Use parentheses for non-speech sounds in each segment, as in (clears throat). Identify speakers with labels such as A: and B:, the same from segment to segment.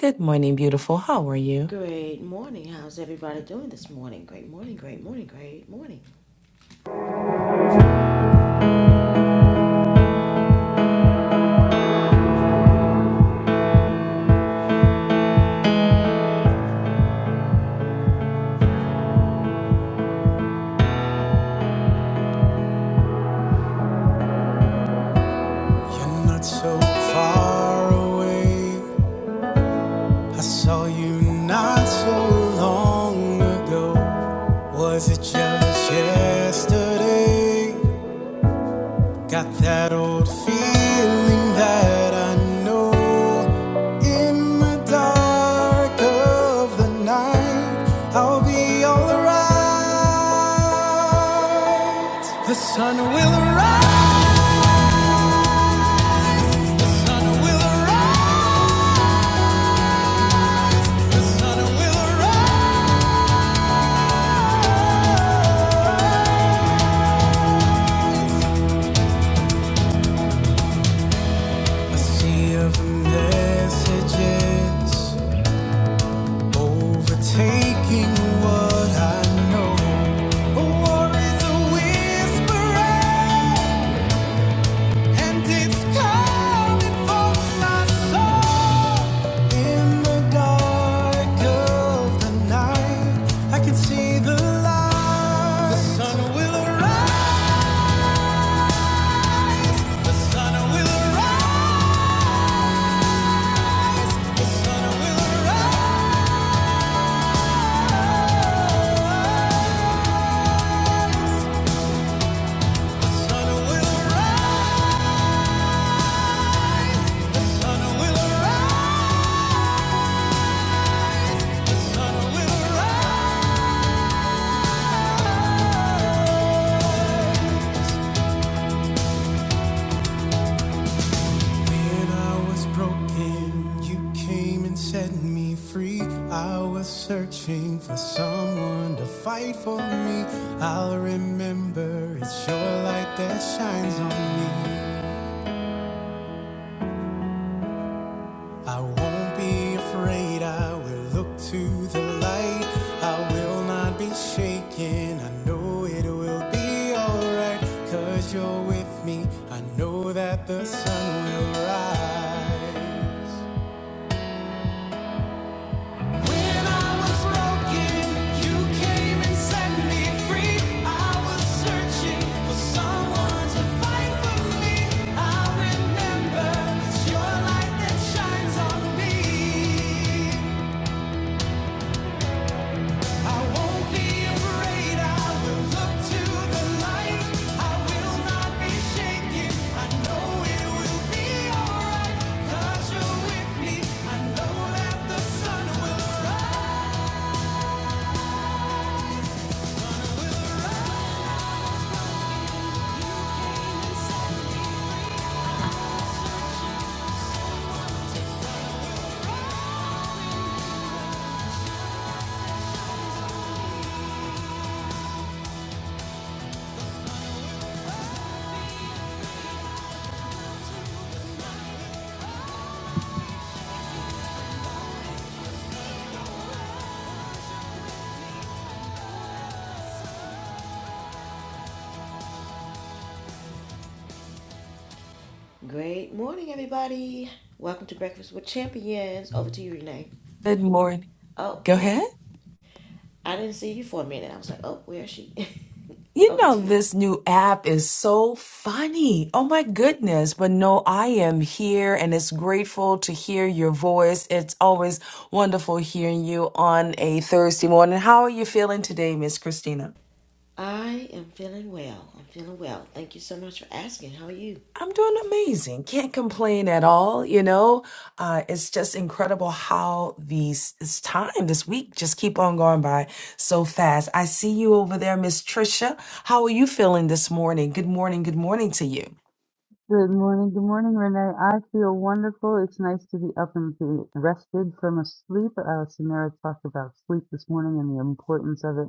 A: Good morning, beautiful. How are you?
B: Great morning. How's everybody doing this morning? Great morning, great morning, great morning. You're not so far away. I saw you not so long ago. Was it just yesterday? Got that old feeling that I know in the dark of the night I'll be alright. The sun will rise. A sea of messages overtaking what I know. A war is a whisper. And it's coming for my soul in the dark of the night. I can see the light. The sun will arise. The sun will arise. The sun will arise. The sun will arise. The sun will arise. The sun will arise. When I was broken, you came and set me free. I was searching for someone to fight for me. I'll remember it's your light that shines on me. I won't be afraid, I will look to the light. I will not be shaken, I know it will be alright. Cause you're with me, I know that the sun will rise. When I was broken, you came and set me free. I was searching for someone to fight for me. I remember it's your light that shines on me. I won't be afraid. I will look to the light. I will not be shaken. I know it will be alright. 'Cause you're with me. I know that the sun will rise. Great morning, everybody. Welcome to Breakfast with Champions. Over to you, Renee.
A: Good morning.
B: Oh,
A: Go
B: wait.
A: ahead.
B: I didn't see you for a minute. I was like, oh, where is she? (laughs)
A: You
B: Over
A: know,
B: to you.
A: this new app is so funny. Oh my goodness. But no, I am here and it's grateful to hear your voice. It's always wonderful hearing you on a Thursday morning. How are you feeling today, Miss Christina?
B: I am feeling well. I'm feeling well. Thank you so much for asking. How are you?
A: I'm doing amazing. Can't complain at all. You know, uh, it's just incredible how these this time this week just keep on going by so fast. I see you over there, Miss Trisha. How are you feeling this morning? Good morning. Good morning to you.
C: Good morning, good morning, Renee. I feel wonderful. It's nice to be up and be rested from a sleep. Uh, Samara talked about sleep this morning and the importance of it.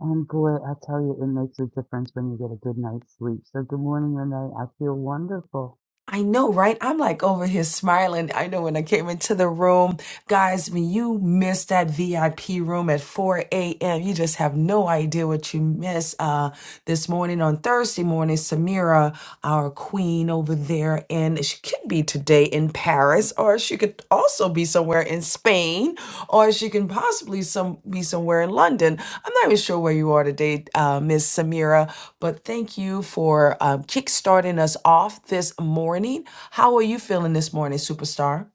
C: And boy, I tell you, it makes a difference when you get a good night's sleep. So good morning, Renee. I feel wonderful.
A: I know, right? I'm like over here smiling. I know when I came into the room, guys, when you miss that VIP room at 4 a.m., you just have no idea what you miss. Uh, this morning on Thursday morning, Samira, our queen over there, and she could be today in Paris, or she could also be somewhere in Spain, or she can possibly some be somewhere in London. I'm not even sure where you are today, uh, Miss Samira, but thank you for um, kickstarting us off this morning. How are you feeling this morning, superstar?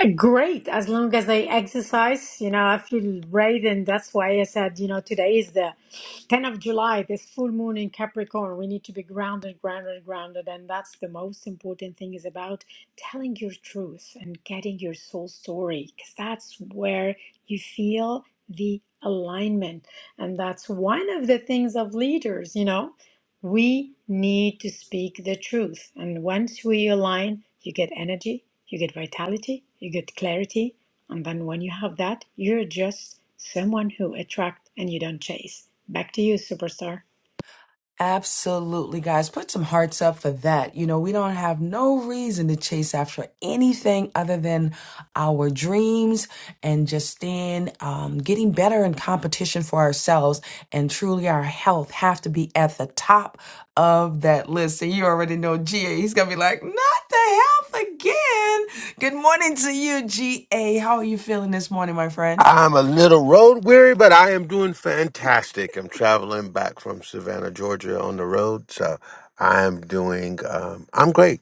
D: Yeah, Great, as long as I exercise, you know, I feel great, and that's why I said, you know, today is the 10th of July, this full moon in Capricorn. We need to be grounded, grounded, grounded, and that's the most important thing is about telling your truth and getting your soul story, because that's where you feel the alignment, and that's one of the things of leaders, you know. We need to speak the truth. And once we align, you get energy, you get vitality, you get clarity. And then when you have that, you're just someone who attract and you don't chase. Back to you, superstar.
A: Absolutely, guys. Put some hearts up for that. You know, we don't have no reason to chase after anything other than our dreams and just stand um, getting better in competition for ourselves. And truly, our health have to be at the top of that list. And you already know GA. He's going to be like, not the health again. Good morning to you, GA. How are you feeling this morning, my friend?
E: I'm a little road weary, but I am doing fantastic. I'm traveling back from Savannah, Georgia on the road. So I'm doing, um, I'm great.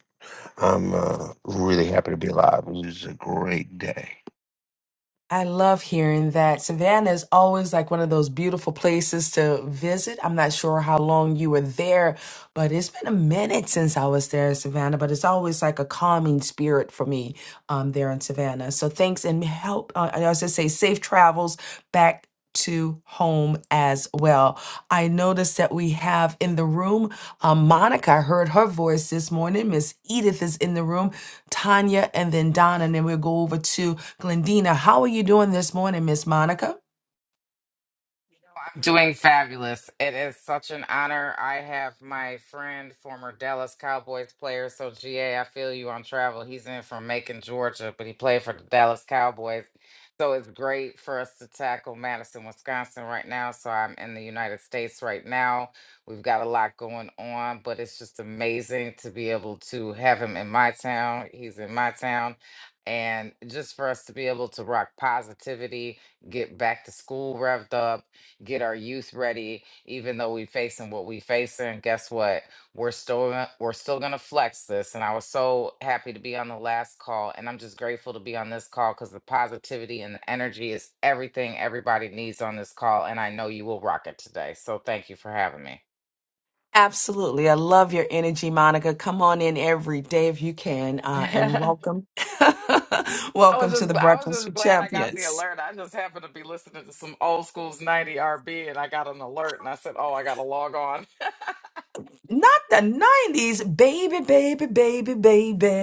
E: I'm uh, really happy to be alive. It was a great day.
A: I love hearing that. Savannah is always like one of those beautiful places to visit. I'm not sure how long you were there, but it's been a minute since I was there in Savannah, but it's always like a calming spirit for me um, there in Savannah. So thanks and help. Uh, I also say safe travels back to home as well. I noticed that we have in the room um, Monica. I heard her voice this morning. Miss Edith is in the room. Tanya, and then Donna, and then we'll go over to Glendina. How are you doing this morning, Miss Monica?
F: I'm Doing fabulous. It is such an honor. I have my friend, former Dallas Cowboys player. So, GA, I feel you on travel. He's in from Macon, Georgia, but he played for the Dallas Cowboys. So, it's great for us to tackle Madison, Wisconsin right now. So, I'm in the United States right now. We've got a lot going on, but it's just amazing to be able to have him in my town. He's in my town. And just for us to be able to rock positivity, get back to school revved up get our youth ready even though we facing what we facing guess what we're still gonna- we're still gonna flex this and i was so happy to be on the last call and i'm just grateful to be on this call because the positivity and the energy is everything everybody needs on this call and i know you will rock it today so thank you for having me
A: Absolutely. I love your energy, Monica. Come on in every day if you can. Uh, and
F: (laughs)
A: welcome. (laughs)
F: I
A: welcome
F: was
A: to
F: just
A: the
F: I was
A: Breakfast for
F: just glad I got the
A: Champions.
F: alert. I just happened to be listening to some old school's 90 RB and I got an alert and I said, "Oh, I got to log on."
A: Not the 90s, baby, baby, baby,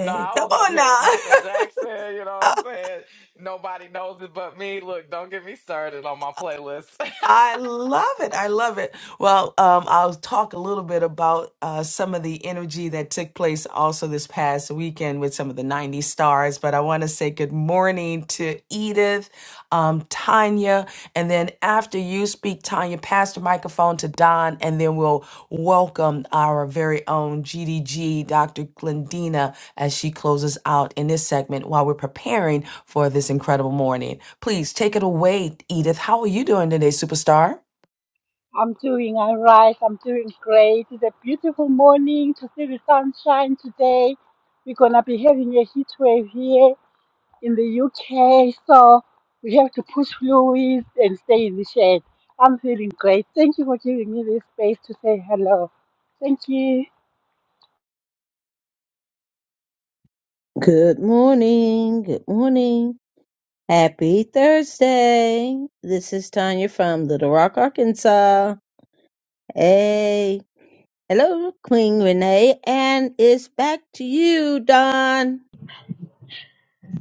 F: No, I
A: Come
F: was over
A: on
F: here with Michael
A: now.
F: Jackson, you
A: (laughs)
F: know what I'm saying? Nobody knows it but me. Look, don't get me started on my playlist.
A: I love it. I love it. Well, um, I'll talk a little bit about uh, some of the energy that took place also this past weekend with some of the 90 stars. But I want to say good morning to Edith, um, Tanya. And then after you speak, Tanya, pass the microphone to Don. And then we'll welcome our very own GDG, Dr. Glendina as she closes out in this segment while we're preparing for this incredible morning. Please take it away, Edith. How are you doing today, superstar?
G: I'm doing all right. I'm doing great. It's a beautiful morning to see the sunshine today. We're going to be having a heat wave here in the UK. So we have to push through and stay in the shade. I'm feeling great. Thank you for giving me this space to say hello. Thank you.
H: Good morning. Good morning. Happy Thursday. This is Tanya from Little Rock, Arkansas. Hey. Hello, Queen Renee. And it's back to you, Don.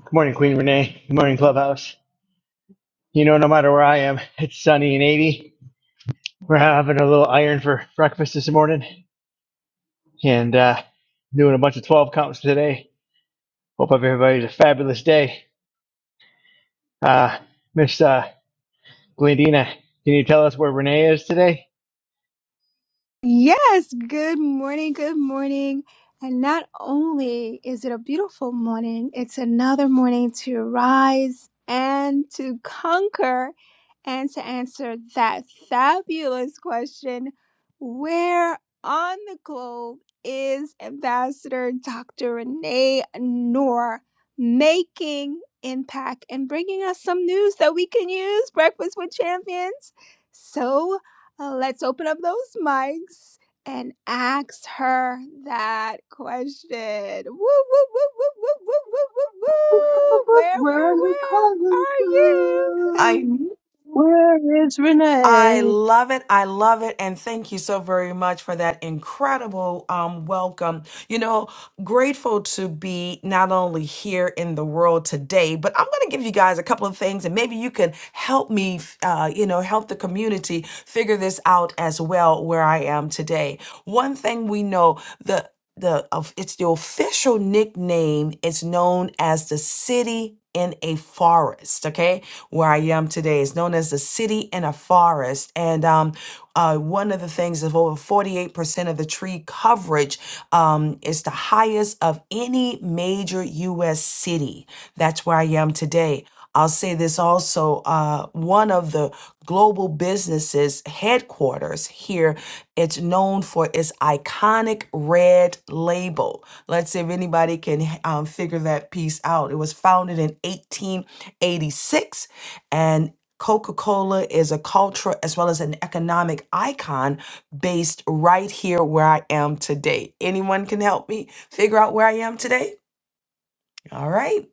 I: Good morning, Queen Renee. Good morning, Clubhouse. You know, no matter where I am, (laughs) it's sunny and 80. We're having a little iron for breakfast this morning and uh, doing a bunch of 12 counts today. Hope everybody's a fabulous day. Uh, Miss uh, Glendina, can you tell us where Renee is today?
J: Yes, good morning, good morning. And not only is it a beautiful morning, it's another morning to rise and to conquer and to answer that fabulous question where on the globe is Ambassador Dr. Renee Noor making impact and bringing us some news that we can use? Breakfast with Champions. So, uh, let's open up those mics and ask her that question. Woo, woo, woo, woo, woo, woo, woo, woo,
C: Whoop,
J: woo.
C: whoop,
J: Where,
C: Where
J: where,
C: are you
J: where
C: calling
J: are you?
A: I
C: from?
H: Where is
A: I
H: Renee?
A: love it. I love it. And thank you so very much for that incredible um, welcome. You know, grateful to be not only here in the world today, but I'm going to give you guys a couple of things and maybe you can help me, uh, you know, help the community figure this out as well where I am today. One thing we know the of it's the official nickname It's known as the city in a forest okay where i am today is known as the city in a forest and um uh, one of the things of over 48% of the tree coverage um, is the highest of any major u.s city that's where i am today I'll say this also uh, one of the global businesses headquarters here, it's known for its iconic red label. Let's see if anybody can um, figure that piece out. It was founded in 1886 and Coca Cola is a cultural as well as an economic icon based right here where I am today. Anyone can help me figure out where I am today? All right.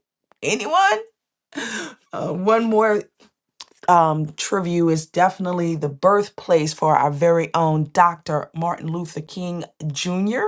A: Anyone? Uh, one more um, Triview is definitely the birthplace for our very own Dr. Martin Luther King Jr.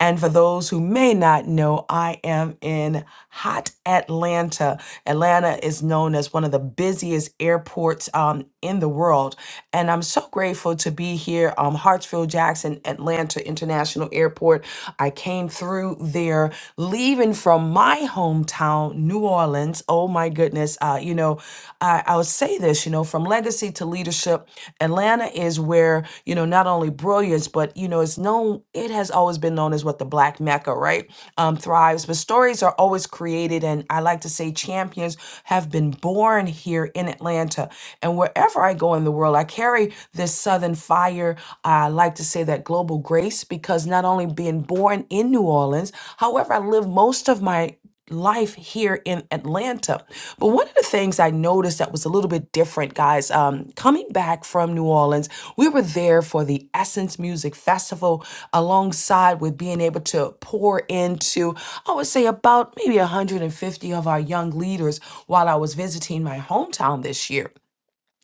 A: And for those who may not know, I am in hot Atlanta. Atlanta is known as one of the busiest airports um, in the world. And I'm so grateful to be here, um, Hartsfield Jackson Atlanta International Airport. I came through there leaving from from my hometown, New Orleans. Oh my goodness. Uh, you know, I, I'll say this, you know, from legacy to leadership, Atlanta is where, you know, not only brilliance, but, you know, it's known, it has always been known as what the Black Mecca, right? Um, thrives. But stories are always created. And I like to say champions have been born here in Atlanta. And wherever I go in the world, I carry this Southern fire. I like to say that that global grace because not only being born in New Orleans, however, I lived most of my life here in Atlanta. But one of the things I noticed that was a little bit different, guys, um, coming back from New Orleans, we were there for the Essence Music Festival alongside with being able to pour into, I would say, about maybe 150 of our young leaders while I was visiting my hometown this year.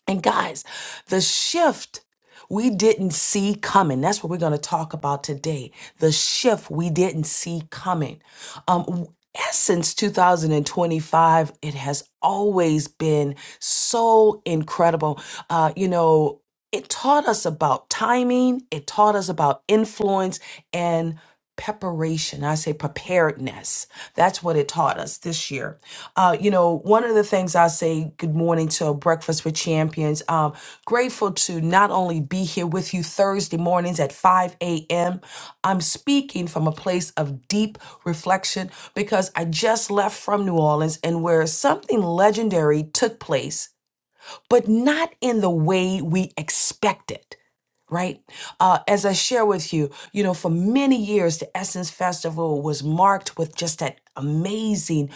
A: And guys, the shift we didn't see coming. That's what we're going to talk about today. The shift we didn't see coming. Um w- since 2025, it has always been so incredible. Uh, you know, it taught us about timing, it taught us about influence and preparation i say preparedness that's what it taught us this year uh, you know one of the things i say good morning to breakfast with champions um, grateful to not only be here with you thursday mornings at 5 a.m i'm speaking from a place of deep reflection because i just left from new orleans and where something legendary took place but not in the way we expected right? Uh, as I share with you, you know, for many years, the Essence Festival was marked with just that amazing,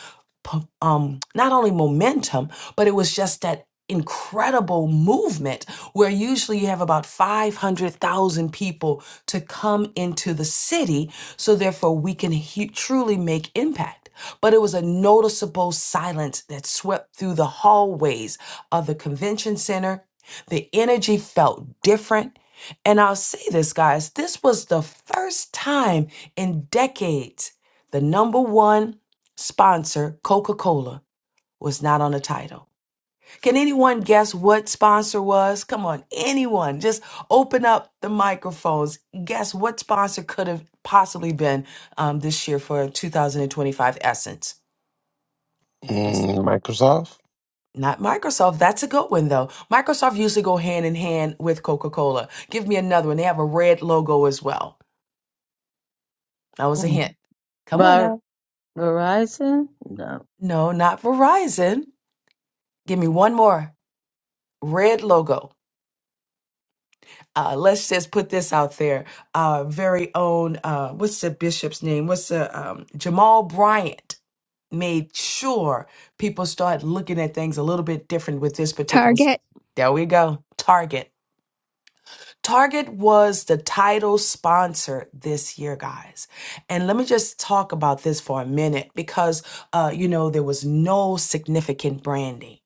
A: pu- um, not only momentum, but it was just that incredible movement where usually you have about 500,000 people to come into the city. So therefore we can he- truly make impact. But it was a noticeable silence that swept through the hallways of the convention center. The energy felt different and I'll say this, guys, this was the first time in decades the number one sponsor, Coca Cola, was not on the title. Can anyone guess what sponsor was? Come on, anyone, just open up the microphones. Guess what sponsor could have possibly been um, this year for 2025 Essence? It's
E: Mm, Microsoft?
A: not Microsoft. That's a good one, though. Microsoft usually go hand in hand with Coca Cola. Give me another one. They have a red logo as well. That was a hint. Come on
H: Ver-
A: now.
H: Verizon? No.
A: No, not Verizon. Give me one more red logo. Uh, let's just put this out there. Our very own, uh, what's the bishop's name? What's the um, Jamal Bryant made sure people start looking at things a little bit different with this particular. s-
J: Target.
A: There we go. Target. Target was the title sponsor this year, guys. And let me just talk about this for a minute because Uh, you know, there was no significant branding.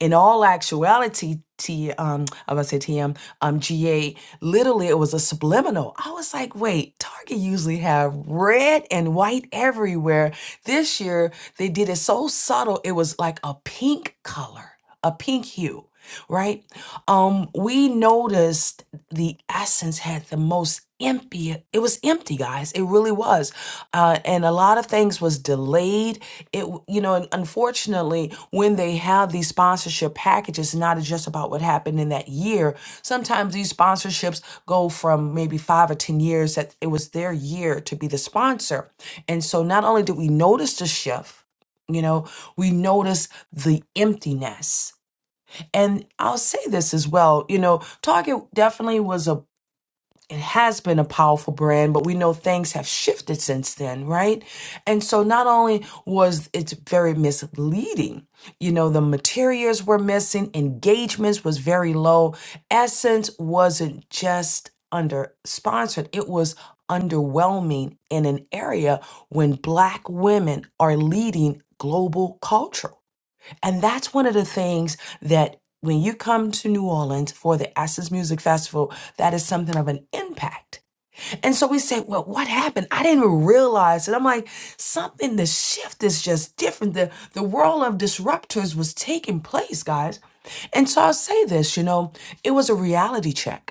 A: In all actuality, T, um, I was gonna say TM, um, GA, literally it was a subliminal. I was like, wait, Target usually have red and white everywhere. This year they did it so subtle, it was like a pink color, a pink hue, right? Um, we noticed the essence had the most empty, it was empty, guys. It really was. Uh, and a lot of things was delayed it w- you know and unfortunately when they have these sponsorship packages not just about what happened in that year sometimes these sponsorships go from maybe five or ten years that it was their year to be the sponsor and so not only did we notice the shift you know we notice the emptiness and i'll say this as well you know target definitely was a it has been a powerful brand, but we know things have shifted since then, right? And so not only was it very misleading, you know, the materials were missing, engagements was very low. Essence wasn't just under sponsored, it was underwhelming in an area when black women are leading global culture and that's one of the things that when you come to New Orleans for the Ashes Music Festival, that is something of an impact. And so we say, well, what happened? I didn't even realize it. I'm like, something, the shift is just different. The, the world of disruptors was taking place, guys. And so I'll say this, you know, it was a reality check.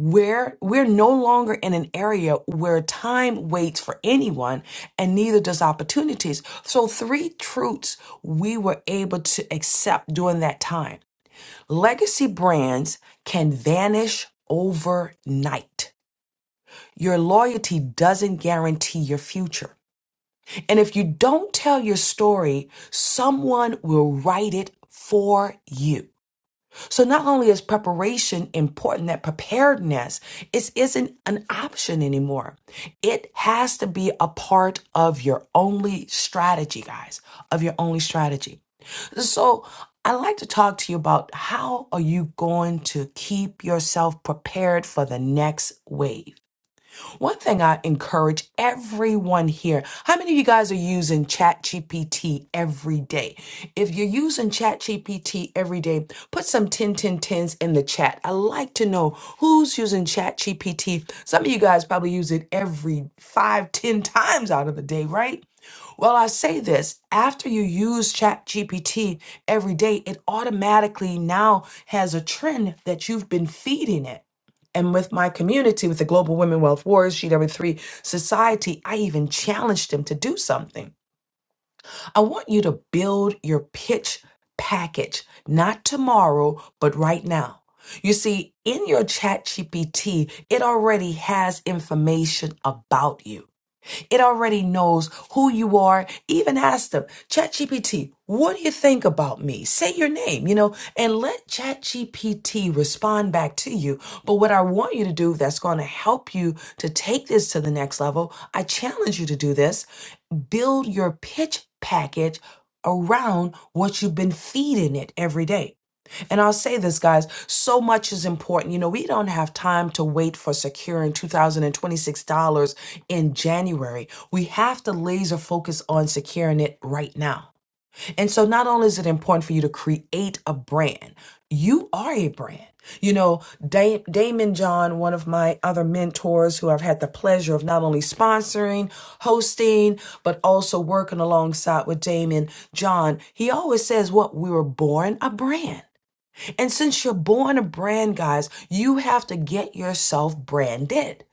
A: We're, we're no longer in an area where time waits for anyone and neither does opportunities. So, three truths we were able to accept during that time. Legacy brands can vanish overnight. Your loyalty doesn't guarantee your future. And if you don't tell your story, someone will write it for you. So not only is preparation important, that preparedness is isn't an option anymore. It has to be a part of your only strategy, guys, of your only strategy. So I like to talk to you about how are you going to keep yourself prepared for the next wave? One thing I encourage everyone here how many of you guys are using ChatGPT every day? If you're using ChatGPT every day, put some 10 10 tens in the chat. I like to know who's using ChatGPT. Some of you guys probably use it every five, ten times out of the day, right? Well, I say this after you use ChatGPT every day, it automatically now has a trend that you've been feeding it. And with my community, with the Global Women Wealth Wars, GW3 Society, I even challenged them to do something. I want you to build your pitch package, not tomorrow, but right now. You see, in your chat GPT, it already has information about you. It already knows who you are. Even ask them, ChatGPT, what do you think about me? Say your name, you know, and let ChatGPT respond back to you. But what I want you to do that's going to help you to take this to the next level, I challenge you to do this. Build your pitch package around what you've been feeding it every day. And I'll say this, guys, so much is important. You know, we don't have time to wait for securing $2,026 in January. We have to laser focus on securing it right now. And so, not only is it important for you to create a brand, you are a brand. You know, da- Damon John, one of my other mentors who I've had the pleasure of not only sponsoring, hosting, but also working alongside with Damon John, he always says, What? We were born a brand. And since you're born a brand, guys, you have to get yourself branded.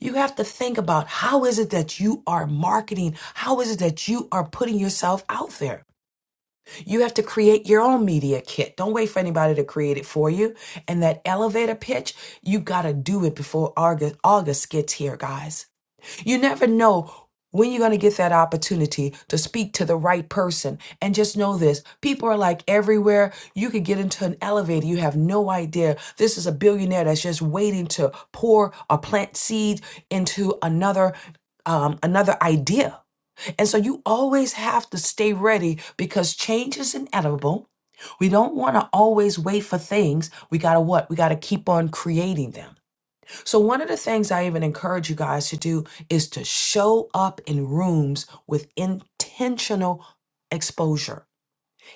A: You have to think about how is it that you are marketing? How is it that you are putting yourself out there? You have to create your own media kit. Don't wait for anybody to create it for you. And that elevator pitch, you got to do it before August, August gets here, guys. You never know when you're going to get that opportunity to speak to the right person. And just know this people are like everywhere. You could get into an elevator, you have no idea. This is a billionaire that's just waiting to pour or plant seed into another. Um, another idea. And so you always have to stay ready because change is inevitable. We don't want to always wait for things. We got to what? We got to keep on creating them. So, one of the things I even encourage you guys to do is to show up in rooms with intentional exposure.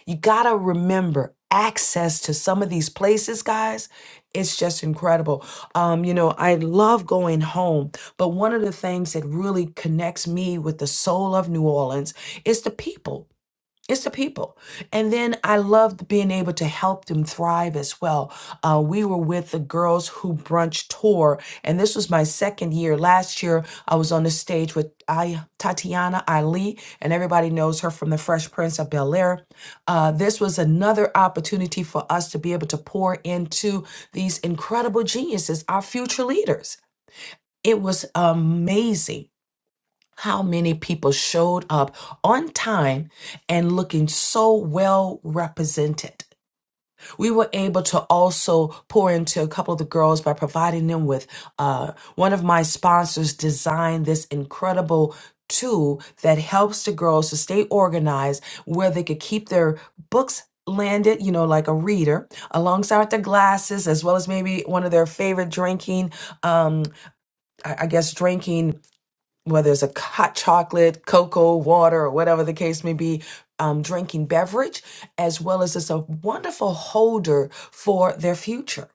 A: You got to remember access to some of these places, guys. It's just incredible. Um, you know, I love going home, but one of the things that really connects me with the soul of New Orleans is the people. It's the people. And then I loved being able to help them thrive as well. Uh, we were with the Girls Who Brunch Tour, and this was my second year. Last year, I was on the stage with I, Tatiana Ali, and everybody knows her from The Fresh Prince of Bel Air. Uh, this was another opportunity for us to be able to pour into these incredible geniuses, our future leaders. It was amazing how many people showed up on time and looking so well represented. We were able to also pour into a couple of the girls by providing them with uh, one of my sponsors designed this incredible tool that helps the girls to stay organized where they could keep their books landed, you know, like a reader alongside with their glasses, as well as maybe one of their favorite drinking, um, I I guess, drinking whether it's a hot chocolate, cocoa, water, or whatever the case may be, um, drinking beverage, as well as it's a wonderful holder for their future.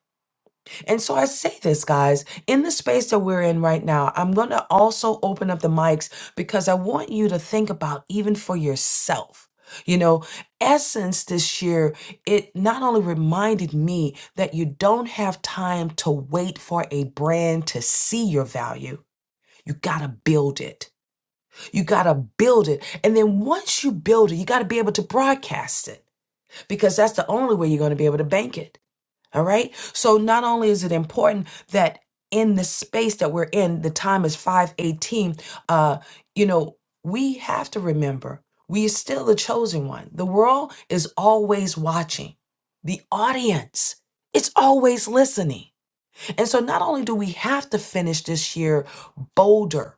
A: And so I say this, guys, in the space that we're in right now, I'm going to also open up the mics because I want you to think about even for yourself. You know, Essence this year, it not only reminded me that you don't have time to wait for a brand to see your value, you got to build it. You got to build it. And then once you build it, you got to be able to broadcast it because that's the only way you're going to be able to bank it. All right. So not only is it important that in the space that we're in, the time is 518, uh, you know, we have to remember we are still the chosen one. The world is always watching. The audience, it's always listening. And so not only do we have to finish this year bolder,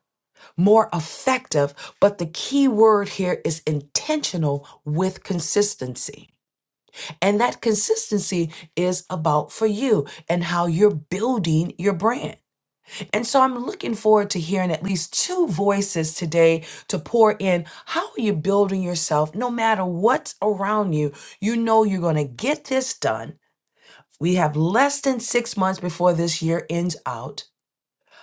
A: more effective. But the key word here is intentional with consistency. And that consistency is about for you and how you're building your brand. And so I'm looking forward to hearing at least two voices today to pour in. How are you building yourself? No matter what's around you, you know you're going to get this done. We have less than six months before this year ends out.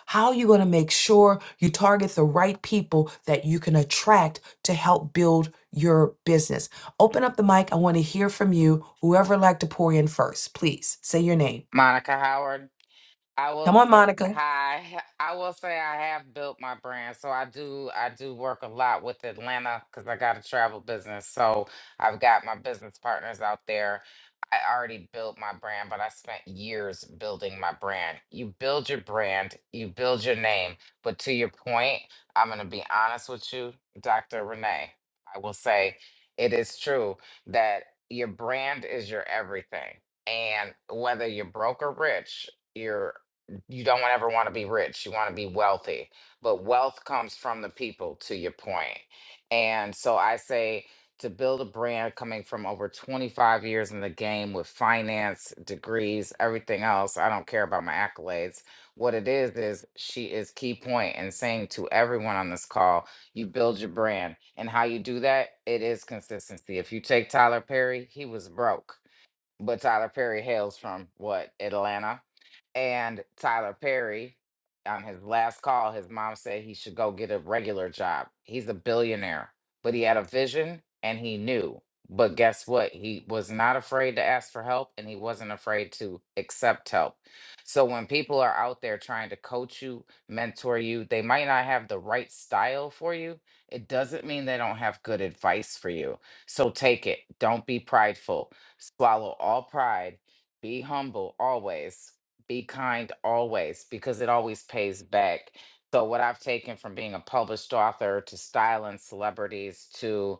A: How are you going to make sure you target the right people that you can attract to help build your business? Open up the mic. I want to hear from you. Whoever like to pour in first, please say your name.
F: (laughs) Monica Howard. I will
A: Come on,
F: say
A: Monica.
F: hi. I will say I have built my brand, so I do. I do work a lot with Atlanta because I got a travel business. So I've got my business partners out there. I already built my brand, but I spent years building my brand. You build your brand, you build your name. But to your point, I'm going to be honest with you, Dr. Renee. I will say it is true that your brand is your everything. And whether you're broke or rich, your you don't ever want to be rich. You want to be wealthy. But wealth comes from the people, to your point. And so I say to build a brand coming from over 25 years in the game with finance, degrees, everything else. I don't care about my accolades. What it is, is she is key point and saying to everyone on this call, you build your brand. And how you do that, it is consistency. If you take Tyler Perry, he was broke but Tyler Perry hails from what Atlanta, and Tyler Perry, on his last call, his mom said he should go get a regular job. He's a billionaire, but he had a vision and he knew. But guess what? He was not afraid to ask for help and he wasn't afraid to accept help. So when people are out there trying to coach you, mentor you, they might not have the right style for you. It doesn't mean they don't have good advice for you. So take it. Don't be prideful Swallow all pride. Be humble always. Be kind always because it always pays back. So, what I've taken from being a published author to styling celebrities to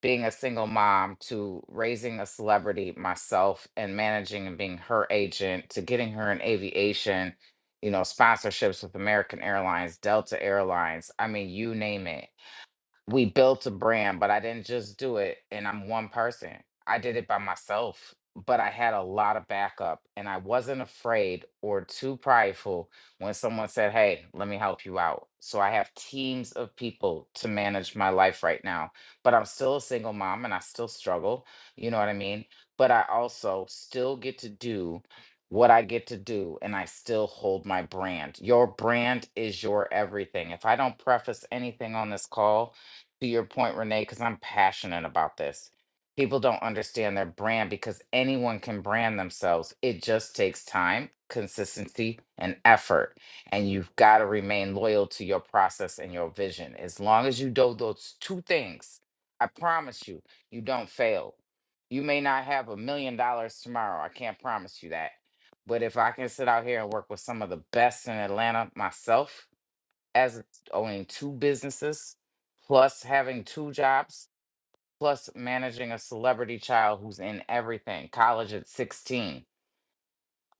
F: being a single mom to raising a celebrity myself and managing and being her agent to getting her in aviation, you know, sponsorships with American Airlines, Delta Airlines, I mean, you name it we built a brand, but I didn't just do it and I'm one person. I did it by myself, but I had a lot of backup and I wasn't afraid or too prideful when someone said, Hey, let me help you out. So I have teams of people to manage my life right now, but I'm still a single mom and I still struggle. You know what I mean? But I also still get to do what I get to do and I still hold my brand. Your brand is your everything. If I don't preface anything on this call, to your point, Renee, because I'm passionate about this. People don't understand their brand because anyone can brand themselves. It just takes time, consistency, and effort. And you've got to remain loyal to your process and your vision. As long as you do those two things, I promise you, you don't fail. You may not have a million dollars tomorrow. I can't promise you that. But if I can sit out here and work with some of the best in Atlanta myself, as owning two businesses, plus having two jobs, plus managing a celebrity child who's in everything, college at 16.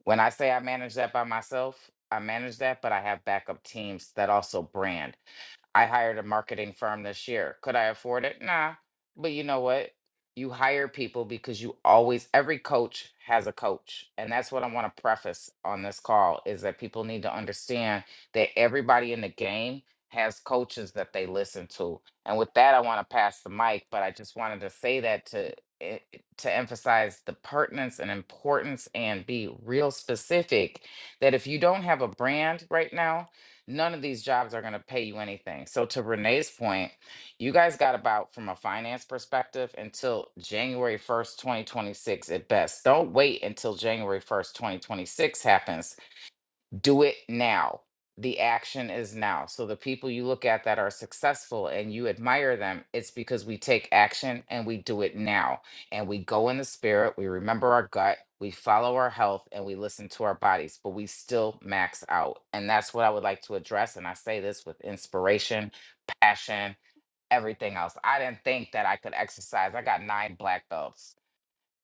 F: When I say I manage that by myself, I manage that, but I have backup teams that also brand. I hired a marketing firm this year. Could I afford it? Nah. But you know what? You hire people because you always every coach has a coach. And that's what I want to preface on this call is that people need to understand that everybody in the game has coaches that they listen to. And with that I want to pass the mic, but I just wanted to say that to eh, to emphasize the pertinence and importance and be real specific that if you don't have a brand right now none of these jobs are going to pay you anything. So to Renee's point, you guys got about from a finance perspective until January 1st, 2026 at best. Don't wait until January 1st, 2026 happens do it now. The action is now. So the people you look at that are successful and you admire them, it's because we take action and we do it now. And we go in the spirit, we remember our gut, we follow our health, and we listen to our bodies, but we still max out. And that's what I would like to address. And I say this with inspiration, passion, everything else. I didn't think that I could exercise. I got nine black belts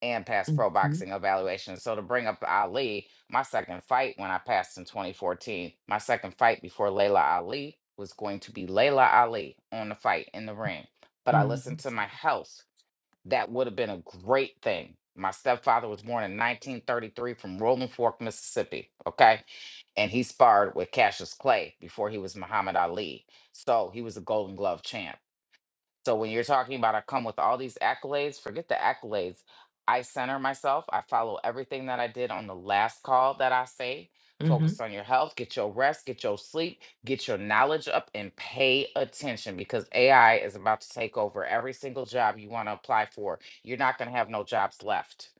F: and past pro
A: Mhm,
F: boxing evaluations. So to bring up Ali, my second fight when I passed in 2014, my second fight before Layla Ali was going to be Layla Ali on the fight in the ring. But I
A: mhm,
F: listened to my health. That would have been a great thing. My stepfather was born in 1933 from Rolling Fork, Mississippi. Okay. And he sparred with Cassius Clay before he was Muhammad Ali. So he was a Golden Glove champ. So when you're talking about I come with all these accolades, forget the accolades. I center myself. I follow everything that I did on the last call that I say.
A: mhm,
F: Focus on your health, get your rest, get your sleep, get your knowledge up, and pay attention because AI is about to take over every single job you want to apply for. You're not going to have no jobs left.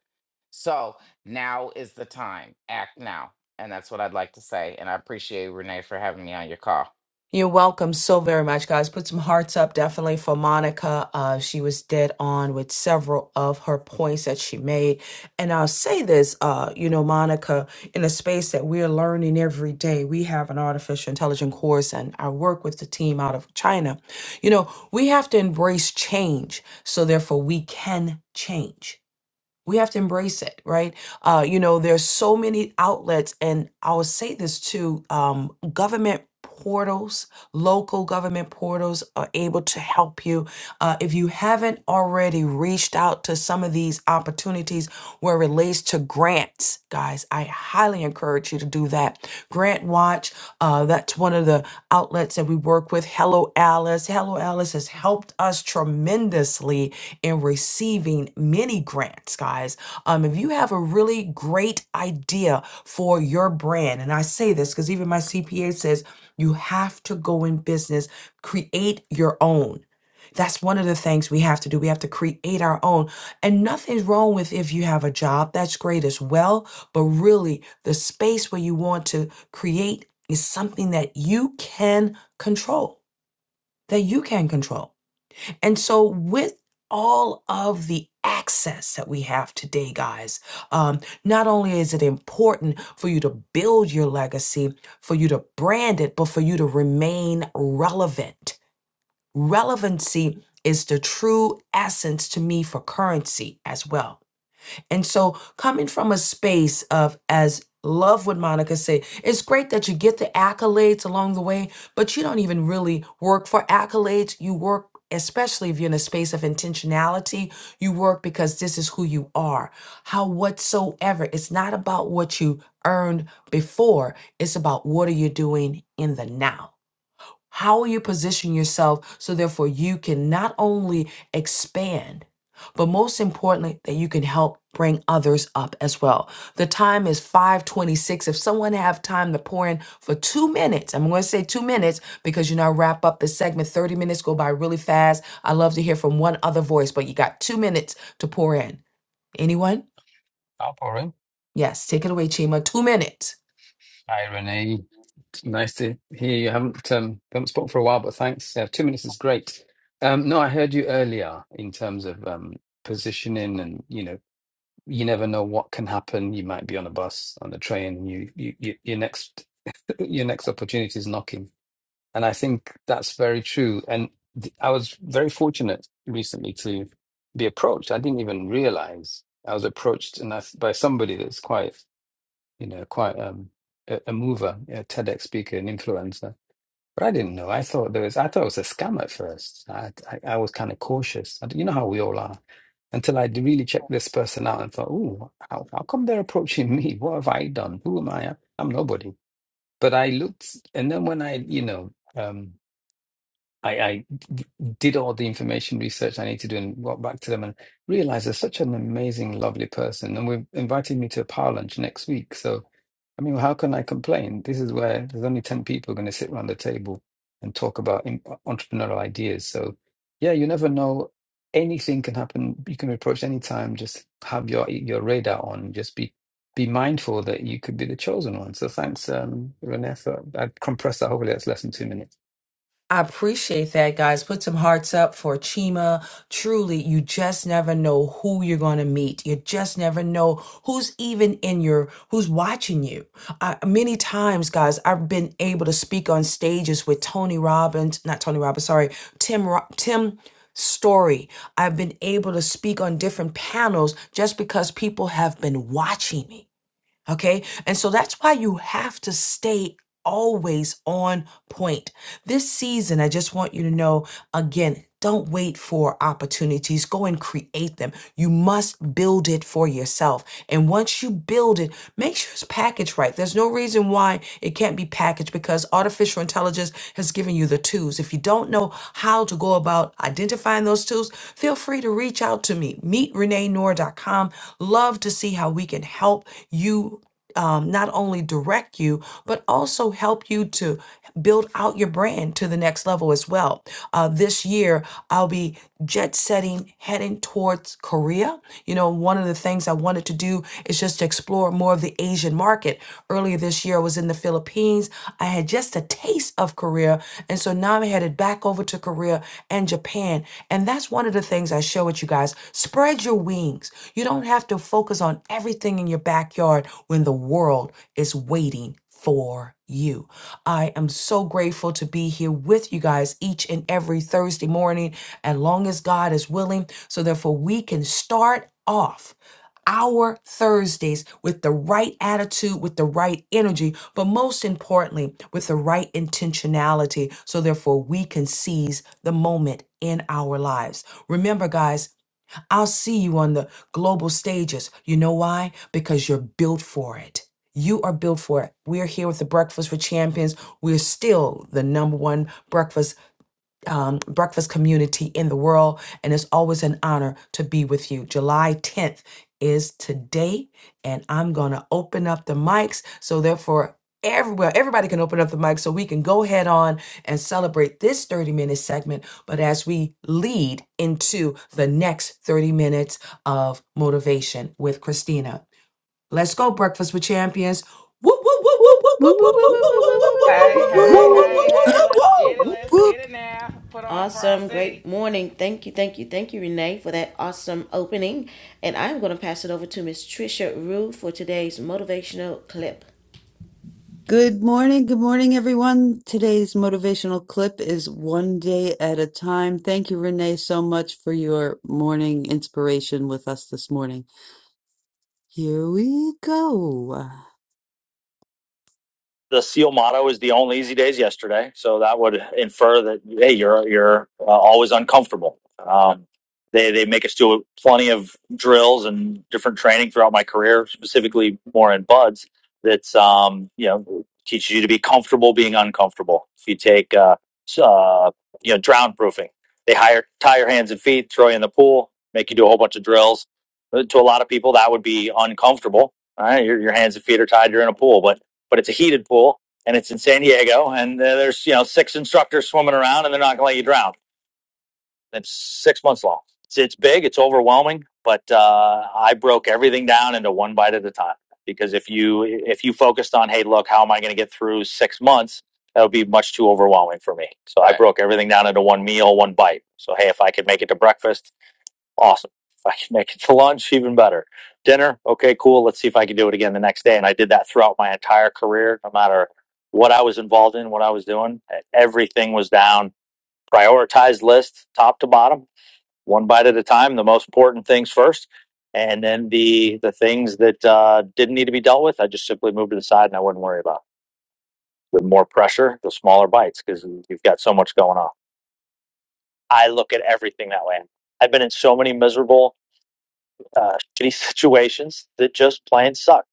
F: So now is the time. Act now. And that's what I'd like to say. And I appreciate Renee for having me on your call.
A: You're welcome so very much, guys. Put some hearts up definitely for Monica. Uh, she was dead on with several of her points that she made. And I'll say this, uh, you know, Monica, in a space that we're learning every day, we have an artificial intelligence course and I work with the team out of China. You know, we have to embrace change so therefore we can change we have to embrace it right uh, you know there's so many outlets and i'll say this too um, government portals local government portals are able to help you uh, if you haven't already reached out to some of these opportunities where it relates to grants, guys, I highly encourage you to do that. Grant Watch, uh, that's one of the outlets that we work with. Hello Alice. Hello Alice has helped us tremendously in receiving many grants, guys. Um, if you have a really great idea for your brand, and I say this because even my CPA says you have to go in business, create your own that's one of the things we have to do. We have to create our own. And nothing's wrong with if you have a job, that's great as well. But really, the space where you want to create is something that you can control, that you can control. And so, with all of the access that we have today, guys, um, not only is it important for you to build your legacy, for you to brand it, but for you to remain relevant Relevancy is the true essence to me for currency as well. And so, coming from a space of, as love would Monica say, it's great that you get the accolades along the way, but you don't even really work for accolades. You work, especially if you're in a space of intentionality, you work because this is who you are. How whatsoever, it's not about what you earned before, it's about what are you doing in the now. How will you position yourself so therefore you can not only expand, but most importantly, that you can help bring others up as well. The time is 526. If someone have time to pour in for two minutes, I'm going to say two minutes because you know I wrap up the segment. 30 minutes go by really fast. I love to hear from one other voice, but you got two minutes to pour in. Anyone?
K: Up, right.
A: Yes, take it away, Chima. Two minutes.
K: Hi, Renee. It's Nice to hear you. I haven't um, haven't spoken for a while, but thanks. Yeah, two minutes is great. Um, no, I heard you earlier in terms of um, positioning, and you know, you never know what can happen. You might be on a bus, on a train, and you, you, you your next your next opportunity is knocking. And I think that's very true. And th- I was very fortunate recently to be approached. I didn't even realize I was approached, and I, by somebody that's quite you know, quite um, a, a mover, a TEDx speaker, an influencer. But I didn't know. I thought there was. I thought it was a scam at first. I I, I was kind of cautious. I, d- you know how we all are. Until I d- really checked this person out and thought, "Oh, how, how come they're approaching (laughs) me? What have I done? Who am I? I'm nobody." But I looked, and then when I, you know, um, I, I d- did all the information research I need to do and got back to them and realized they're such an amazing, lovely person. And we've invited me to a power lunch next week. So, I mean, how can I complain? This is where there's only 10 people going to sit around the table and talk about in- entrepreneurial ideas. So, yeah, you never know. Anything can happen. You can be approached any time. Just have your your radar on. Just be be mindful that you could be the chosen one. So thanks, um, Renee. for- I compressed that. Hopefully, that's less than two minutes.
A: I appreciate that, guys. Put some hearts up for Chima. Truly, you just never know who you're going to meet. You just never know who's even in your, who's watching you. I, many times, guys, I've been able to speak on stages with Tony Robbins, not Tony Robbins, sorry, Tim, Ro- Tim Story. I've been able to speak on different panels just because people have been watching me. Okay. And so that's why you have to stay always on point. This season, I just want you to know again, don't wait for opportunities. Go and create them. You must build it for yourself. And once you build it, make sure it's packaged right. There's no reason why it can't be packaged because artificial intelligence has given you the tools. If you don't know how to go about identifying those tools, feel free to reach out to me. MeetReneeNoor.com. Love to see how we can help you. Um, not only direct you, but also help you to build out your brand to the next level as well. Uh, this year, I'll be jet setting, heading towards Korea. You know, one of the things I wanted to do is just explore more of the Asian market. Earlier this year, I was in the Philippines. I had just a taste of Korea. And so now I'm headed back over to Korea and Japan. And that's one of the things I share with you guys. Spread your wings. You don't have to focus on everything in your backyard when the world is waiting for you. I am so grateful to be here with you guys each and every Thursday morning, as long as God is willing, so therefore we can start off our Thursdays with the right attitude, with the right energy, but most importantly, with the right intentionality. So, therefore, we can seize the moment in our lives. Remember, guys, I'll see you on the global stages. You know why? Because you're built for it. You are built for it. We're here with the Breakfast with Champions. We're still the number one breakfast um, breakfast community in the world. And it's always an honor to be with you. July 10th is today, and I'm going to open up the mics. So, therefore, everywhere, everybody can open up the mic so we can go head on and celebrate this 30 minute segment. But as we lead into the next 30 minutes of motivation with Christina, let's go, Breakfast with Champions. Woo, woo, woo, woo, woo,
J: Woo, woo,
A: woo,
J: woo, woo,
A: woo, woo, woo,
J: woo,
B: Whoop,
A: woo,
B: whoop,
A: woo,
J: woo,
B: whoop,
J: woo,
B: whoop,
J: woo,
A: woo,
B: whoop, whoop,
A: woo,
F: Hey,
C: Whoop,
B: whoop,
A: woo, woo,
C: whoop,
J: woo.
F: hey,
B: whoop, whoop,
E: Woo!
A: woo,
F: hey,
A: woo, woo,
F: hey, let's
A: woo, woo.
F: get it.
C: whoop,
F: Let's
C: whoop.
F: get it now. Put on for our
B: Awesome. Great
F: city.
B: morning. Thank you, thank you, thank you, Renee, for that awesome opening. And I'm going to pass it over to Miss Trisha Rue for today's motivational clip.
C: Good morning. Good morning, everyone. Today's motivational clip is One Day at a Time. Thank you, Renee, so much for your morning inspiration with us this morning. Here we go the seal motto is the only easy days yesterday. So that would infer that hey, you're you're uh, always uncomfortable. Um, they they make us do plenty of drills and different training throughout my career, specifically more in buds. That's um, you know teaches you to be comfortable being uncomfortable. If you take uh, s- uh, you know drown proofing, they hire tie your hands and feet, throw you in the pool, make you do a whole bunch of drills. Uh, To a lot of people, that would be uncomfortable. All right, your, your hands and feet are tied. You're in a pool, but but it's a heated pool and it's in San Diego, and uh, there's you know six instructors swimming around, and they're not going to let you drown. It's six months long. It's, it's big, it's overwhelming, but uh, I broke everything down into one bite at a time because if you if you focused on hey look how am I going to get through six months that would be much too overwhelming for me. So right. I Right. broke everything down into one meal, one bite. So hey, if I could make it to breakfast Awesome. If I can make it to lunch, even better. Dinner, okay, cool. Let's see if I can do it again the next day. And I did that throughout my entire career, no matter what I was involved in, what I was doing. E, Everything was down. Prioritized list, top to bottom, one bite at a time. The most important things first, and then the the things that uh, didn't need to be dealt with, I just simply moved to the side and I wouldn't worry about. The more pressure, the smaller bites, because you've got so much going on. I look at everything that way. I've been in so many miserable uh, (laughs) shitty situations that just plain suck.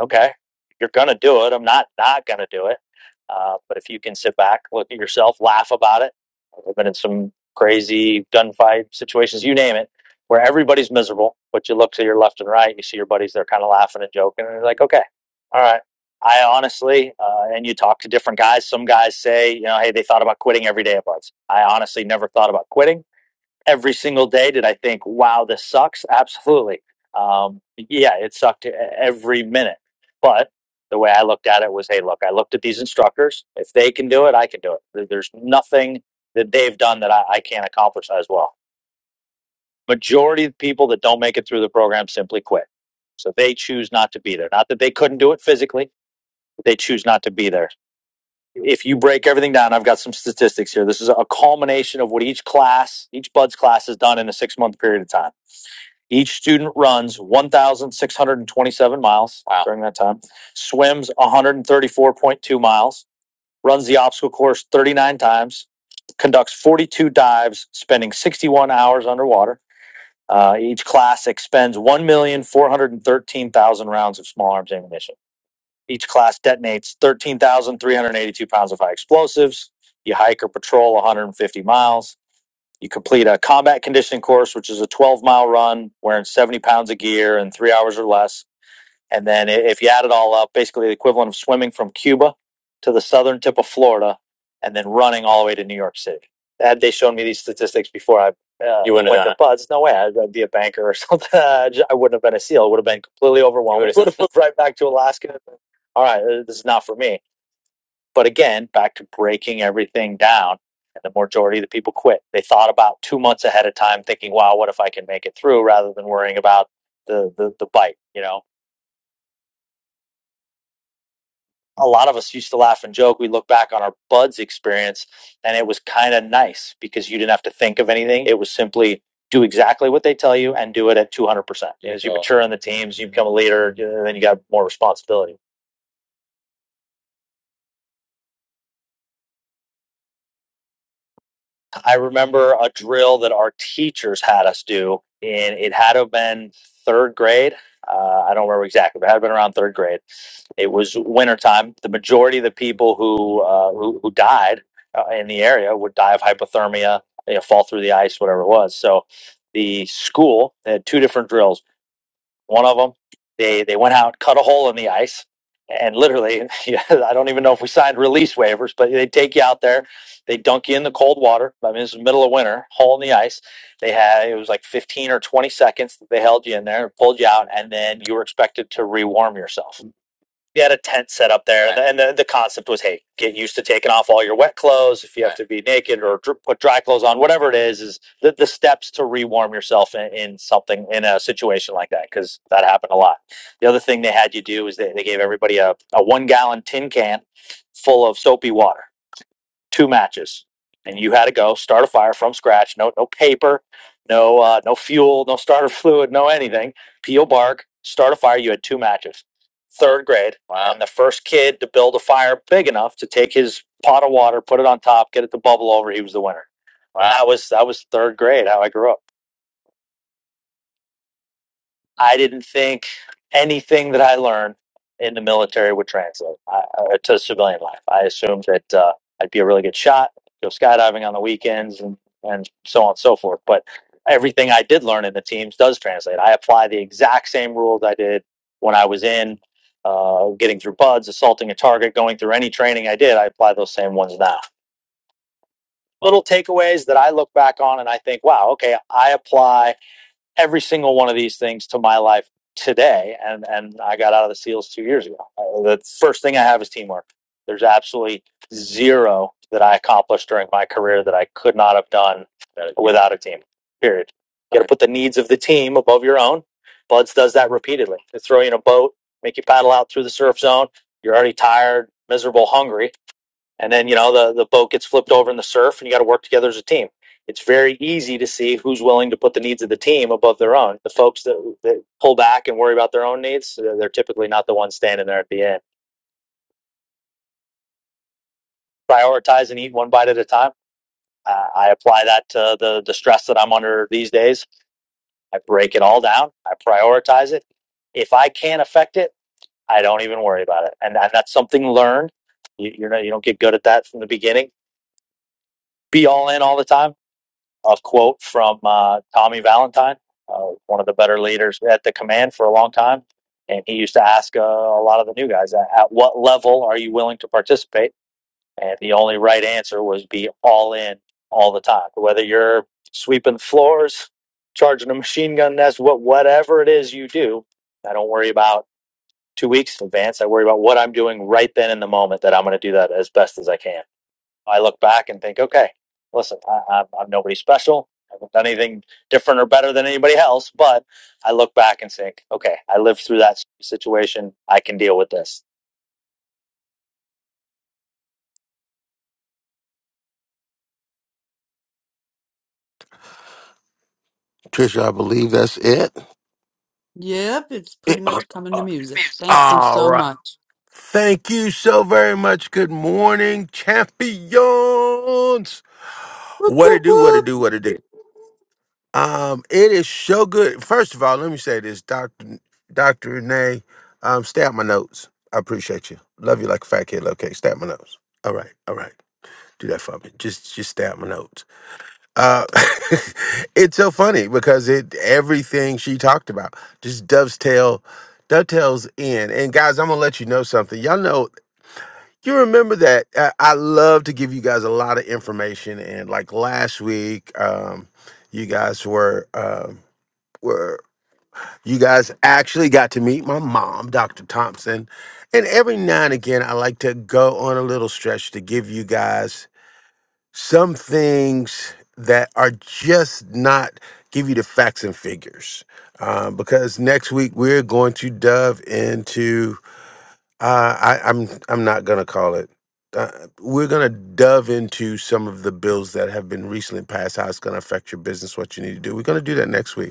C: Okay, you're gonna do it. I'm not not gonna do it. Uh, but if you can sit back, look at yourself, laugh about it. I've been in some crazy gunfight situations, you name it, where everybody's miserable. But you look to your left and right, you see your buddies. They're kind of laughing and joking, and you're like, okay, all right. I honestly, uh, and you talk to different guys. Some guys say, you know, hey, they thought about quitting every day at once. I honestly never thought about quitting every single day. Did I think, wow, this sucks? Absolutely. Um, yeah, it sucked e- every minute. But the way I looked at it was, hey, look, I looked at these instructors. If they can do it, I can do it. There- There's nothing that they've done that I, I can't accomplish as well. Majority of people that don't make it through the program simply quit. So they choose not to be there. Not that they couldn't do it physically, but they choose not to be there. If you break everything down, I've got some statistics here. This is a culmination of what each class, each Buds class has done in a six month period of time each student runs 1,627 miles wow. during that time, swims 134.2 miles, runs the obstacle course 39 times, conducts 42 dives, spending 61 hours underwater. Uh, each class expends 1,413,000 rounds of small arms ammunition. Each class detonates 13,382 pounds of high explosives. You hike or patrol 150 miles. You complete a combat conditioning course, which is a 12 mile run wearing 70 pounds of gear in three hours or less. And then, i- if you add it all up, basically the equivalent of swimming from Cuba to the southern tip of Florida and then running all the way to New York City. Had they shown me these statistics before I uh, you wouldn't went have done to buds, no way, I'd, I'd be a banker or (laughs) something. I ju- I wouldn't have been a SEAL. I would have been completely overwhelmed. would have (laughs) moved right back to Alaska. All right, uh, this is not for me but again, back to breaking everything down, and the majority of the people quit. They thought about two months ahead of time, thinking, "Wow, what if I can make it through?" Rather than worrying about the the, the bite. You know, a lot of us used to laugh and joke. We look back on our buds experience, and it was kind of nice because you didn't have to think of anything. It was simply do exactly what they tell you and do it at 200%. As you mature in the teams, you become a leader, uh, then you got more responsibility. I remember a drill that our teachers had us do, and it had to have been third grade. Uh, I don't remember exactly, but it had been around third grade. It was wintertime. The majority of the people who uh, who, who died uh, in the area would die of hypothermia, you know, fall through the ice, whatever it was. So the school they had two different drills. One of them, they they went out, cut a hole in the ice, and literally, (laughs) yeah, I don't even know if we signed release waivers, but they take you out there, they dunk you in the cold water. I mean, this is middle of winter, hole in the ice. They had it was like fifteen or twenty seconds. that They held you in there, pulled you out, and then you were expected to rewarm yourself they had a tent set up there, Okay. and the, the concept was, hey, get used to taking off all your wet clothes if you have Right. to be naked or dr- put dry clothes on, whatever it is, is the, the steps to rewarm yourself in, in something in a situation like that because that happened a lot. The other thing they had you do is they, they gave everybody a, a one gallon tin can full of soapy water two matches and you had to go start a fire from scratch no no paper no uh, no fuel no starter (laughs) fluid no anything peel bark start a fire you had two matches third grade i'm the first kid to build a fire big enough to take his pot of water put it on top get it to bubble over he was the winner Wow. that was that was third grade how i grew up I didn't think anything that I learned in the military would translate I, uh, to civilian life. I assumed that uh, I'd be a really good shot, go skydiving on the weekends, and, and so on and so forth. But everything I did learn in the teams does translate. I apply the exact same rules I did when I was in. Uh, getting through buds, assaulting a target, going through any training I did, I apply those same ones now. Little takeaways that I look back on and I think, wow, okay, I apply every single one of these things to my life today and and I got out of the seals 2 years ago. Uh, The first thing I have is teamwork. There's absolutely zero that I accomplished during my career that I could not have done without a team. Period. You got to put the needs of the team above your own. Buds does that repeatedly. They throw you in a boat, make you paddle out through the surf zone. You're already tired, miserable, hungry and then you know the the boat gets flipped over in the surf and you got to work together as a team it's very easy to see who's willing to put the needs of the team above their own the folks that, that pull back and worry about their own needs uh, they're typically not the ones standing there at the end prioritize and eat one bite at a time uh, i apply that to the the stress that i'm under these days i break it all down i prioritize it if i can't affect it i don't even worry about it and, and that's something learned you, you're not, you don't get good at that from the beginning be all in all the time a quote from uh, Tommy Valentine, uh, one of the better leaders at the command for a long time. And he used to ask uh, a lot of the new guys, at at what level are you willing to participate? And the only right answer was be all in all the time. Whether you're sweeping floors, charging a machine gun nest, what, whatever it is you do, I don't worry about two weeks in advance. I worry about what I'm doing right then in the moment that I'm going to do that as best as I can. I look back and think, okay, listen, I, I'm, I'm nobody special. I haven't done anything different or better than anybody else. But I look back and think, okay, I lived through that situation. I can deal with this.
E: Trisha, I believe that's it.
C: Yep, it's
E: It-
C: pretty
E: uh,
C: much coming to music. Thank you
E: All
C: so
E: right.
C: much.
E: Thank you so very much. Good morning, champions.
C: Whoop,
E: What to
C: whoop,
E: do, what to
C: whoop.
E: do, what to do. Um, it is so good. First of all, let me say this, Doctor Doctor Renee, um, stab my notes. I appreciate you. Love you like a fat kid. Okay, stab my notes. All right, all right. Do that for me. Just just stab my notes. Uh, (laughs) it's so funny because it everything she talked about just dovetail dovetails in. And guys, I'm gonna let you know something. Y'all know you remember that uh, I love to give you guys a lot of information. And like last week, um, you guys were. Um, where you guys actually got to meet my mom, Dr. Thompson. And every now and again, I like to go on a little stretch to give you guys some things that are just not give you the facts and figures. Um, because next week we're going to dove into uh, I, I'm I'm not gonna call it. Uh, we're gonna dove into some of the bills that have been recently passed. How it's gonna affect your business, what you need to do. We're gonna do that next week.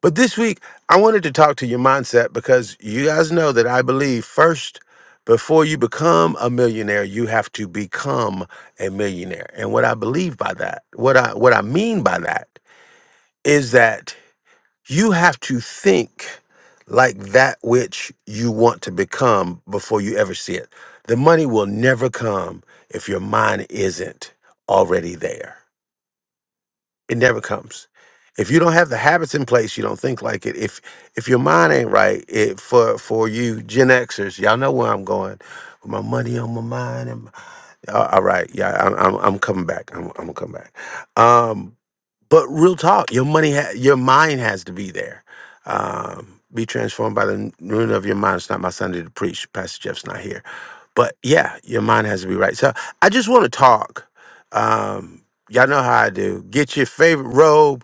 E: But this week, I wanted to talk to your mindset because you guys know that I believe first, before you become a millionaire, you have to become a millionaire. And what I believe by that, what I what I mean by that is that you have to think like that which you want to become before you ever see it. The money will never come if your mind isn't already there. It never comes. If you don't have the habits in place, you don't think like it. If if your mind ain't right, it for for you Gen Xers, y'all know where I'm going. With my money on my mind. And my, all all right, yeah, I'm, I'm I'm coming back. I'm I'm gonna come back. Um, but real talk, your money, ha- your mind has to be there. Um, be transformed by the renewing of your mind. It's not my Sunday to preach. Pastor Jeff's not here, but yeah, your mind has to be right. So I just want to talk. Um, y'all know how I do. Get your favorite robe,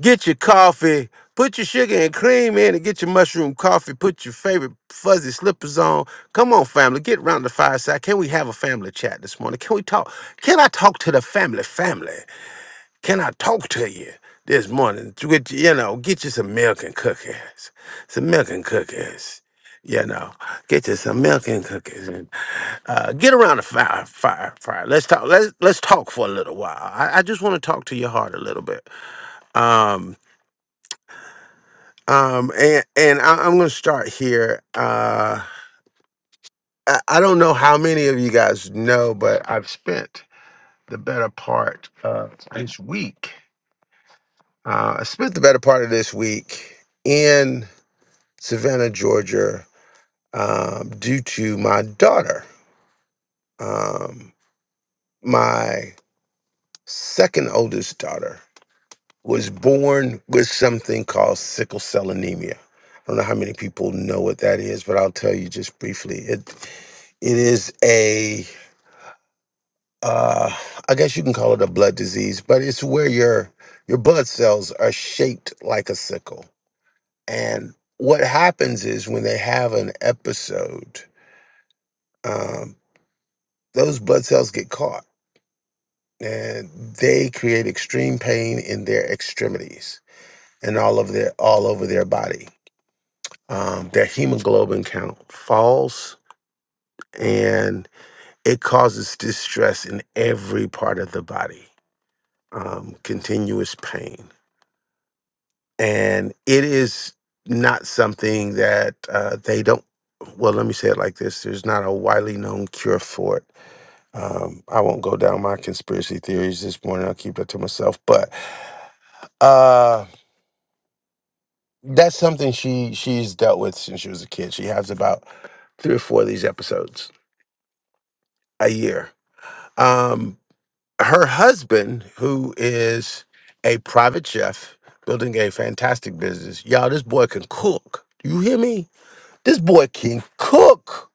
E: get your coffee, put your sugar and cream in, and get your mushroom coffee. Put your favorite fuzzy slippers on. Come on, family, get around the fireside. Can we have a family chat this morning? Can we talk? Can I talk to the family? Family. Can I talk to you this morning? To get you, you know, get you some milk and cookies, some milk and cookies. You know, get you some milk and cookies, and uh, get around the fire, fire, fire. Let's talk. Let's let's talk for a little while. I, I just want to talk to your heart a little bit. Um, um, and and I, I'm gonna start here. Uh, I, I don't know how many of you guys know, but I've spent the better part of this week. Uh, I spent the better part of this week in. Savannah, Georgia, um, due to my daughter. Um, my second oldest daughter was born with something called sickle cell anemia. I don't know how many people know what that is, but I'll tell you just briefly. It it is a uh, I guess you can call it a blood disease, but it's where your your blood cells are shaped like a sickle. And what happens is when they have an episode, um, those blood cells get caught and they create extreme pain in their extremities and all of their all over their body. Um, their hemoglobin count falls and it causes distress in every part of the body, um, continuous pain. And it is not something that uh, they don't, well, let me say it like this there's not a widely known cure for it Um, I won't go down my conspiracy theories this morning. I'll keep that to myself. But uh, that's something she she's dealt with since she was a kid. She has about three or four of these episodes a year. Um, her husband, who is a private chef, building a fantastic business. Y'all, this boy can cook. You hear me? This boy can cook.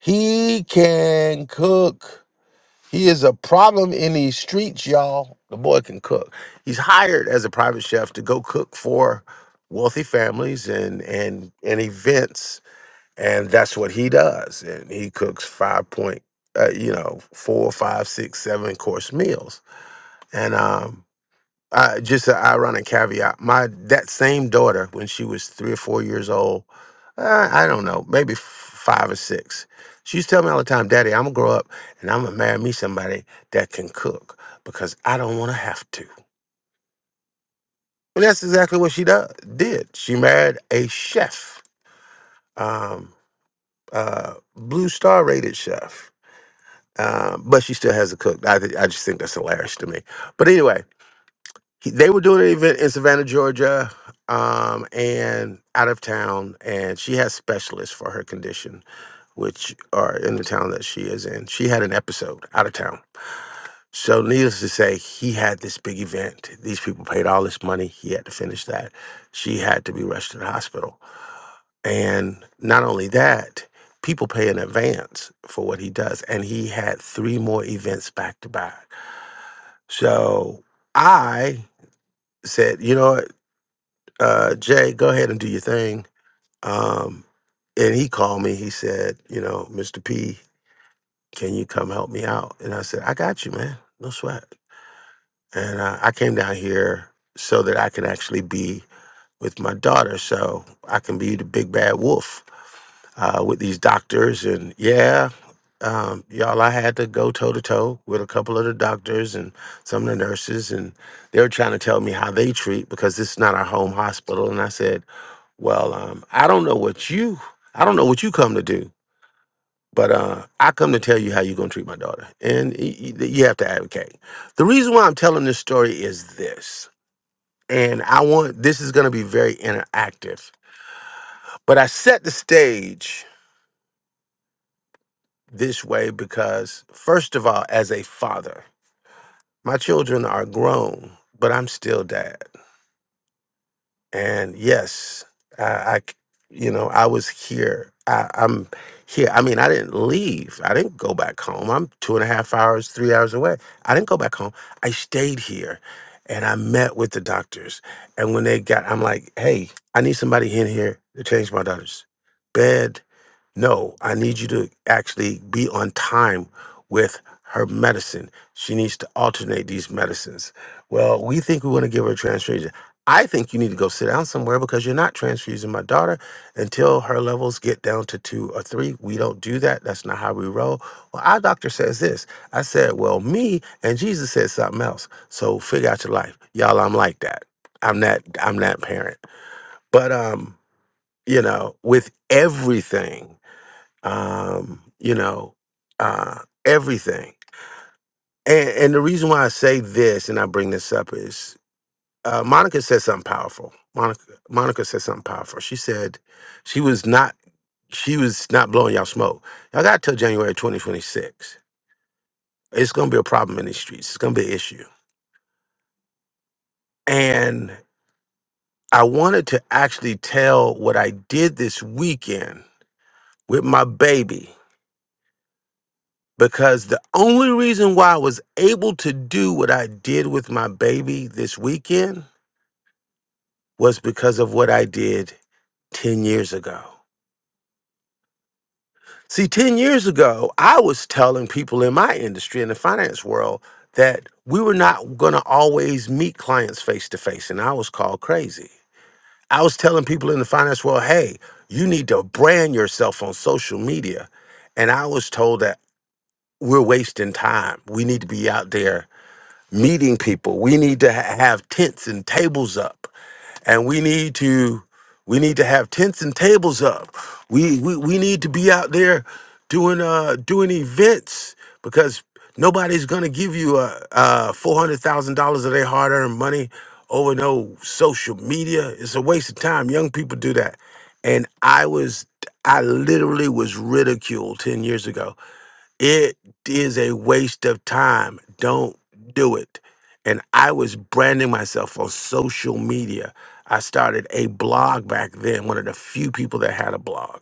E: He can cook. He is a problem in these streets, y'all. The boy can cook. He's hired as a private chef to go cook for wealthy families and and and events, and that's what he does. And he cooks five point, uh, you know, four, five, six, seven course meals. And um, uh, just an ironic caveat. My that same daughter, when she was three or four years old, uh, I don't know, maybe f- five or six, she used to tell me all the time, "Daddy, I'm gonna grow up and I'm gonna marry me somebody that can cook because I don't want to have to." And that's exactly what she do- did. She married a chef, um, uh, blue star rated chef. Uh, but she still has a cook. I, th- I just think that's hilarious to me. But anyway, he- they were doing an event in Savannah, Georgia, um, and out of town. And she has specialists for her condition, which are in the town that she is in. She had an episode out of town. So, needless to say, he had this big event. These people paid all this money. He had to finish that. She had to be rushed to the hospital. And not only that, people pay in advance for what he does. And he had three more events back to back. So, I said, you know what? uh, Jay, go ahead and do your thing. Um, and he called me. He said, you know, Mr. P, can you come help me out? And I said, I got you, man. No sweat. And uh, I came down here so that I can actually be with my daughter so I can be the big bad wolf uh, with these doctors. And yeah, um, y'all, I had to go toe to toe with a couple of the doctors and some of the nurses, and they were trying to tell me how they treat because this is not our home hospital. And I said, well, um, I don't know what you, I don't know what you come to do, but uh, I come to tell you how you're gonna treat my daughter, and y- y- you have to advocate. The reason why I'm telling this story is this, and I want this is gonna be very interactive but I set the stage this way because, first of all, as a father, my children are grown, but I'm still dad. And yes, I, I c- you know, I was here. I, I'm here. I mean, I didn't leave. I didn't go back home. I'm two and a half hours, three hours away. I didn't go back home. I stayed here and I met with the doctors. And when they got, I'm like, hey, I need somebody in here to change my daughter's bed No, I need you to actually be on time with her medicine. She needs to alternate these medicines. Well, we think we want to give her a transfusion. I think you need to go sit down somewhere because you're not transfusing my daughter until her levels get down to two or three. We don't do that. That's not how we roll. Well, our doctor says this. I said, Well, me and Jesus said something else. So figure out your life. Y'all, I'm like that. I'm that I'm that parent. But um, you know, with everything um, you know, uh, everything. And, and the reason why I say this and I bring this up is uh, Monica said something powerful. Monica, Monica said something powerful. She said she was not she was not blowing y'all smoke. Y'all got till January 2026. It's gonna be a problem in these streets. It's gonna be an issue. And I wanted to actually tell what I did this weekend with my baby. because the only reason why I was able to do what I did with my baby this weekend was because of what I did 10 years ago. See, 10 years ago, I was telling people in my industry, in the finance world, that we were not going to always meet clients face to face, and I was called crazy. I was telling people in the finance world, hey, you need to brand yourself on social media. And I was told that we're wasting time. We need to be out there meeting people. We need to ha- have tents and tables up, and we need to we need to have tents and tables up. We we, we need to be out there doing uh doing events because nobody's gonna give you a, uh four hundred thousand dollars of their hard earned money over no social media. It's a waste of time. Young people do that, and I was I literally was ridiculed ten years ago it is a waste of time. Don't do it. And I was branding myself on social media. I started a blog back then, one of the few people that had a blog.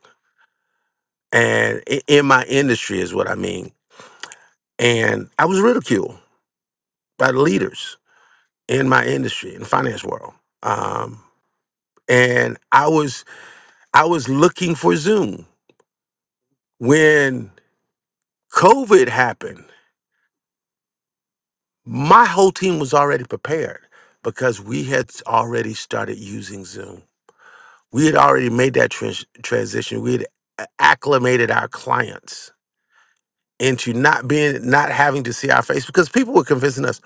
E: And i- in my industry is what I mean. And I was ridiculed by the leaders in my industry, in the finance world. Um, and I was I was looking for Zoom when COVID happened. My whole team was already prepared because we had already started using Zoom. We had already made that trans- transition. We had a- acclimated our clients into not being, not having to see our face because people were convincing us,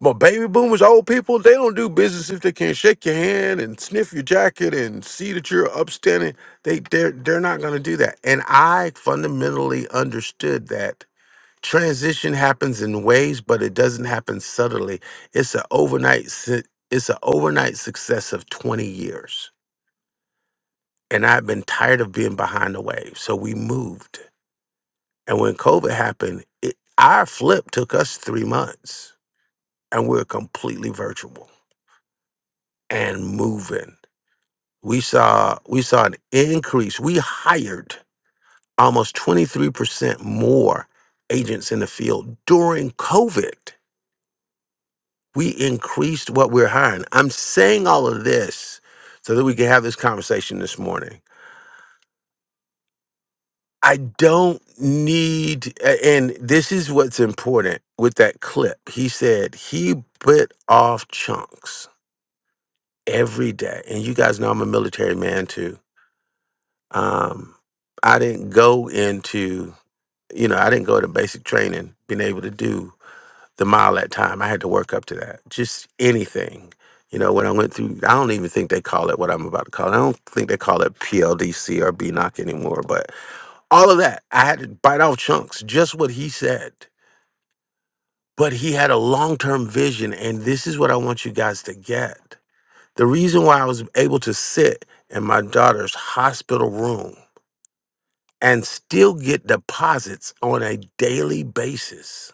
E: well, baby boomers, old people, they don't do business if they can't shake your hand and sniff your jacket and see that you're upstanding. They, they're, they're not going to do that. And I fundamentally understood that transition happens in waves but it doesn't happen subtly it's an overnight su- it's an overnight success of 20 years and i've been tired of being behind the wave so we moved and when covid happened it, our flip took us three months and we are completely virtual and moving we saw we saw an increase we hired almost 23% more agents in the field during covid We increased what we're hiring. I'm saying all of this so that we can have this conversation this morning. I don't need, a- and this is what's important with that clip. He said he bit off chunks every day. And you guys know I'm a military man too. Um, I didn't go into, you know, I didn't go to basic training being able to do the mile that time. I had to work up to that. Just anything. You know, when I went through, I don't even think they call it what I'm about to call it. I don't think they call it PLDC or B knock anymore, but all of that. I had to bite off chunks, just what he said. But he had a long term vision, and this is what I want you guys to get. The reason why I was able to sit in my daughter's hospital room and still get deposits on a daily basis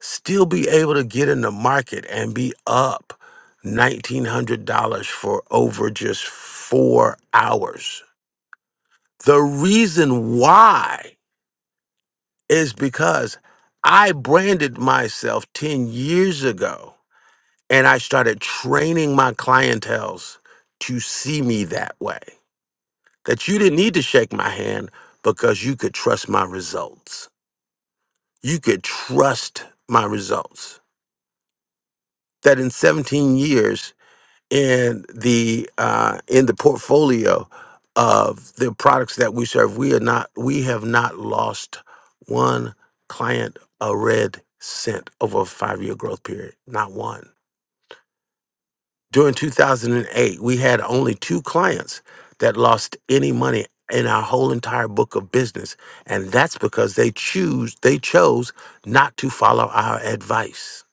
E: still be able to get in the market and be up $1,900 for over just four hours. The reason why is because I branded myself 10 years ago and I started training my clientels to see me that way. That you didn't need to shake my hand because you could trust my results. You could trust my results. That in 17 years, in the uh, in the portfolio of the products that we serve. We are not we have not lost one client a red cent over a five year growth period. Not one. During 2008, we had only two clients that lost any money in our whole entire book of business, and that's because they choose they chose not to follow our advice.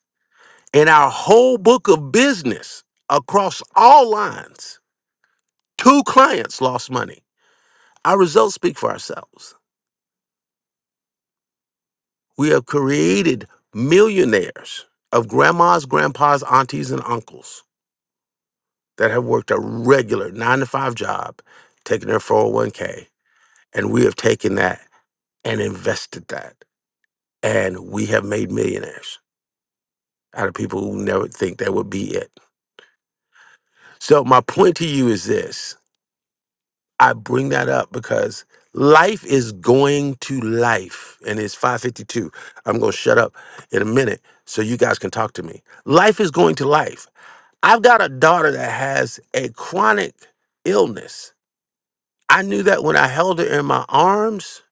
E: In our whole book of business across all lines, Two clients lost money. Our results speak for ourselves. We have created millionaires of grandmas, grandpas, aunties, and uncles that have worked a regular nine to five job, taking their 401k, and we have taken that and invested that. And we have made millionaires out of people who never think that would be it. So, my point to you is this I bring that up because life is going to life and it's 552. I'm going to shut up in a minute so you guys can talk to me. Life is going to life. I've got a daughter that has a chronic illness. I knew that when I held her in my arms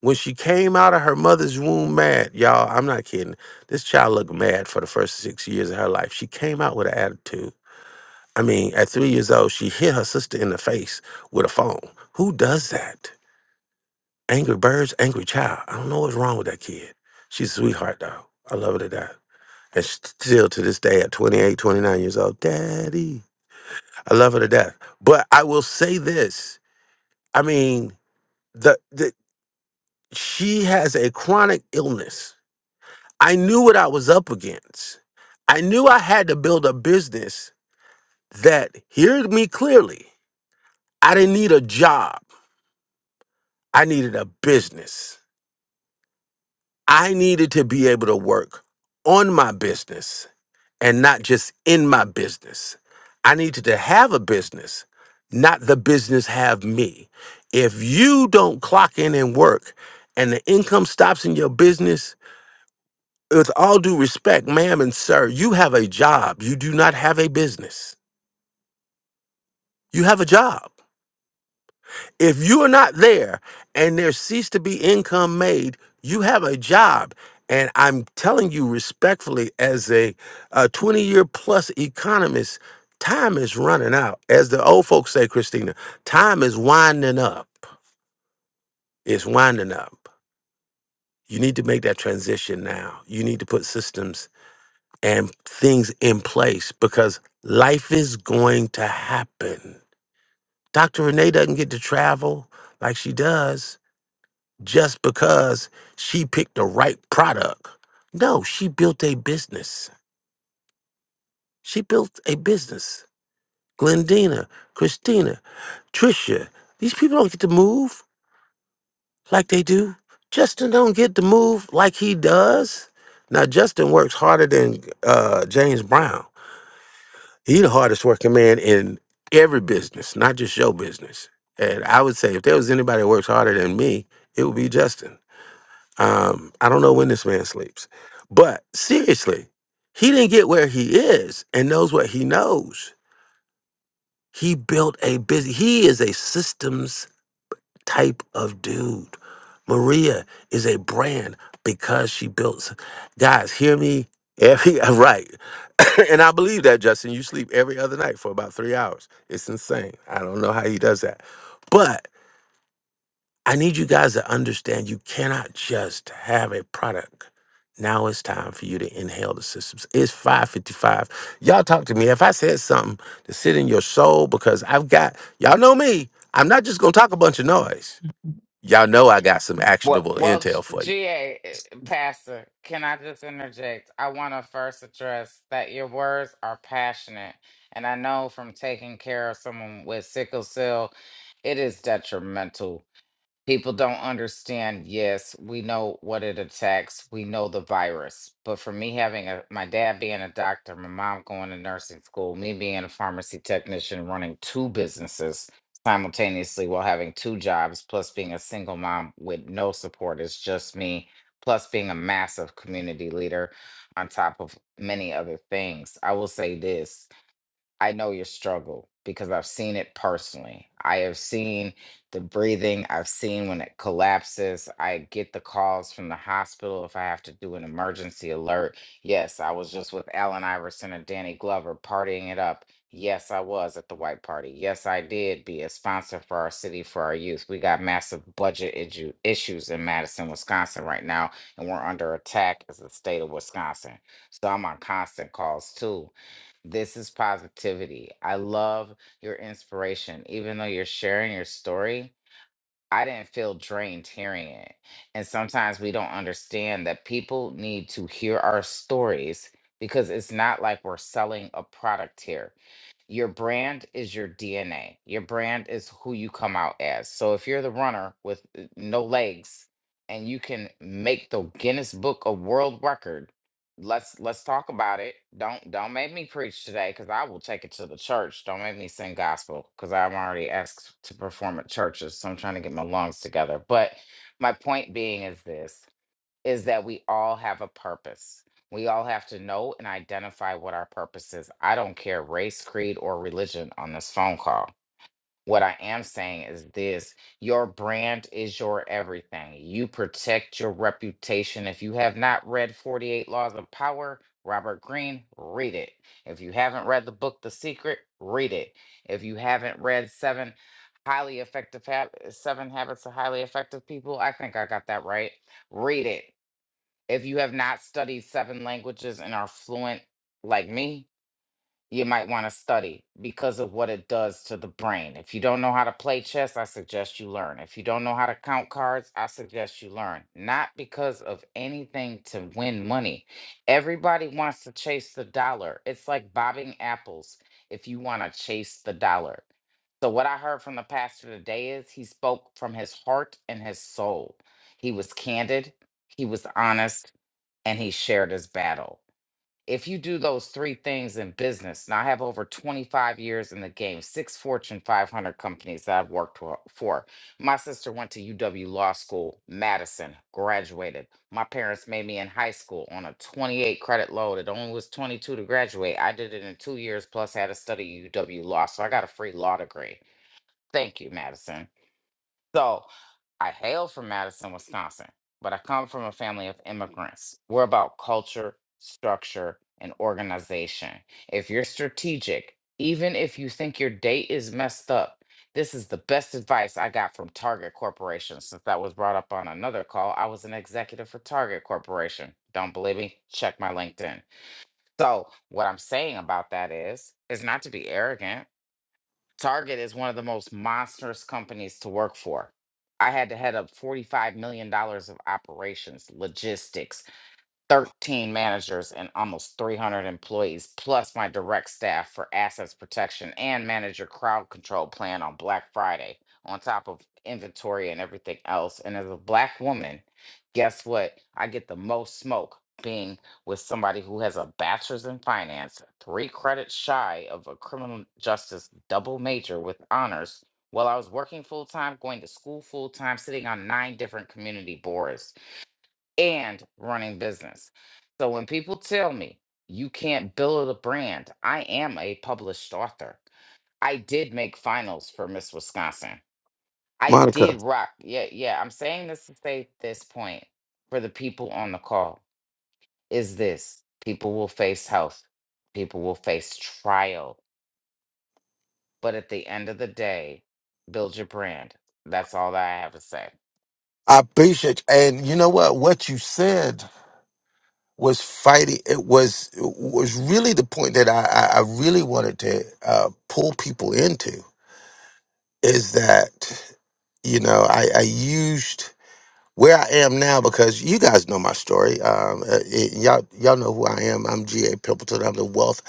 E: when she came out of her mother's womb mad. Y'all, I'm not kidding. This child looked mad for the first 6 years of her life. She came out with an attitude. I mean, at 3 years old, she hit her sister in the face with a phone. Who does that? Angry Birds, Angry Child. I don't know what's wrong with that kid. She's a sweetheart, though. I love her to death. And sh- still to this day, at 28, 29 years old, Daddy, I love her to death. But I will say this I mean, the, the she has a chronic illness. I knew what I was up against. I knew I had to build a business that, hear me clearly, I didn't need a job. I needed a business. I needed to be able to work on my business and not just in my business. I needed to have a business, not the business have me. If you don't clock in and work and the income stops in your business, with all due respect, ma'am and sir, you have a job. You do not have a business. You have a job. If you are not there and there cease to be income made, you have a job. And I'm telling you respectfully, as a, a 20 year plus economist, time is running out. As the old folks say, Christina, time is winding up. It's winding up. You need to make that transition now. You need to put systems and things in place because life is going to happen. Dr. Renee doesn't get to travel like she does just because she picked the right product. No, she built a business. She built a business. Glendina, Christina, Trisha, these people don't get to move like they do. Justin don't get to move like he does. Now Justin works harder than uh, James Brown. He the hardest working man in every business, not just your business. And I would say if there was anybody that works harder than me, it would be Justin. Um, I don't know when this man sleeps, but seriously, he didn't get where he is and knows what he knows. He built a busy, he is a systems type of dude. Maria is a brand because she built. s- Guys, hear me every (laughs) right. (coughs) and I believe that, Justin. You sleep every other night for about three hours. It's insane. I don't know how he does that. I need you guys to understand you cannot just have a product. Now it's time for you to inhale the systems. It's 555. Y'all talk to me. If I said something to sit in your soul, because I've got, y'all know me, I'm not just going to talk a bunch of noise. Y'all know I got some
F: Well,
E: actionable
F: well, G-
E: intel for you.
F: GA, uh, Pastor, can I just interject? I want to first address that your words are passionate. And I know from taking care of someone with sickle cell, it is detrimental People don't understand. Yes, we know what it attacks. We know the virus. But for me having a my dad being a doctor, my mom going to nursing school, me being a pharmacy technician running two businesses simultaneously while having two jobs, plus being a single mom with no support is just me, plus being a massive community leader on top of many other things. I will say this. I know your struggle because I've seen it personally. I have seen the breathing, I've seen when it collapses. I get the calls from the hospital if I have to do an emergency alert. Yes, I was just with Allen Iverson and Danny Glover partying it up. Yes, I was at the white party. Yes, I did be a sponsor for our city for our youth. We got massive budget iju- issues in Madison, Wisconsin right now, and we're under attack as the state of Wisconsin. So I'm on constant calls too this is positivity. I love your inspiration. Even though you're sharing your story, I didn't feel drained hearing it. And sometimes we don't understand that people need to hear our stories because it's not like we're selling a product here. Your brand is your DNA. Your brand is who you come out as. So if you're the runner with uh, no legs and you can make the Guinness Book of World Record, let's let's talk about it. Don't don't make me preach today cuz I will take it to the church. Don't make me sing gospel cuz I'm already asked to perform at churches. So I'm trying to get my lungs together. But my point being is this is that we all have a purpose. We all have to know and identify what our purpose is. I don't care race, creed, or religion on this phone call. What I am saying is this your brand is your everything. You protect your reputation. If you have not read 48 Laws of Power, Robert Greene, read it. If you haven't read the book The Secret, read it. If you haven't read Seven Highly Effective Hab- Seven Habits of Highly Effective People, I think I got that right read it if you have not studied seven languages and are fluent like me, you might want to study because of what it does to the brain. If you don't know how to play chess, I suggest you learn. If you don't know how to count cards, I suggest you learn. Not because of anything to win money. Everybody wants to chase the dollar. It's like bobbing apples if you want to chase the dollar. So, what I heard from the pastor today is he spoke from his heart and his soul. He was candid, he was honest, and he shared his battle. If you do those three things in business, now I have over 25 years in the game, six Fortune 500 companies that I've worked wo- for. My sister went to UW Law School, Madison, graduated. My parents made me in high school on a 28 credit load. It only was 22 to graduate. I did it in two years, plus had to study UW Law. So I got a free law degree. Thank you, Madison. So I hail from Madison, Wisconsin, but I come from a family of immigrants. We're about culture, structure, and organization. If you're strategic, even if you think your date is messed up, this is the best advice I got from Target Corporation. Since that was brought up on another call, I was an executive for Target Corporation. Don't believe me? Check my LinkedIn. So, what I'm saying about that is, is not to be arrogant Target is one of the most monstrous companies to work for. I had to head up $45 million dollars of operations, logistics, 13 managers and almost 300 employees, plus my direct staff for assets protection and manager crowd control plan on Black Friday, on top of inventory and everything else. And as a Black woman, guess what? I get the most smoke being with somebody who has a bachelor's in finance, three credits shy of a criminal justice double major with honors. While I was working full time, going to school full time, sitting on nine different community boards and running business. So when people tell me you can't build a brand, I am a published author. I did make finals for Miss Wisconsin. I did
E: Monica,
F: rock. Yeah, yeah. I'm saying this to say this point for the people on the call is this people will face health, people will face trial. But at the end of the day, build your brand. That's all that I have to say.
E: I appreciate you. and you know what? What you said was fighting. It was it was really the point that I I, I really wanted to uh, pull people into. is that you know I, I used where I am now because you guys know my story. Um, uh, it, y'all y'all know who I am. I'm G.A. Pimpleton. I'm the wealth.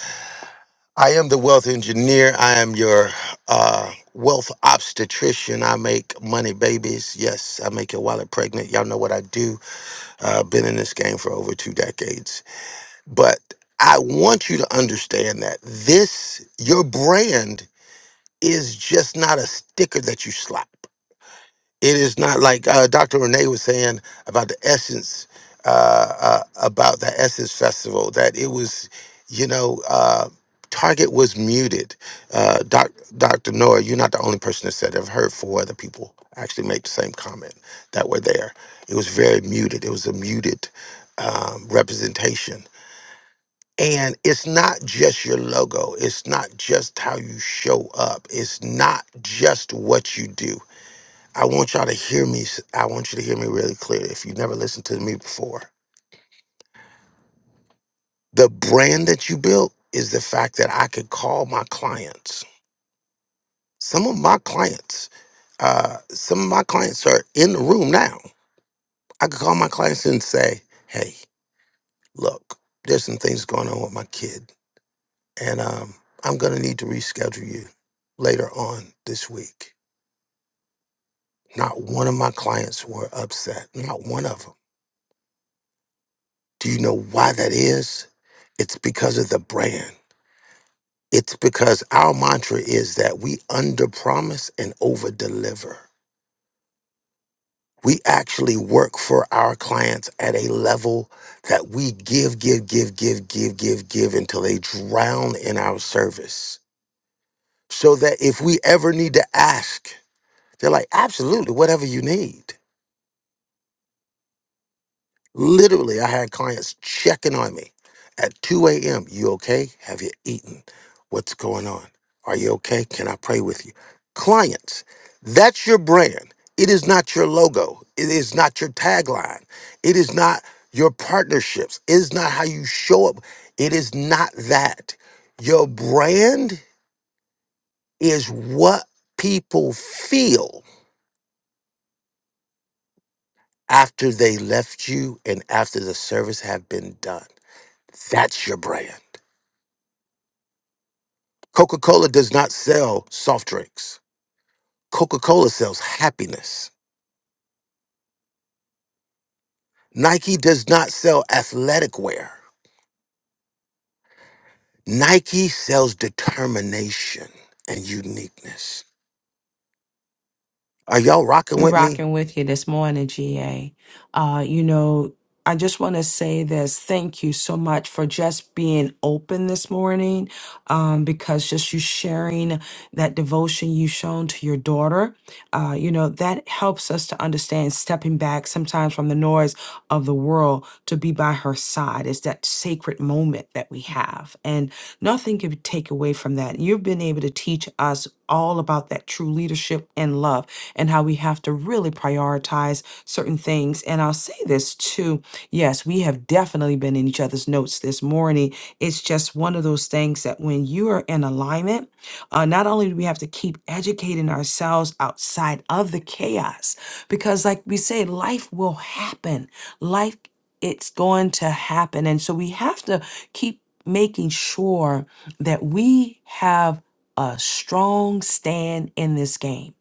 E: I am the wealth engineer. I am your uh, wealth obstetrician. I make money babies. Yes, I make your wallet pregnant. Y'all know what I do. Uh, been in this game for over two decades. But I want you to understand that this your brand is just not a sticker that you slap it is not like uh, Dr. Renee was saying about the essence, uh, uh, about the Essence Festival, that it was, you know, uh, Target was muted. Uh, doc, Dr. Nora, you're not the only person that said it. I've heard four other people actually make the same comment that were there. It was very muted, it was a muted um, representation. And it's not just your logo. It's not just how you show up. It's not just what you do I want y'all to hear me. s- I want you to hear me really clear. If you never listened to me before, the brand that you built is the fact that I could call my clients. Some of my clients, uh, some of my clients are in the room now. I could call my clients and say, "Hey, look, there's some things going on with my kid, and um, I'm gonna need to reschedule you later on this week." Not one of my clients were upset. Not one of them. Do you know why that is? It's because of the brand. It's because our mantra is that we under promise and over deliver. We actually work for our clients at a level that we give, give, give, give, give, give, give until they drown in our service. So that if we ever need to ask, they're like, absolutely, whatever you need. Literally, I had clients checking on me at 2 a.m. You okay? Have you eaten? What's going on? Are you okay? Can I pray with you? Clients, that's your brand. It is not your logo. It is not your tagline. It is not your partnerships. It is not how you show up. It is not that. Your brand is what people feel after they left you and after the service have been done. That's your brand. Coca Cola does not sell soft drinks. Coca Cola sells happiness. Nike does not sell athletic wear. Nike sells determination and uniqueness. Are y'all rocking
A: We're
E: with me?
A: rocking with you this morning, GA. Uh, you know, I just want to say this. Thank you so much for just being open this morning, um, because just you sharing that devotion you've shown to your daughter, uh, you know, that helps us to understand stepping back back sometimes from the noise of the world to be by her side. It's that sacred moment that we have. And nothing can take away from that. You've been able to teach us all about that true leadership and love and how we have to really prioritize certain things. And I'll say this too. Yes, we have definitely been in each other's notes this morning. It's just one of those things that when you are in alignment, uh, not only do we have to keep educating ourselves outside of the chaos, because, like we say, life will happen. Life, it's going to happen. And so we have to keep making sure that we have a strong stand in this game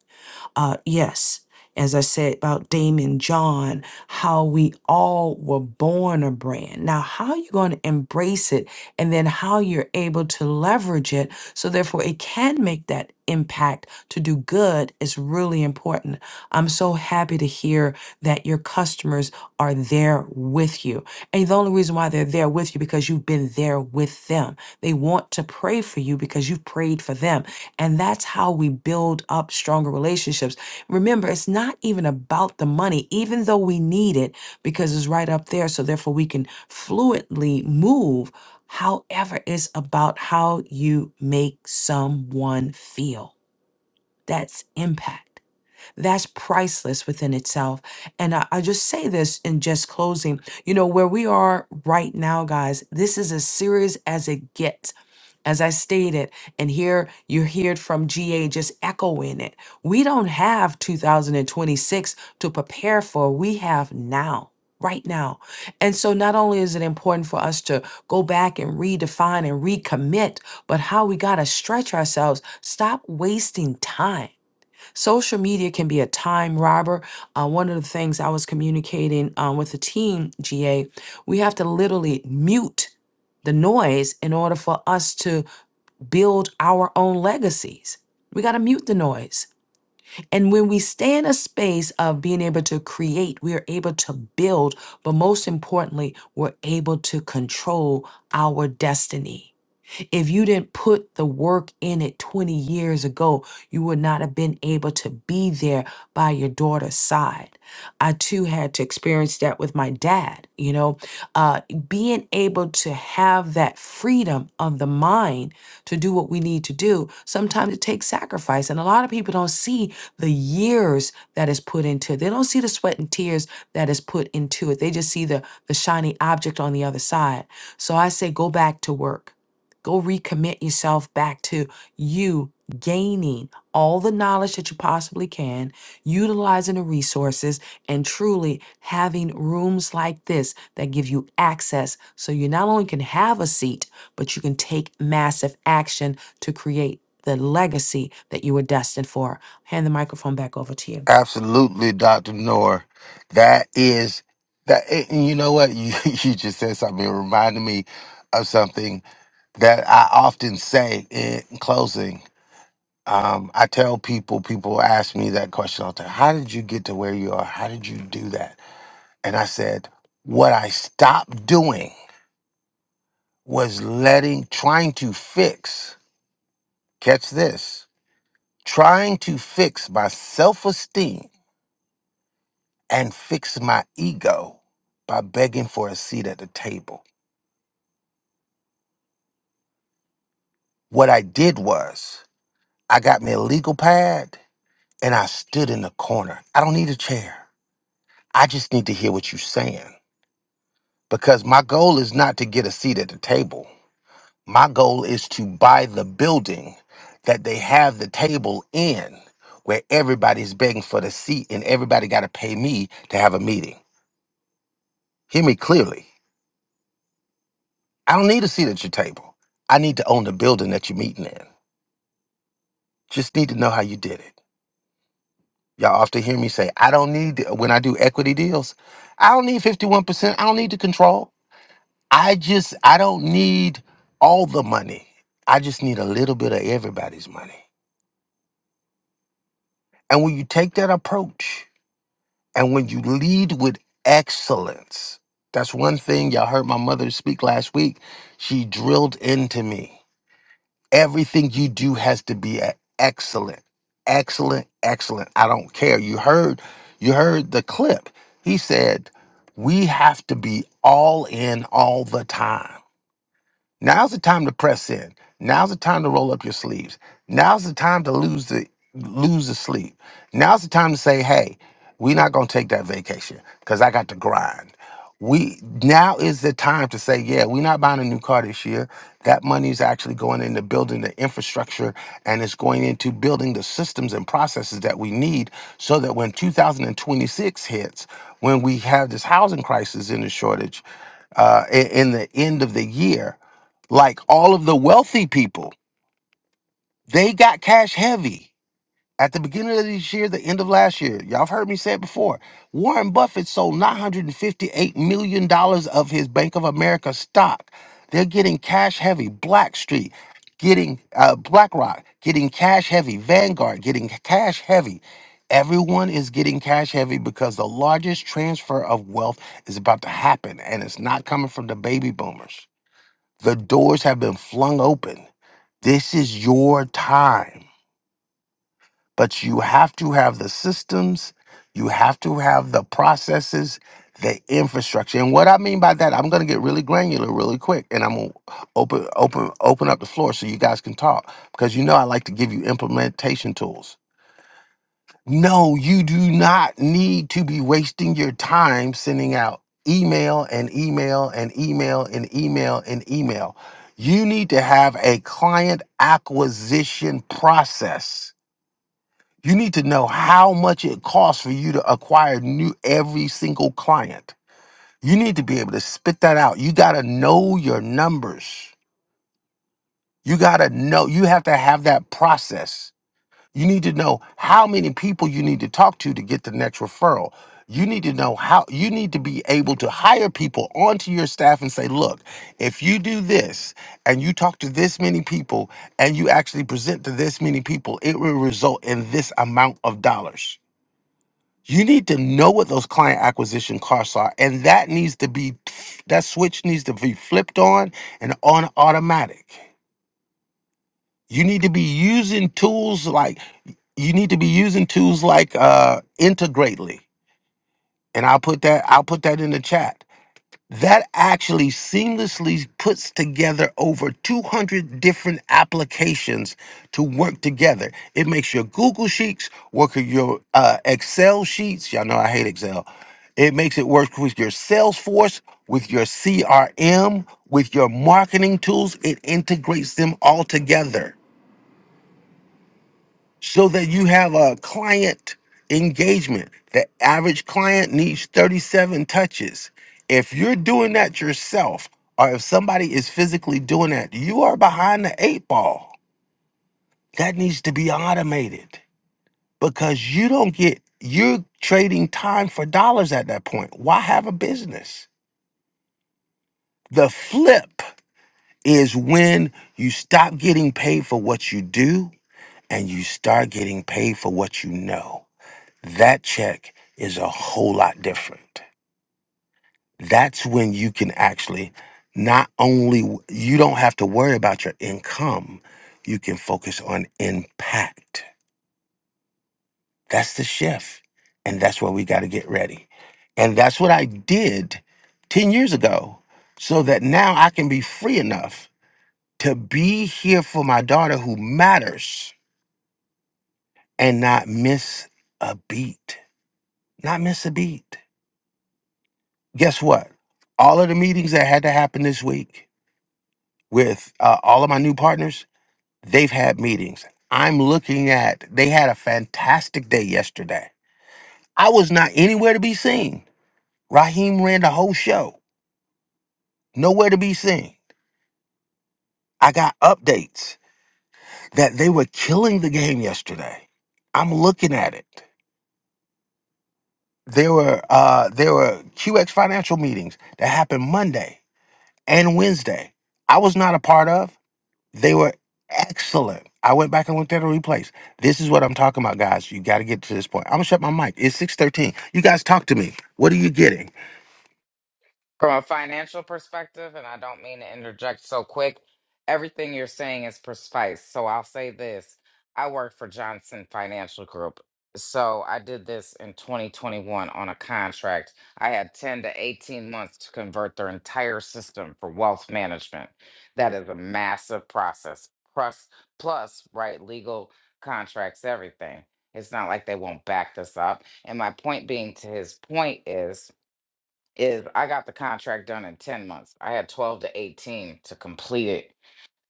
A: uh, yes, as I said about Damon John, how we all were born a brand. Now, how you going to embrace it and then how you're able to leverage it so therefore it can make that impact to do good is really important. I'm so happy to hear that your customers are there with you. And the only reason why they're there with you because you've been there with them. They want to pray for you because you've prayed for them and that's how we build up stronger relationships. Remember, it's not even about the money, even though we need it because it's right up there. So, therefore, we can fluently move. However, it's about how you make someone feel. That's impact. That's priceless within itself. And I, I just say this in just closing you know, where we are right now, guys, this is as serious as it gets as I stated, and here you hear it from GA just echoing it. We don't have 2026 to prepare for, we have now. Right now. And so, not only is it important for us to go back and redefine and recommit, but how we got to stretch ourselves, stop wasting time. Social media can be a time robber. Uh, one of the things I was communicating uh, with the team, GA, we have to literally mute the noise in order for us to build our own legacies. We got to mute the noise. And when we stay in a space of being able to create, we are able to build, but most importantly, we're able to control our destiny. If you didn't put the work in it 20 years ago, you would not have been able to be there by your daughter's side. I too had to experience that with my dad, you know, uh, being able to have that freedom of the mind to do what we need to do. Sometimes it takes sacrifice. And a lot of people don't see the years that is put into it. They don't see the sweat and tears that is put into it. They just see the, the shiny object on the other side. So I say, go back to work Go recommit yourself back to you gaining all the knowledge that you possibly can, utilizing the resources, and truly having rooms like this that give you access so you not only can have a seat, but you can take massive action to create the legacy that you were destined for. Hand the microphone back over to
E: Absolutely, Dr. Noor. That is that and you know what? You (laughs) you just said something. It reminded me of something that I often say in closing. Um, I tell people, people ask me that question all the time How did you get to where you are? How did you do that? And I said, What I stopped doing was letting, trying to fix, catch this, trying to fix my self esteem and fix my ego by begging for a seat at the table. What I did was, I got me a legal pad and I stood in the corner. I don't need a chair. I just need to hear what you're saying. because my goal is not to get a seat at the table. My goal is to buy the building that they have the table in where everybody's begging for the seat and everybody got to pay me to have a meeting. Hear me clearly. I don't need a seat at your table. I need to own the building that you're meeting in. Just need to know how you did it. Y'all often hear me say, I don't need, when I do equity deals, I don't need 51%. I don't need the control. I just I don't need all the money. I just need a little bit of everybody's money. And when you take that approach and when you lead with excellence, that's one thing y'all heard my mother speak last week. She drilled into me. Everything you do has to be a- excellent. Excellent, excellent. I don't care. You heard you heard the clip. He said, "We have to be all in all the time." Now's the time to press in. Now's the time to roll up your sleeves. Now's the time to lose the lose the sleep. Now's the time to say, "Hey, we're not going to take that vacation because I got to grind." We now is the time to say, "Yeah, we're not buying a new car this year. That money is actually going into building the infrastructure and it's going into building the systems and processes that we need so that when 2026 hits, when we have this housing crisis in the shortage." uh, i- in the end of the year like all of the wealthy people, they got cash heavy at the beginning of this year, the end of last year. Y'all have heard me say it before. Warren Buffett sold $958 million dollars of his Bank of America stock. They're getting cash heavy. Blackstreet getting uh, BlackRock getting cash heavy. Vanguard getting cash heavy. Everyone is getting cash heavy because the largest transfer of wealth is about to happen, and it's not coming from the baby boomers. The doors have been flung open this is your time, but you have to have the systems, you have to have the processes, the infrastructure. And what I mean by that, I'm going to get really granular really quick and I'm going to open open open up the floor so you guys can talk because you know I like to give you implementation tools. No, you do not need to be wasting your time sending out email and email and email and email and email. You need to have a client acquisition process. You need to know how much it costs for you to acquire new every single client. You need to be able to spit that out. You got to know your numbers. You got to know, you have to have that process you need to know how many people you need to talk to to get the next referral. You need to know how you need to be able to hire people onto your staff and say, look, if you do this and you talk to this many people and you actually present to this many people, it will result in this amount of dollars. You need to know what those client acquisition costs are, and that needs to be that switch needs to be flipped on and on automatic. You need to be using tools like you need to be using tools like uh, integrately and i'll put that i'll put that in the chat that actually seamlessly puts together over 200 different applications to work together it makes your google sheets work with your uh, excel sheets y'all know i hate excel it makes it work with your salesforce with your crm with your marketing tools it integrates them all together so that you have a client engagement. The average client needs 37 touches. If you're doing that yourself, or if somebody is physically doing that, you are behind the eight ball. That needs to be automated because you don't get, you're trading time for dollars at that point. Why have a business? The flip is when you stop getting paid for what you do and you start getting paid for what you know. that check is a whole lot different. That's when you can actually not only you don't have to worry about your income, you can focus on impact. That's the shift. And that's where we got to get ready. And that's what I did 10 years ago so that now I can be free enough to be here for my daughter who matters and not miss a beat. Not miss a beat. guess what? All of the meetings that had to happen this week with uh, all of my new partners, they've had meetings. I'm looking at, they had a fantastic day yesterday. I was not anywhere to be seen. Raheem ran the whole show, nowhere to be seen. I got updates that they were killing the game yesterday. I'm looking at it. There were uh, there were QX financial meetings that happened Monday and Wednesday. I was not a part of. They were excellent. I went back and looked at the replays. This is what I'm talking about, guys. You got to get to this point. I'm gonna shut my mic. It's six thirteen. You guys talk to me. What are you getting?
F: From a financial perspective, and I don't mean to interject so quick, everything you're saying is precise. So I'll say this I work for Johnson Financial Group. So I did this in 2021 on a contract. I had 10 to 18 months to convert their entire system for wealth management. That is a massive process. Plus, plus right, legal contracts, everything. It's not like they won't back this up. And my point being to his point is is I got the contract done in 10 months. I had 12 to 18 to complete it.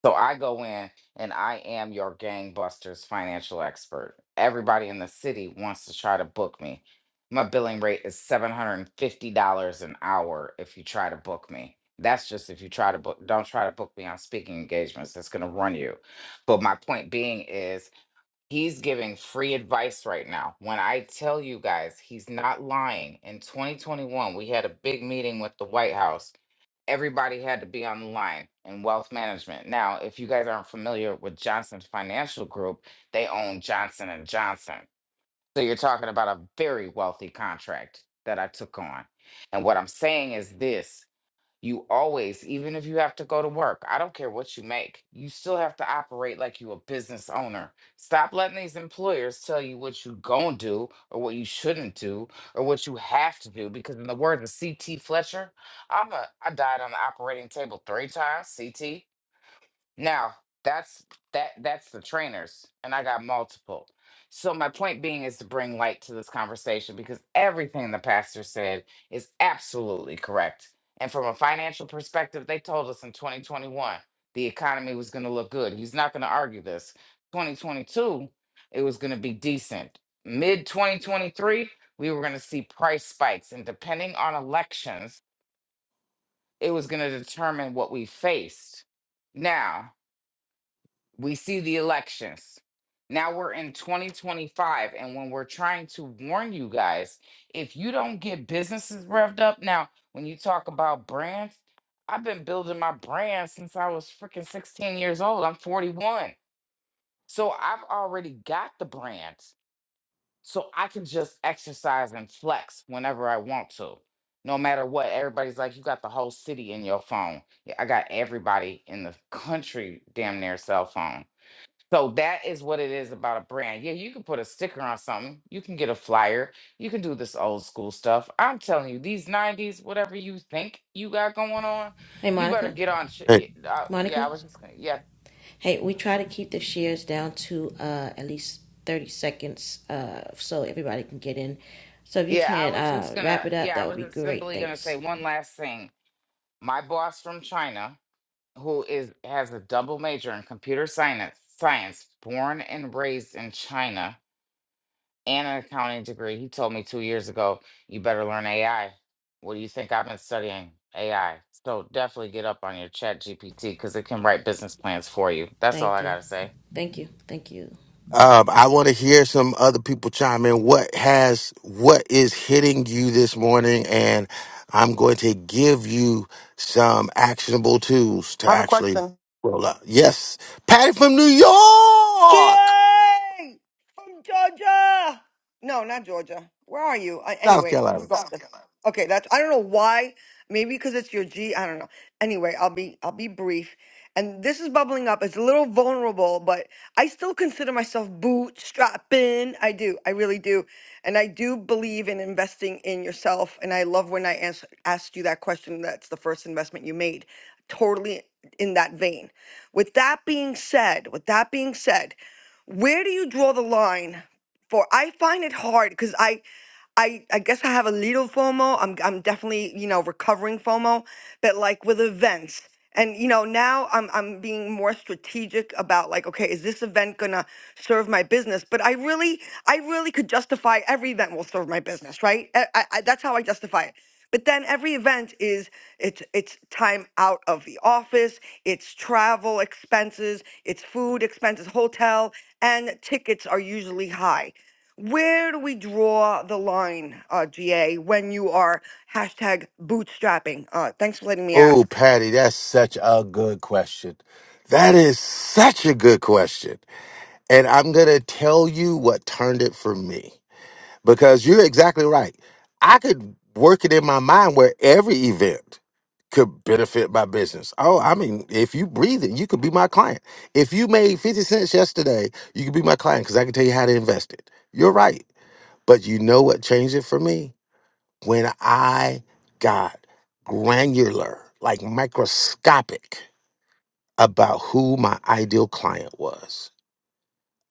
F: So I go in and I am your gangbusters financial expert. Everybody in the city wants to try to book me. My billing rate is $750 an hour if you try to book me. That's just if you try to book, don't try to book me on speaking engagements. That's going to run you. But my point being is, He's giving free advice right now. When I tell you guys, he's not lying. In 2021, we had a big meeting with the White House. Everybody had to be on the line in wealth management. Now, if you guys aren't familiar with Johnson Financial Group, they own Johnson and Johnson. So you're talking about a very wealthy contract that I took on. And what I'm saying is this you always, even if you have to go to work, I don't care what you make, you still have to operate like you a business owner. Stop letting these employers tell you what you gonna do or what you shouldn't do or what you have to do. Because in the words of CT Fletcher, I'm a I died on the operating table three times, CT. Now, that's that that's the trainers and I got multiple. So my point being is to bring light to this conversation because everything the pastor said is absolutely correct. And from a financial perspective, they told us in 2021 the economy was going to look good. He's not going to argue this. 2022, it was going to be decent. Mid 2023, we were going to see price spikes and depending on elections, it was going to determine what we faced. Now we see the elections. Now we're in 2025. And when we're trying to warn you guys, if you don't get businesses revved up, now, when you talk about brands, I've been building my brand since I was freaking 16 years old. I'm 41. So I've already got the brands. So I can just exercise and flex whenever I want to. No matter what, everybody's like, you got the whole city in your phone. Yeah, I got everybody in the country damn near cell phone so that is what it is about a brand. Yeah, you can put a sticker on something. You can get a flyer. You can do this old school stuff. I'm telling you, these 90s, whatever you think you got going on,
B: Hey,
F: you better
B: Monica.
F: get on. sh-
E: Hey,
F: y- Uh, yeah, I
B: Monica.
F: was just gonna, yeah.
B: Hey, we try to keep the shares down to uh, at least 30 seconds uh, so everybody can get in. So if you
F: Yeah, I
B: can
F: was just
B: uh,
F: gonna,
B: wrap it up,
F: yeah, I
B: that would
F: was
B: be
F: just
B: great.
F: simply gonna say
B: Thanks.
F: one last thing. My boss from China, who is has a double major in computer science, science, born and raised in China, and an accounting degree. He told me two years ago, you better learn AI. What do you think I've been studying? AI. So definitely get up on your chat GPT because it can write business plans for you. That's all
B: Thank
F: I
B: you.
F: gotta say.
B: Thank you. Thank you.
E: um, I want to hear some other people chime in. What has what is hitting you this morning? And I'm going to give you some actionable tools to actually roll up. Yes, Patty from New York,
L: GA from Georgia. No, not Georgia. Where are you? Uh,
E: South
L: anyway,
E: Carolina.
L: regardless. Okay, that's I don't know why. Maybe because it's your G. I don't know. Anyway, I'll be I'll be brief. And this is bubbling up. It's a little vulnerable, but I still consider myself bootstrapping. I do. I really do. And I do believe in investing in yourself. And I love when I ans- asked you that question. That's the first investment you made. Totally in that vein. With that being said, with that being said, where do you draw the line for? I find it hard because I. I I guess I have a little FOMO. I'm I'm definitely you know recovering FOMO, but like with events. And you know now I'm I'm being more strategic about like okay is this event gonna serve my business? But I really I really could justify every event will serve my business, right? I, I, I- that's how I justify it. But then every event is it's it's time out of the office, it's travel expenses, it's food expenses, hotel, and tickets are usually high. Where do we draw the line, uh, GA, when you are hashtag bootstrapping? Uh, thanks for letting me
E: Oh,
L: ask.
E: Patty, that's such a good question. That is such a good question. And I'm going to tell you what turned it for me because you're exactly right. I could work it in my mind where every event could benefit my business. Oh, I mean, if you breathe it, you could be my client. If you made 50 cents yesterday, you could be my client because I can tell you how to invest it. You're right. But you know what changed it for me? when I got granular, like microscopic about who my ideal client was,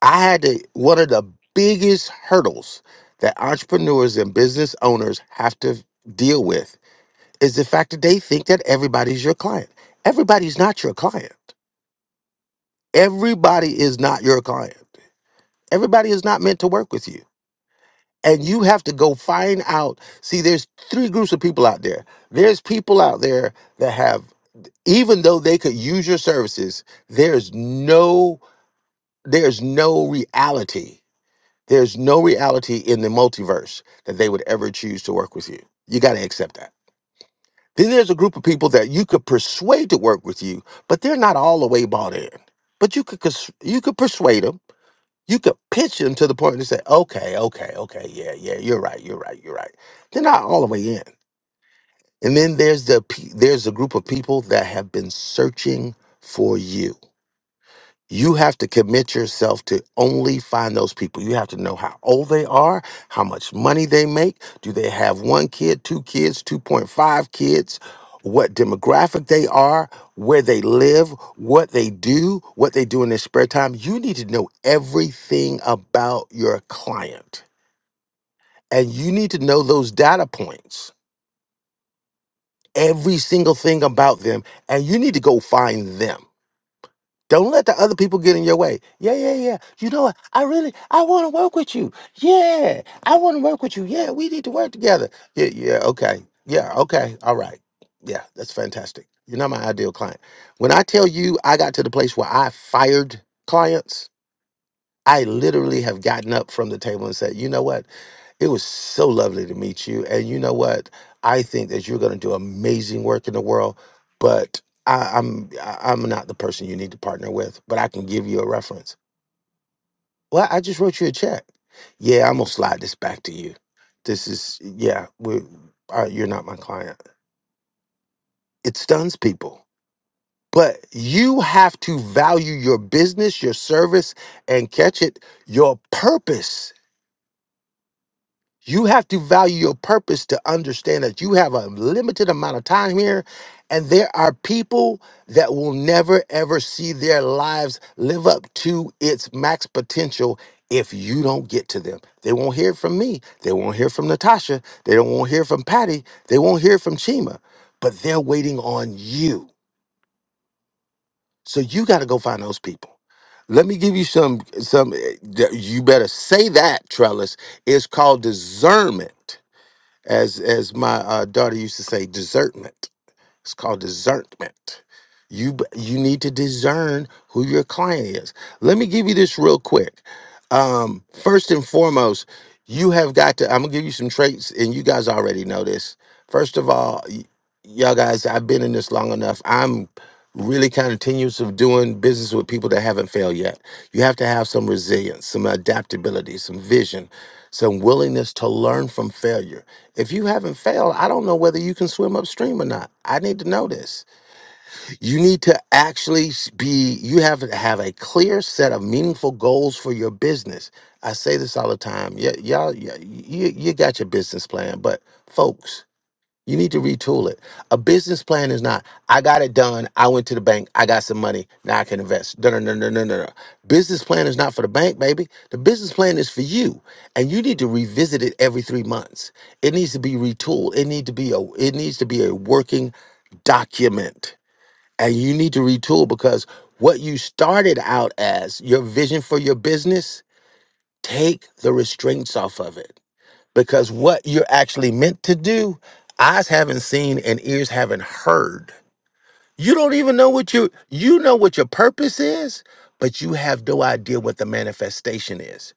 E: I had to, one of the biggest hurdles that entrepreneurs and business owners have to deal with is the fact that they think that everybody's your client. Everybody's not your client. Everybody is not your client. Everybody is not meant to work with you. And you have to go find out. See, there's three groups of people out there. There's people out there that have even though they could use your services there's no there's no reality there's no reality in the multiverse that they would ever choose to work with you you got to accept that then there's a group of people that you could persuade to work with you but they're not all the way bought in but you could cons- you could persuade them you could pitch them to the point to say okay okay okay yeah yeah you're right you're right you're right they're not all the way in and then there's the pe- there's a group of people that have been searching for you You have to commit yourself to only find those people. You have to know how old they are, how much money they make. Do they have one kid, two kids, 2.5 kids? What demographic they are, where they live, what they do, what they do in their spare time. You need to know everything about your client. And you need to know those data points, every single thing about them. And you need to go find them. Don't let the other people get in your way. Yeah, yeah, yeah. You know what? I really, I want to work with you. Yeah, I want to work with you. Yeah, we need to work together. Yeah, yeah, okay. Yeah, okay. All right. Yeah, that's fantastic. You're not my ideal client. When I tell you I got to the place where I fired clients, I literally have gotten up from the table and said, you know what? It was so lovely to meet you. And you know what? I think that you're going to do amazing work in the world, but I, I'm I- I'm not the person you need to partner with, but I can give you a reference. Well, I just wrote you a check. Yeah, I'm going to slide this back to you. This is, yeah, we, uh, you're not my client. It stuns people, but you have to value your business, your service, and catch it, your purpose You have to value your purpose to understand that you have a limited amount of time here, and there are people that will never ever see their lives live up to its max potential if you don't get to them. They won't hear it from me. They won't hear from Natasha. They don't won't hear from Patty. They won't hear from Chima. But they're waiting on you. So you got to go find those people. Let me give you some some eh, you better say that, Trellis. It's called discernment as as my uh, daughter used to say, discernment. It's called discernment. You b- you need to discern who your client is. Let me give you this real quick. Um, first and foremost, you have got to. I'm gonna give you some traits, and you guys already know this. First of all, y- y'all guys, I've been in this long enough. I'm really kind of tenuous of doing business with people that haven't failed yet. You have to have some resilience, some adaptability, some vision, some willingness to learn from failure if you haven't failed, I don't know whether you can swim upstream or not. I need to know this. You need to actually s- be, you have to have a clear set of meaningful goals for your business. I say this all the time. Y- y'all, yeah, y- you, you got your business plan, but folks, you need to retool it. A business plan is not, I got it done. I went to the bank. I got some money. Now I can invest. No, no, no, no, no, no. no. Business plan is not for the bank, baby. The business plan is for you. And you need to revisit it every three months. It needs to be retooled. It need to be a it needs to be a working document. And you need to retool because what you started out as, your vision for your business, take the restraints off of it because what you're actually meant to do, eyes haven't seen and ears haven't heard. You don't even know what you you know what your purpose is, but you have no idea what the manifestation is.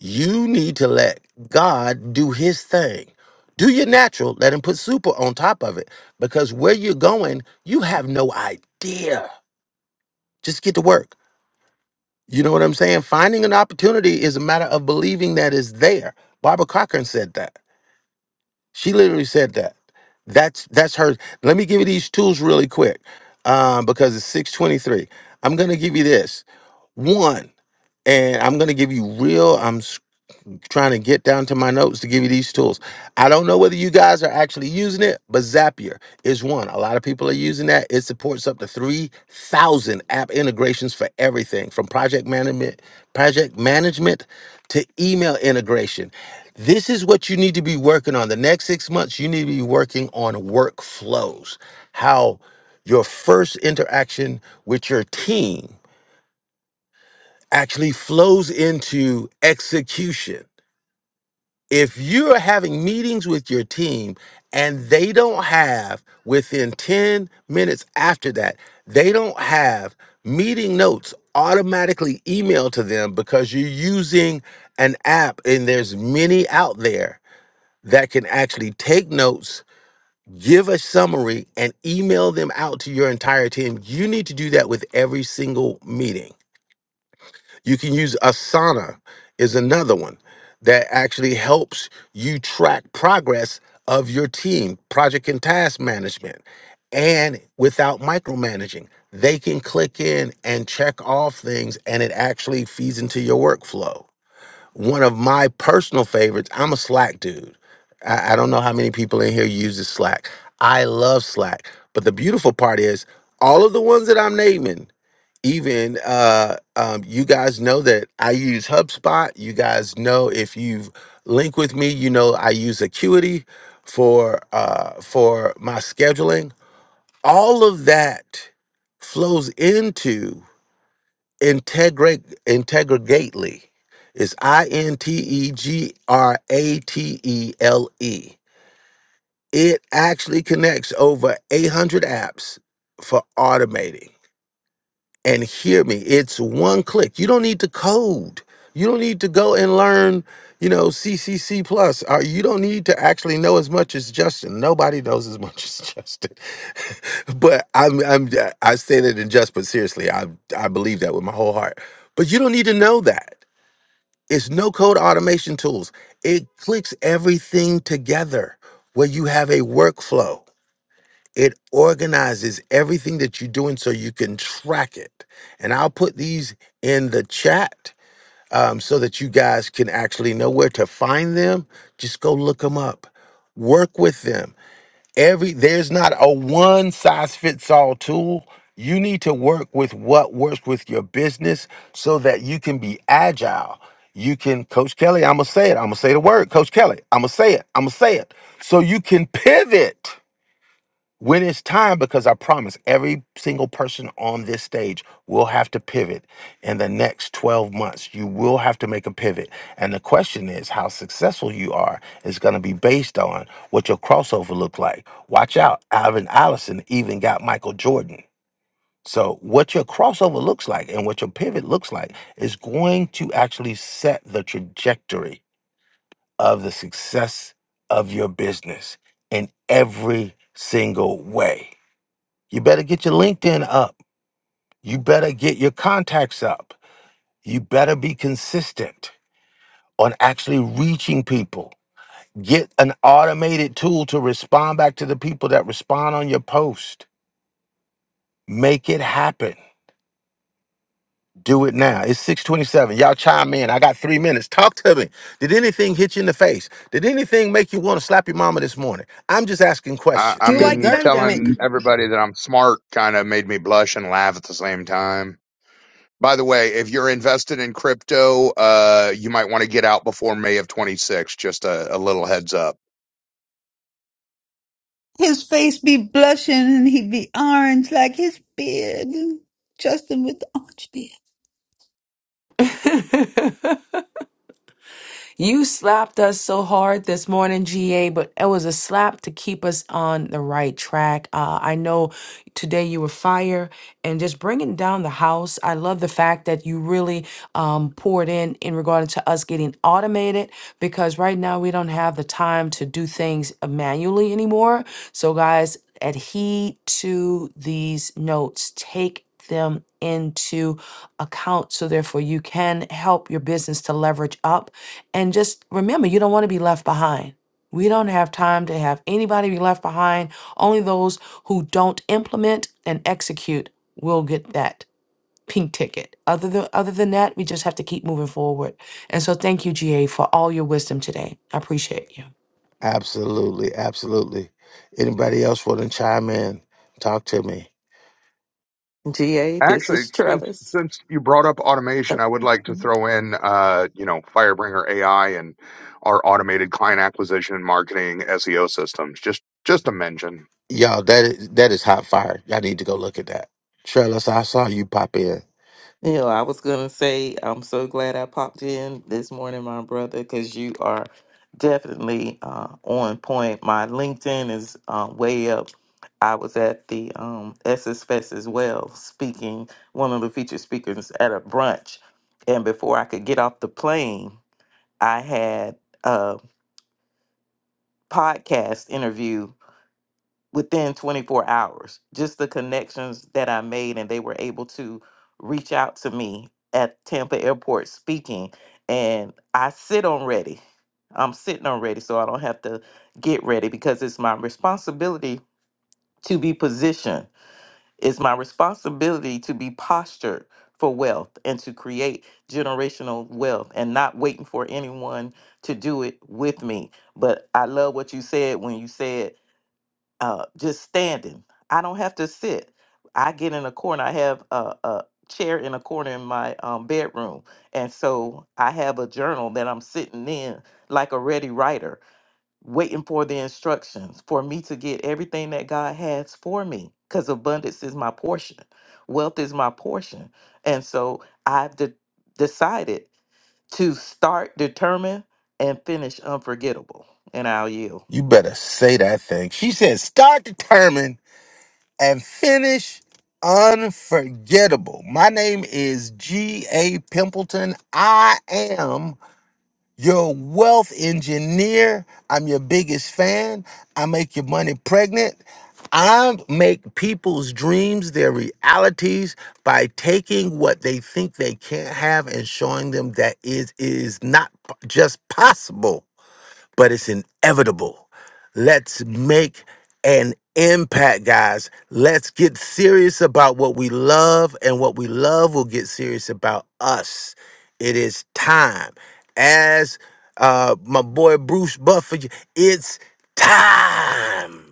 E: You need to let God do his thing. Do your natural, let him put super on top of it because where you're going, you have no idea. Just get to work. You know what I'm saying? Finding an opportunity is a matter of believing that it's there. Barbara Cochran said that. She literally said that. That's that's her. Let me give you these tools really quick, um, because it's six twenty three. I'm gonna give you this one, and I'm gonna give you real. I'm trying to get down to my notes to give you these tools. I don't know whether you guys are actually using it, but Zapier is one. A lot of people are using that. It supports up to 3,000 app integrations for everything from project management, project management to email integration. This is what you need to be working on. The next 6 months you need to be working on workflows. How your first interaction with your team actually flows into execution if you're having meetings with your team and they don't have within 10 minutes after that they don't have meeting notes automatically emailed to them because you're using an app and there's many out there that can actually take notes give a summary and email them out to your entire team you need to do that with every single meeting you can use Asana is another one that actually helps you track progress of your team, project and task management. And without micromanaging, they can click in and check off things and it actually feeds into your workflow. One of my personal favorites, I'm a Slack dude. I, I don't know how many people in here uses Slack. I love Slack. But the beautiful part is all of the ones that I'm naming even uh um, you guys know that i use hubspot you guys know if you've linked with me you know i use acuity for uh for my scheduling all of that flows into integrate integrately it's i-n-t-e-g-r-a-t-e-l-e it actually connects over 800 apps for automating and hear me. It's one click. You don't need to code. You don't need to go and learn, you know, CCC plus. Or you don't need to actually know as much as Justin. Nobody knows as much (laughs) as Justin. (laughs) but I'm, I'm, I say that in jest, but seriously, I, I believe that with my whole heart. But you don't need to know that. It's no code automation tools. It clicks everything together where you have a workflow it organizes everything that you're doing so you can track it. And I'll put these in the chat um, so that you guys can actually know where to find them. Just go look them up, work with them. Every there's not a one size fits all tool. You need to work with what works with your business so that you can be agile. You can, Coach Kelly, I'm gonna say it. I'm gonna say the word, Coach Kelly. I'm gonna say it. I'm gonna say it. So you can pivot when it's time because i promise every single person on this stage will have to pivot in the next 12 months you will have to make a pivot and the question is how successful you are is going to be based on what your crossover look like watch out alvin allison even got michael jordan so what your crossover looks like and what your pivot looks like is going to actually set the trajectory of the success of your business in every single way you better get your LinkedIn up. You better get your contacts up. You better be consistent on actually reaching people. Get an automated tool to respond back to the people that respond on your post. Make it happen. Do it now. It's 627. Y'all chime in. I got three minutes. Talk to me. Did anything hit you in the face? Did anything make you want to slap your mama this morning? I'm just asking
M: I,
L: Do
M: I
E: questions.
L: you like
M: mean, you
N: Dessert me.
M: telling
L: Zendesk?
M: everybody that I'm smart kind of made me blush and laugh at the same time. By the way, if you're invested in crypto, uh, you might want to get out before May of 26. Just a, a little heads up.
C: His face be blushing and he be orange like his beard. Justin with the orange beard.
A: you. (laughs) You slapped us so hard this morning, GA, but it was a slap to keep us on the right track. Uh, I know today you were fire and just bringing down the house. I love the fact that you really um, poured in in regard to us getting automated because right now we don't have the time to do things manually anymore. So, guys, adhere to these notes. Take them into account so therefore you can help your business to leverage up and just remember you don't want to be left behind we don't have time to have anybody be left behind only those who don't implement and execute will get that pink ticket other than other than that we just have to keep moving forward and so thank you ga for all your wisdom today i appreciate you
E: Absolutely. Absolutely. Anybody else want to chime in? Talk to me.
O: GA, this
M: Actually,
O: is
M: since
O: Trellis.
M: since you brought up automation,
O: Uh,
M: I would like to
O: You
M: throw in, uh, you know, Firebringer AI and our automated client acquisition and marketing SEO systems. Just just a mention.
E: Y'all, that is, that is hot fire. Y'all need to go look at that. Trellis, I saw you pop in.
O: know, I was going to say, I'm so glad I popped in this morning, my brother, because you are definitely uh, on point. My LinkedIn is uh, way up. I was at the um, SS Fest as well, speaking, one of the featured speakers at a brunch. And before I could get off the plane, I had a podcast interview within 24 hours. Just the connections that I made, and they were able to reach out to me at Tampa Airport speaking. And I sit on ready. I'm sitting on ready, so I don't have to get ready because it's my responsibility to be positioned. It's my responsibility to be postured for wealth and to create generational wealth and not waiting for anyone to do it with me. But I love what you said when you said uh, just standing. I don't have to sit. I get in a corner. I have a, a chair in a corner in my um, bedroom. And so I have a journal that I'm sitting in like a ready writer, waiting for the instructions for me to get everything that God has for me because abundance is my portion, wealth is my portion. And so I've de- decided to start, determine, and finish unforgettable. And I'll yield.
E: You better say that thing. She said, start determined and finish unforgettable. My name is G.A. Pimpleton. I am. You're a wealth engineer. I'm your biggest fan. I make your money pregnant. I make people's dreams their realities by taking what they think they can't have and showing them that it is not p- just possible but it's inevitable. Let's make an impact, guys. Let's get serious about what we love, and what we love will get serious about us. It is time. As uh, my boy Bruce Buffer, it's time.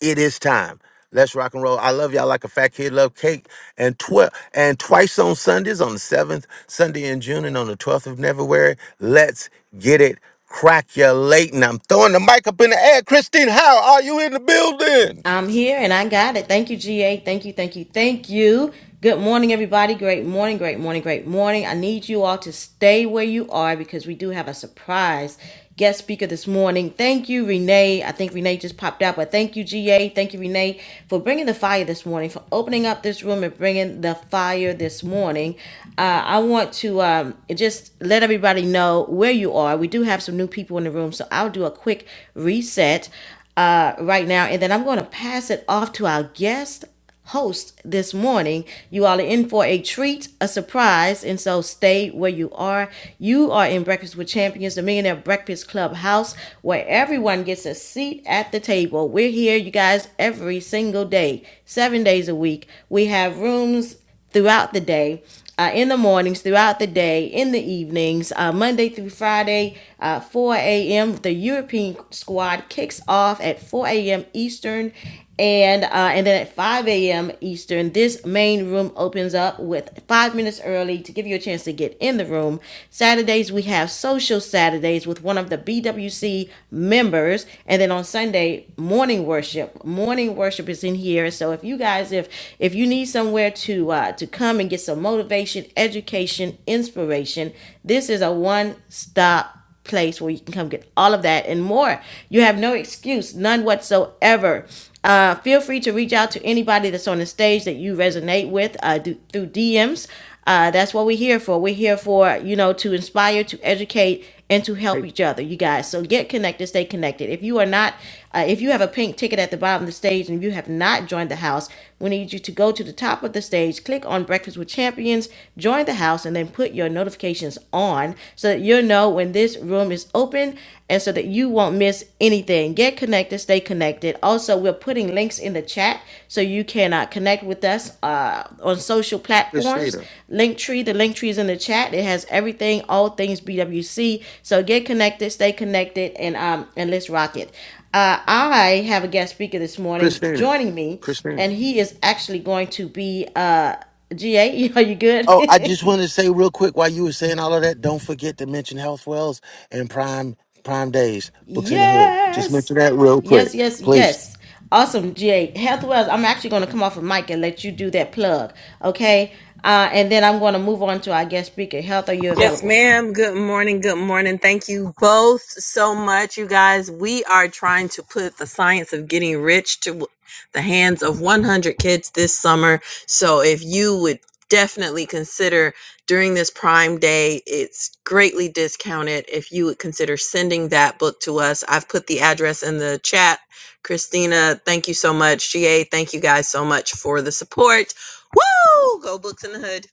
E: It is time. Let's rock and roll. I love y'all like a fat kid love cake. And twelve and twice on Sundays on the seventh Sunday in June and on the twelfth of February. Let's get it crackulating. I'm throwing the mic up in the air. Christine, how are you in the building?
B: I'm here and I got it. Thank you, GA. Thank you, thank you, thank you. Good morning, everybody. Great morning, great morning, great morning. I need you all to stay where you are because we do have a surprise guest speaker this morning. Thank you, Renee. I think Renee just popped out, but thank you, GA. Thank you, Renee, for bringing the fire this morning, for opening up this room and bringing the fire this morning. Uh, I want to um, just let everybody know where you are. We do have some new people in the room, so I'll do a quick reset uh, right now, and then I'm going to pass it off to our guest host this morning. You all are in for a treat, a surprise, and so stay where you are. You are in Breakfast with Champions, the Millionaire Breakfast Club house, where everyone gets a seat at the table. We're here, you guys, every single day, seven days a week. We have rooms throughout the day, uh, in the mornings, throughout the day, in the evenings, uh, Monday through Friday, uh, 4 a.m. The European squad kicks off at 4 a.m. Eastern. And uh, and then at 5 a.m. Eastern, this main room opens up with five minutes early to give you a chance to get in the room. Saturdays we have social Saturdays with one of the BWC members members. And then on Sunday, morning worship. Morning worship is in here. So if you guys, if if you need somewhere to uh, to come and get some motivation, education, inspiration, this is a one stop place where you can come get all of that and more. You have no excuse, none whatsoever. Uh, feel free to reach out to anybody that's on the stage that you resonate with uh, do, through DMs. Uh, that's what we're here for. We're here for, you know, to inspire, to educate, and to help
E: Hey,
B: each other, you guys. So get connected, stay connected. If you are not, uh, if you have a pink ticket at the bottom of the stage and you have not joined the house, we need you to go to the top of the stage, click on Breakfast with Champions, join the house, and then put your notifications on so that you'll know when this room is open open and so that you won't miss anything. Get connected, stay connected. Also, we're putting links in the chat so you can uh, connect with us uh, on social platforms.
E: Christina.
B: Linktree, the link tree is in the chat. It has everything, all things BWC. So get connected, stay connected, and um and let's rock it. Uh, I have a guest speaker this morning
E: Christina.
B: joining me,
E: Christina.
B: and he is actually going to be uh GA. (laughs) Are you
E: Oh, I
B: good?
E: just
B: (laughs)
E: wanted to say real quick while you were saying all of that, don't forget to mention Health Wells and Prime Prime Days, Books in the Hood. Just mention
B: Yes.
E: that real quick,
B: Yes, yes,
E: please.
B: yes. Awesome, GA. Health Wells, I'm actually going to come off of mic and let you do that plug, okay? Uh, and then I'm going to move on to our guest speaker. Health, are you
N: Yes,
B: available?
N: ma'am. Good morning. Good morning. Thank you both so much, you guys. We are trying to put the science of getting rich to the hands of 100 kids this summer. So if you would definitely consider during this prime day it's greatly discounted if you would consider sending that book to us i've put the address in the chat christina thank you so much ga thank you guys so much for the support woo go books in the hood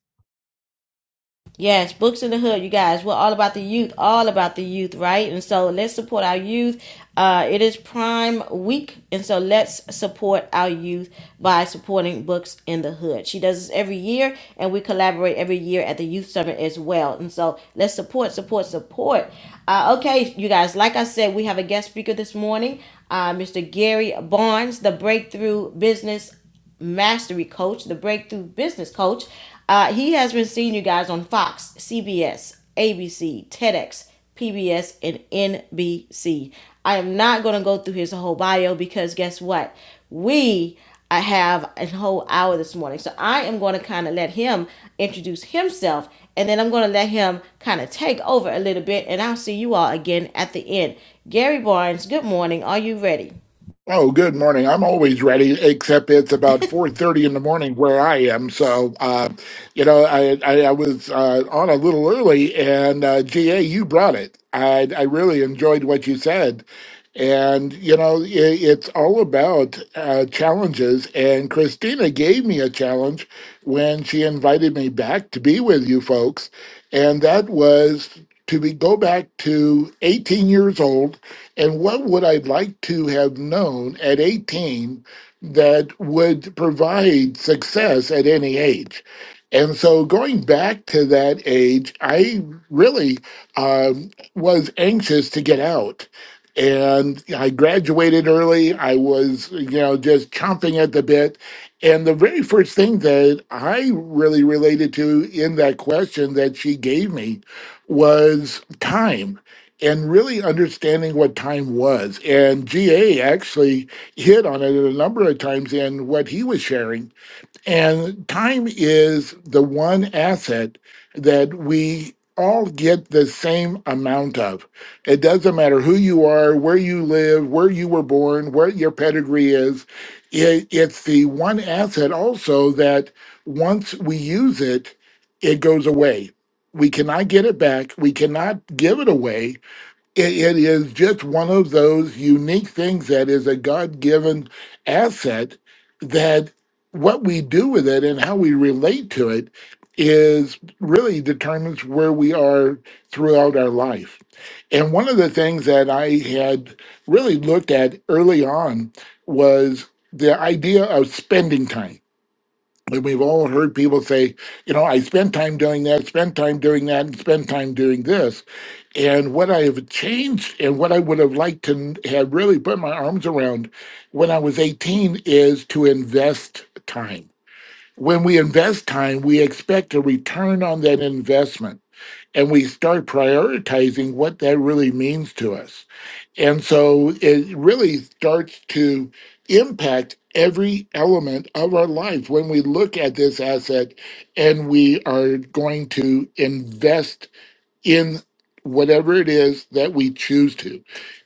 B: Yes, Books in the Hood, you guys. We're all about the youth, all about the youth, right? And so let's support our youth. Uh, it is Prime Week, and so let's support our youth by supporting Books in the Hood. She does this every year, and we collaborate every year at the Youth Summit as well. And so let's support, support, support. Uh, okay, you guys, like I said, we have a guest speaker this morning, uh, Mr. Gary Barnes, the Breakthrough Business mastery coach, the breakthrough business coach. Uh, he has been seeing you guys on Fox, CBS, ABC, TEDx, PBS, and NBC. I am not going to go through his whole bio because guess what? We I have a whole hour this morning. So I am going to kind of let him introduce himself and then I'm going to let him kind of take over a little bit and I'll see you all again at the end. Gary Barnes, good morning. Are you ready?
P: Oh, good morning. I'm always ready, except it's about 4:30 in the morning where I am. So, uh, you know, I I, I was uh, on a little early, and uh, GA, you brought it. I I really enjoyed what you said, and you know, i it's all about uh, challenges. And Christina gave me a challenge when she invited me back to be with you folks, and that was to be go back to 18 years old and what would I like to have known at 18 that would provide success at any age? And so going back to that age, I really um, was anxious to get out. And I graduated early. I was, you know, just chomping at the bit. And the very first thing that I really related to in that question that she gave me was time and really understanding what time was. And GA actually hit on it a number of times in what he was sharing. And time is the one asset that we all get the same amount of. It doesn't matter who you are, where you live, where you were born, what your pedigree is. It, it's the one asset also that once we use it, it goes away. We cannot get it back. We cannot give it away it, it is just one of those unique things that is a god-given asset that what we do with it and how we relate to it is really determines where we are throughout our life and one of the things that i had really looked at early on was the idea of spending time and we've all heard people say, you know, I spend time doing that, spend time doing that, and spend time doing this. And what I have changed and what I would have liked to n- have really put my arms around when I was 18 is to invest time. When we invest time, we expect a return on that investment and we start prioritizing what that really means to us and so it really starts to impact every element of our life when we look at this asset and we are going to invest in whatever it is that we choose to.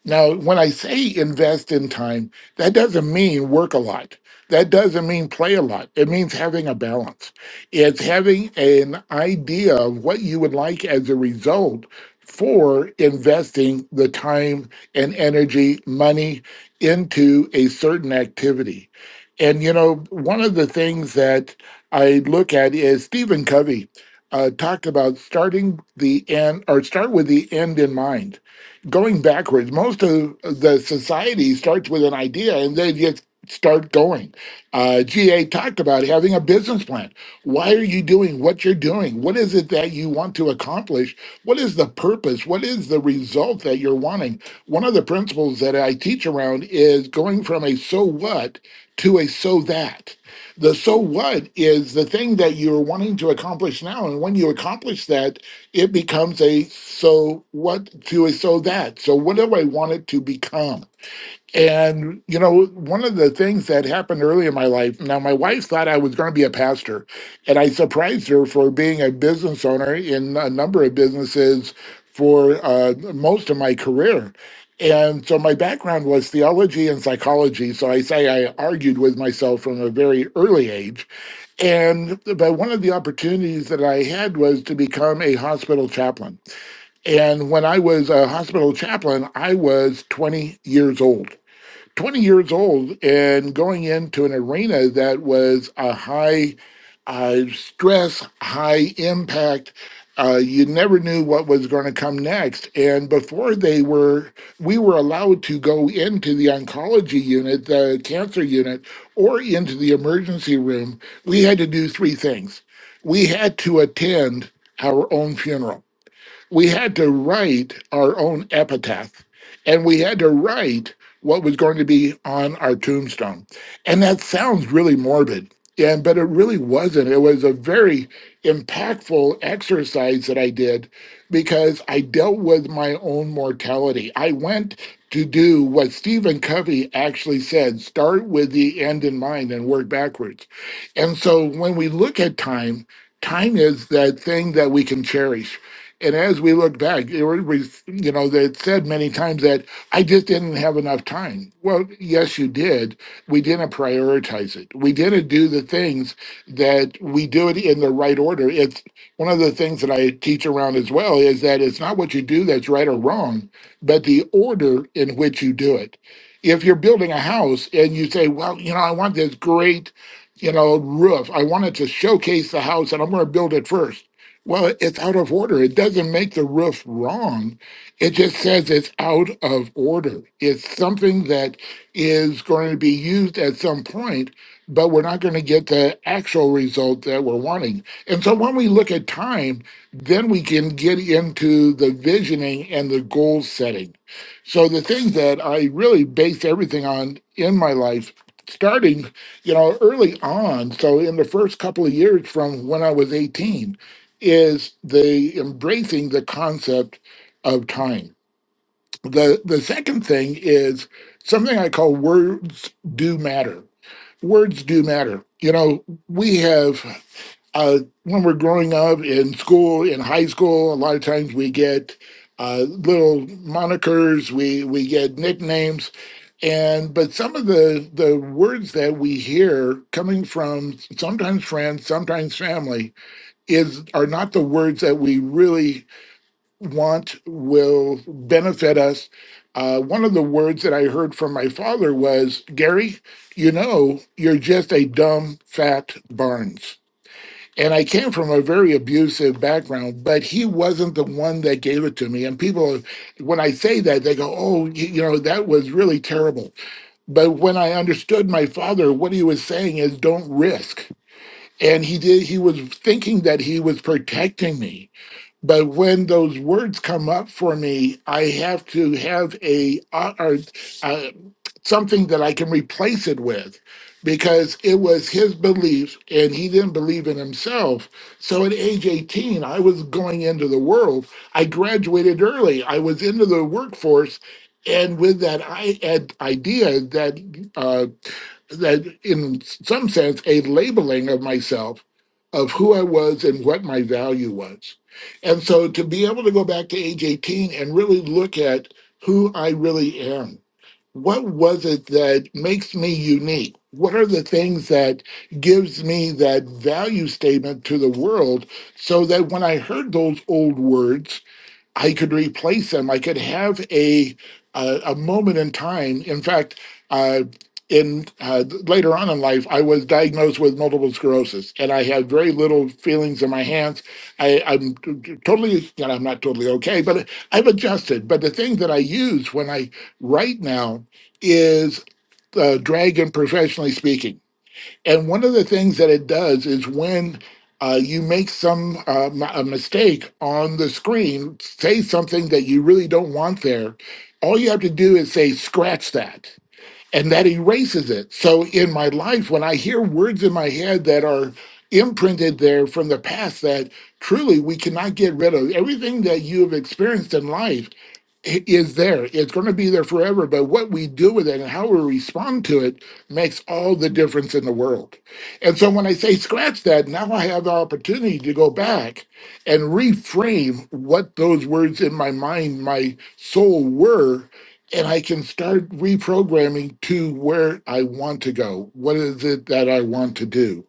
P: Now, when I say invest in time, that doesn't mean work a lot. That doesn't mean play a lot. It means having a balance. It's having an idea of what you would like as a result for investing the time and energy, money into a certain activity. And, you know, one of the things that I look at is Stephen Covey uh, talked about starting the end or start with the end in mind. Going backwards, most of the society starts with an idea and they just start going. Uh, GA talked about having a business plan. Why are you doing what you're doing? What is it that you want to accomplish? What is the purpose? What is the result that you're wanting? One of the principles that I teach around is going from a so what to a so that the so what is the thing that you're wanting to accomplish now. And when you accomplish that, it becomes a so what to a so that. So, what do I want it to become? And, you know, one of the things that happened early in my life, now my wife thought I was going to be a pastor, and I surprised her for being a business owner in a number of businesses for uh, most of my career. And so my background was theology and psychology. So I say I argued with myself from a very early age. And but one of the opportunities that I had was to become a hospital chaplain. And when I was a hospital chaplain, I was 20 years old. 20 years old and going into an arena that was a high uh, stress, high impact. Uh, you never knew what was going to come next. And before they were, we were allowed to go into the oncology unit, the cancer unit, or into the emergency room. We had to do three things. We had to attend our own funeral we had to write our own epitaph and we had to write what was going to be on our tombstone and that sounds really morbid and but it really wasn't it was a very impactful exercise that i did because i dealt with my own mortality i went to do what stephen covey actually said start with the end in mind and work backwards and so when we look at time time is that thing that we can cherish and as we look back, it was, you know, they had said many times that I just didn't have enough time. Well, yes, you did. We didn't prioritize it. We didn't do the things that we do it in the right order. It's one of the things that I teach around as well is that it's not what you do that's right or wrong, but the order in which you do it. If you're building a house and you say, well, you know, I want this great, you know, roof. I want it to showcase the house and I'm going to build it first well, it's out of order. It doesn't make the roof wrong. It just says it's out of order. It's something that is going to be used at some point, but we're not going to get the actual result that we're wanting. And so when we look at time, then we can get into the visioning and the goal setting. So the thing that I really base everything on in my life starting you know early on so in the first couple of years from when i was 18 is the embracing the concept of time. The the second thing is something I call words do matter. Words do matter. You know, we have uh, when we're growing up in school, in high school, a lot of times we get uh, little monikers, we we get nicknames, and but some of the the words that we hear coming from sometimes friends, sometimes family is are not the words that we really want will benefit us. Uh, one of the words that I heard from my father was, "Gary, you know, you're just a dumb fat Barnes." And I came from a very abusive background, but he wasn't the one that gave it to me. And people, when I say that, they go, "Oh, you you know, that was really terrible." But when I understood my father, what he was saying is, "Don't risk." and he did he was thinking that he was protecting me but when those words come up for me i have to have a uh, or, uh, something that i can replace it with because it was his belief and he didn't believe in himself so at age 18 i was going into the world i graduated early i was into the workforce and with that i had idea that uh, that in some sense a labeling of myself of who I was and what my value was. And so to be able to go back to age 18 and really look at who I really am. What was it that makes me unique? What are the things that gives me that value statement to the world so that when I heard those old words I could replace them. I could have a a, a moment in time. In fact, uh, in uh, later on in life, I was diagnosed with multiple sclerosis, and I had very little feelings in my hands. I, I'm totally, you know, I'm not totally okay, but I've adjusted. But the thing that I use when I write now is uh, dragon professionally speaking and one of the things that it does is when uh, you make some uh, m- a mistake on the screen, say something that you really don't want there. All you have to do is say, scratch that, and that erases it. So in my life, when I hear words in my head that are imprinted there from the past that truly we cannot get rid of, everything that you have experienced in life it is there. It's going to be there forever. But what we do with it and how we respond to it makes all the difference in the world. And so when I say scratch that, now I have the opportunity to go back and reframe what those words in my mind, my soul were. And I can start reprogramming to where I want to go. What is it that I want to do?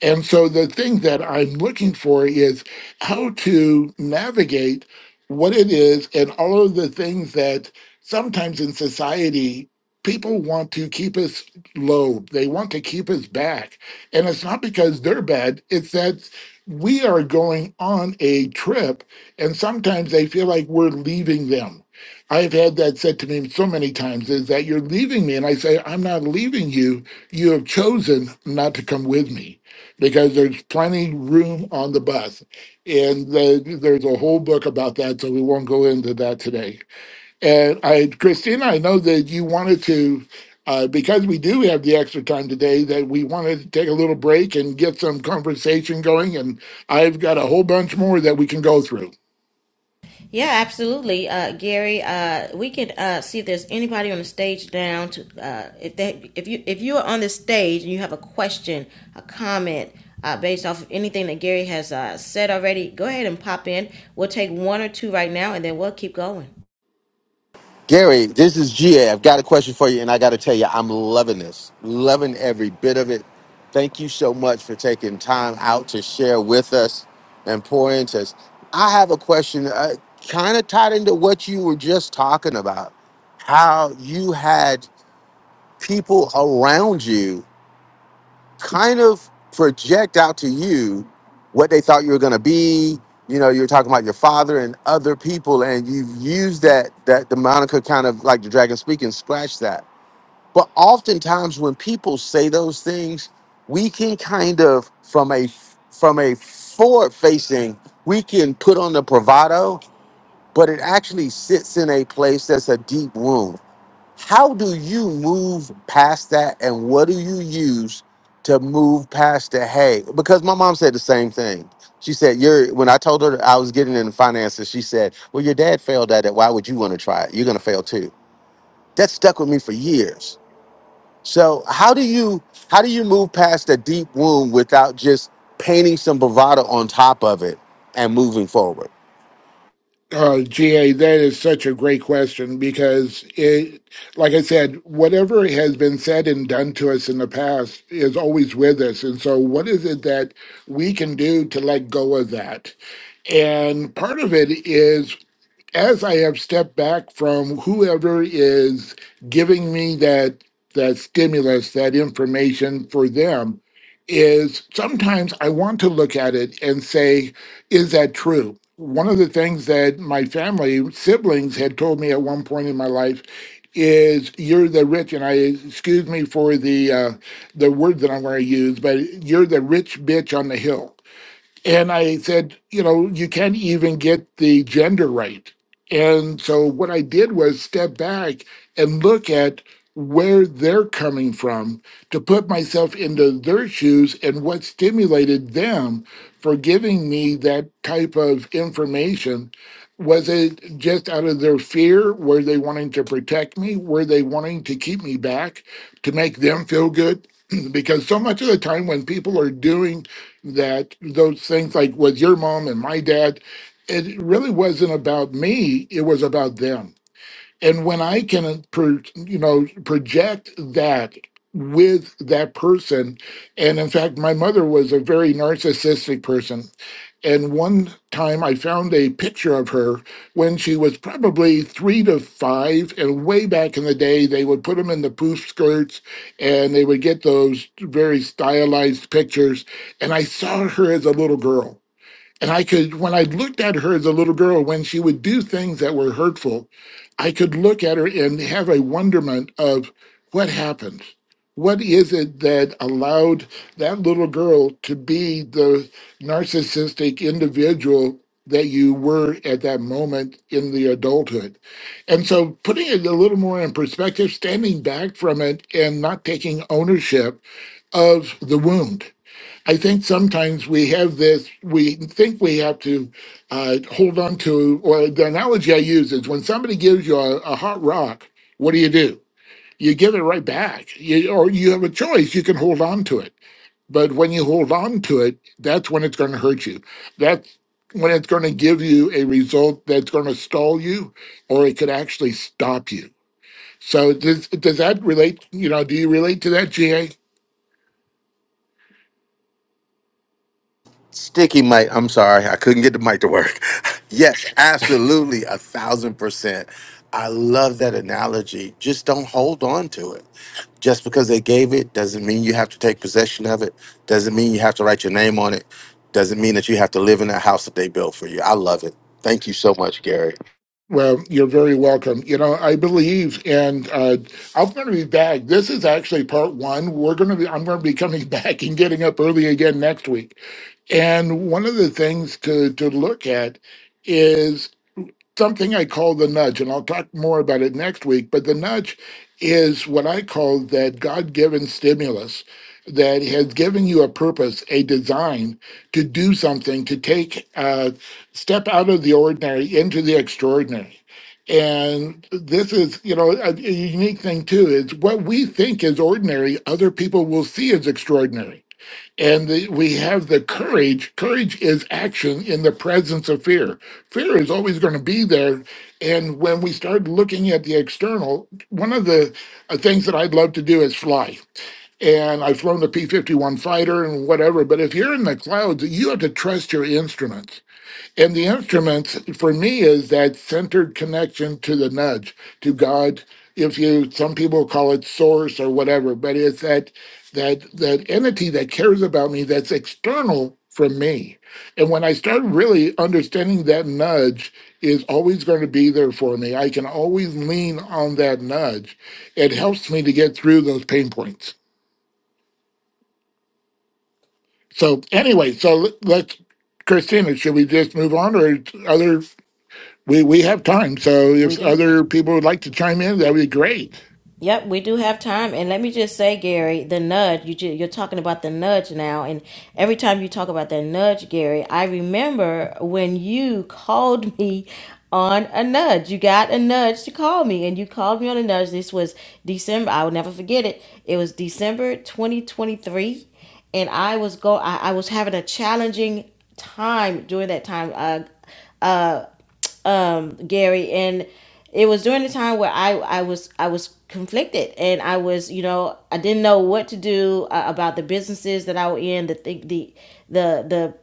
P: And so the thing that I'm looking for is how to navigate what it is and all of the things that sometimes in society people want to keep us low. They want to keep us back. And it's not because they're bad, it's that we are going on a trip and sometimes they feel like we're leaving them. I've had that said to me so many times is that you're leaving me. And I say, I'm not leaving you. You have chosen not to come with me because there's plenty room on the bus. And the, there's a whole book about that, so we won't go into that today. And I, Christina, I know that you wanted to, uh, because we do have the extra time today, that we wanted to take a little break and get some conversation going. And I've got a whole bunch more that we can go through.
B: Yeah, absolutely, uh, Gary. Uh, we could uh, see if there's anybody on the stage down. To, uh, if they, if you, if you are on the stage and you have a question, a comment uh, based off of anything that Gary has uh, said already, go ahead and pop in. We'll take one or two right now, and then we'll keep going.
E: Gary, this is GA. I've got a question for you, and I got to tell you, I'm loving this, loving every bit of it. Thank you so much for taking time out to share with us and pour into us. I have a question, uh, kind of tied into what you were just talking about, how you had people around you kind of project out to you what they thought you were going to be. You know, you're talking about your father and other people, and you've used that that the moniker kind of like the dragon speaking, scratch that. But oftentimes when people say those things, we can kind of from a from a forward facing, we can put on the bravado, but it actually sits in a place that's a deep wound how do you move past that and what do you use to move past the hey? Because my mom said the same thing. She said, You're when I told her I was getting into finances, she said, Well, your dad failed at it. Why would you want to try it? You're gonna fail too. That stuck with me for years. So how do you how do you move past a deep wound without just painting some bravado on top of it and moving forward?
P: Uh, GA, that is such a great question because it, like I said, whatever has been said and done to us in the past is always with us. And so, what is it that we can do to let go of that? And part of it is as I have stepped back from whoever is giving me that that stimulus, that information for them, is sometimes I want to look at it and say, is that true? One of the things that my family siblings had told me at one point in my life is you're the rich and I excuse me for the uh, the word that I'm going to use, but you're the rich bitch on the hill and I said, you know, you can't even get the gender right. And so what I did was step back and look at where they're coming from to put myself into their shoes and what stimulated them for giving me that type of information. Was it just out of their fear? Were they wanting to protect me? Were they wanting to keep me back to make them feel good? (clears throat) because so much of the time when people are doing that those things like with your mom and my dad, it really wasn't about me, it was about them and when I can, pro- you know, project that with that person, and in fact, my mother was a very narcissistic person. And one time I found a picture of her when she was probably three to five. And way back in the day, they would put them in the poof skirts and they would get those very stylized pictures. And I saw her as a little girl. And I could, when I looked at her as a little girl, when she would do things that were hurtful, I could look at her and have a wonderment of what happened. What is it that allowed that little girl to be the narcissistic individual that you were at that moment in the adulthood? And so putting it a little more in perspective, standing back from it and not taking ownership of the wound I think sometimes we have this, we think we have to uh, hold on to, or the analogy I use is when somebody gives you a, a hot rock, what do you do? You give it right back, you, or you have a choice, you can hold on to it. But when you hold on to it, that's when it's going to hurt you. That's when it's going to give you a result that's going to stall you, or it could actually stop you. So does, does that relate? You know, do you relate to that, GA?
E: Sticky mic. I'm sorry, I couldn't get the mic to work. (laughs) yes, absolutely, a thousand percent. I love that analogy. Just don't hold on to it. Just because they gave it doesn't mean you have to take possession of it. Doesn't mean you have to write your name on it. Doesn't mean that you have to live in that house that they built for you. I love it. Thank you so much, Gary.
P: Well, you're very welcome. You know, I believe, and uh, I'm going to be back. This is actually part one. We're going to be, I'm going to be coming (laughs) back and getting up early again next week. And one of the things to to look at is something I call the nudge, and I'll talk more about it next week. But the nudge is what I call that God given stimulus that has given you a purpose, a design to do something, to take a step out of the ordinary into the extraordinary. And this is, you know, a, a unique thing too is what we think is ordinary, other people will see as extraordinary and the, we have the courage. Courage is action in the presence of fear. Fear is always going to be there. And when we start looking at the external, one of the uh, things that I'd love to do is fly. And I've flown the P 51 fighter and whatever. But if you're in the clouds, you have to trust your instruments and the instruments for me is that centered connection to the nudge, to God. If you, some people call it source or whatever, but it's that that that entity that cares about me that's external from me. And when I start really understanding that nudge is always going to be there for me, I can always lean on that nudge. It helps me to get through those pain points. So anyway, so let- let's, Christina, should we just move on, or other We we have time, so
B: We
P: if
B: do.
P: other people would like to chime in, that would be great.
B: Yep, we do have time. And let me just say, Gary, the nudge, you, ju- you're talking about the nudge now. And every time you talk about that nudge, Gary, I remember when you called me on a nudge. You got a nudge to call me, and you called me on a nudge. This was December. I will never forget it. It was December 2023. And I was go. I, I was having a challenging time during that time. Uh, um, Gary, and it was during the time where I, I was I was conflicted and I was you know I didn't know what to do uh, about the businesses that I was in the the the the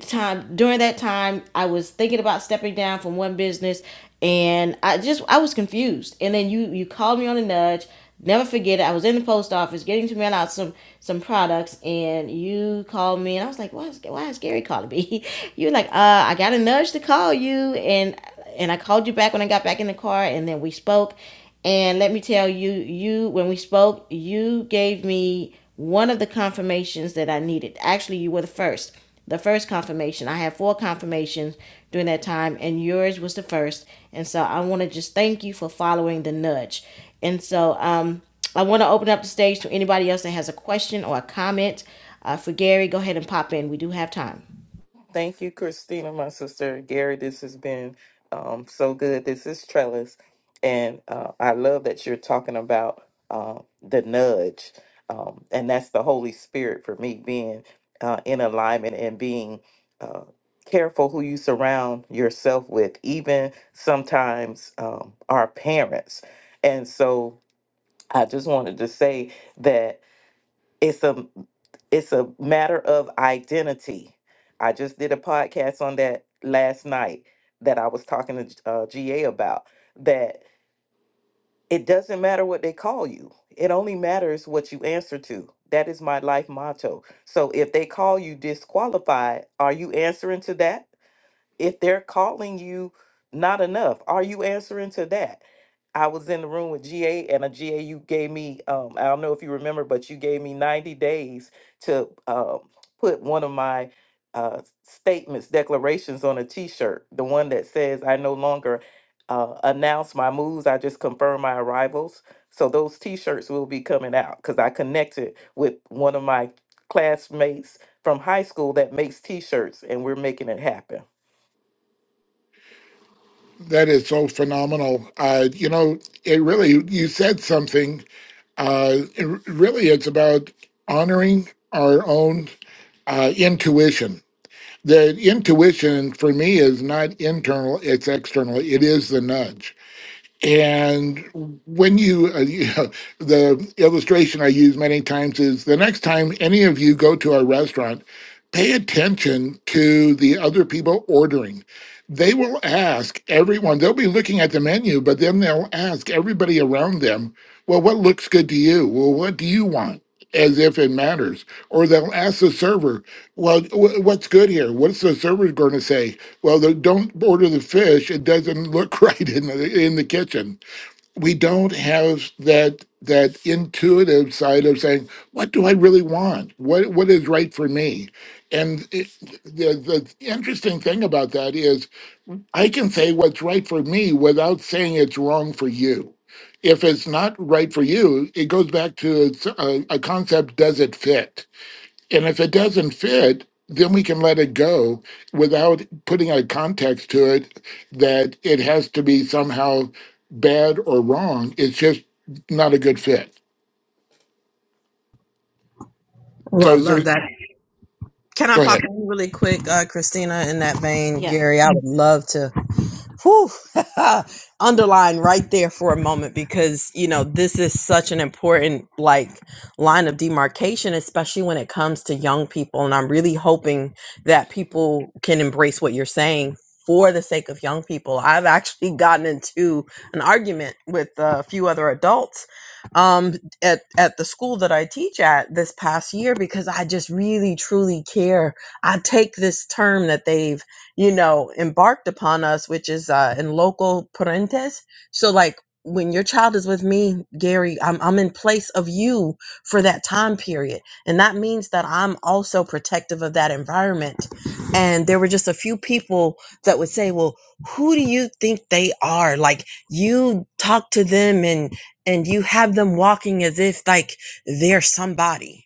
B: time during that time I was thinking about stepping down from one business and I just I was confused. And then you you called me on a nudge. Never forget it. I was in the post office getting to mail out some some products and you called me and I was like, Why is why is Gary calling me? (laughs) you were like, uh, I got a nudge to call you and and I called you back when I got back in the car and then we spoke and let me tell you, you when we spoke, you gave me one of the confirmations that I needed. Actually, you were the first. The first confirmation. I had four confirmations during that time and yours was the first. And so I want to just thank you for following the nudge. And so um I want to open up the stage to anybody else that has a question or a comment. Uh, for Gary, go ahead and pop in. We do have time.
O: Thank you, Christina, my sister. Gary, this has been um, so good. This is Trellis. And uh, I love that you're talking about uh, the nudge. Um, and that's the Holy Spirit for me being uh, in alignment and being uh, careful who you surround yourself with, even sometimes um, our parents. And so I just wanted to say that it's a it's a matter of identity. I just did a podcast on that last night that I was talking to G- uh, GA about that it doesn't matter what they call you. It only matters what you answer to. That is my life motto. So if they call you disqualified, are you answering to that? if they're calling you not enough are you answering to that i was in the room with ga and a ga you gave me um i don't know if you remember but you gave me 90 days to um put one of my uh statements declarations on a t-shirt the one that says i no longer uh, announce my moves i just confirm my arrivals so those t-shirts will be coming out because i connected with one of my classmates from high school that makes t-shirts and we're making it happen
P: That is so phenomenal. Uh, you know, it really you said something. Uh, it, r- really, it's about honoring our own uh, intuition. The intuition for me is not internal; it's external. It is the nudge And when you, uh, you (laughs) know, the illustration I use many times is the next time any of you go to our restaurant, pay attention to the other people ordering. They will ask everyone, they'll be looking at the menu, but then they'll ask everybody around them, well, what looks good to you? Well, what do you want? as if it matters. Or they'll ask the server, "Well, wh- what's good here? What's the server going to say?" Well, they don't order the fish; it doesn't look (laughs) right in the in the kitchen. We don't have that that intuitive side of saying, "What do I really want? What what is right for me?" And it, the the interesting thing about that is I can say what's right for me without saying it's wrong for you. If it's not right for you, it goes back to it's a, a concept does it fit? And if it doesn't fit, then we can let it go without putting a context to it that it has to be somehow bad or wrong. It's just not a good fit.
N: Oh,
P: So
N: I
P: is
N: love
P: there,
N: that. Can I
P: go
N: pop
P: ahead.
N: in really quick, uh, Christina? In that vein,
B: Yeah.
N: Gary, I would love to Whew. (laughs) Underline right there for a moment because, you know, this is such an important like line of demarcation, especially when it comes to young people. And I'm really hoping that people can embrace what you're saying for the sake of young people. I've actually (laughs) gotten into an argument with a few other adults um, at, at the school that I teach at this past year because I just really, truly care. I take this term that they've you know, embarked upon us, which is uh, in local parentes. So, like, when your child is with me, Gary, I'm, I'm in place of you for that time period. And that means that I'm also protective of that environment. And there were just a few people that would say, well, who do you think they are? Like, you talk to them and, and you have them walking as if like they're somebody.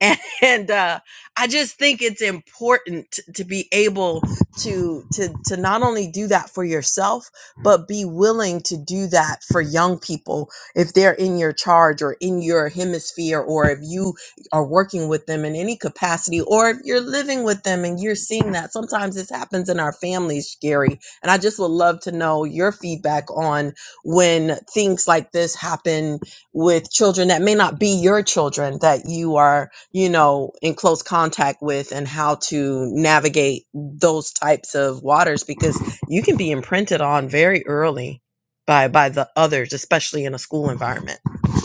N: (laughs) And, uh, I just think it's important t- to be able to to to not only do that for yourself but be willing to do that for young people if they're in your charge or in your hemisphere or if you are working with them in any capacity or if you're living with them and you're seeing that sometimes this happens in our families Gary and I just would love to know your feedback on when things like this happen with children that may not be your children that you are you know in close contact with and how to navigate those types of waters because you can be imprinted on very early by by the others, especially in a school environment.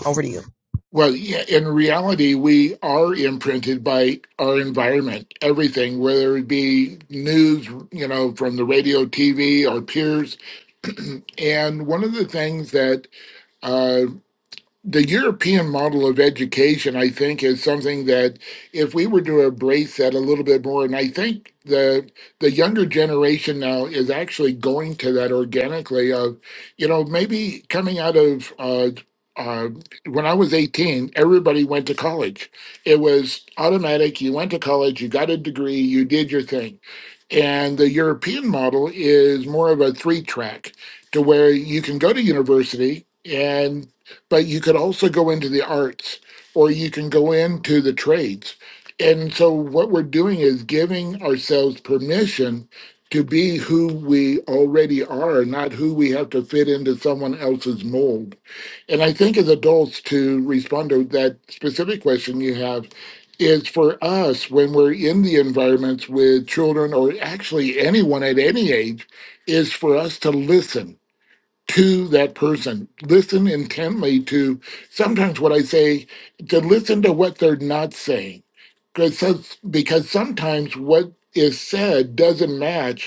N: Over to you.
P: Well, yeah, in reality, we are imprinted by our environment, everything, whether it be news, you know, from the radio, TV, our peers. (clears throat) and one of the things that uh, the European model of education, I think, is something that if we were to embrace that a little bit more, and I think the the younger generation now is actually going to that organically of, you know, maybe coming out of uh, uh, when I was 18, everybody went to college. It was automatic. You went to college, you got a degree, you did your thing and the European model is more of a three track to where you can go to university and but you could also go into the arts or you can go into the trades. And so what we're doing is giving ourselves permission to be who we already are, not who we have to fit into someone else's mold. And I think as adults to respond to that specific question you have, is for us when we're in the environments with children or actually anyone at any age is for us to listen to that person listen intently to sometimes what i say to listen to what they're not saying because because sometimes what is said doesn't match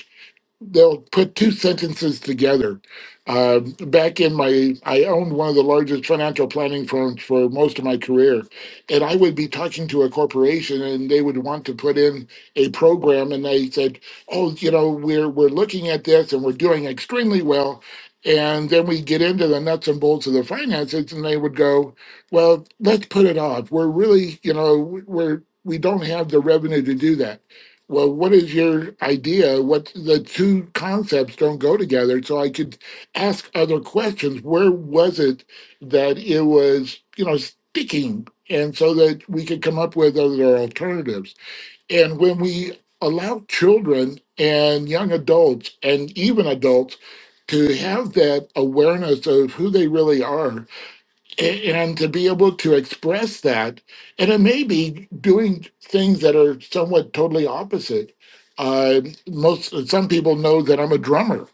P: they'll put two sentences together. Uh, back in my, I owned one of the largest financial planning firms for most of my career, and I would be talking to a corporation, and they would want to put in a program, and they said, "Oh, you know, we're we're looking at this, and we're doing extremely well." And then we get into the nuts and bolts of the finances, and they would go, "Well, let's put it off. We're really, you know, we're we don't have the revenue to do that." Well, what is your idea? What the two concepts don't go together. So I could ask other questions. Where was it that it was, you know, sticking? And so that we could come up with other alternatives. And when we allow children and young adults and even adults to have that awareness of who they really are a- and to be able to express that and it may be doing things that are somewhat totally opposite uh, most some people know that i'm a drummer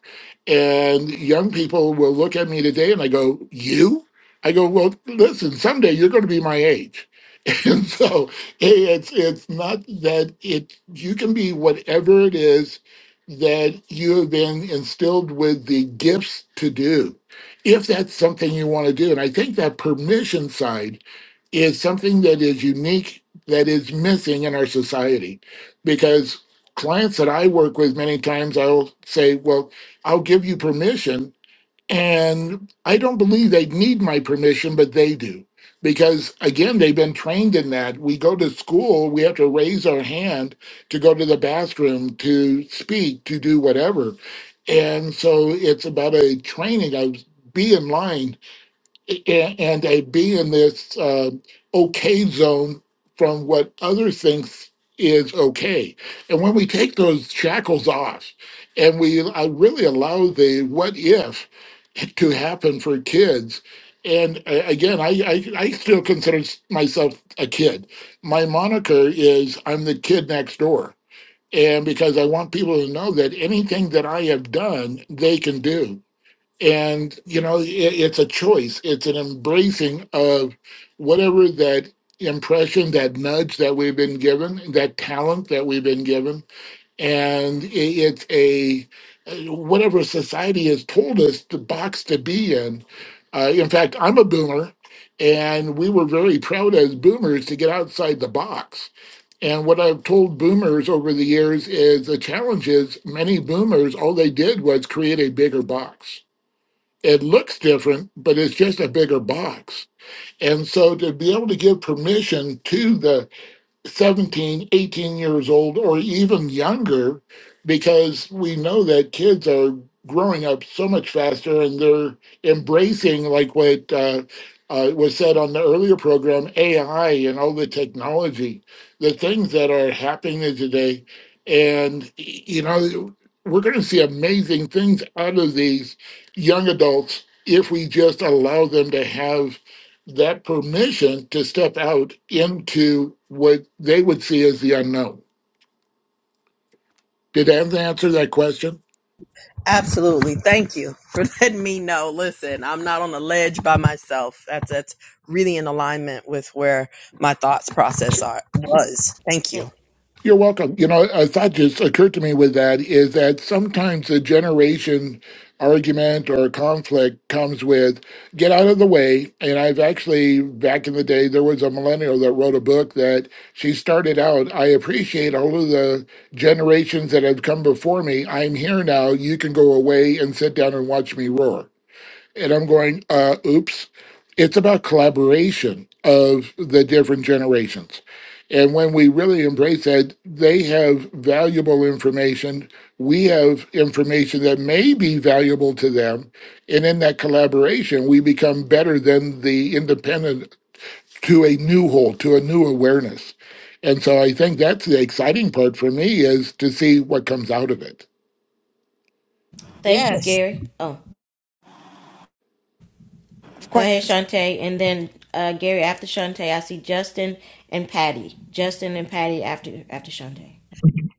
P: and young people will look at me today and i go you i go well listen someday you're going to be my age (laughs) and so hey, it's it's not that it you can be whatever it is that you have been instilled with the gifts to do if that's something you want to do. And I think that permission side is something that is unique, that is missing in our society. Because clients that I work with, many times I'll say, Well, I'll give you permission. And I don't believe they need my permission, but they do. Because again, they've been trained in that. We go to school, we have to raise our hand to go to the bathroom, to speak, to do whatever. And so it's about a training of be in line a- and a be in this uh, okay zone from what others think is okay. And when we take those shackles off and we uh, really allow the what if it could happen for kids. And uh, again, I, I I still consider s- myself a kid. My moniker is I'm the kid next door, and because I want people to know that anything that I have done, they can do. And you know, i it's a choice. It's an embracing of whatever that impression, that nudge that we've been given, that talent that we've been given and i- it's a whatever society has told us the box to be in. Uh, in fact, I'm a boomer, and we were very proud as boomers to get outside the box. And what I've told boomers over the years is the challenge is many boomers, all they did was create a bigger box. It looks different, but it's just a bigger box. And so to be able to give permission to the 17, 18 years old, or even younger, because we know that kids are growing up so much faster and they're embracing, like what uh, uh, was said on the earlier program, AI and all the technology, the things that are happening today. And, y- you know, we're going to see amazing things out of these young adults if we just allow them to have that permission to step out into what they would see as the unknown. Did that answer that question?
N: Absolutely. Thank you for (laughs) letting me know. Listen, I'm not on a ledge by myself. That's that's really in alignment with where my thoughts process are was. Thank
B: Thank,
N: you.
P: You're welcome. You know, a thought just occurred to me with that is that sometimes the generation argument or conflict comes with get out of the way. And I've actually, back in the day, there was a millennial that wrote a book that she started out. I appreciate all of the generations that have come before me. I'm here now. You can go away and sit down and watch me roar and I'm going, uh, oops. It's about collaboration of the different generations. And when we really embrace that, they have valuable information. We have information that may be valuable to them. And in that collaboration, we become better than the independent to a new whole, to a new awareness. And so I think that's the exciting part for me is to see what comes out of it.
B: thank you,
N: Yes.
B: Gary. Oh. Go ahead,
L: Question.
B: Shantae, and then uh, Gary after Shantae. I see Justin and Patty. Justin and Patty after after Shantae.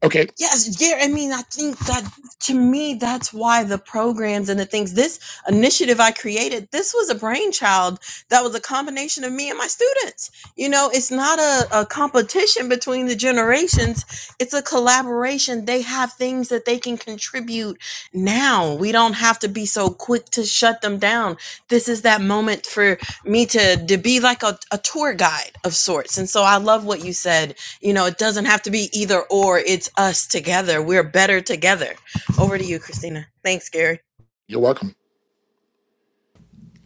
P: Okay,
N: Yes, yeah, I mean, I think that to me, that's why the programs and the things, this initiative I created, this was a brainchild that was a combination of me and my students. You know, it's not a, a competition between the generations, it's a collaboration. They have things that they can contribute now. We don't have to be so quick to shut them down. This is that moment for me to, to be like a, a tour guide of sorts. And so I love what you said you know, it doesn't have to be either or. It's us together. We're better together. Over to you, Christina. Thanks, Gary.
P: you're welcome.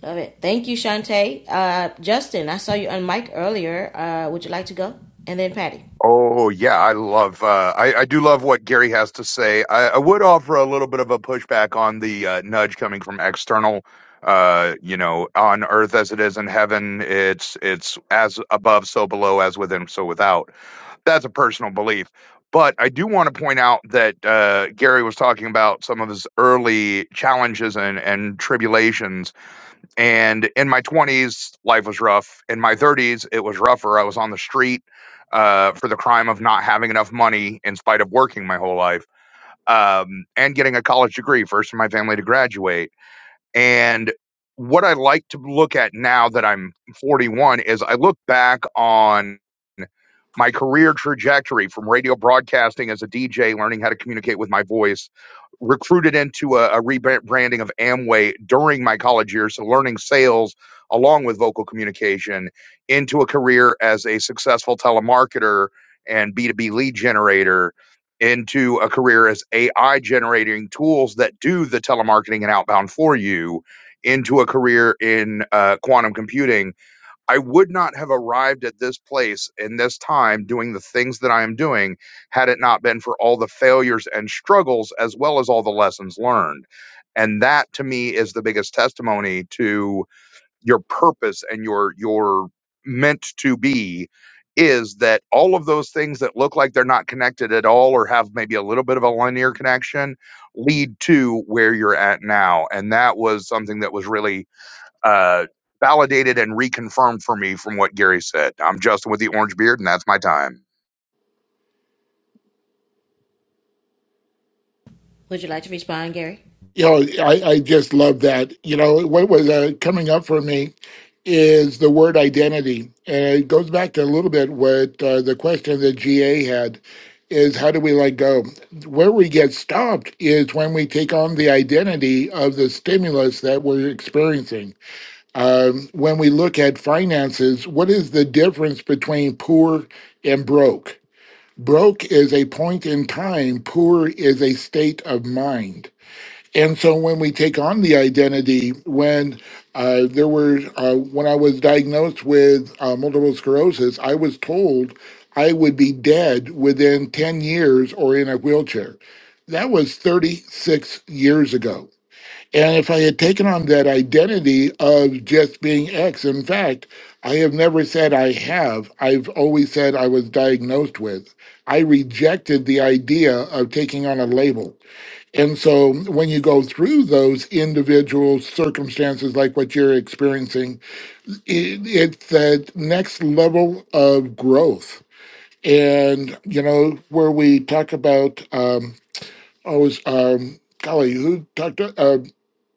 B: Love it. Thank you, Shantae. Uh, Justin, I saw you on mic earlier. Uh, would you like to go? And then Patty,
M: Oh yeah, I love. Uh, I I do love what Gary has to say. I, I would offer a little bit of a pushback on the uh, nudge coming from external. Uh, you know, on earth as it is in heaven, it's it's as above, so below, as within, so without. That's a personal belief. But I do want to point out that uh, Gary was talking about some of his early challenges and, and tribulations and in my 20s, life was rough. In my 30s, it was rougher. I was on the street uh, for the crime of not having enough money in spite of working my whole life um, and getting a college degree, first in my family to graduate. And what I like to look at now that I'm 41 is I look back on my career trajectory from radio broadcasting as a DJ, learning how to communicate with my voice recruited into a, a rebranding of Amway during my college years, so learning sales along with vocal communication into a career as a successful telemarketer and B2B lead generator into a career as AI generating tools that do the telemarketing and outbound for you into a career in uh, quantum computing I would not have arrived at this place in this time doing the things that I am doing had it not been for all the failures and struggles as well as all the lessons learned. And that to me is the biggest testimony to your purpose and your your meant to be is that all of those things that look like they're not connected at all or have maybe a little bit of a linear connection lead to where you're at now and that was something that was really uh, validated and reconfirmed for me from what Gary said. I'm Justin with the orange beard, and that's my time.
B: would you like to respond, Gary?
P: you know, I, I just love that. You know, what was uh, coming up for me is the word identity. And it goes back to a little bit what uh, the question that GA had is how do we let go? Where we get stopped is when we take on the identity of the stimulus that we're experiencing. Um, when we look at finances, what is the difference between poor and broke? Broke is a point in time, poor is a state of mind and so when we take on the identity, when uh, there were, uh, when I was diagnosed with uh, multiple sclerosis, I was told I would be dead within 10 years or in a wheelchair. That was 36 years ago. And if I had taken on that identity of just being X, in fact, I have never said I have. I've always said I was diagnosed with. I rejected the idea of taking on a label. And so when you go through those individual circumstances, like what you're experiencing, it, it's that next level of growth. And, you know, where we talk about, um, always, um, golly, who talked to?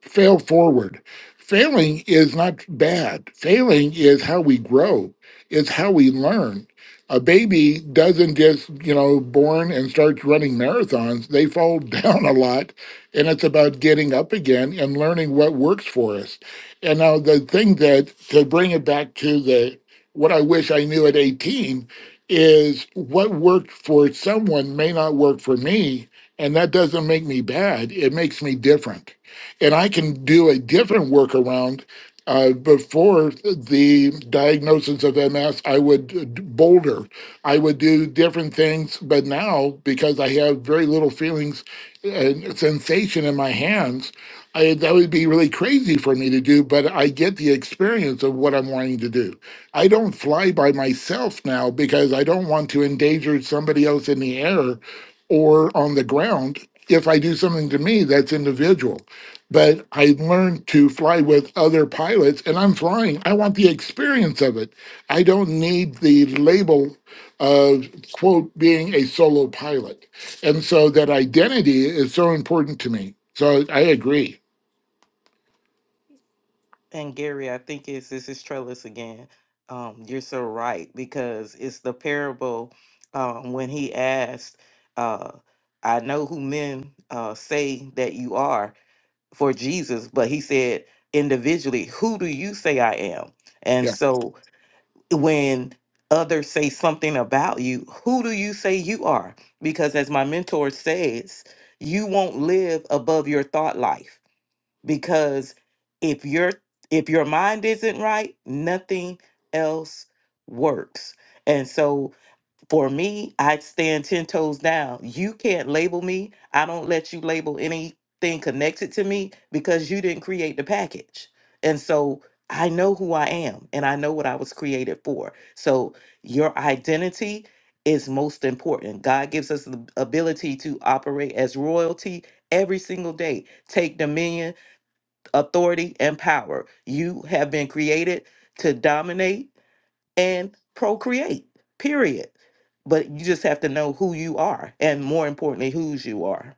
P: fail forward. Failing is not bad. Failing is how we grow, it's how we learn. A baby doesn't just, you know, born and starts running marathons. They fall (laughs) down a lot, and it's about getting up again and learning what works for us. And now the thing that to bring it back to the what I wish I knew at 18 is what worked for someone may not work for me, and that doesn't make me bad. It makes me different and I can do a different workaround. Uh, before the diagnosis of MS, I would uh, d- boulder, I would do different things. But now, because I have very little feelings and sensation in my hands, I, that would be really crazy for me to do. But I get the experience of what I'm wanting to do. I don't fly by myself now because I don't want to endanger somebody else in the air or on the ground if I do something to me that's individual but I learned to fly with other pilots and I'm flying. I want the experience of it. I don't need the label of, quote, being a solo pilot. And so that identity is so important to me. So I agree.
O: And Gary, I think it's this is Trellis again. Um, you're so right because it's the parable um, when he asked, uh, "I know who men uh, say that you are for Jesus," but he said individually, "Who do you say I am?" And
P: Yeah.
O: so when others say something about you, who do you say you are? Because as my mentor says, you won't live above your thought life because if your if your mind isn't right nothing else works and so for me i stand 10 toes down you can't label me i don't let you label anything connected to me because you didn't create the package and so i know who i am and i know what i was created for so your identity is most important god gives us the ability to operate as royalty every single day take dominion authority, and power. You have been created to dominate and procreate, period. But you just have to know who you are and more importantly, whose you are.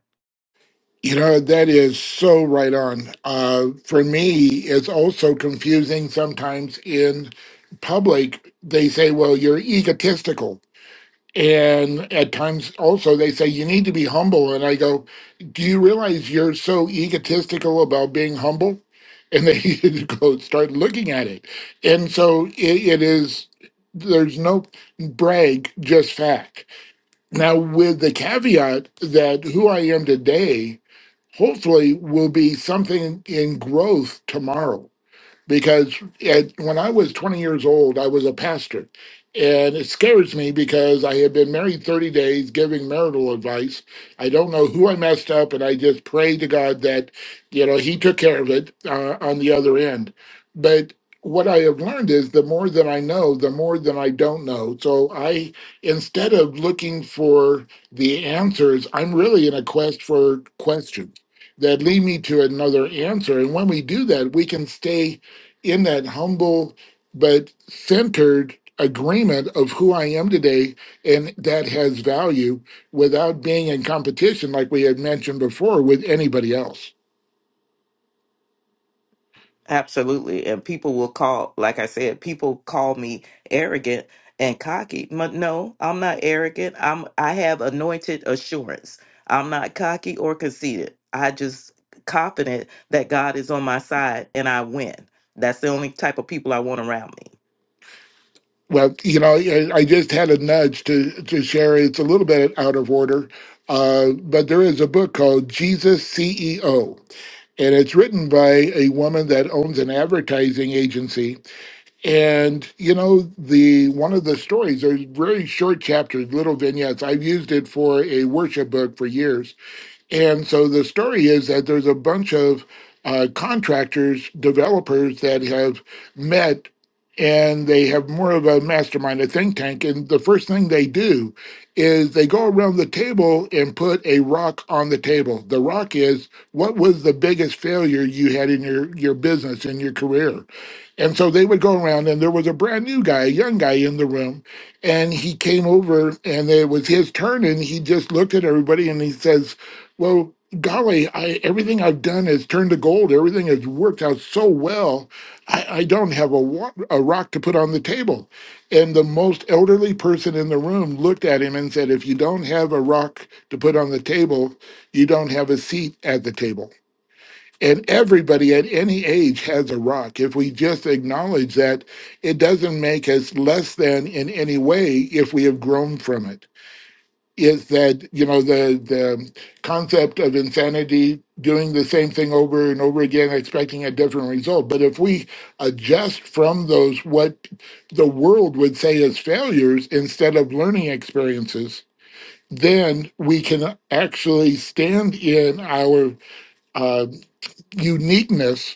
P: You know, that is so right on. Uh, for me, it's also confusing sometimes in public. They say, well, you're egotistical. And at times also they say, you need to be humble. And I go, do you realize you're so egotistical about being humble? And they (laughs) go start looking at it. And so it, it is, there's no brag, just fact. Now, with the caveat that who I am today hopefully will be something in growth tomorrow because at, when I was 20 years old, I was a pastor. And it scares me because I had been married 30 days giving marital advice. I don't know who I messed up, and I just pray to God that, you know, He took care of it uh, on the other end. But what I have learned is the more that I know, the more that I don't know. So I, instead of looking for the answers, I'm really in a quest for questions that lead me to another answer. And when we do that, we can stay in that humble but centered agreement of who I am today and that has value without being in competition like we had mentioned before with anybody else.
O: Absolutely. And people will call, like I said, people call me arrogant and cocky. But no, I'm not arrogant. I'm I have anointed assurance. I'm not cocky or conceited. I just confident that God is on my side and I win. That's the only type of people I want around me.
P: Well, you know, I I just had a nudge to to share. It's a little bit out of order, uh, but there is a book called Jesus CEO, and it's written by a woman that owns an advertising agency And you know, the one of the stories, there's very short chapters, little vignettes. I've used it for a worship book for years and so the story is that there's a bunch of uh, contractors, developers that have met and they have more of a mastermind, a think tank. And the first thing they do is they go around the table and put a rock on the table. The rock is what was the biggest failure you had in your, your business, in your career? And so they would go around, and there was a brand new guy, a young guy in the room, and he came over, and it was his turn, and he just looked at everybody and he says, well, golly, I everything I've done has turned to gold. Everything has worked out so well. I, I don't have a, wa- a rock to put on the table. And the most elderly person in the room looked at him and said, If you don't have a rock to put on the table, you don't have a seat at the table. And everybody at any age has a rock. If we just acknowledge that, it doesn't make us less than in any way if we have grown from it is that you know the the concept of insanity doing the same thing over and over again expecting a different result but if we adjust from those what the world would say is failures instead of learning experiences then we can actually stand in our uh, uniqueness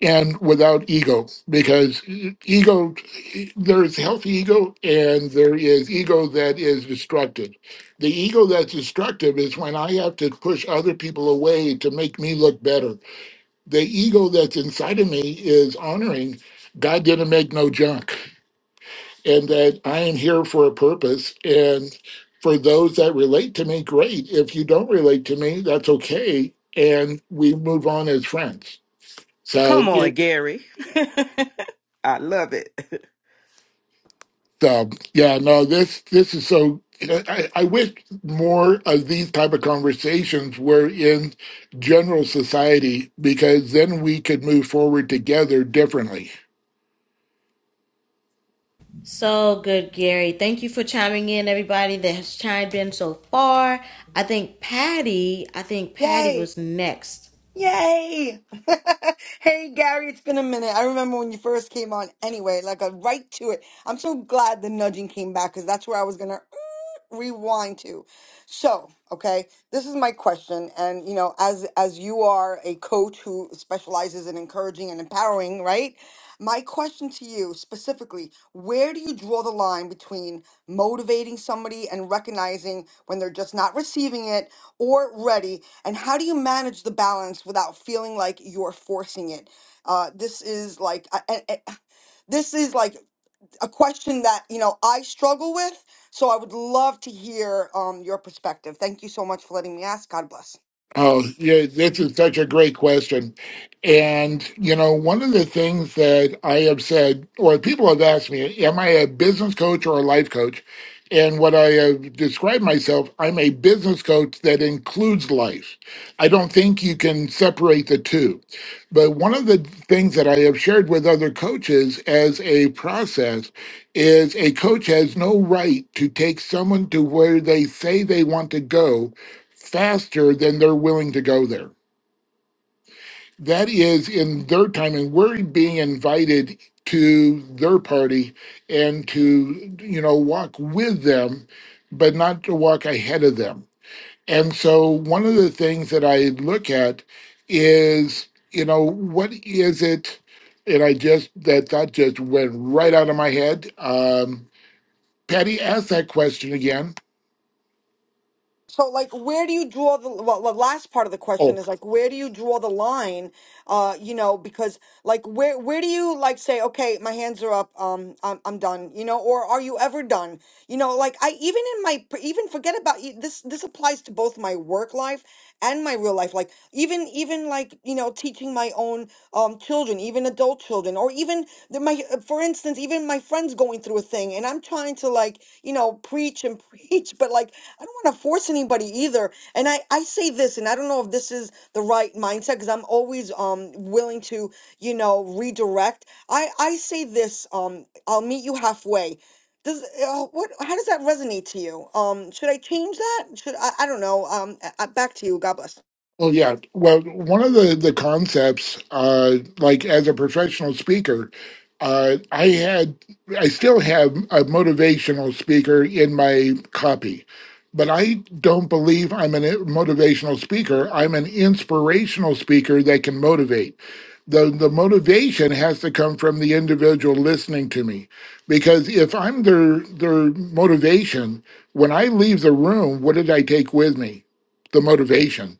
P: and without ego because e- ego there is healthy ego and there is ego that is destructive the ego that's destructive is when i have to push other people away to make me look better the ego that's inside of me is honoring god didn't make no junk and that i am here for a purpose and for those that relate to me great if you don't relate to me that's okay and we move on as friends so
O: Come on, Gary. I love it. (laughs)
P: So yeah, no, this this is so. I, I wish more of these type of conversations were in general society because then we could move forward together differently.
B: So good, Gary. Thank you for chiming in, everybody that has chimed in so far. I think Patty. I think Patty
L: Yay!
B: was next.
L: Yay! (laughs) hey, Gary, it's been a minute. I remember when you first came on anyway, like a right to it. I'm so glad the nudging came back because that's where I was going to rewind to. So, okay, this is my question. And, you know, as, as you are a coach who specializes in encouraging and empowering, right? My question to you specifically, where do you draw the line between motivating somebody and recognizing when they're just not receiving it or ready? And how do you manage the balance without feeling like you're forcing it? Uh, this is like I, I, I- this is like a question that you know I struggle with. So I would love to hear um, your perspective. Thank you so much for letting me ask. God bless.
P: Oh, yeah, this is such a great question. And, you know, one of the things that I have said, or people have asked me, am I a business coach or a life coach? And what I have described myself, I'm a business coach that includes life. I don't think you can separate the two. But one of the things that I have shared with other coaches as a process is a coach has no right to take someone to where they say they want to go faster than they're willing to go there. That is in their time, and we're being invited to their party and to, you know, walk with them, but not to walk ahead of them. And so, one of the things that I look at is, you know, what is it? And I just, that thought just went right out of my head. Um, Patty, ask that question again.
L: So, like, where do you draw the well? The last part of the question is like, where do you draw the line? Uh, you know, because like, where where do you like say, okay, my hands are up, um, I'm I'm done, you know, or are you ever done? You know, like I even in my even forget about e- this. This applies to both my work life and my real life. Like even even like you know, teaching my own um children, even adult children, or even the, my uh, for instance, even my friends going through a thing, and I'm trying to like you know preach and (laughs) preach, but like I don't want to force anybody either. And I, I say this, and I don't know if this is the right mindset because I'm always um willing to, you know, redirect. I, I say this, um, I'll meet you halfway. Does uh, what? How does that resonate to you? Um, should I change that? Should I? I don't know. Um, I, I- back to you. God bless.
P: Well, yeah. Well, one of the the concepts, uh, like as a professional speaker, uh, I had, I still have a motivational speaker in my copy, but I don't believe I'm a motivational speaker. I'm an inspirational speaker that can motivate. The, the motivation has to come from the individual listening to me because if I'm their their motivation, when I leave the room, what did I take with me? The motivation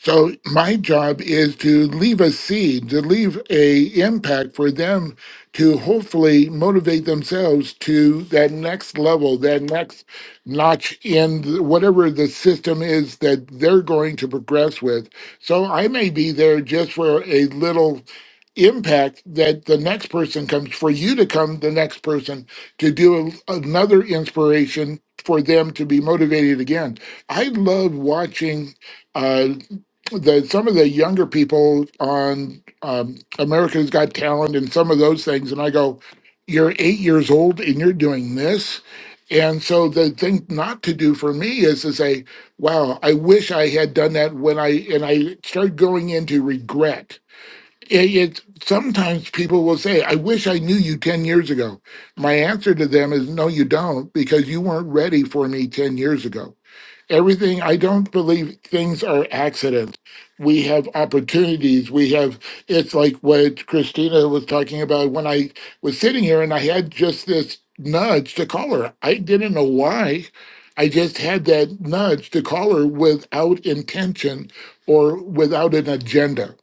P: so my job is to leave a seed, to leave a impact for them to hopefully motivate themselves to that next level, that next notch in th- whatever the system is that they're going to progress with. So I may be there just for a little impact that the next person comes for you to come the next person to do a, another inspiration for them to be motivated again. I love watching uh, the some of the younger people on um, America's Got Talent and some of those things, and I go, "You're eight years old and you're doing this." And so the thing not to do for me is to say, "Wow, I wish I had done that when I." And I start going into regret. It, it sometimes people will say, "I wish I knew you ten years ago." My answer to them is, "No, you don't, because you weren't ready for me ten years ago." everything i don't believe things are accidents we have opportunities we have it's like what christina was talking about when i was sitting here and i had just this nudge to call her i didn't know why i just had that nudge to call her without intention or without an agenda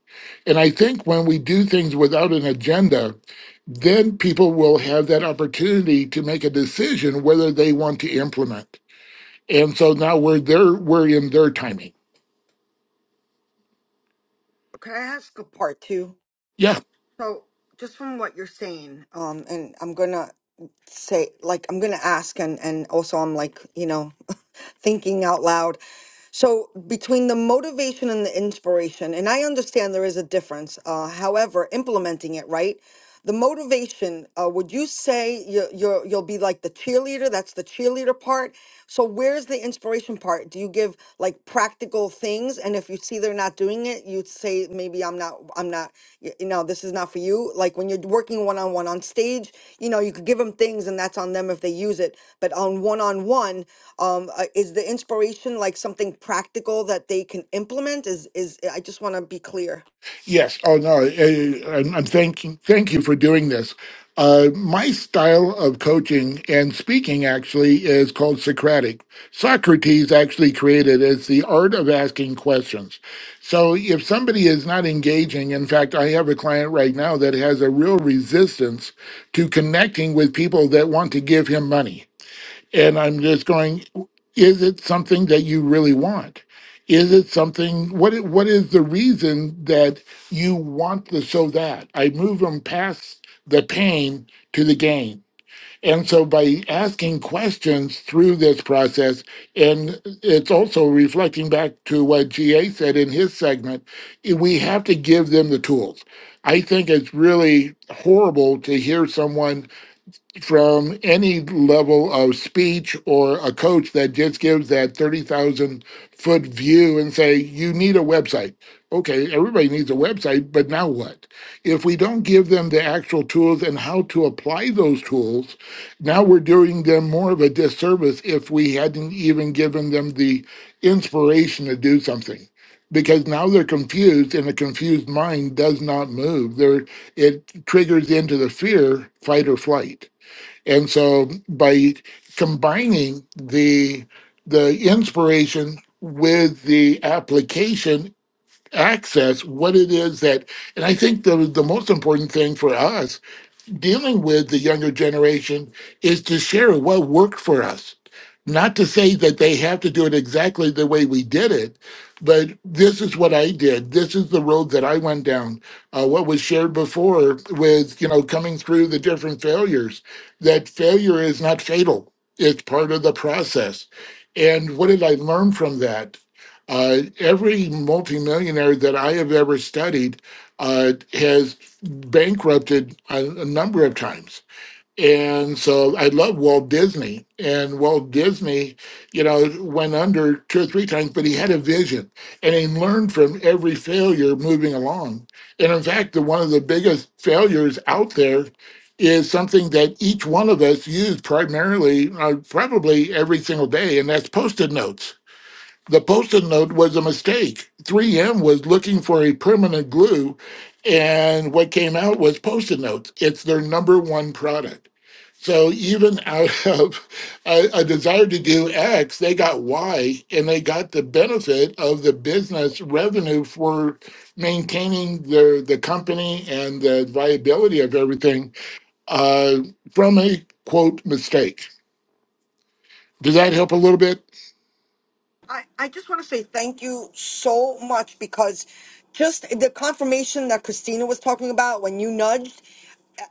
P: and i think when we do things without an agenda then people will have that opportunity to make a decision whether they want to implement and so now we're there we're in their timing
L: Can I ask a Part two.
P: yeah
L: so just from what you're saying, Um, and I'm gonna say like I'm gonna ask, and and also I'm like you know thinking out loud. So between the motivation and the inspiration, and I understand there is a difference. Uh, however, implementing it right, the motivation. Uh, would you say you're, you're you'll be like the cheerleader? That's the cheerleader part. So where's the inspiration part? Do you give like practical things, and if you see they're not doing it, you say maybe I'm not I'm not y- you know this is not for you. Like when you're working one on one on stage, you know you could give them things, and that's on them if they use it. But on one on one um uh, is the inspiration like something practical that they can implement is is i just want to be clear
P: yes oh no eh, i'm, I'm thanking thank you for doing this uh, my style of coaching and speaking actually is called Socratic. Socrates actually created it. It's the art of asking questions. So if somebody is not engaging, in fact, I have a client right now that has a real resistance to connecting with people that want to give him money And I'm just going, is it something that you really want? Is it something what i- what is the reason that you want the so that? I move them past the pain to the gain. And so by asking questions through this process, and it's also reflecting back to what GA said in his segment, i- we have to give them the tools. I think it's really horrible to hear someone from any level of speech or a coach that just gives that 30,000 foot view and say, you need a website. Okay, everybody needs a website, but now what? If we don't give them the actual tools and how to apply those tools, now we're doing them more of a disservice if we hadn't even given them the inspiration to do something. Because now they're confused and a confused mind does not move. They're, it triggers into the fear, fight or flight. And so by combining the the inspiration with the application access, what it is that and I think the the most important thing for us dealing with the younger generation is to share what worked for us. Not to say that they have to do it exactly the way we did it, but this is what I did. This is the road that I went down. Uh, what was shared before with, you know, coming through the different failures, that failure is not fatal, it's part of the process. And what did I learn from that? Uh, every multimillionaire that I have ever studied uh, has bankrupted a, a number of times. And so I love Walt Disney. And Walt Disney, you know, went under two or three times, but he had a vision and he learned from every failure moving along. And in fact, the, one of the biggest failures out there is something that each one of us use primarily, uh, probably every single day, and that's post it notes the post-it note was a mistake. 3M was looking for a permanent glue, and what came out was post-it notes. It's their number one product. So even out (laughs) of a, a desire to do X, they got Y, and they got the benefit of the business revenue for maintaining their the company and the viability of everything uh, from a quote mistake. Does that help a little bit?
L: i i just want to say thank you so much because just the confirmation that christina was talking about when you nudged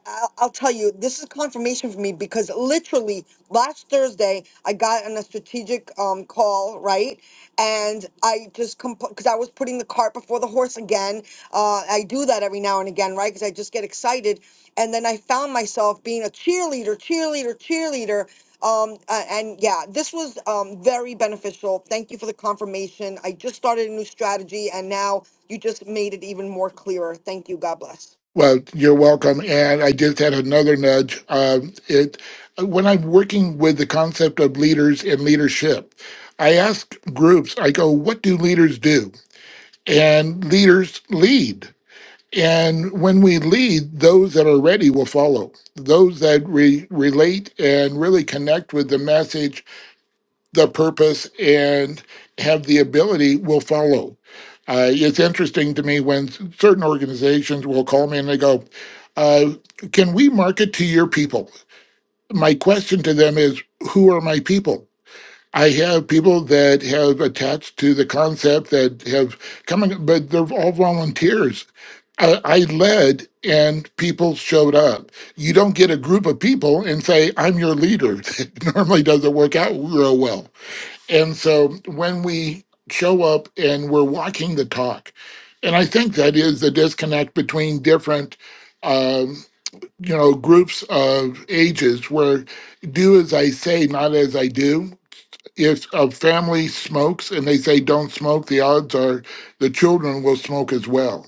L: I'll, I'll tell you, this is confirmation for me because literally last Thursday, I got on a strategic um, call, right? And I just, because I was putting the cart before the horse again. Uh, I do that every now and again, right? Because I just get excited. And then I found myself being a cheerleader, cheerleader, cheerleader. Um, a- and yeah, this was um, very beneficial. Thank you for the confirmation. I just started a new strategy and now you just made it even more clearer. Thank you. God bless.
P: Well, you're welcome. And I just had another nudge. Um, it when I'm working with the concept of leaders and leadership, I ask groups. I go, "What do leaders do?" And leaders lead. And when we lead, those that are ready will follow. Those that re- relate and really connect with the message the purpose and have the ability will follow. Uh, it's interesting to me when certain organizations will call me and they go, uh, Can we market to your people? My question to them is, Who are my people? I have people that have attached to the concept that have coming, but they're all volunteers. I, I led and people showed up. You don't get a group of people and say, I'm your leader. (laughs) It normally doesn't work out real well and so when we show up and we're walking the talk, and I think that is the disconnect between different, um, you know, groups of ages where do as I say, not as I do. If a family smokes and they say don't smoke, the odds are the children will smoke as well.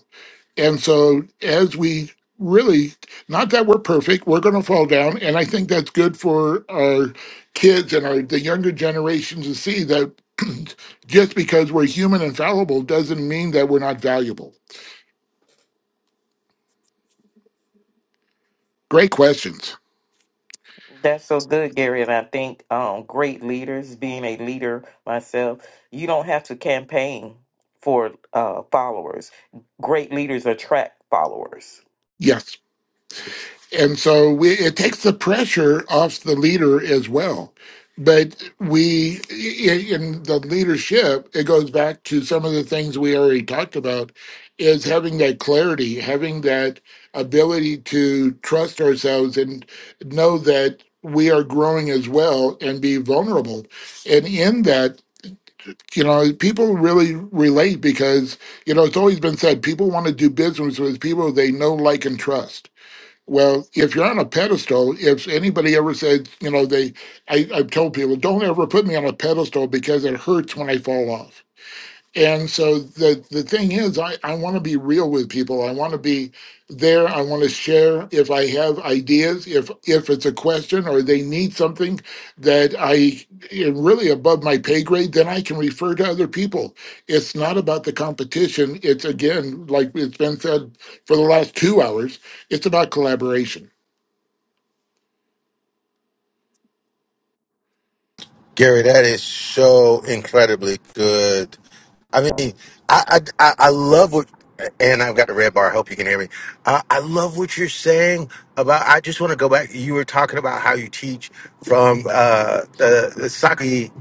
P: And so, as we really, not that we're perfect, we're going to fall down, and I think that's good for our kids and our the younger generations to see that (clears throat) just because we're human and fallible doesn't mean that we're not valuable. Great questions.
O: That's so good, Gary. And I think um, great leaders, being a leader myself, you don't have to campaign for uh, followers. Great leaders attract followers.
P: Yes. and so we, it takes the pressure off the leader as well. But we, i- in the leadership, it goes back to some of the things we already talked about is having that clarity, having that ability to trust ourselves and know that we are growing as well and be vulnerable. And in that, you know, people really relate because, you know, it's always been said people want to do business with people they know, like, and trust well, if you're on a pedestal, if anybody ever said, you know, they, I, I've told people, don't ever put me on a pedestal because it hurts when I fall off and so the the thing is, I, I want to be real with people. I want to be there. I want to share if I have ideas, if if it's a question or they need something that I am really above my pay grade, then I can refer to other people. It's not about the competition. It's again, like it's been said for the last two hours, it's about collaboration.
E: Gary, that is so incredibly good. I mean, I I, I I love what, and I've got the red bar. I hope you can hear me. Uh, I love what you're saying about. I just want to go back. You were talking about how you teach from uh, the, the Saki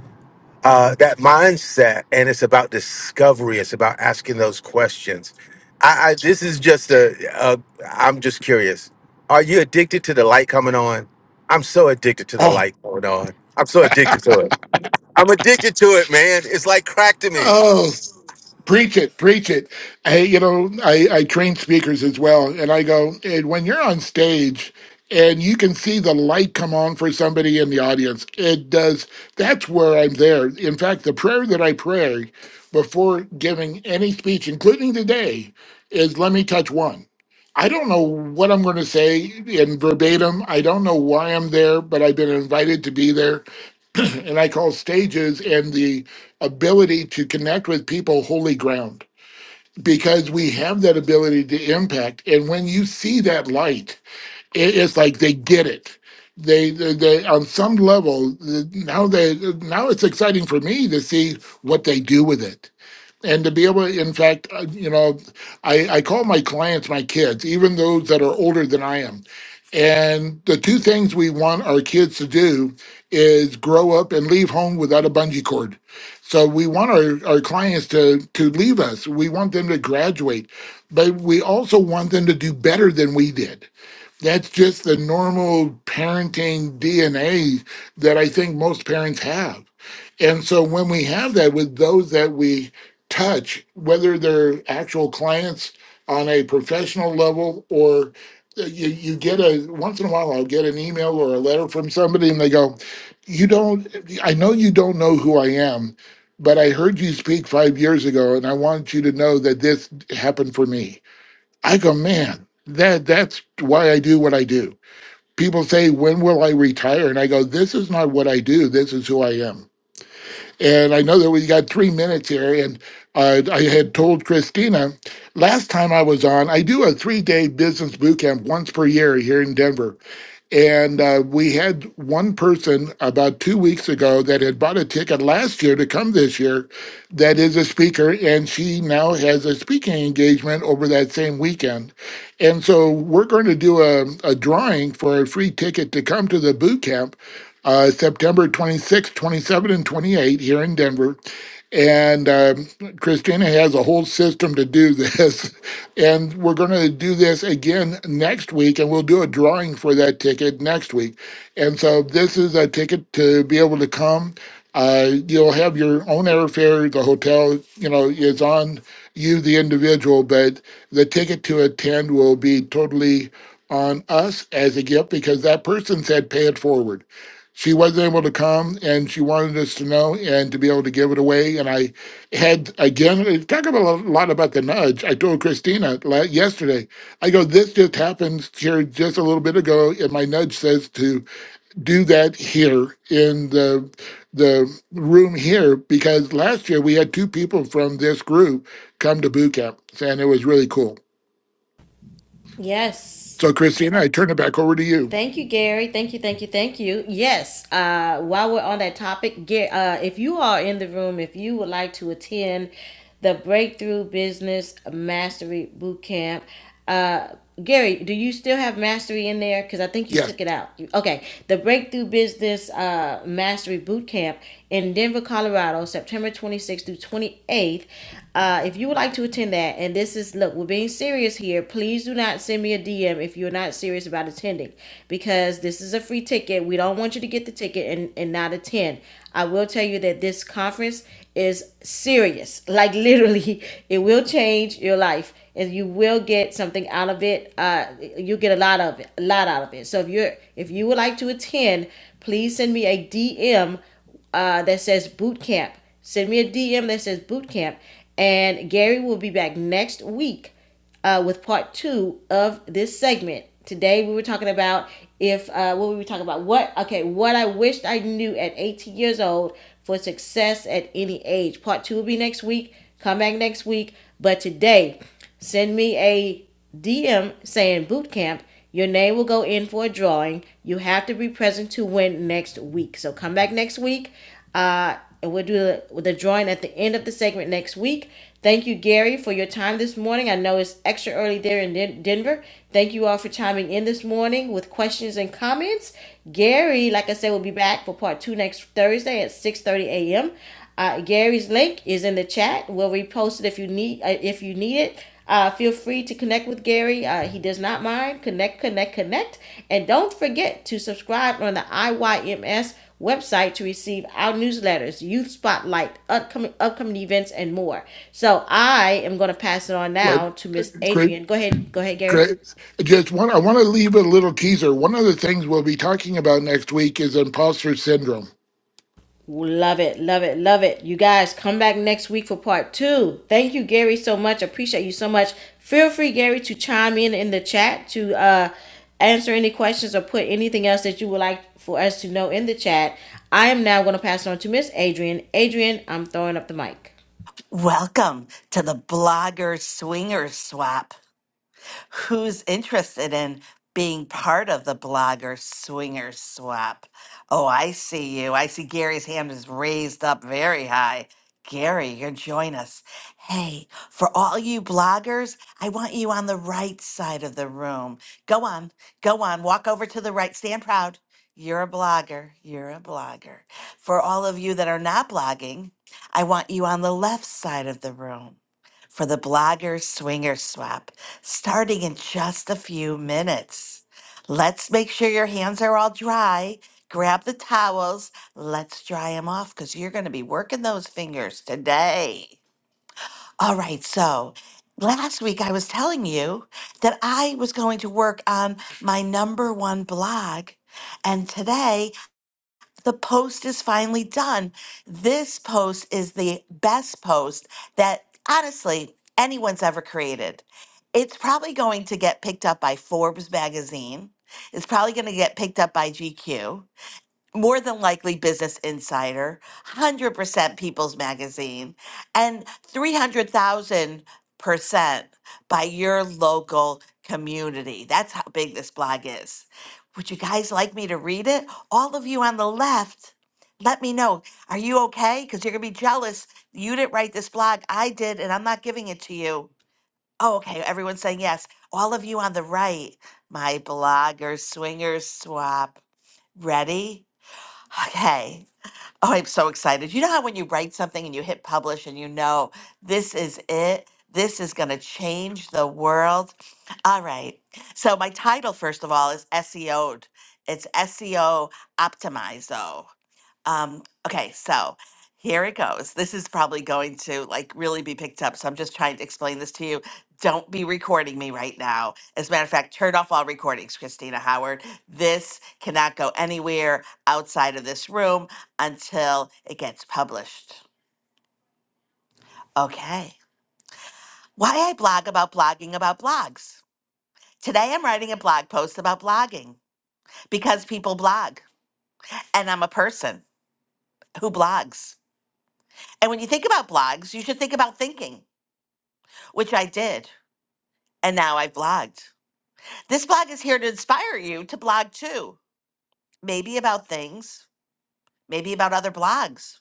E: uh, that mindset, and it's about discovery. It's about asking those questions. I, I this is just a, a. I'm just curious. Are you addicted to the light coming on? I'm so addicted to the light coming on. I'm so addicted to it. I'm addicted to it, man. It's like crack to me.
P: Oh, Preach it, preach it. Hey, you know, I, I train speakers as well, and I go, and when you're on stage and you can see the light come on for somebody in the audience, it does. That's where I'm there. In fact, the prayer that I pray before giving any speech, including today, is let me touch one. I don't know what I'm going to say in verbatim. I don't know why I'm there, but I've been invited to be there (clears throat) and I call stages and the ability to connect with people holy ground because we have that ability to impact. And when you see that light, it, it's like they get it. They, they, they on some level th- now they now it's exciting for me to see what they do with it and to be able to, in fact uh, you know i i call my clients my kids even those that are older than i am and the two things we want our kids to do is grow up and leave home without a bungee cord so we want our, our clients to to leave us we want them to graduate but we also want them to do better than we did that's just the normal parenting dna that i think most parents have and so when we have that with those that we touch, whether they're actual clients on a professional level or uh, you, you get a once in a while I'll get an email or a letter from somebody and they go, You don't I know you don't know who I am, but I heard you speak five years ago and I want you to know that this happened for me. I go, man, that that's why I do what I do. People say, When will I retire? And I go, This is not what I do, this is who I am and I know that we got three minutes here. And uh, I had told Christina last time I was on, I do a three day business boot camp once per year here in Denver. And uh, we had one person about two weeks ago that had bought a ticket last year to come this year that is a speaker, and she now has a speaking engagement over that same weekend. And so we're going to do a, a drawing for a free ticket to come to the boot camp uh, September 26, 27, and 28 here in Denver. And um Christina has a whole system to do this. (laughs) And we're going to do this again next week, and we'll do a drawing for that ticket next week. And so this is a ticket to be able to come. Uh, you'll have your own airfare. The hotel, you know, is on you, the individual, but the ticket to attend will be totally on us as a gift because that person said pay it forward she was able to come and she wanted us to know and to be able to give it away. And I had, again, talk about a lot about the nudge. I told Christina la- yesterday, I go, this just happened here just a little bit ago. And my nudge says to do that here in the, the room here, because last year we had two people from this group come to boot camp and it was really cool.
B: Yes.
P: So Christina, I turn it back over to you.
B: Thank you, Gary. Thank you, thank you, thank you. Yes, uh, while we're on that topic, Ga- uh, if you are in the room, if you would like to attend the Breakthrough Business Mastery Bootcamp, uh, Gary, do you still have mastery in there? Because I think you
P: Yes.
B: took it out. You- Okay, the Breakthrough Business uh, Mastery Bootcamp in Denver, Colorado, September 26th through 28th. Uh, if you would like to attend that, and this is look, we're being serious here. Please do not send me a DM if you're not serious about attending not attending because this is a free ticket. We don't want you to get the ticket and, and not attend. I will tell you that this conference is serious. Like literally, (laughs) it will change your life and you will get something out of it. Uh, you get a lot of it, a lot out of it. So if you're if you would like to attend, please send me a DM uh, that says boot camp. Send me a DM that says boot camp, and Gary will be back next week uh, with part two of this segment. Today we were talking about if uh, what were we talking about? What okay? What I wished I knew at 18 years old for success at any age. Part two will be next week. Come back next week. But today, send me a DM saying boot camp. Your name will go in for a drawing. You have to be present to win next week. So come back next week. Uh, and we'll do the, the drawing at the end of the segment next week. Thank you, Gary, for your time this morning. I know it's extra early there in Den- Denver. Thank you all for chiming in this morning with questions and comments. Gary, like I said, will be back for part two next Thursday at 6.30 a.m. Uh, Gary's link is in the chat. We'll repost it if you need uh, if you need it. Uh, feel free to connect with Gary. Uh, he does not mind. Connect, connect, connect, and don't forget to subscribe on the IYMS website to receive our newsletters, youth spotlight, upcoming upcoming events, and more. So I am going to pass it on
P: What?
B: now to Miss Adrian. Go ahead, go ahead, Gary.
P: Great. Just one, I want to leave a little teaser. One of the things we'll be talking about next week is imposter syndrome.
B: Love it, love it, love it. You guys come back next week for part two. Thank you, Gary, so much. Appreciate you so much. Feel free, Gary, to chime in in the chat to uh, answer any questions or put anything else that you would like for us to know in the chat. I am now going to pass it on to Miss Adrian. Adrian, I'm throwing up the mic.
Q: Welcome to the Blogger Swinger Swap who's interested in being part of the blogger swinger swap. Oh, I see you. I see Gary's hand is raised up very high. Gary, you're join us. Hey, for all you bloggers, I want you on the right side of the room. Go on, go on, walk over to the right, stand proud. You're a blogger, you're a blogger. For all of you that are not blogging, I want you on the left side of the room for the Blogger Swinger Swap starting in just a few minutes. Let's make sure your hands are all dry. Grab the towels. Let's dry them off because you're going to be working those fingers today. All right, so last week I was telling you that I was going to work on my number one blog. And today the post is finally done. This post is the best post that honestly anyone's ever created. It's probably going to get picked up by Forbes magazine. It's probably going to get picked up by GQ more than likely Business Insider, 100% People's Magazine, and 300,000% by your local community. That's how big this blog is. Would you guys like me to read it? All of you on the left, let me know. Are you okay? Because you're going to be jealous. You didn't write this blog. I did, and I'm not giving it to you. Oh, okay. Everyone's saying yes. All of you on the right, my bloggers, swingers swap. Ready? Okay. Oh, I'm so excited. You know how when you write something and you hit publish and you know this is it? This is going to change the world. All right. So, my title, first of all, is SEO'd. It's SEO Optimizo. Um, okay, so here it goes. This is probably going to like really be picked up. So I'm just trying to explain this to you. Don't be recording me right now. As a matter of fact, turn off all recordings, Christina Howard. This cannot go anywhere outside of this room until it gets published. Okay. Why I blog about blogging about blogs. Today I'm writing a blog post about blogging because people blog and I'm a person who blogs. And when you think about blogs, you should think about thinking. which I did. And now I've blogged. This blog is here to inspire you to blog too. Maybe about things, maybe about other blogs,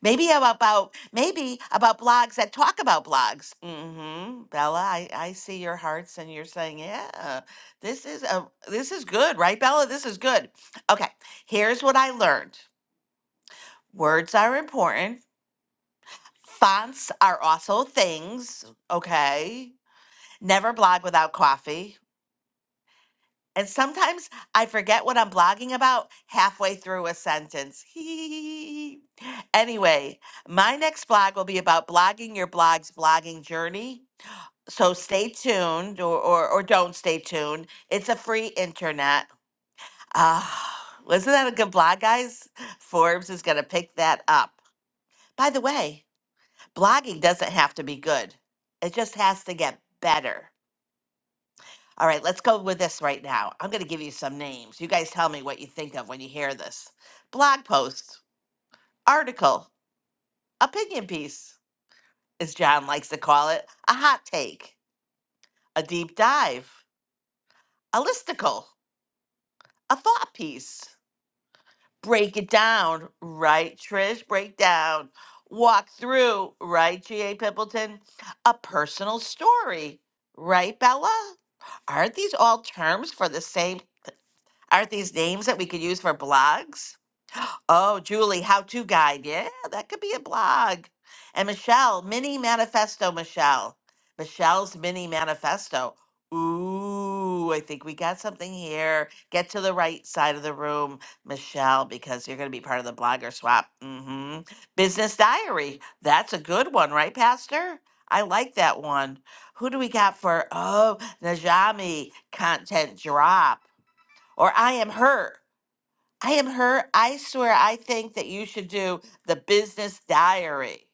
Q: maybe about, about- maybe about blogs that talk about blogs. hmm Bella, I, I see your hearts and you're saying, yeah, this is a this is good, right, Bella? This is good. Okay, here's what I learned. Words are important. Fonts are also things, okay? Never blog without coffee And sometimes I forget what I'm blogging about halfway through a sentence. (laughs) anyway, my next blog will be about blogging your blog's blogging journey. So stay tuned or, or, or don't stay tuned. It's a free internet. Uh, wasn't that a good blog, guys? Forbes is going to pick that up. By the way, blogging doesn't have to be good, it just has to get better. All right, let's go with this right now. I'm going to give you some names. You guys tell me what you think of when you hear this. Blog post, article, opinion piece, as John likes to call it, a hot take, a deep dive, a listicle, a thought piece. Break it down, right, Trish? Break down. Walk through, right, G.A. Pimpleton? A personal story, right, Bella? Aren't these all terms for the same? Aren't these names that we could use for blogs? Oh, Julie, how to guide. Yeah, that could be a blog. And Michelle, mini manifesto, Michelle. Michelle's mini manifesto. Ooh, I think we got something here. Get to the right side of the room, Michelle, because you're going to be part of the blogger swap. hmm Business diary. That's a good one, right, Pastor? I like that one. Who do we got for? Oh, Najami content drop. Or I am her. I am her. I swear, I think that you should do the business diary.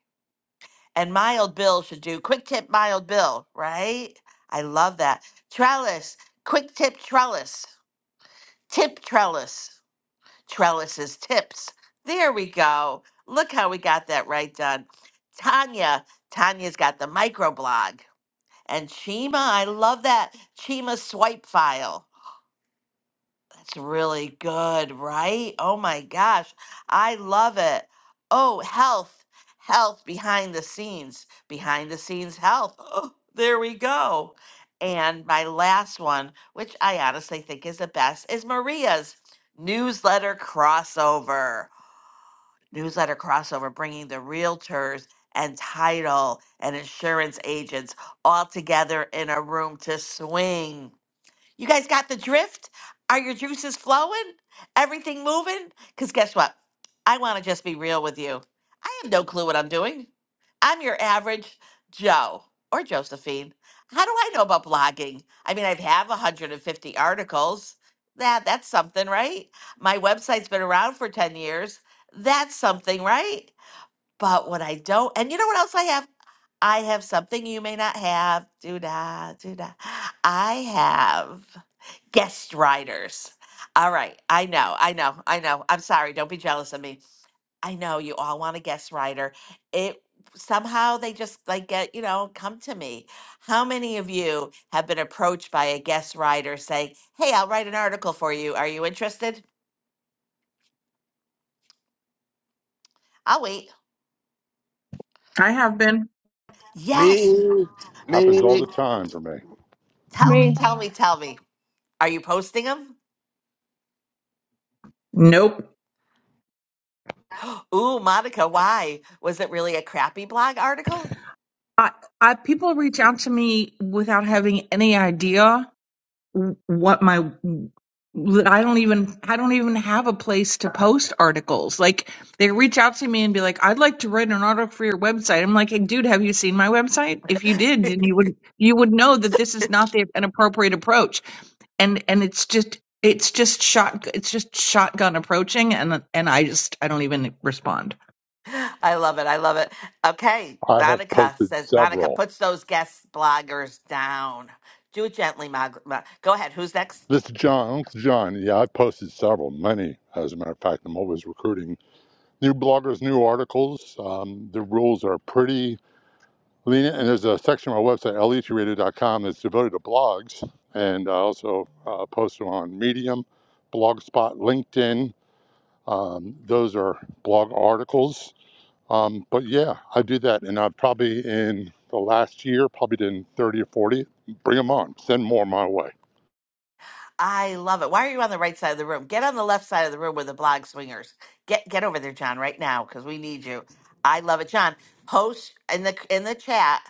Q: And Mild Bill should do quick tip Mild Bill, right? I love that. Trellis, quick tip trellis, tip trellis, trellises tips. There we go. Look how we got that right done. Tanya, Tanya's got the microblog. And Chima, I love that. Chima swipe file. That's really good, right? Oh my gosh, I love it. Oh, health, health behind the scenes, behind the scenes health. Oh, there we go. And my last one, which I honestly think is the best, is Maria's newsletter crossover. Newsletter crossover, bringing the realtors and title and insurance agents all together in a room to swing. You guys got the drift? Are your juices flowing? Everything moving? Because guess what? I want to just be real with you. I have no clue what I'm doing. I'm your average Joe or Josephine. How do I know about blogging? I mean, I have 150 articles. That that's something, right? My website's been around for 10 years. That's something, right? But what I don't, and you know what else I have? I have something you may not have. Do da, do da. I have guest writers. All right. I know. I know. I know. I'm sorry. Don't be jealous of me. I know you all want a guest writer. It somehow they just like get, you know, come to me. How many of you have been approached by a guest writer saying, Hey, I'll write an article for you. Are you interested? I'll wait.
R: I have been.
E: Me,
Q: Yes.
S: Happens all
E: me.
S: the time for me.
Q: Tell
T: Right.
Q: me, tell me, tell me. Are you posting them?
R: Nope.
Q: (gasps) Ooh, Monica, why? Was it really a crappy blog article?
R: I, I people reach out to me without having any idea what my I don't even I don't even have a place to post articles. Like they reach out to me and be like, "I'd like to write an article for your website." I'm like, hey, "Dude, have you seen my website? If you
Q: (laughs)
R: did, then you would you would know that this is not the, an appropriate approach." And and it's just it's just shot it's just shotgun approaching, and and I just I don't even respond.
Q: I love it. I love it. Okay.
S: I have
Q: Monica
S: posted
Q: says, Monica
S: several.
Q: puts those guest bloggers down. Do it gently, Monica. Go ahead. Who's next?
S: This is John, Uncle John. Yeah, I posted several, many, as a matter of fact. I'm always recruiting new bloggers, new articles. Um, the rules are pretty lenient, and there's a section on my website, letradio.com, that's devoted to blogs, and I also uh, post them on Medium, Blogspot, LinkedIn. Um, those are blog articles Um, but yeah, I do that, and I've probably in the last year probably done thirty or forty. Bring them on. Send more my way.
Q: I love it. Why are you on the right side of the room? Get on the left side of the room with the blog swingers. Get get over there, John, right now because we need you. I love it, John. Post in the in the chat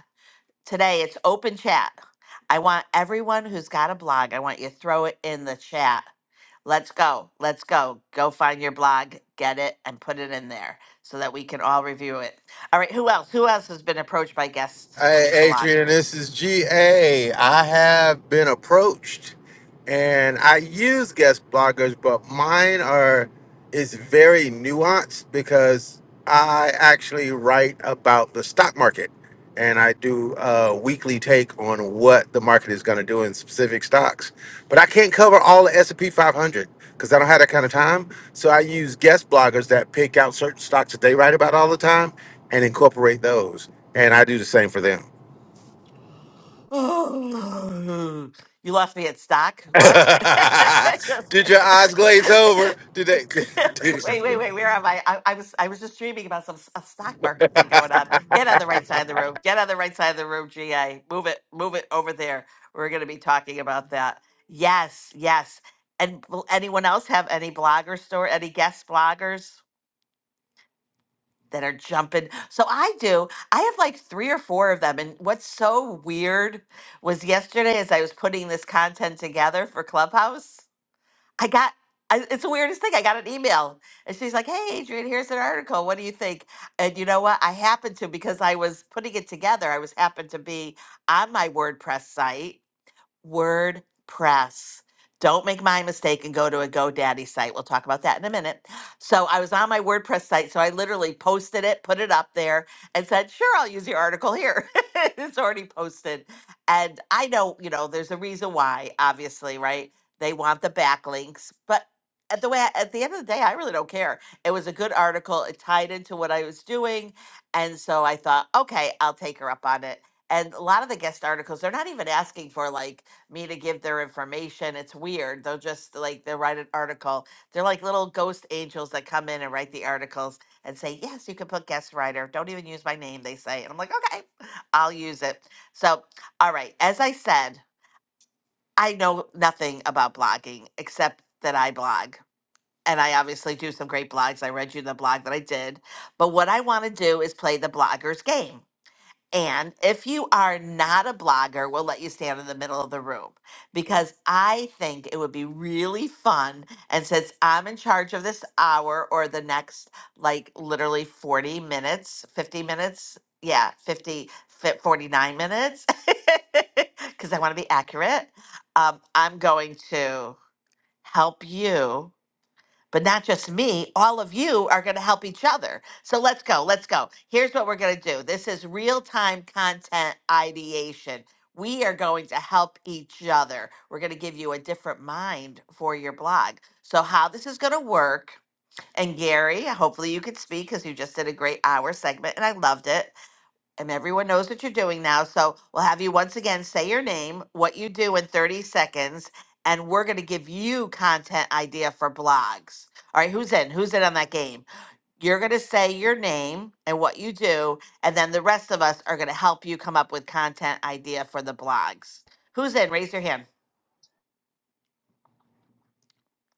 Q: today. It's open chat. I want everyone who's got a blog. I want you to throw it in the chat. Let's go. Let's go. Go find your blog, get it, and put it in there so that we can all review it. All right. Who else? Who else has been approached by guest
E: Hey, Adrian,
Q: bloggers?
E: this is GA. I have been approached and I use guest bloggers, but mine are is very nuanced because I actually write about the stock market and I do a weekly take on what the market is going to do in specific stocks. But I can't cover all the S&P 500 because I don't have that kind of time. So I use guest bloggers that pick out certain stocks that they write about all the time and incorporate those. And I do the same for them.
Q: Oh, no. you lost me at stock. What? (laughs)
E: (laughs)
Q: just
E: Did
Q: kidding.
E: your eyes glaze
Q: (laughs)
E: over? Did they? (laughs)
Q: Wait, wait, wait. Where am I? I, I was, I was just dreaming about some s- a stock market thing going on. Get on the right side of the room. Get on the right side of the room. GA, move it, move it over there. We're going to be talking about that. Yes, yes. And will anyone else have any blogger store? Any guest bloggers? that are jumping. So I do. I have like three or four of them. And what's so weird was yesterday as I was putting this content together for Clubhouse, I got I, it's the weirdest thing. I got an email and she's like, Hey, Adrian, here's an article. What do you think? And you know what? I happened to, because I was putting it together, I was happened to be on my WordPress site WordPress. Don't make my mistake and go to a GoDaddy site. We'll talk about that in a minute. So I was on my WordPress site, so I literally posted it, put it up there, and said, "Sure, I'll use your article here." (laughs) it's already posted, and I know you know there's a reason why. Obviously, right? They want the backlinks, but at the way at the end of the day, I really don't care. It was a good article. It tied into what I was doing, and so I thought, okay, I'll take her up on it. And a lot of the guest articles, they're not even asking for like me to give their information. It's weird. They'll just like they'll write an article. They're like little ghost angels that come in and write the articles and say, Yes, you can put guest writer. Don't even use my name, they say. And I'm like, Okay, I'll use it. So, all right. As I said, I know nothing about blogging except that I blog. And I obviously do some great blogs. I read you the blog that I did. But what I want to do is play the blogger's game. And if you are not a blogger, we'll let you stand in the middle of the room because I think it would be really fun. And since I'm in charge of this hour or the next, like literally 40 minutes, 50 minutes, yeah, 50, fi- 49 minutes, (laughs) because I want to be accurate, um, I'm going to help you but not just me. All of you are going to help each other. So let's go. Let's go. Here's what we're going to do this is real time content ideation. We are going to help each other. We're going to give you a different mind for your blog. So, how this is going to work, and Gary, hopefully you could speak because you just did a great hour segment and I loved it and everyone knows what you're doing now. So we'll have you once again say your name, what you do in 30 seconds, and we're going to give you content idea for blogs. All right, who's in? Who's in on that game? You're going to say your name and what you do, and then the rest of us are going to help you come up with content idea for the blogs. Who's in? Raise your hand.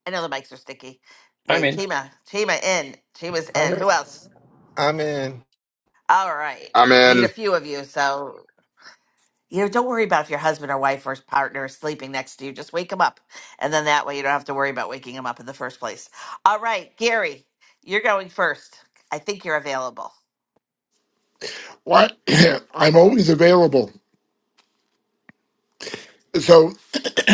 Q: I know the mics are sticky.
K: I'm
Q: Wait,
K: in.
Q: Chima, Chima in. Chima's
E: All
Q: in.
E: right.
Q: Who else?
E: I'm in.
Q: All right.
M: I'm
Q: Need
M: in.
Q: a few of you. So you know, don't worry about if your husband or wife or partner is sleeping next to you. Just wake them up. And then that way you don't have to worry about waking them up in the first place. All right, Gary, you're going first. I think you're available.
P: Why (clears throat) I'm always available. So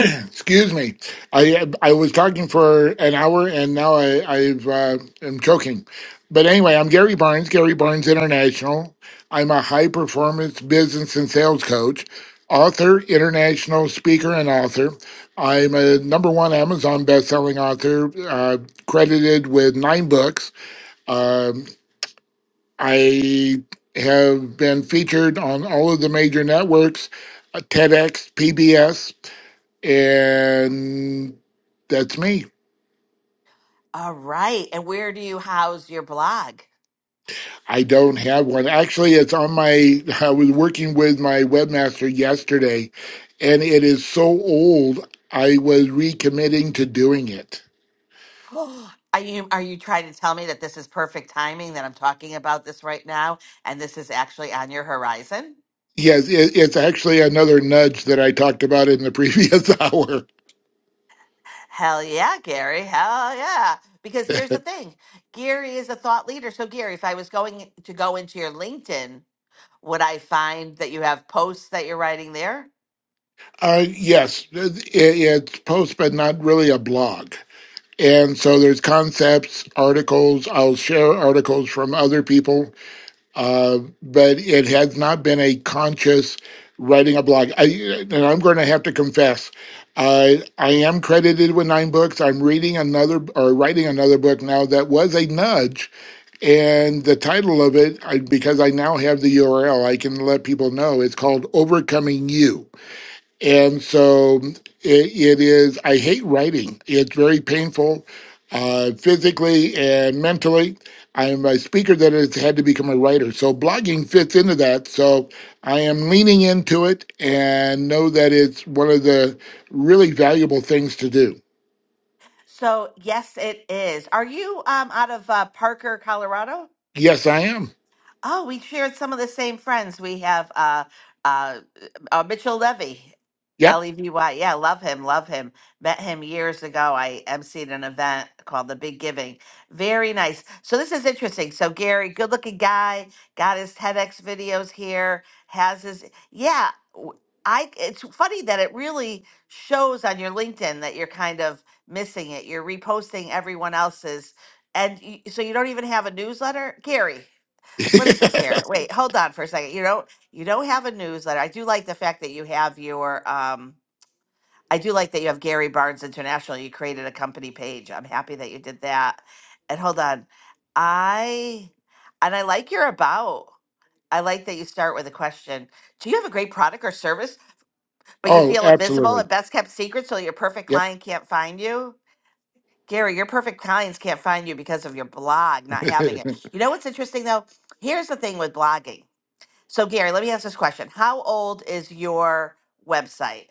P: (clears throat) Excuse me. I I was talking for an hour and now I I've uh, am choking. But anyway, I'm Gary Barnes, Gary Barnes International. I'm a high performance business and sales coach, author, international speaker, and author. I'm a number one Amazon best-selling author, uh, credited with nine books. Um, I have been featured on all of the major networks, uh, TEDx, PBS and that's me.
Q: All right. And where do you house your blog?
P: I don't have one. Actually, it's on my. (laughs) I was working with my webmaster yesterday, and it is so old. I was recommitting to doing it.
Q: (gasps) Are you are you trying to tell me that this is perfect timing that I'm talking about this right now and this is actually on your horizon?
P: Yes, it, it's actually another nudge that I talked about in the previous (laughs) hour.
Q: Hell yeah, Gary. Hell yeah. Because here's the thing. Gary is a thought leader. So Gary, if I was going to go into your LinkedIn Would I find that you have posts that you're writing there?
P: Uh, yes, it, it's post, but not really a blog. And so there's concepts, articles. I'll share articles from other people uh, but it has not been a conscious writing a blog. I, and I'm going to have to confess, I I am credited with nine books. I'm reading another or writing another book now that was a nudge, and the title of it, I, because I now have the URL, I can let people know. It's called Overcoming You and so it, it is, I hate writing. It's very painful uh, physically and mentally. I'm a speaker that has had to become a writer. So blogging fits into that. So I am leaning into it and know that it's one of the really valuable things to do.
Q: So yes, it is. Are you um, out of uh, Parker, Colorado?
P: Yes, I am.
Q: Oh, we shared some of the same friends. We have uh, uh, uh, Mitchell Levy,
P: Yep.
Q: L E V Y. Yeah, love him, love him. Met him years ago. I emceed an event called The Big Giving. Very nice. So this is interesting. So Gary, good looking guy, got his TEDx videos here. Has his yeah. w- I it's funny that it really shows on your LinkedIn that you're kind of missing it. You're reposting everyone else's, and y so you don't even have a newsletter, Gary. What is this
P: (laughs)
Q: here? Wait, hold on for a second. You don't you don't have a newsletter. I do like the fact that you have your um I do like that you have Gary Barnes International. You created a company page. I'm happy that you did that. And hold on. I and I like your about. I like that you start with a question. Do you have a great product or service, but you
P: oh,
Q: feel invisible
P: absolutely.
Q: and best kept secret so your perfect
P: Yep.
Q: client can't find you? Gary, your perfect clients can't find you because of your blog not having it.
P: (laughs)
Q: You know what's interesting though? Here's the thing with blogging. So, Gary, let me ask this question. How old is your website?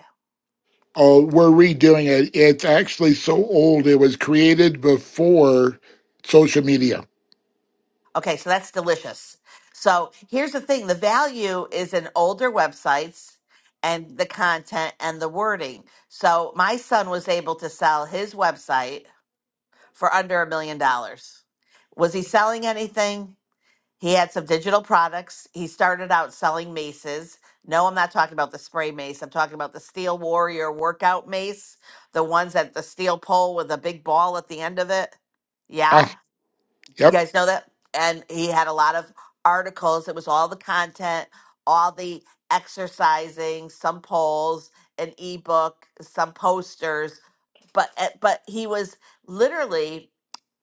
P: oh, we're redoing it. It's actually so old. It was created before social media.
Q: Okay, so that's delicious. So, here's the thing the value is in older websites and the content and the wording. So, my son was able to sell his website for under a million dollars. Was he selling anything? He had some digital products. He started out selling maces. No, I'm not talking about the spray mace. I'm talking about the Steel Warrior workout mace, the ones that the steel pole with a big ball at the end of it.
P: (laughs)
Q: Yeah. You
P: Yep.
Q: guys know that? And he had a lot of articles. It was all the content, all the exercising, some polls, an ebook, some posters. But eh, but he was literally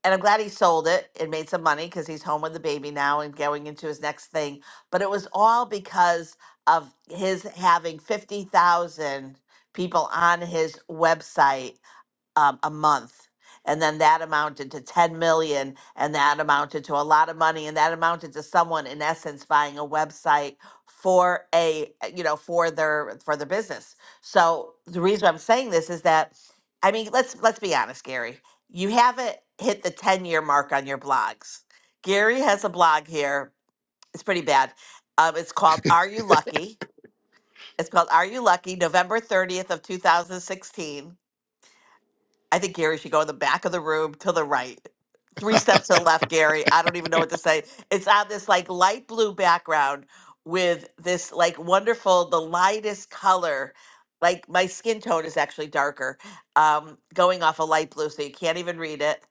Q: and I'm glad he sold it and made some money because he's home with the baby now and going into his next thing. But it was all because of his having 50,000 people on his website um, a month. And then that amounted to 10 million, and that amounted to a lot of money, and that amounted to someone in essence buying a website for a you know for their for their business. So the reason I'm saying this is that I mean let's let's be honest, Gary. You haven't hit the 10 year mark on your blogs. Gary has a blog here. It's pretty bad. Um, it's called Are You Lucky? It's called Are You Lucky? November 30th of 2016 I think Gary should go in the back of the room to the right. Three steps to the left, Gary. I don't even know what to say. It's on this like light blue background with this like wonderful, the lightest color. Like my skin tone is actually darker, um, going off a light blue, so you can't even read it.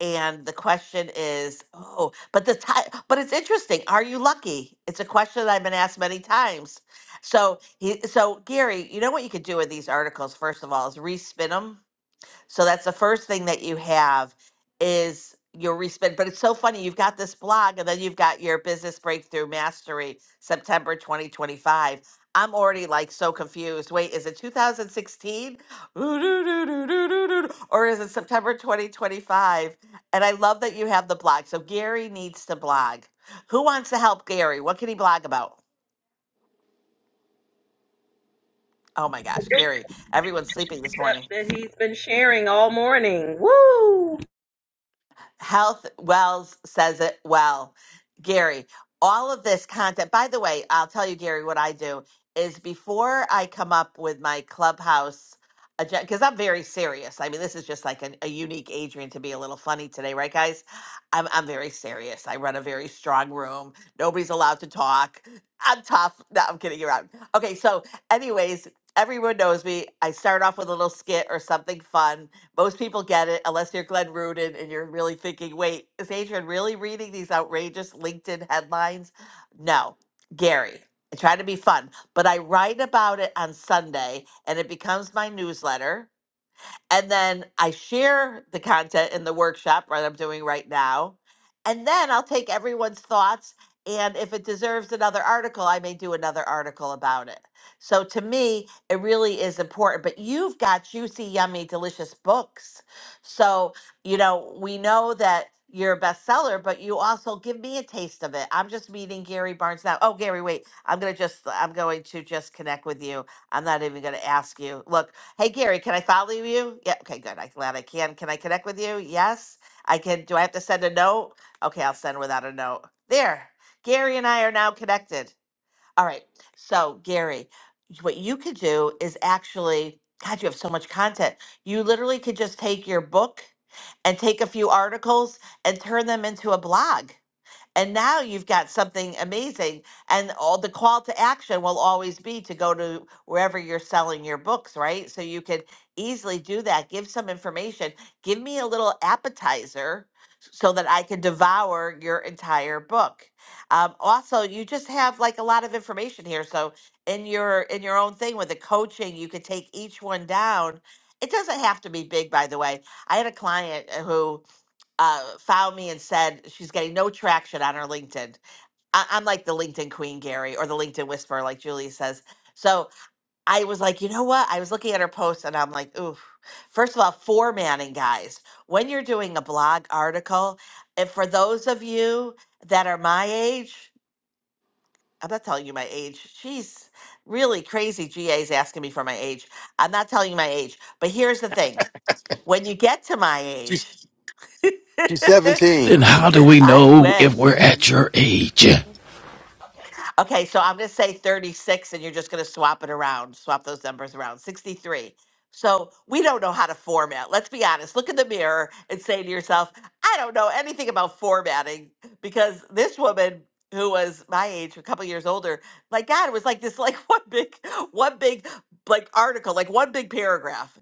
Q: And the question is, oh, but the time, but it's interesting. Are you lucky? It's a question that I've been asked many times. So, he, so Gary, you know what you could do with these articles? First of all, is respin them so that's the first thing that you have is your respin. But it's so funny. You've got this blog and then you've got your business breakthrough mastery, September 2025. I'm already like so confused. Wait, is it 2016? (laughs) Or is it September 2025? And I love that you have the blog. So Gary needs to blog. Who wants to help Gary? What can he blog about? Oh my gosh,
N: Good
Q: Gary, everyone's sleeping this
N: stuff
Q: morning.
N: that he's been sharing all morning. Woo!
Q: Health Wells says it well. Gary, all of this content, by the way, I'll tell you, Gary, what I do is before I come up with my clubhouse agenda, because I'm very serious. I mean, this is just like an, a unique Adrian to be a little funny today, right, guys? I'm, I'm very serious. I run a very strong room. Nobody's allowed to talk. I'm tough. No, I'm kidding around. Okay, so, anyways, everyone knows me. I start off with a little skit or something fun most people get it unless you're Glenn Rudin and you're really thinking, wait, is Adrian really reading these outrageous LinkedIn headlines? No, Gary. I try to be fun, but I write about it on Sunday and it becomes my newsletter and then I share the content in the workshop that I'm doing right now. And then I'll take everyone's thoughts. And if it deserves another article, I may do another article about it. So to me, it really is important. But you've got juicy, yummy, delicious books. So, you know, we know that you're a bestseller, but you also give me a taste of it. I'm just meeting Gary Barnes now. Oh, Gary, wait. I'm gonna just I'm going to just connect with you. I'm not even gonna ask you. Look, Hey Gary, can I follow you? Yeah, okay, good. I'm glad I can. Can I connect with you? Yes, I can. Do I have to send a note? Okay, I'll send without a note. There, Gary and I are now connected. All right, so Gary, what you could do is actually, God, you have so much content. You literally could just take your book and take a few articles and turn them into a blog. And now you've got something amazing. And all the call to action will always be to go to wherever you're selling your books, right? So you can easily do that. Give some information. Give me a little appetizer so that I can devour your entire book. Um, also, you just have like a lot of information here. So in your in your own thing with the coaching, you could take each one down. It doesn't have to be big, by the way. I had a client uh, who uh, found me and said she's getting no traction on her LinkedIn. I- I'm like the LinkedIn queen, Gary, or the LinkedIn whisperer, like Julie says. So I was like, you know what? I was looking at her post and I'm like, ooh, first of all, formatting, guys. When you're doing a blog article, and for those of you that are my age, I'm not telling you my age. She's really crazy. GA's asking me for my age. I'm not telling you my age. But here's the thing when you get to my age,
E: She's she's
Q: (laughs)
E: 17.
U: Then how do we
Q: I
U: know if
Q: wish.
U: we're at your age?
Q: Okay, so I'm going to say 36, and you're just going to swap it around, swap those numbers around. 63. So we don't know how to format. Let's be honest. Look in the mirror and say to yourself, I don't know anything about formatting because this woman who was my age, a couple years older, my God, it was like this, like (laughs) one big, one big, like article, like one big paragraph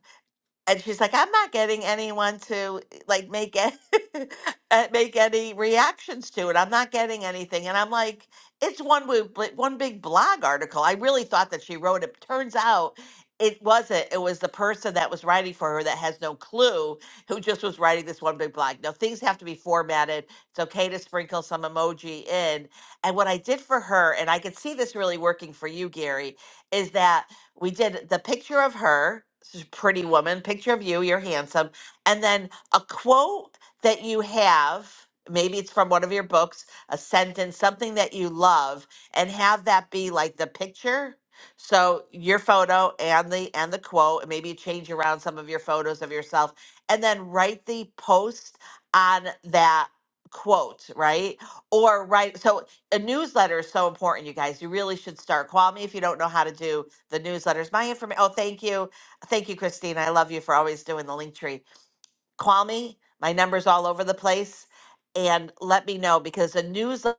Q: and she's like, I'm not getting anyone to eh, like make it (laughs) uh, make any reactions to it. I'm not getting anything. And I'm like, it's one wo- bl- one big blog article. I really thought that she wrote it. Turns out it wasn't. It was the person that was writing for her that has no clue who just was writing this one big blog. Now things have to be formatted. It's okay to sprinkle some emoji in. And what I did for her, and I could see this really working for you, Gary, is that we did the picture of her, she's a pretty woman, picture of you, you're handsome, and then a quote that you have, maybe it's from one of your books, a sentence, something that you love, and have that be like the picture. So your photo and the and the quote, and maybe you change around some of your photos of yourself, and then write the post on that quote, right? Or write so a newsletter is so important, you guys. You really should start. Call me if you don't know how to do the newsletters. My information. Oh, thank you, thank you, Christine. I love you for always doing the link tree. Call me. My number's all over the place, and let me know because the newsletter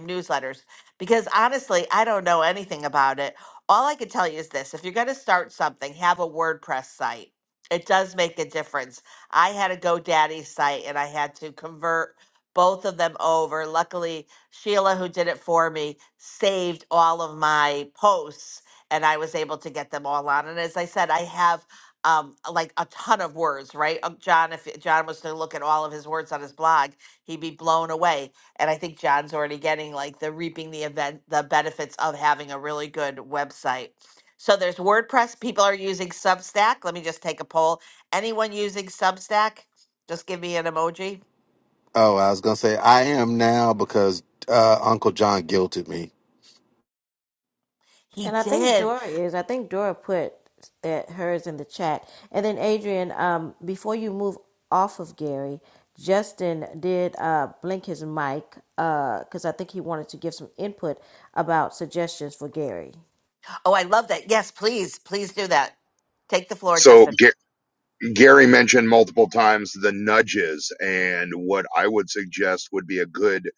Q: newsletters because honestly, I don't know anything about it. All I can tell you is this if you're going to start something, have a WordPress site. It does make a difference. I had a GoDaddy site and I had to convert both of them over. Luckily, Sheila, who did it for me, saved all of my posts and I was able to get them all on. And as I said, I have. Um, like a ton of words, right? Um, John, if John was to look at all of his words on his blog, he'd be blown away and I think John's already getting like the reaping the event the benefits of having a really good website. So there's WordPress. People are using Substack. Let me just take a poll. Anyone using Substack? Just give me an emoji.
E: Oh, I was gonna say I am now because uh, Uncle John guilted me.
Q: He
B: And I think
Q: did.
B: Dora is. I think Dora put that hers in the chat. And then Adrian, um, before you move off of Gary, Justin did uh, blink his mic because I think he wanted to give some input about suggestions for Gary.
Q: Oh, I love that. Yes, please, please do that. Take the floor,
M: So
Q: Justin.
M: Ga- Gary mentioned multiple times the nudges, and what I would suggest would be a good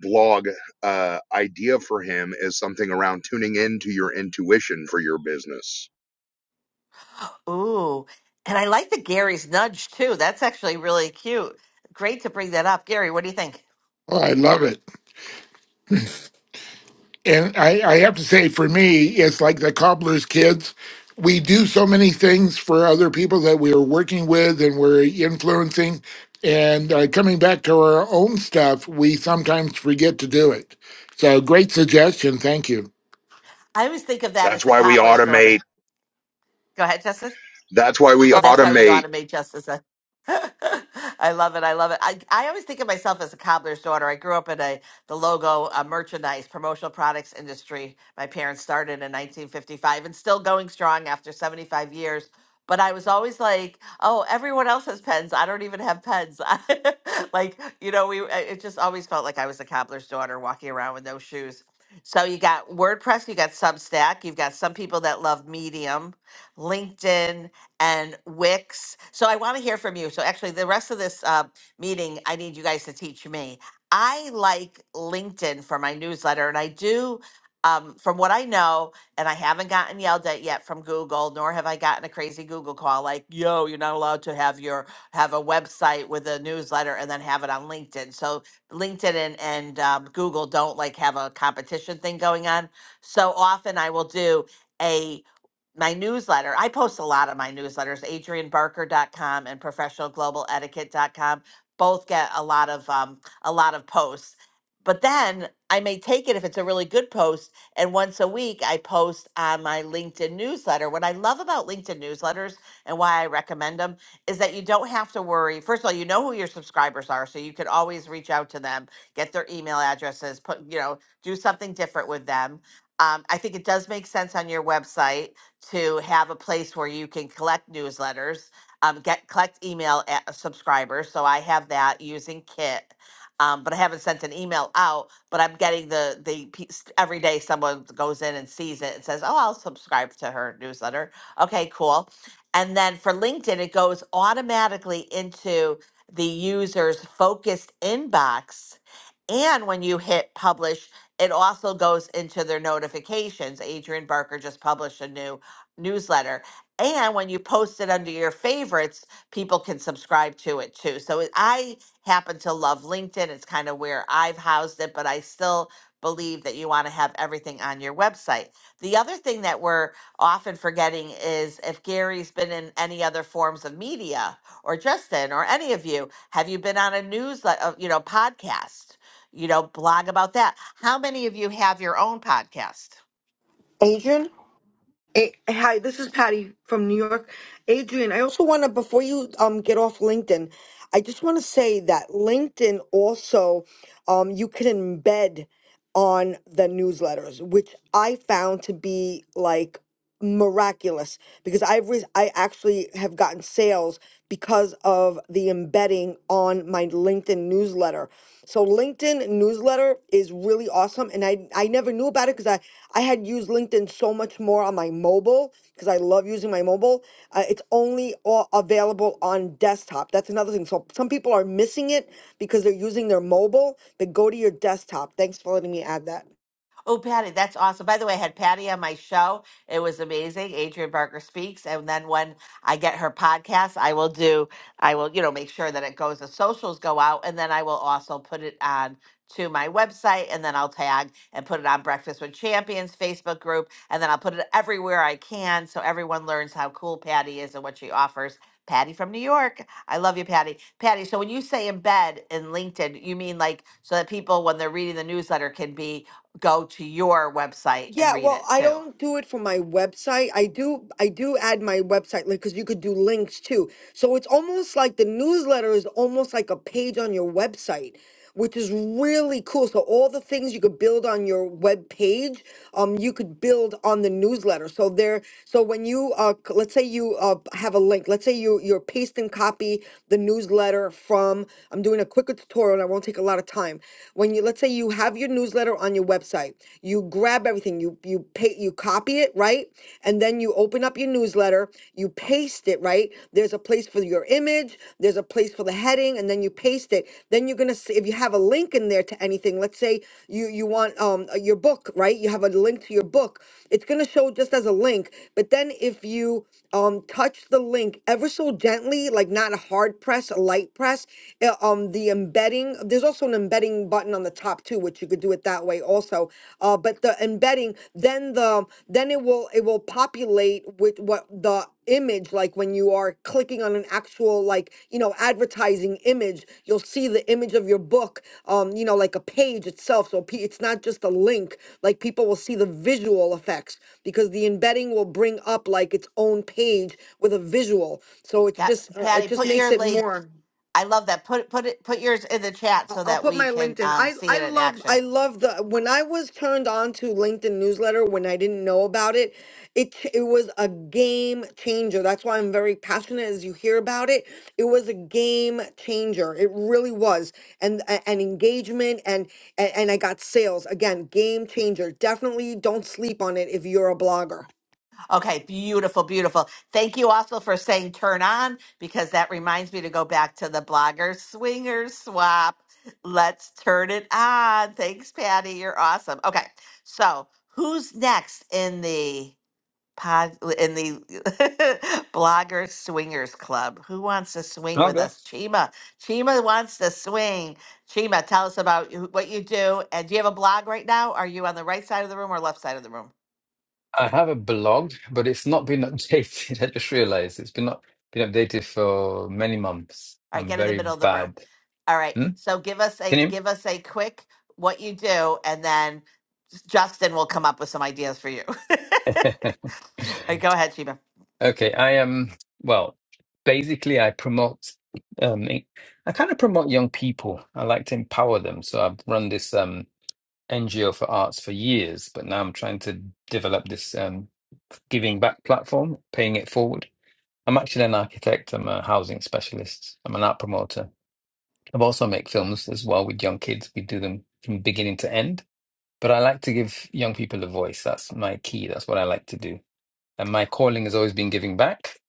M: blog uh, idea for him is something around tuning into your intuition for your business.
Q: Ooh, and I like the Gary's nudge too. That's actually really cute. Great to bring that up, Gary. What do you think?
P: Well, I love it. And I, I have to say, for me, it's like the cobbler's kids. We do so many things for other people that we are working with and we're influencing. And uh, coming back to our own stuff, we sometimes forget to do it. So, great suggestion. Thank you.
Q: I always think of that as
M: That's
Q: the
M: why we
Q: cobbler's daughter.
M: automate.
Q: Go ahead, Justin.
M: That's why we
Q: Oh, that's why we
M: automate.
Q: automate just as a. (laughs) I love it. I love it. I, I always think of myself as a cobbler's daughter. I grew up in a the logo uh, merchandise promotional products industry. My parents started in 1955 and still going strong after 75 years. But I was always like, "Oh, everyone else has pens. I don't even have pens." (laughs) like you know, we I- it just always felt like I was a cobbler's daughter walking around with no shoes. So you got WordPress, you got Substack, you've got some people that love Medium, LinkedIn and Wix. So I want to hear from you. So actually, the rest of this uh, meeting, I need you guys to teach me. I like LinkedIn for my newsletter, and I do. Um, from what I know, and I haven't gotten yelled at yet from Google, nor have I gotten a crazy Google call like, "Yo, you're not allowed to have your have a website with a newsletter and then have it on LinkedIn." So LinkedIn and, and um, Google don't like have a competition thing going on. So often I will do a my newsletter. I post a lot of my newsletters, adrian barker dot com and professional global etiquette dot com Both get a lot of um, a lot of posts. But then I may take it if it's a really good post and once a week I post on my LinkedIn newsletter. What I love about LinkedIn newsletters and why I recommend them is that you don't have to worry. First of all, you know who your subscribers are, so you can always reach out to them, get their email addresses, put, you know, do something different with them. Um, I think it does make sense on your website to have a place where you can collect newsletters, um, get collect email at subscribers. So I have that using Kit. Um, but I haven't sent an email out. But I'm getting the the pe- every day someone goes in and sees it and says, "Oh, I'll subscribe to her newsletter." Okay, cool. And then for LinkedIn, it goes automatically into the user's focused inbox. And when you hit publish, it also goes into their notifications. Adrian Barker just published a new newsletter. And when you post it under your favorites, people can subscribe to it too. So it- I happen to love LinkedIn. It's kind of where I've housed it, but I still believe that you want to have everything on your website. The other thing that we're often forgetting is if Gary's been in any other forms of media or Justin or any of you, have you been on a newsletter, you know, podcast, you know, blog about that? How many of you have your own podcast?
L: Adrian? Hey, hi, this is Patty from New York. Adrian, I also want to, before you um get off LinkedIn, I just want to say that LinkedIn also, um, you can embed on the newsletters, which I found to be like miraculous ridiculous because I've re- I actually have gotten sales because of the embedding on my LinkedIn newsletter. So LinkedIn newsletter is really awesome and I I never knew about it cuz I I had used LinkedIn so much more on my mobile cuz I love using my mobile. Uh, it's only all available on desktop. That's another thing. So some people are missing it because they're using their mobile, but go to your desktop. Thanks for letting me add that.
Q: Oh, Patty, that's awesome. By the way, I had Patty on my show. It was amazing. Adrian Barker speaks. And then when I get her podcast, I will do, I will, you know, make sure that it goes, the socials go out, and then I will also put it on to my website and then I'll tag and put it on Breakfast with Champions Facebook group and then I'll put it everywhere I can so everyone learns how cool Patty is and what she offers. Patty from New York. I love you, Patty. Patty, so when you say embed in LinkedIn, you mean like so that people when they're reading the newsletter can be go to your website and
L: Yeah,
Q: read
L: well,
Q: it
L: I
Q: too.
L: don't do it for my website. I do I do add my website like cuz you could do links too. So it's almost like the newsletter is almost like a page on your website, which is really cool. So all the things you could build on your web page, um you could build on the newsletter. So there so when you uh c- let's say you uh have a link, let's say you you're paste and copy the newsletter from I'm doing a quicker tutorial and I won't take a lot of time. When you let's say you have your newsletter on your website. You grab everything, you you pay, you copy it, right? And then you open up your newsletter, you paste it, right? There's a place for your image, there's a place for the heading, and then you paste it. Then you're gonna see if you have a link in there to anything. Let's say you you want um uh, your book, right? You have a link to your book. It's gonna show just as a link, but then if you um um touch the link ever so gently like not a hard press a light press uh, um the embedding there's also an embedding button on the top too which you could do it that way also uh but the embedding then the then it will it will populate with what the image like when you are clicking on an actual like you know advertising image you'll see the image of your book um you know like a page itself so pe- it's not just a link like people will see the visual effects because the embedding will bring up like its own page with a visual. So it's
Q: Got
L: just uh, it
Q: Patty,
L: just
Q: put
L: makes
Q: your
L: it
Q: link.
L: more.
Q: I love that. Put put it put yours in the chat
L: I'll,
Q: so
L: I'll
Q: that
L: put
Q: we
L: my
Q: can
L: LinkedIn.
Q: um,
L: I
Q: see
L: I
Q: it in
L: love I
Q: action.
L: love the when I was turned on to LinkedIn newsletter when I didn't know about it, it ch- it was a game changer. That's why I'm very passionate as you hear about it. It was a game changer. It really was. And a- and engagement and and, and I got sales. Again, game changer. Definitely don't sleep on it if you're a blogger.
Q: Okay, beautiful, beautiful. Thank you also for saying turn on because that reminds me to go back to the blogger swingers swap. Let's turn it on. Thanks, Patty. You're awesome. Okay, so who's next in the? pod in the (laughs) blogger swingers club. Who wants to swing
K: I'll
Q: with
K: go.
Q: us? Chima. Chima wants to swing. Chima, tell us about you- what you do. And do you have a blog right now? Are you on the right side of the room or left side of the room?
K: I have a blog, but it's not been updated. (laughs) I just realized it's been not been updated for many months.
Q: All right,
K: I'm
Q: get in the
K: very
Q: middle of the room.
K: bad.
Q: All right.
K: Hmm?
Q: So give us a
K: Can
Q: give us a quick what you do, and then Justin will come up with some ideas for you. (laughs)
K: you?
Q: All
K: (laughs)
Q: right, go ahead, Chima.
K: Okay, I am, well, basically I promote um I I kind of promote young people. I like to empower them. So I've run this um NGO for arts for years, but now I'm trying to develop this um giving back platform, paying it forward. I'm actually an architect, I'm a housing specialist, I'm an art promoter. I've also make films as well with young kids. We do them from beginning to end. But I like to give young people a voice. That's my key. That's what I like to do. And my calling has always been giving back.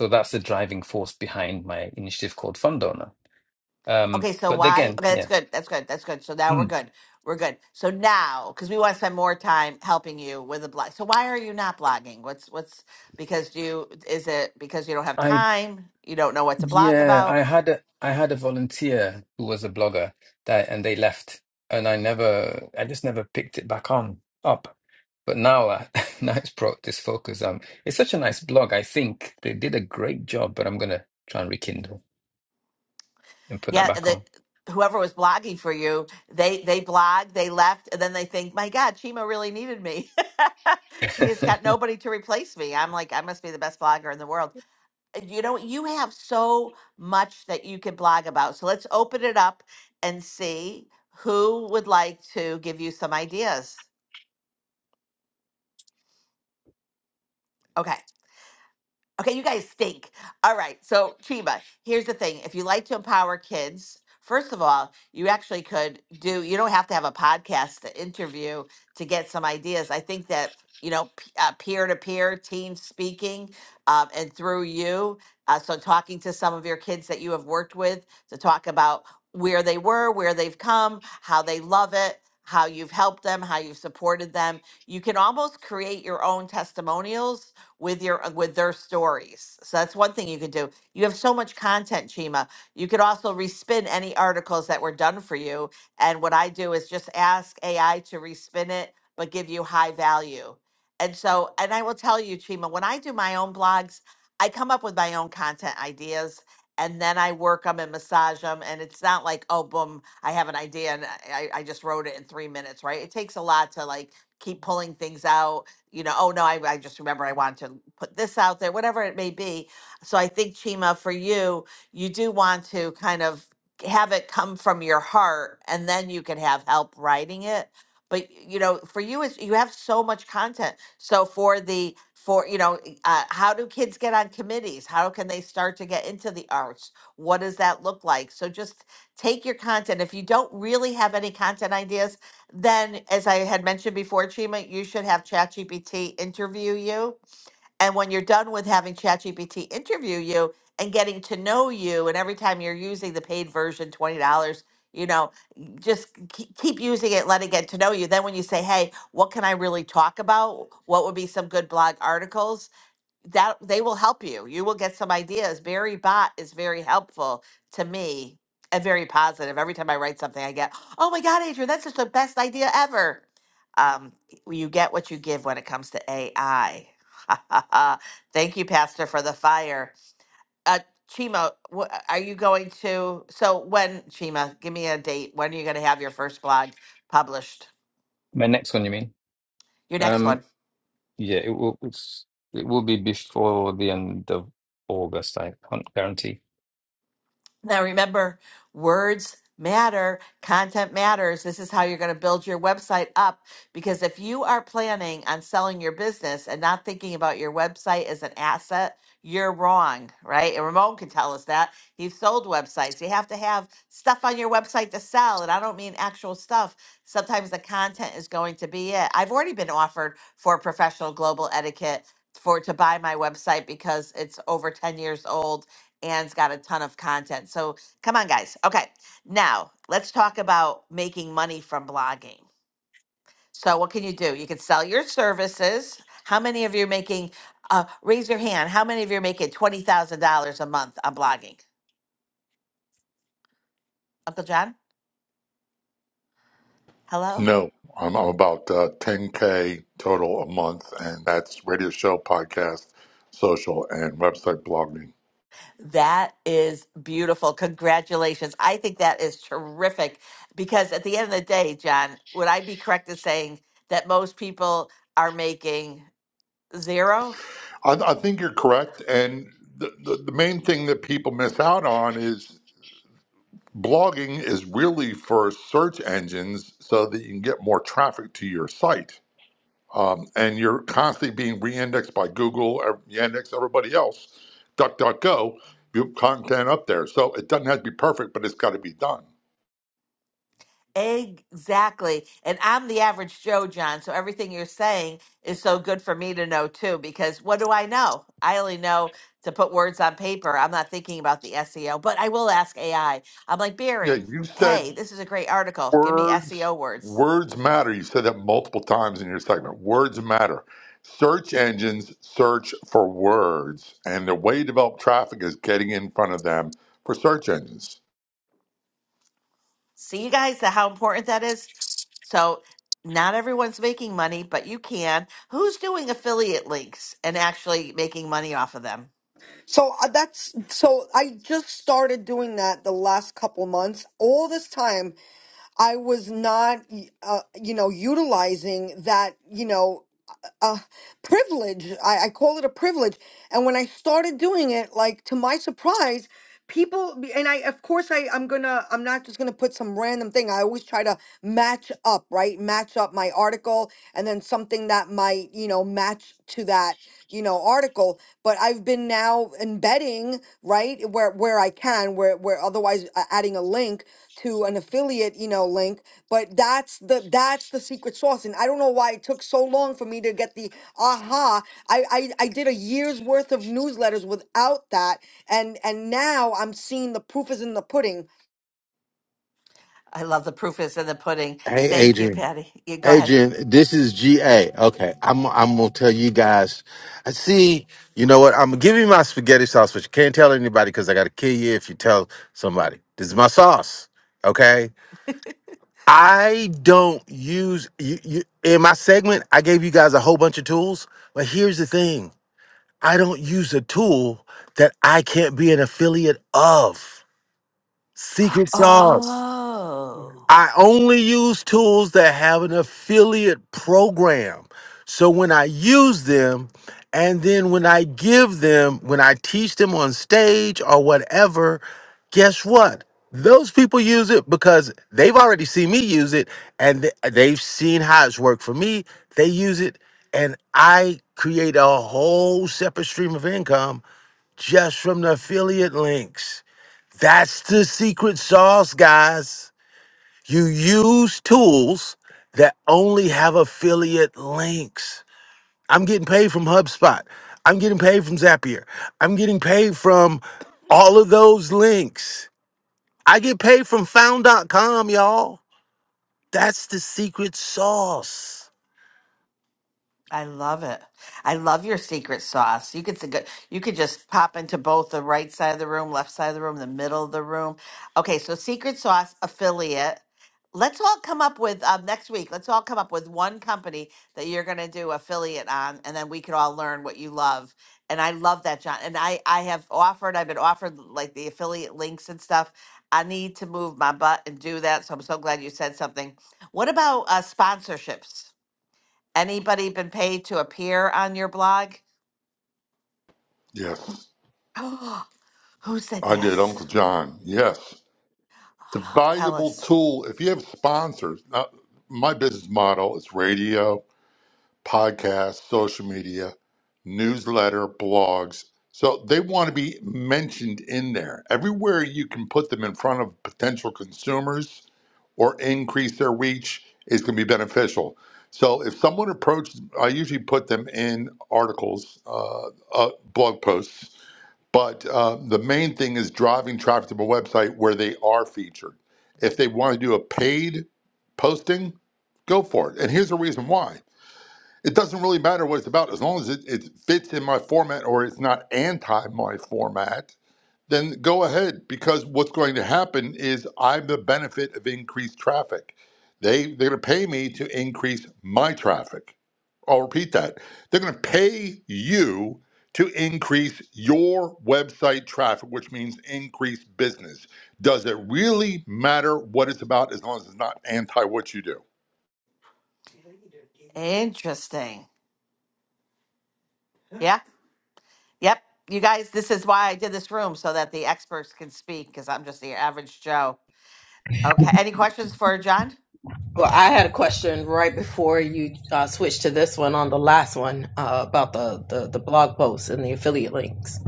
K: So that's the driving force behind my initiative called Fund Donor. Um,
Q: Okay, so
K: but
Q: why?
K: again,
Q: Okay, that's
K: yeah,
Q: good. That's good. That's good. So now we're
K: Mm.
Q: good. We're good. So now, because we want to spend more time helping you with the blog. So why are you not blogging? What's what's because you is it because you don't have
K: I
Q: time? You don't know what to blog
K: Yeah,
Q: about?
K: I had a I had a volunteer who was a blogger that and they left and I never I just never picked it back on up. But now I, (laughs) now it's brought this focus um it's such a nice blog. I think they did a great job, but I'm gonna try and rekindle and put that
Q: Yeah,
K: back
Q: the
K: on.
Q: whoever was blogging for you, they they blog, they left, and then they think, my God, Chima really needed me. (laughs) he has
K: (laughs)
Q: got nobody to replace me. I'm like, I must be the best blogger in the world. you know, you have so much that you could blog about. So let's open it up and see who would like to give you some ideas. Okay. Okay, you guys stink. All right, so Chiba, here's the thing. If you like to empower kids, first of all, you actually could do, you don't have to have a podcast to interview to get some ideas. I think that, you know, p- uh, peer to peer team speaking um, and through you, uh, so talking to some of your kids that you have worked with to talk about where they were, where they've come, how they love it. How you've helped them, how you've supported them. You can almost create your own testimonials with your uh, with their stories. So that's one thing you could do. You have so much content, Chima. You could also respin any articles that were done for you. And what I do is just ask AI to respin it, but give you high value. And so, and I will tell you, Chima, when I do my own blogs, I come up with my own content ideas and then I work them and massage them. And it's not like, oh, boom, I have an idea and I, I just wrote it in three minutes, right? It takes a lot to like keep pulling things out you know, oh no, I, I just remember I wanted to put this out there, whatever it may be. So I think, Chima, for you, you do want to kind of have it come from your heart and then you can have help writing it. But, you know, for you, is you have so much content. So for the, for, you know, uh, how do kids get on committees? How can they start to get into the arts? What does that look like? So just take your content. If you don't really have any content ideas, then as i had mentioned before chima you should have chatgpt interview you and when you're done with having chatgpt interview you and getting to know you and every time you're using the paid version $20 you know just keep keep using it let it get to know you then when you say hey what can i really talk about what would be some good blog articles that they will help you. You will get some ideas. Barry Bot is very helpful to me and very positive. Every time I write something, I get, "Oh my God, Adrian, that's just the best idea ever." Um, you get what you give when it comes to AI. (laughs) Thank you, Pastor, for the fire. Uh, Chima, wh- are you going to? So when Chima, give me a date. When are you going to have your first blog published?
K: My next one, you mean?
Q: Your next one.
K: Um yeah, it will it's, it will be before the end of August. I can't guarantee.
Q: Now remember, words matter, content matters. This is how you're going to build your website up because if you are planning on selling your business and not thinking about your website as an asset, you're wrong, right? And Ramon can tell us that. He's sold websites. You have to have stuff on your website to sell. And I don't mean actual stuff. Sometimes the content is going to be it. I've already been offered for professional global etiquette for to buy my website because it's over 10 years old Anne's got a ton of content. So come on, guys. Okay, now let's talk about making money from blogging. So what can you do? You can sell your services. How many of you are making? Uh, raise your hand. How many of you are making twenty thousand dollars a month on blogging? Uncle John, hello.
S: No, I'm, I'm about uh, 10K total a month, and that's radio show, podcast, social, and website blogging.
Q: That is beautiful. Congratulations. I think that is terrific because at the end of the day, John, would I be correct in saying that most people are making zero?
S: I, I think you're correct. And the, the, the main thing that people miss out on is blogging is really for search engines so that you can get more traffic to your site. um, and you're constantly being re-indexed by Google, or re-indexed everybody else, DuckDuckGo, your content up there. So it doesn't have to be perfect, but it's got to be done.
Q: Exactly. And I'm the average Joe, John. So everything you're saying is so good for me to know too, because what do I know? I only know to put words on paper. I'm not thinking about the SEO, but I will ask AI. I'm like,
S: Yeah,
Q: Barry,
S: you said
Q: hey, this is a great article. Give me
S: words.
Q: SEO words.
S: Words matter. You said that multiple times in your segment. Words matter. Search engines search for words, and the way to develop traffic is getting in front of them for search engines.
Q: See you guys how important that is? So not everyone's making money, but you can. Who's doing affiliate links and actually making money off of them?
L: So uh, that's so I just started doing that the last couple months. All this time I was not uh, you know utilizing that, you know, uh, uh, privilege. I, I call it a privilege. And when I started doing it, like to my surprise, people and I of course I I'm gonna I'm not just gonna put some random thing. I always try to match up, right? Match up my up my article and then something that might, you know, match to that, you know, article. But I've been now embedding, right, where where I can, where where otherwise uh, adding a link to an affiliate, you know, link. But that's the that's the secret sauce. And I don't know why it took so long for me to get the aha. I I, I did a year's worth of newsletters without that. And and now I'm seeing the proof is in the pudding
Q: I love the proof is in the pudding.
E: Hey,
Q: Thank you,
E: Adrian.
Q: Patty. You go ahead.
E: Adrian, this is GA. Okay, I'm I'm gonna tell you guys. I see. You know what? I'm gonna give you my spaghetti sauce, but you can't tell anybody because I gotta kill you if you tell somebody. This is my sauce. Okay. I don't use you, you in my segment. I gave you guys a whole bunch of tools, but here's the thing: I don't use a tool that I can't be an affiliate of. Secret sauce.
Q: Oh.
E: I only use tools that have an affiliate program. So when I use them, and then when I give them, when I teach them on stage or whatever, guess what? Those people use it because they've already seen me use it and th- they've seen how it's worked for me. They use it, and I create a whole separate stream of income just from the affiliate links. That's the secret sauce, guys. You use tools that only have affiliate links. I'm getting paid from HubSpot. I'm getting paid from Zapier. I'm getting paid from all of those links. I get paid from Found. dot com, y'all. That's the secret sauce.
Q: I love it. I love your secret sauce. You could think of- you could just pop into both the right side of the room, left side of the room, the middle of the room. Okay, so secret sauce affiliate. Let's all come up with um, next week. Let's all come up with one company that you're going to do affiliate on, and then we could all learn what you love. And I love that, John. And I I have offered. I've been offered like the affiliate links and stuff. I need to move my butt and do that. So I'm so glad you said something. What about uh, sponsorships? Anybody been paid to appear on your blog?
S: Yes,
Q: (gasps) Who said
S: I did,
Q: yes?
S: Uncle John. Yes. It's a
Q: Oh, Tell
S: valuable
Q: us.
S: tool. If you have sponsors, now, my business model is radio, podcast, social media, newsletter, blogs. So they want to be mentioned in there. Everywhere you can put them in front of potential consumers or increase their reach is going to be beneficial. So if someone approaches, I usually put them in articles, uh, uh, blog posts but uh, the main thing is driving traffic to my website where they are featured. If they want to do a paid posting, go for it. And here's the reason why it doesn't really matter what it's about as long as it, it fits in my format or it's not anti my format then go ahead because what's going to happen is I'm the benefit of increased traffic. They they're going to pay me to increase my traffic. I'll repeat that. They're going to pay you to increase your website traffic, which means increase business. Does it really matter what it's about as long as it's not anti what you do?
Q: Interesting. Yeah. Yep. You guys, this is why I did this room so that the experts can speak because I'm just the average Joe. Okay. Any questions for John?
N: Well, I had a question right before you uh, switched to this one on the last one uh, about the, the, the blog posts and the affiliate links.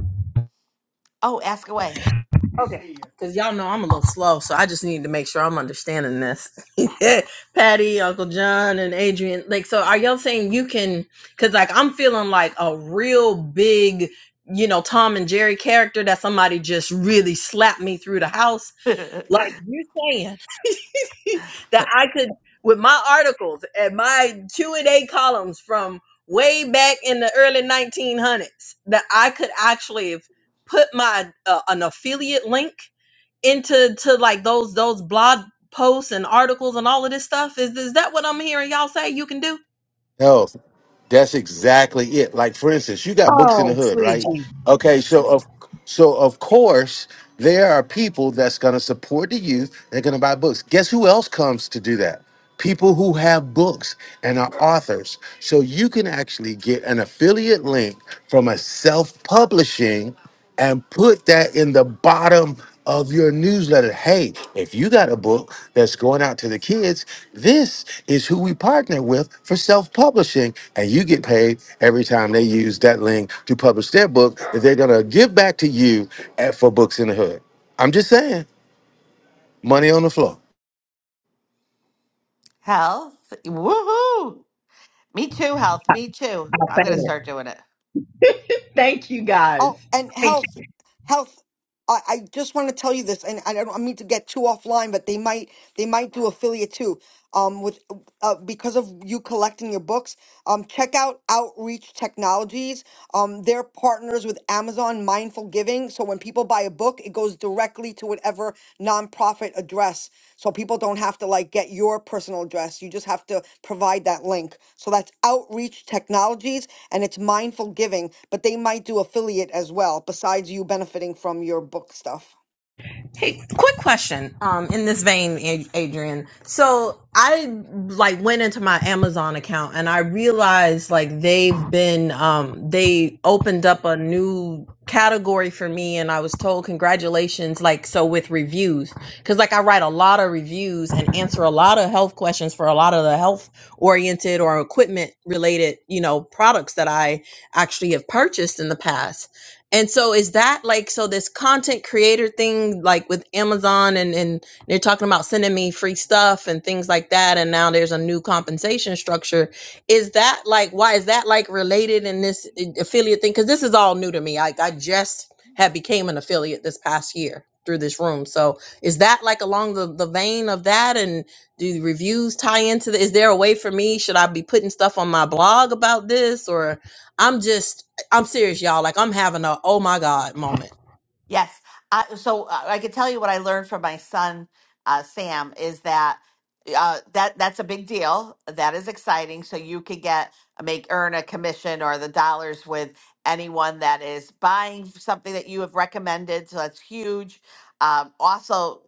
Q: Oh, ask away.
N: Okay. Because y'all know I'm a little slow, so I just need to make sure I'm understanding this. (laughs) Patty, Uncle John, and Adrian. Like, so are y'all saying you can? Because, like, I'm feeling like a real big, you know, Tom and Jerry character that somebody just really slapped me through the house.
Q: (laughs)
N: Like, you saying (laughs) that I could, with my articles and my Q&A columns from way back in the early 1900s, that I could actually have put my uh, an affiliate link into to like those those blog posts and articles and all of this stuff? Is is that what I'm hearing y'all say you can do?
E: No, that's exactly it. Like for instance, you got books in the
N: Oh,
E: hood,
N: sweet
E: right?
N: Jesus.
E: Okay, so of so of course there are people that's going to support the youth. They're going to buy books. Guess who else comes to do that? People who have books and are authors. So you can actually get an affiliate link from a self-publishing and put that in the bottom of your newsletter. Hey, if you got a book that's going out to the kids, this is who we partner with for self publishing. And you get paid every time they use that link to publish their book that they're going to give back to you at, for Books in the Hood. I'm just saying, money on the floor.
Q: health. Woohoo. Me too, health. Me too.
N: I
Q: I'm
N: thank
Q: going to
N: it.
Q: start doing it.
N: Thank you guys.
L: Oh, and
N: Thank
L: health, health. I, I just want to tell you this, and I don't I mean to get too offline, but they might they might do affiliate too. Um, with uh, because of you collecting your books, um, check out Outreach Technologies. Um, they're partners with Amazon Mindful Giving, so when people buy a book, it goes directly to whatever nonprofit address. So people don't have to like get your personal address. You just have to provide that link. So that's Outreach Technologies and it's mindful giving, but they might do affiliate as well, besides you benefiting from your book stuff.
N: Hey, quick question. Um, in this vein, Ad- Adrian. So I like went into my Amazon account and I realized like they've been um they opened up a new category for me and I was told congratulations like so with reviews because like I write a lot of reviews and answer a lot of health questions for a lot of the health oriented or equipment related you know products that I actually have purchased in the past and so is that like so this content creator thing like with Amazon and and they're talking about sending me free stuff and things like that and now there's a new compensation structure is that like why is that like related in this a- affiliate thing cuz this is all new to me like I just have became an affiliate this past year through this room so is that like along the the vein of that and do the reviews tie into the is there a way for me should I be putting stuff on my blog about this or I'm just I'm serious, y'all. Like I'm having a oh my god moment.
Q: Yes. I, so uh, I could tell you what I learned from my son, uh, Sam, is that uh, that that's a big deal. That is exciting. So you could get make earn a commission or the dollars with anyone that is buying something that you have recommended. So that's huge. Um, also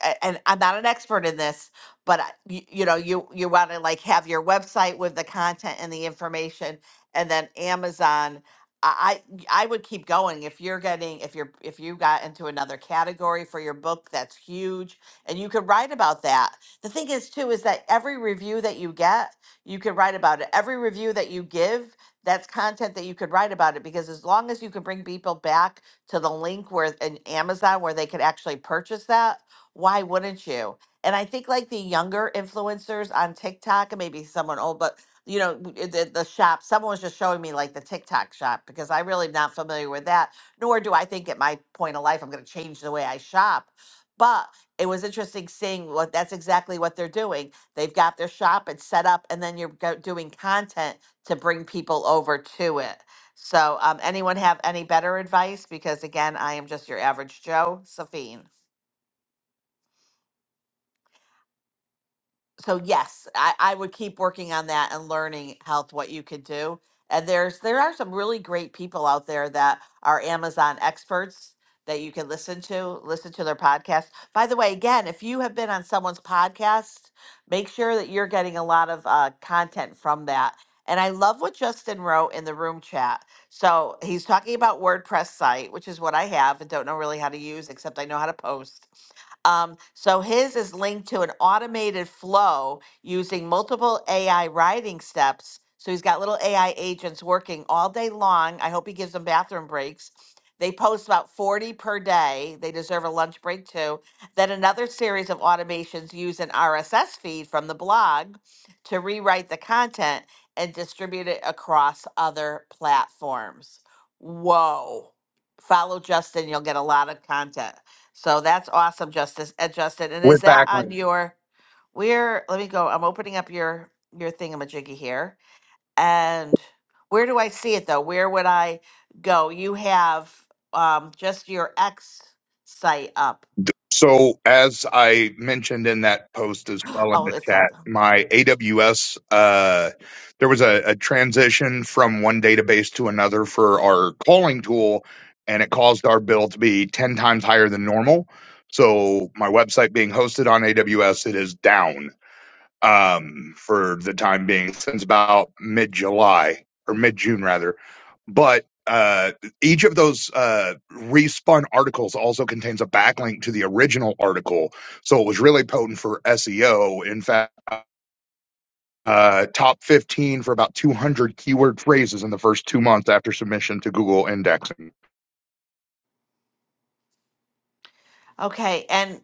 Q: a- and I'm not an expert in this, but I- you, you know, you you want to like have your website with the content and the information, and then Amazon. I I I would keep going if you're getting if you're if you got into another category for your book that's huge and you could write about that. The thing is too is that every review that you get, you could write about it. Every review that you give, that's content that you could write about it because as long as you can bring people back to the link where in Amazon where they could actually purchase that, why wouldn't you? And I think like the younger influencers on TikTok, and maybe someone old, but you know, w- eh, the, the shop, someone was just showing me like the TikTok shop because I really am not familiar with that, nor do I think at my point of life I'm going to change the way I shop. But it was interesting seeing what that's exactly what they're doing. They've got their shop, it's set up, and then you're go- doing content to bring people over to it. So, um, anyone have any better advice? Because again, I am just your average Joe, Safine. so yes, I, I would keep working on that and learning health what you could do. And there's there are some really great people out there that are Amazon experts that you can listen to, listen to their podcast. By the way, again, if you have been on someone's podcast, make sure that you're getting a lot of uh, content from that. And I love what Justin wrote in the room chat. So he's talking about WordPress site, which is what I have and don't know really how to use, except I know how to post. Um, so his is linked to an automated flow using multiple AI writing steps. So he's got little AI agents working all day long. I hope he gives them bathroom breaks. They post about 40 per day. They deserve a lunch break too. Then another series of automations use an RSS feed from the blog to rewrite the content and distribute it across other platforms. Whoa. Follow Justin, you'll get a lot of content. So that's awesome, Justice uh, Justin. And
M: With
Q: is that
M: backlinks.
Q: on your? Where? Let me go. I'm opening up your your thingamajiggy here. And where do I see it though? Where would I go? You have um just your X site up.
M: So, as I mentioned in that post as
Q: (gasps)
M: well in
Q: Oh,
M: the
Q: it's
M: chat,
Q: up.
M: my AWS, uh, there was a, a transition from one database to another for our calling tool, and it caused our bill to be 10 times higher than normal. So, my website being hosted on AWS, it is down um, for the time being since about mid July or mid June rather. But uh, each of those uh, respun articles also contains a backlink to the original article, so it was really potent for SEO. In fact, uh, top 15 for about 200 keyword phrases in the first two months after submission to Google indexing.
Q: Okay, and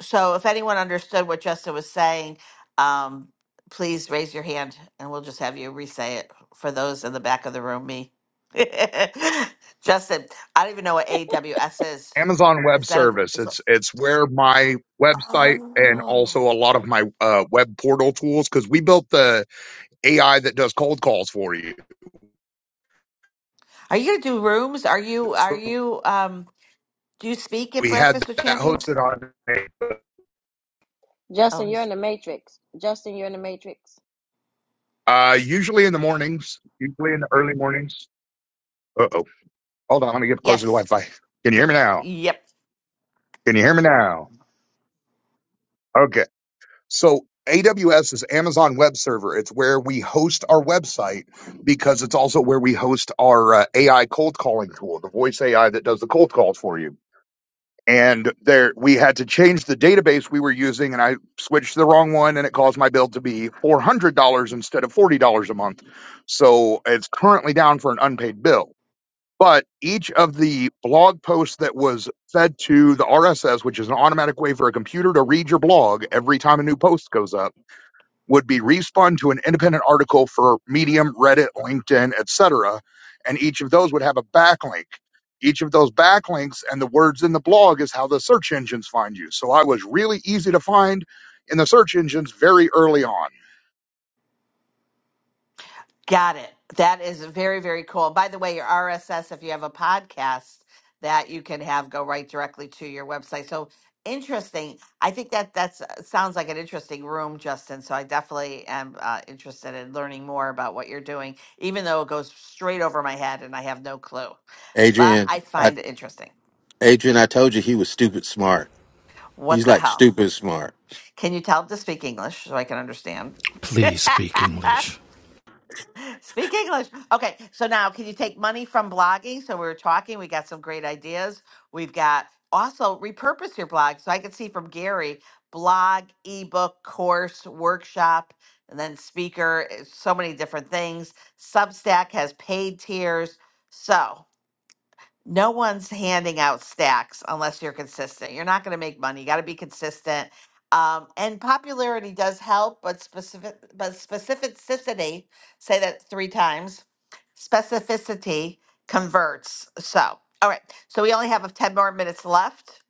Q: so if anyone understood what Justin was saying, um, please raise your hand and we'll just have you re-say it for those in the back of the room, me. (laughs) Justin, I don't even know what AWS is.
M: Amazon Web
Q: Is that a,
M: Service.
Q: is a-
M: It's it's where my website and
Q: oh.
M: also a lot of my uh, web portal tools because we built the AI that does cold calls for you.
Q: Are you gonna do rooms? Are you are
M: So
Q: you um do you speak at
M: we had
Q: Breakfast with
M: that
Q: Champions?
M: hosted on
Q: Oh he's-
M: uh, usually in the mornings, usually in the early mornings. Uh oh. Hold on. Let me get closer to the Wi
Q: yes.
M: Fi. Can you hear me now?
Q: Yep.
M: Can you hear me now? Okay. So AWS is Amazon Web Server. It's where we host our website because it's also where we host our uh, AI cold calling tool, the voice AI that does the cold calls for you. and there we had to change the database we were using and i switched to the wrong one and it caused my bill to be $400 instead of $40 a month so it's currently down for an unpaid bill but each of the blog posts that was fed to the rss which is an automatic way for a computer to read your blog every time a new post goes up would be respun to an independent article for Medium, Reddit, LinkedIn, etc. And each of those would have a backlink. Each of those backlinks and the words in the blog is how the search engines find you. So I was really easy to find in the search engines very early on.
Q: Got it. That is very, very cool. By the way, your RSS, if you have a podcast that you can have go right directly to your website. So interesting. I think that that's uh, sounds like an interesting room, Justin. So I definitely am uh, interested in learning more about what you're doing, even though it goes straight over my head and I have no clue. But
E: Adrian,
Q: I
E: I,
Q: find it interesting.
E: Adrian, I told you he was stupid smart.
Q: What
E: He's
Q: the
E: like
Q: hell?
E: stupid smart.
Q: Can you tell them to speak English so I can understand?
U: Please speak
Q: (laughs)
U: English.
Q: Speak English. Okay, so now can you take money from blogging? So we were talking, we got some great ideas. We've got also repurpose your blog. So I can see from Gary blog, ebook, course, workshop, and then speaker, eh, so many different things. Substack has paid tiers. So no one's handing out stacks unless you're consistent. You're not going to make money. You got to be consistent. Um, and popularity does help, but specific, but specificity, say that three times, specificity converts. So, all right. So we only have a 10 more minutes left.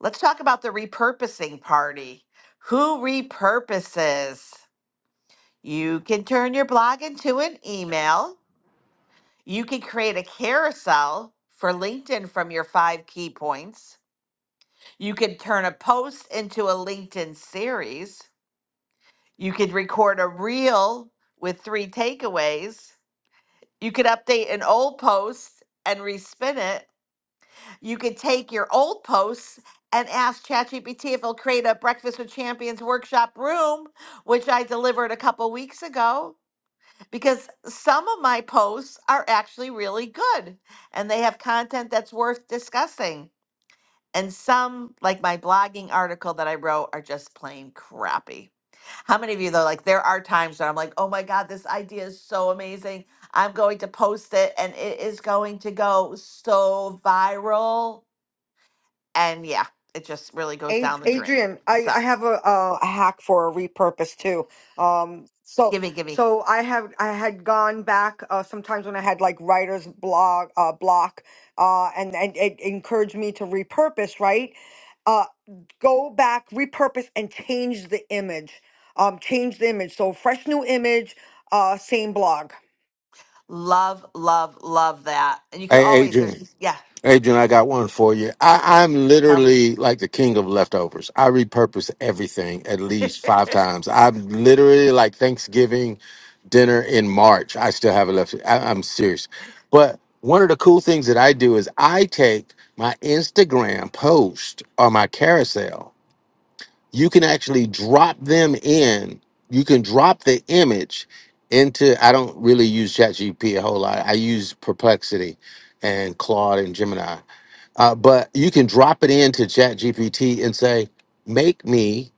Q: Let's talk about the repurposing party. Who repurposes? You can turn your blog into an email you could create a carousel for LinkedIn from your five key points. You could turn a post into a LinkedIn series. You could record a reel with three takeaways. You could update an old post and respin it. You could take your old posts and ask ChatGPT if it'll create a Breakfast with Champions workshop room, which I delivered a couple weeks ago. because some of my posts are actually really good and they have content that's worth discussing. And some, like my blogging article that I wrote, are just plain crappy. How many of you, though, like there are times where I'm like, oh my God, this idea is so amazing. I'm going to post it and it is going to go so viral. And yeah, it just really goes
L: Ad-
Q: down the drain.
L: Adrian, I,
Q: So,
L: I have a, uh, a hack for a repurpose too. Um, so
Q: gimme, gimme.
L: so I have I had gone back uh, sometimes when I had like writer's blog uh, block, uh, and and it encouraged me to repurpose. Right, uh, go back, repurpose, and change the image. Um, change the image. So fresh new image, uh, same blog.
Q: Love, love, love that. And you can
E: Hey,
Q: always, there's,
E: Adrian.
Q: yeah,
E: Adrian, I got one for you. I, I'm
Q: tell me.
E: literally like the king of leftovers. I repurpose everything at least
Q: (laughs)
E: five times. I'm literally like Thanksgiving dinner in March. I still have it left. I, I'm serious. But one of the cool things that I do is I take my Instagram post or my carousel. You can actually drop them in. You can drop the image into. I don't really use ChatGPT a whole lot. I use Perplexity and Claude and Gemini uh, but you can drop it into ChatGPT and say, make me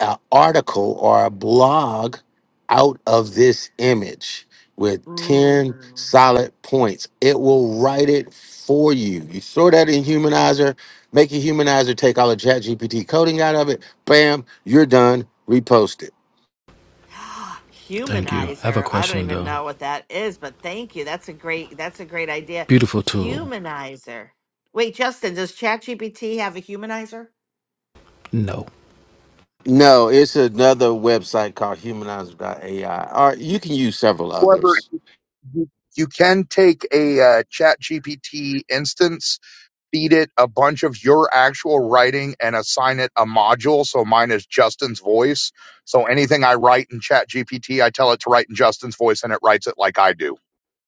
E: an article or a blog out of this image with 10
Q: Ooh.
E: solid points. It will write it for you. You throw that in Humanizer, make a Humanizer take all the ChatGPT coding out of it. Bam, you're done. Repost it.
Q: (gasps)
U: Thank you. I Have a
Q: Humanizer. I don't
U: question
Q: even
U: though.
Q: know what that is, but thank you. That's a great that's a great idea.
U: Beautiful tool.
Q: Humanizer. Wait, Justin, does ChatGPT have a humanizer?
U: No.
E: No, it's another website called Humanizer AI. or you can use several
M: However,
E: others.
M: you you can take a uh, Chat GPT instance feed it a bunch of your actual writing and assign it a module. So mine is Justin's voice. So anything I write in Chat GPT, I tell it to write in Justin's voice and it writes it like I do.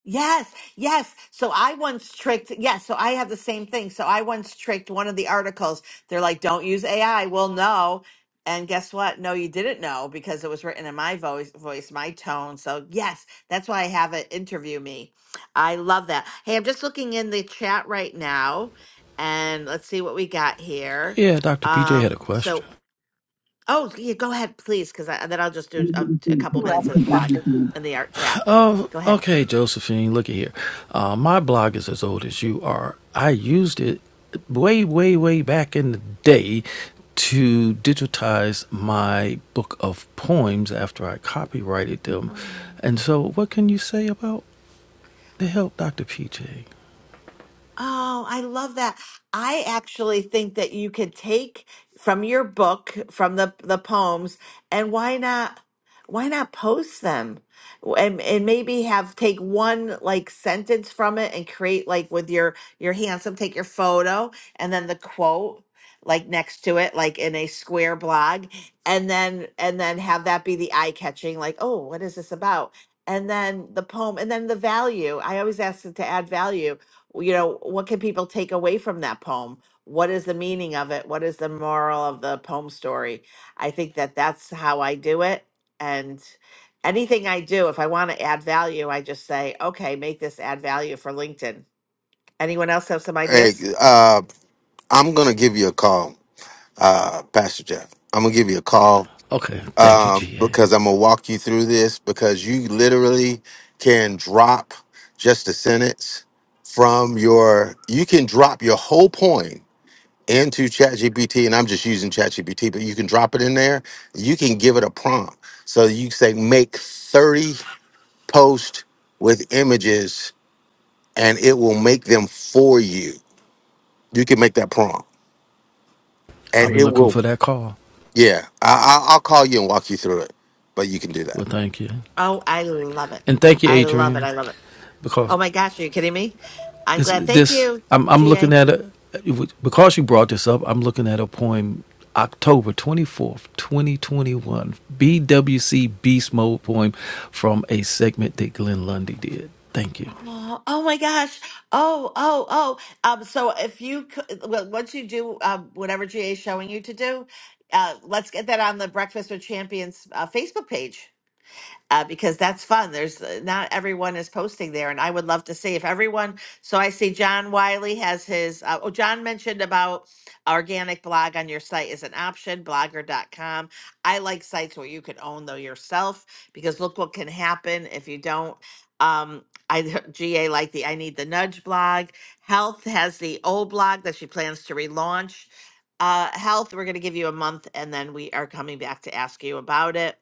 Q: Yes, yes. So I once tricked, yes, so I have the same thing. So I once tricked one of the articles. They're like, don't use AI. Well, no. And guess what? No, you didn't know because it was written in my voice, voice, my tone. So yes, that's why I have it interview me. I love that. Hey, I'm just looking in the chat right now and let's see what we got here.
U: Yeah, Dr. PJ had
Q: Um,
U: a
Q: so,
U: question.
Q: oh, yeah, go ahead, please, because I, then I'll just do a, a couple minutes in the blog in
N: (laughs)
Q: the art chat.
U: Oh,
Q: Go ahead.
U: uh, okay, Josephine, look at here. Uh, my blog is as old as you are. I used it way, way, way back in the day to digitize my book of poems after I copyrighted them.
Q: Uh-huh.
U: And so, what can you say about the help, Dr. PJ?
Q: Oh, I love that. I actually think that you could take from your book, from the the poems, and why not why not post them? And and maybe have take one like sentence from it and create like with your your handsome take your photo and then the quote like next to it like in a square blog and then and then have that be the eye catching like, "Oh, what is this about?" And then the poem and then the value. I always ask it to add value you know, what can people take away from that poem? What is the meaning of it? What is the moral of the poem story? I think that that's how I do it. And anything I do, if I want to add value, I just say, okay, make this add value for LinkedIn. Anyone else have some
E: Hey,
Q: ideas?
E: uh, I'm going to give you a call. uh, Pastor Jeff. I'm gonna give you a call
U: Okay, thank you,
E: uh,
U: GA.
E: because I'm gonna walk you through this because you literally can drop just a sentence from your. You can drop your whole point into ChatGPT, and I'm just using ChatGPT, but you can drop it in there. You can give it a prompt, so you say make 30 posts with images, and it will make them for you. You can make that prompt,
U: I'll
E: and
U: be
E: it
U: looking
E: will.
U: for that call.
E: Yeah, I, I, I'll call you and walk you through it, but you can do that.
U: Well, thank you,
Q: Oh, I love it.
U: and thank you,
Q: I love it.
U: Adrian,
Q: I love it.
U: because
Q: Oh my gosh, are you kidding me? I'm
U: it's
Q: glad. Thank
U: this.
Q: you,
U: I'm I'm
Q: GA.
U: looking at a because you brought this up. I'm looking at a poem, October twenty fourth, twenty twenty one, BWC Beast Mode poem from a segment that Glenn Lundy did. Thank you.
Q: Oh, oh my gosh. Oh, oh, oh. Um, so if you could, well, once you do um, whatever GA is showing you to do, uh, let's get that on the Breakfast with Champions uh, Facebook page uh, because that's fun. There's uh, not everyone is posting there, and I would love to see if everyone. So I see John Wiley has his. Uh, oh, John mentioned about organic blog on your site is an option. Blogger.com. I like sites where you can own though yourself because look what can happen if you don't. Um, I (laughs) GA like the I need the nudge blog. Health has the old blog that she plans to relaunch. Uh, health, we're going to give you a month, and then we are coming back to ask you about it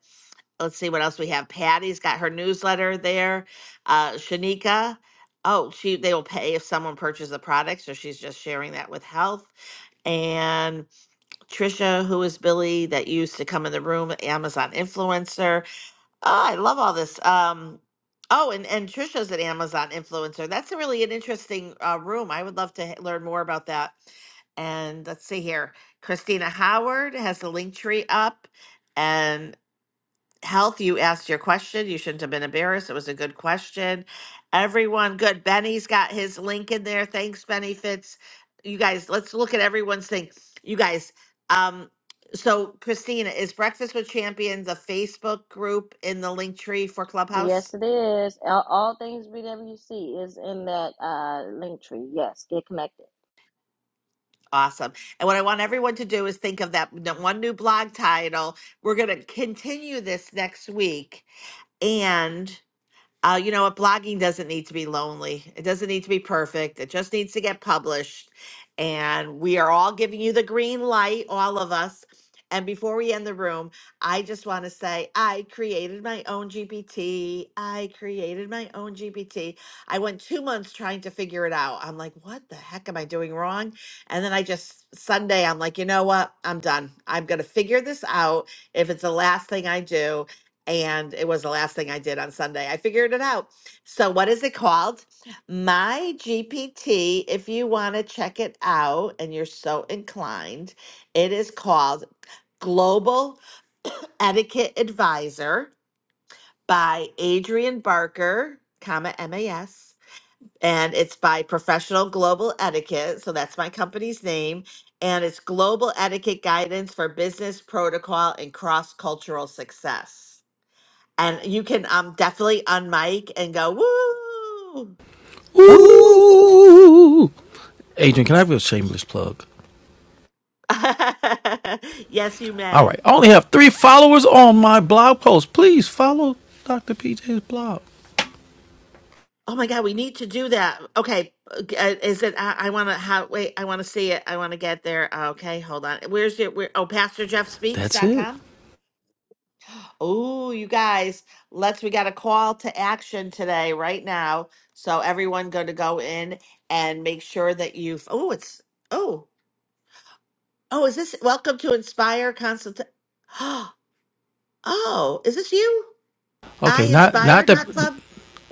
Q: let's see what else we have. Patty's got her newsletter there. Uh, Shanika, oh, she they will pay if someone purchases a product, so she's just sharing that with health. And Trisha, who is Billy, that used to come in the room, Amazon influencer. Oh, I love all this. Um, oh, and and Trisha's an Amazon influencer. That's a really an interesting uh, room. I would love to h- learn more about that. And let's see here. Christina Howard has the link tree up. and health you asked your question you shouldn't have been embarrassed it was a good question everyone good benny's got his link in there thanks benny fitz you guys let's look at everyone's thing you guys um so christina is breakfast with champions a facebook group in the link tree for clubhouse
B: Yes, all, all things BWC is in that uh, link tree. Yes, get connected.
Q: awesome and what i want everyone to do is think of that n- one new blog title we're going to continue this next week and. Uh, you know what? Blogging doesn't need to be lonely. It doesn't need to be perfect. It just needs to get published. And we are all giving you the green light, all of us. And before we end the room, I just want to say I created my own GPT. I created my own GPT. I went two months trying to figure it out. I'm like, what the heck am I doing wrong? And then I just, Sunday, I'm like, you know what? I'm done. I'm going to figure this out if it's the last thing I do and it was the last thing I did on Sunday. I figured it out. So, what is it called? My GPT. If you want to check it out and you're so inclined, it is called Global Etiquette Advisor by Adrian Barker, comma MAS. And it's by Professional Global Etiquette. So that's my company's name. And it's Global Etiquette Guidance for Business Protocol and Cross Cultural Success. And you can um definitely unmic and go, woo.
U: Ooh, Adrian, can I have a shameless plug?
Q: (laughs) yes, you
U: All
Q: may.
U: right, I only have three followers on my blog post. Please follow Dr. PJ's blog.
Q: Oh my God, we need to do that. Okay, uh, g- uh, is it? I, I want to. How? Wait, I want to see it. I want to get there. Okay, hold on. Where's your? Where? Oh, Pastor Jeff Speaks
U: That's
Q: dot
U: it.
Q: com. Oh, you guys, let's. We got a call to action today, right now. So everyone, going to go in and make sure that you've. Oh, it's. Oh, oh, is this? Welcome to Inspire Consult. (gasps) Oh, is this you? I
U: Okay, not
Q: Inspire
U: not the
Q: dot club.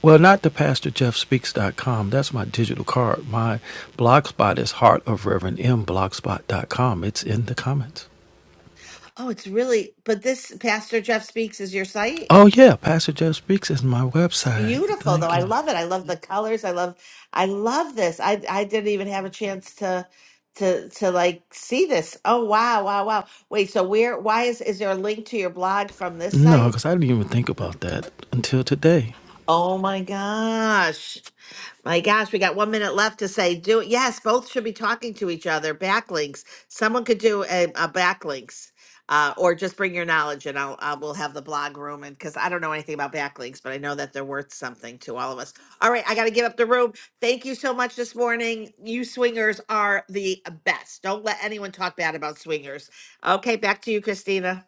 U: Well, not the Pastor Jeff Speaks dot com. That's my digital card. My blogspot is Heart of Reverend M blogspot dot com. It's in the comments.
Q: Oh, it's really, but this Pastor Jeff Speaks is your site.
U: Oh yeah, Pastor Jeff Speaks is my
Q: It's
U: website.
Q: beautiful though.
U: Thank
Q: I
U: you.
Q: love it. I love the colors. I love I love this. I I didn't even have a chance to to to like see this. Oh wow, wow, wow. Wait, so where why is is there a link to your blog from this
U: No,
Q: site?
U: because I didn't even think about that until today,
Q: Oh my gosh. My gosh, we got one minute left to say do it. Yes, both should be talking to each other. Backlinks. Someone could do a, a backlinks, uh, or just bring your knowledge, and I'll I will have the blog room. And because I don't know anything about backlinks, but I know that they're worth something to all of us. All right, I got to give up the room. Thank you so much this morning. You swingers are the best. Don't let anyone talk bad about swingers. Okay, back to you, Christina.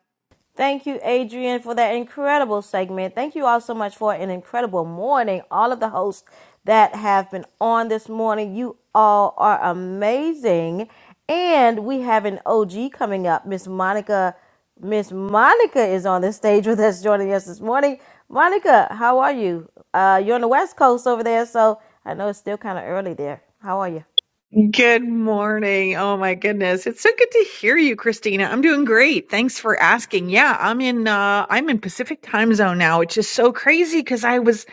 B: Thank you, Adrian, for that incredible segment. Thank you all so much for an incredible morning. All of the hosts that have been on this morning, you all are amazing. And we have an OG coming up, Miss Monica. Miss Monica is on the stage with us, joining us this morning. Monica, how are you? Uh, you're on the West Coast over there, so I know it's still kind of early there. How are you?
R: Good morning. Oh my goodness. It's so good to hear you, Christina. I'm doing great. Thanks for asking. Yeah, I'm in uh I'm in Pacific time zone now, which is so crazy because I was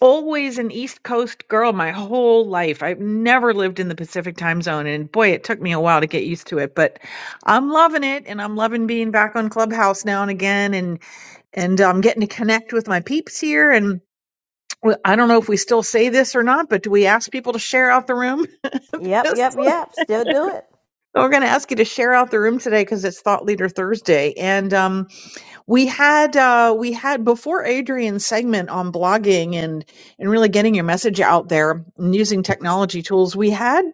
R: always an East Coast girl my whole life. I've never lived in the Pacific time zone and boy, it took me a while to get used to it, but I'm loving it and I'm loving being back on Clubhouse now and again and and I'm getting to connect with my peeps here and Well, I don't know if we still say this or not, but do we ask people to share out the room? (laughs)
B: Yep, yep,
R: So
B: yep. Still do it.
R: We're going to ask you to share out the room today because it's Thought Leader Thursday, and um, we had uh, we had before Adrian's segment on blogging and and really getting your message out there and using technology tools. We had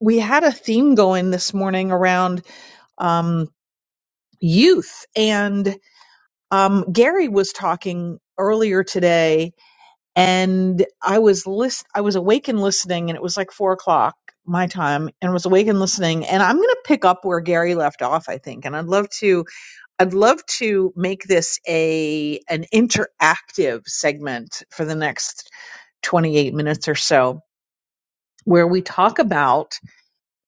R: we had a theme going this morning around um, youth, and um, Gary was talking earlier today and I was list I was awake and listening, and it was like four o'clock my time, and was awake and listening. And I'm gonna pick up where Gary left off, I think. And I'd love to I'd love to make this a an interactive segment for the next 28 minutes or so, where we talk about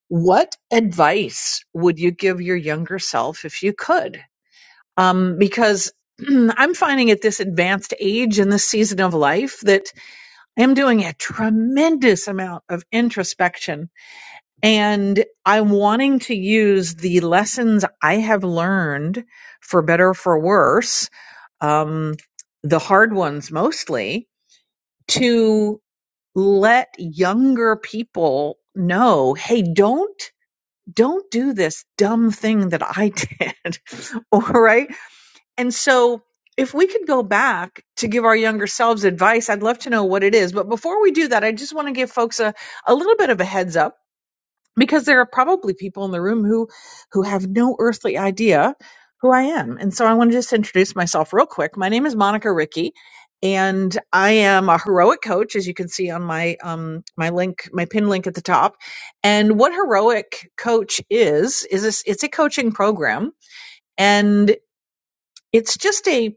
R: what advice would you give your younger self if you could? Um, because (clears throat) I'm finding at this advanced age in this season of life that I'm doing a tremendous amount of introspection and I'm wanting to use the lessons I have learned for better or for worse, um, the hard ones mostly, to let younger people know, hey, don't don't do this dumb thing that I did. (laughs) All right. And so, if we could go back to give our younger selves advice, I'd love to know what it is. But before we do that, I just want to give folks a, a little bit of a heads up because there are probably people in the room who who have no earthly idea who I am. And so I want to just introduce myself real quick. My name is Monica Ricky and I am a heroic coach as you can see on my um my link my pin link at the top. And what heroic coach is is this, it's a coaching program and it's just a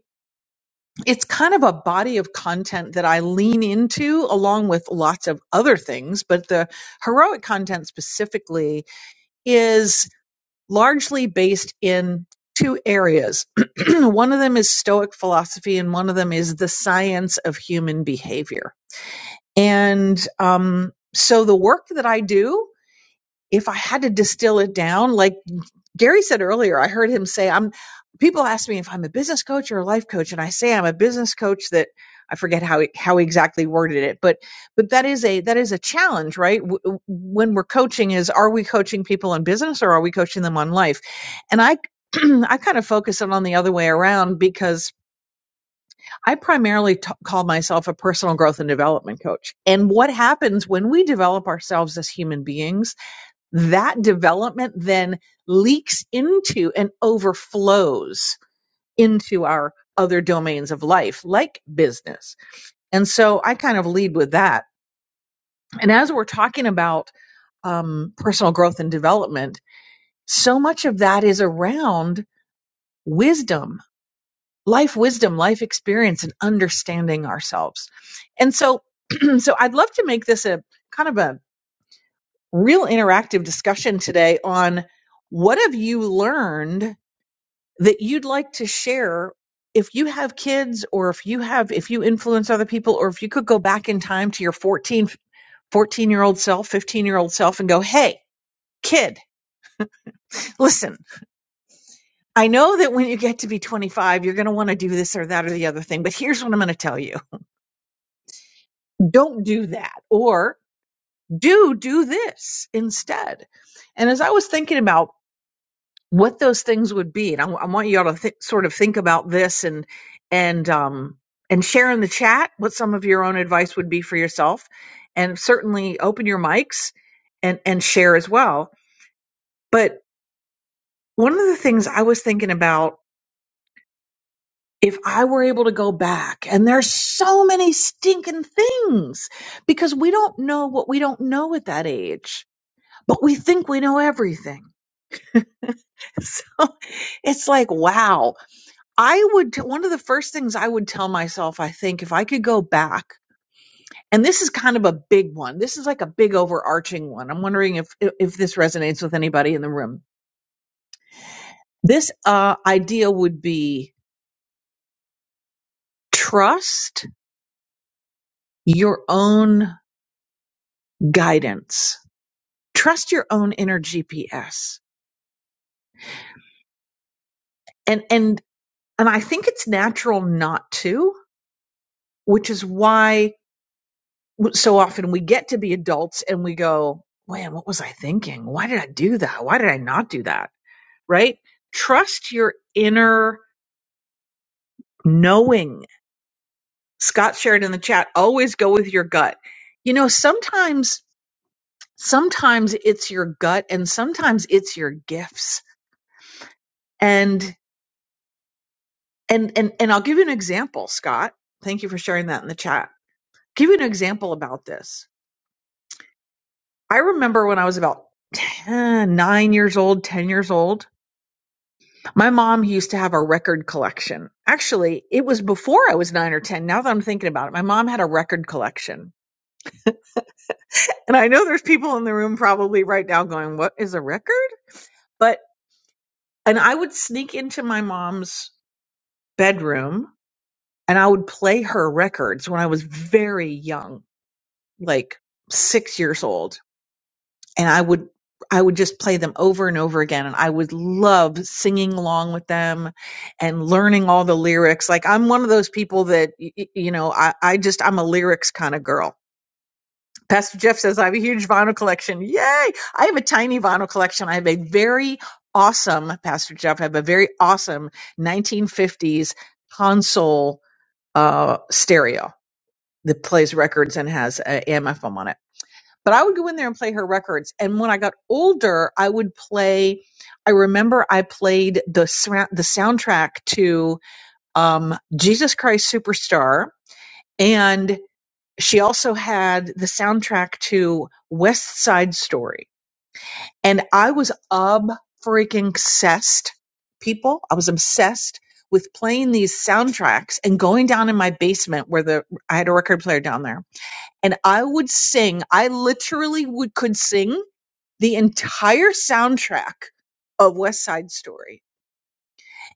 R: it's kind of a body of content that I lean into along with lots of other things, but the heroic content specifically is largely based in two areas. (clears throat) one of them is Stoic philosophy, and one of them is the science of human behavior. And um, so the work that I do, if I had to distill it down, like Gary said earlier, I heard him say, I'm people ask me if I'm a business coach or a life coach, and I say I'm a business coach that I forget how he- how he exactly worded it, but but that is a that is a challenge, right? W- when we're coaching is are we coaching people in business or are we coaching them on life? And I (clears throat) I kind of focus it on the other way around because I primarily t- call myself a personal growth and development coach. And what happens when we develop ourselves as human beings that development then leaks into and overflows into our other domains of life, like business. And so I kind of lead with that. And as we're talking about um, personal growth and development, so much of that is around wisdom, life wisdom, life experience, and understanding ourselves. And so, (clears throat) so I'd love to make this a kind of a real interactive discussion today on what have you learned that you'd like to share if you have kids or if you have if you influence other people or if you could go back in time to your 1414 year old self 15 year old self and go hey kid listen i know that when you get to be 25 you're going to want to do this or that or the other thing but here's what i'm going to tell you don't do that or do do this instead and as i was thinking about what those things would be. And I, I want you all to th- sort of think about this and and um, and share in the chat what some of your own advice would be for yourself, and certainly open your mics and and share as well. But one of the things I was thinking about if I were able to go back, and there's so many stinking things because we don't know what we don't know at that age, but we think we know everything. (laughs) So it's like, wow. I would, one of the first things I would tell myself, I think, if I could go back, and this is kind of a big one. This is like a big overarching one. I'm wondering if, if this resonates with anybody in the room. This uh, idea would be trust your own guidance, trust your own inner GPS. And, and, and I think it's natural not to, which is why so often we get to be adults and we go, man, what was I thinking? Why did I do that? Why did I not do that? right? Trust your inner knowing. Scott shared in the chat, always go with your gut. You know, sometimes, sometimes it's your gut and sometimes it's your gifts. And, and, and, and I'll give you an example, Scott. Thank you for sharing that in the chat. Give you an example about this. I remember when I was about 10, nine years old, 10 years old, my mom used to have a record collection. Actually, it was before I was nine or 10. Now that I'm thinking about it, my mom had a record collection And I know there's people in the room probably right now going, What is a record? But, and I would sneak into my mom's bedroom and I would play her records when I was very young, like six years old. And I would, I would just play them over and over again. And I would love singing along with them and learning all the lyrics. Like I'm one of those people that, y- y- you know, I, I just, I'm a lyrics kind of girl. Pastor Jeff says, I have a huge vinyl collection. Yay! I have a tiny vinyl collection. I have a very awesome, Pastor Jeff, I have a very awesome 1950s console uh, stereo that plays records and has uh, a AMFM on it. But I would go in there and play her records. And when I got older, I would play, I remember I played the, sra- the soundtrack to um, Jesus Christ Superstar. and." She also had the soundtrack to West Side Story. And I was ob freaking obsessed, people. I was obsessed with playing these soundtracks and going down in my basement where the I had a record player down there. And I would sing, I literally would could sing the entire soundtrack of West Side Story.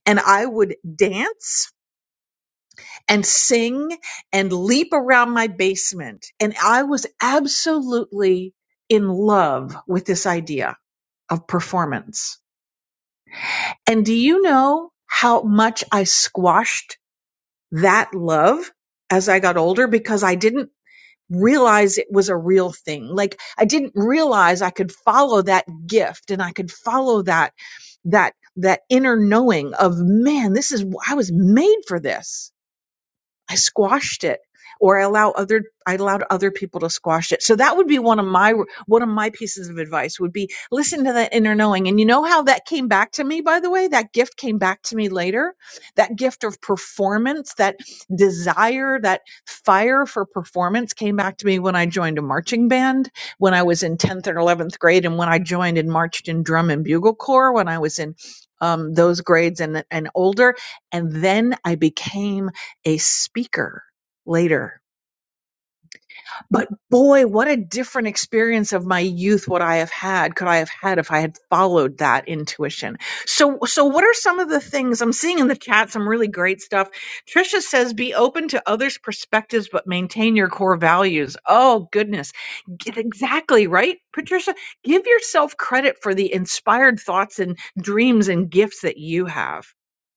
R: And I would dance and sing and leap around my basement. And I was absolutely in love with this idea of performance. And do you know how much I squashed that love as I got older? Because I didn't realize it was a real thing. Like I didn't realize I could follow that gift and I could follow that, that, that inner knowing of man, this is, I was made for this I squashed it or I allow other I allowed other people to squash it. So that would be one of my one of my pieces of advice would be listen to that inner knowing. And you know how that came back to me by the way? That gift came back to me later. That gift of performance, that desire, that fire for performance came back to me when I joined a marching band when I was in 10th and 11th grade and when I joined and marched in drum and bugle corps when I was in um, those grades and and older and then I became a speaker later but boy, what a different experience of my youth would I have had, could I have had if I had followed that intuition. So, so what are some of the things I'm seeing in the chat? Some really great stuff. Trisha says, be open to others' perspectives, but maintain your core values. Oh, goodness. G- Exactly, right? Patricia, give yourself credit for the inspired thoughts and dreams and gifts that you have.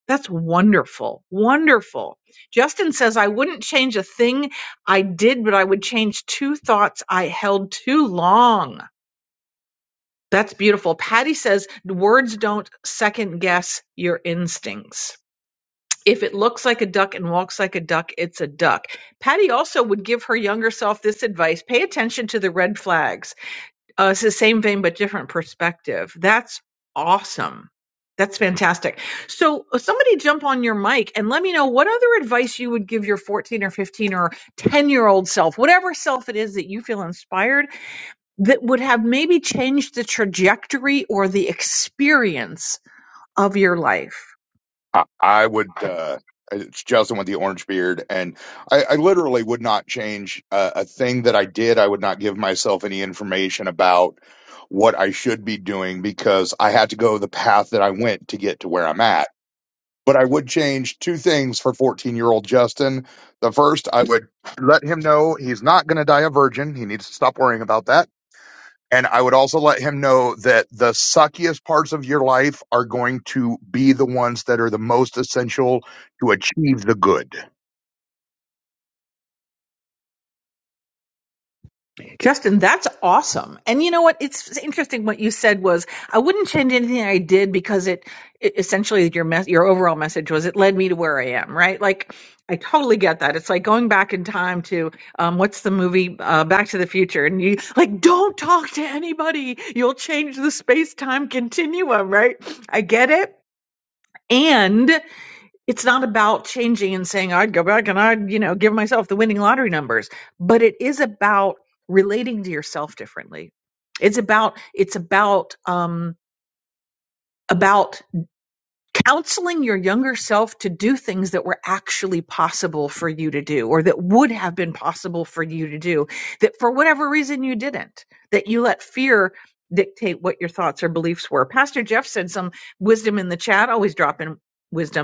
R: That's wonderful. Wonderful. Justin says, I wouldn't change a thing I did, but I would change two thoughts I held too long. That's beautiful. Patty says words don't second guess your instincts. If it looks like a duck and walks like a duck, it's a duck. Patty also would give her younger self this advice pay attention to the red flags uh, it's the same vein, but different perspective. That's awesome. That's fantastic. So, uh, somebody jump on your mic and let me know what other advice you would give your 14 or 15 or 10 year old self, whatever self it is that you feel inspired, that would have maybe changed the trajectory or the experience of your life.
M: I, I would, uh, it's Justin with the orange beard. And I, I literally would not change uh, a thing that I did. I would not give myself any information about what I should be doing because I had to go the path that I went to get to where I'm at but I would change two things for 14 year old Justin. The first, I would let him know he's not going to die a virgin. He needs to stop worrying about that. And I would also let him know that the suckiest parts of your life are going to be the ones that are the most essential to achieve the good.
R: Justin, that's awesome. And you know what? It's interesting what you said was I wouldn't change anything I did because it, it essentially your mes- your overall message was it led me to where I am, right? Like I totally get that. It's like going back in time to um, what's the movie uh, Back to the Future, and you like don't talk to anybody. You'll change the space time continuum, right? I get it. And it's not about changing and saying I'd go back and I'd, you know, give myself the winning lottery numbers, but it is about relating to yourself differently. It's about it's about um about counseling your younger self to do things that were actually possible for you to do or that would have been possible for you to do that for whatever reason you didn't that you let fear dictate what your thoughts or beliefs were pastor jeff said some wisdom in the chat always drop in wisdom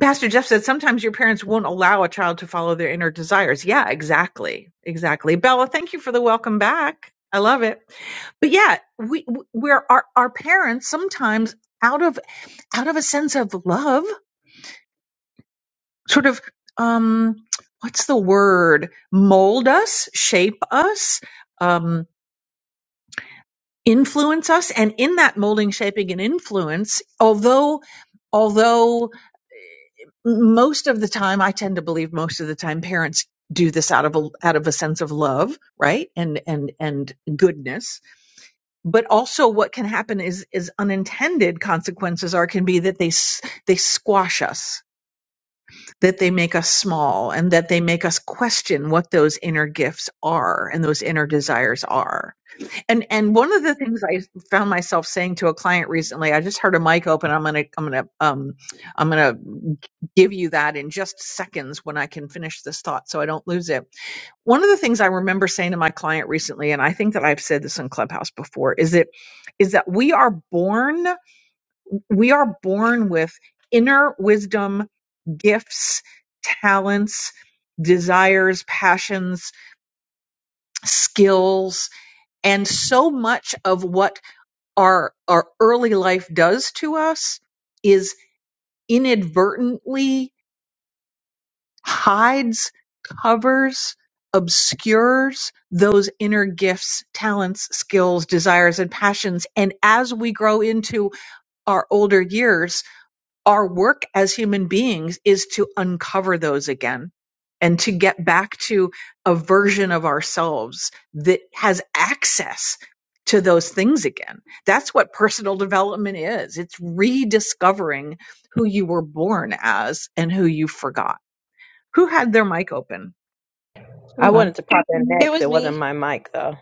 R: Pastor Jeff said sometimes your parents won't allow a child to follow their inner desires. Yeah, exactly. Exactly. Bella, thank you for the welcome back. I love it. But yeah, we we're our, our parents sometimes out of out of a sense of love, sort of um what's the word? Mold us, shape us, um influence us and in that molding, shaping and influence, although although most of the time i tend to believe most of the time parents do this out of a out of a sense of love right and and and goodness but also what can happen is is unintended consequences are can be that they s- they squash us that they make us small and that they make us question what those inner gifts are and those inner desires are and and one of the things I found myself saying to a client recently, I just heard a mic open. I'm gonna I'm gonna um I'm gonna give you that in just seconds when I can finish this thought so I don't lose it. One of the things I remember saying to my client recently, and I think that I've said this in Clubhouse before, is that is that we are born we are born with inner wisdom, gifts, talents, desires, passions, skills, and so much of what our our early life does to us is inadvertently hides covers obscures those inner gifts talents skills desires and passions and as we grow into our older years our work as human beings is to uncover those again and to get back to a version of ourselves that has access to those things again. That's what personal development is. It's rediscovering who you were born as and who you forgot. Who had their mic open?
N: I
V: Hello.
N: wanted to pop in
V: It
N: next.
V: was
N: It wasn't
V: me.
N: my mic though.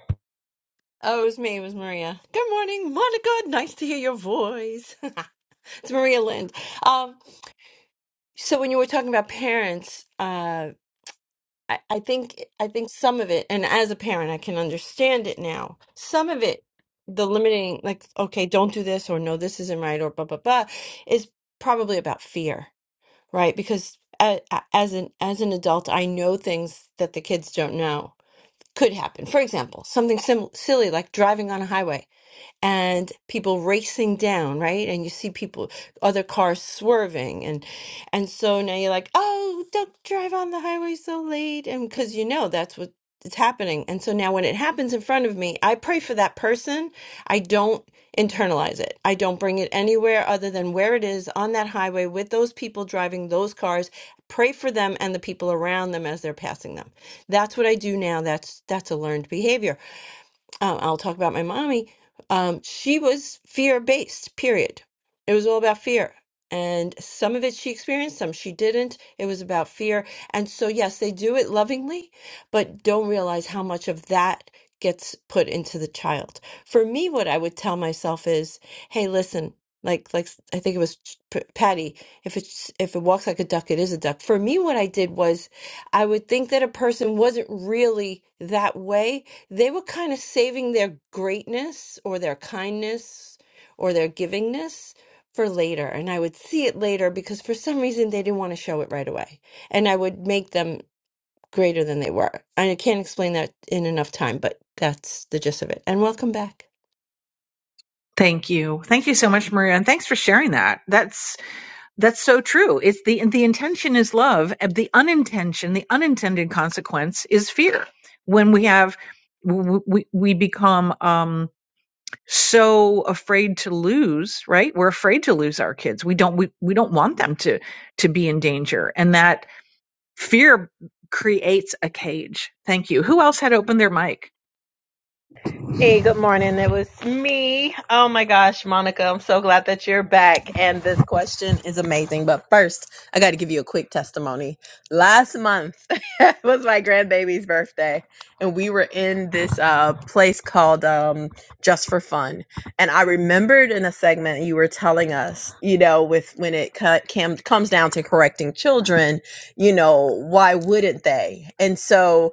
V: Oh, it was me. It was Maria. Good morning, Monica. Nice to hear your voice. (laughs) it's Maria Lind. Um, so when you were talking about parents, uh, I, I think I think some of it, and as a parent, I can understand it now. Some of it, the limiting, like okay, don't do this, or no, this isn't right, or blah blah blah, is probably about fear, right? Because a- a- as an as an adult, I know things that the kids don't know could happen. For example, something sim- silly like driving on a highway and people racing down, right? And you see people, other cars swerving, and and so now you're like, oh, don't drive on the highway so late, and because you know that's what it's happening. And so now when it happens in front of me, I pray for that person. I don't internalize it. I don't bring it anywhere other than where it is on that highway with those people driving those cars. Pray for them and the people around them as they're passing them. That's what I do now. That's that's a learned behavior um, I'll talk about my mommy. Um, she was fear based, period. It was all about fear. And some of it she experienced, some she didn't. It was about fear. And so, yes, they do it lovingly, but don't realize how much of that gets put into the child. For me, what I would tell myself is, hey, listen, like, like s- I think it was Ch- P- Patty. If it's if it walks like a duck, it is a duck. For me, what I did was, I would think that a person wasn't really that way they were kind of saving their greatness or their kindness or their givingness for later. And I would see it later because for some reason they didn't want to show it right away. And I would make them greater than they were. I can't explain that in enough time, but that's the gist of it. And welcome back.
R: Thank you. Thank you so much, Maria. And thanks for sharing that. That's. That's so true. It's the the intention is love, and the unintention, the unintended consequence is fear. When we have we we we become um so afraid to lose, right? We're afraid to lose our kids. We don't we, we don't want them to to be in danger. And that fear creates a cage. Thank you. Who else had opened their mic?
N: Hey, good morning. It was me. Oh my gosh, Monica, I'm so glad that you're back. And this question is amazing. But first, I got to give you a quick testimony. Last month (laughs) was my grandbaby's birthday, and we were in this uh, place called um, Just for Fun. And I remembered in a segment you were telling us, you know, with when it cut, cam, comes down to correcting children, you know, why wouldn't they? And so,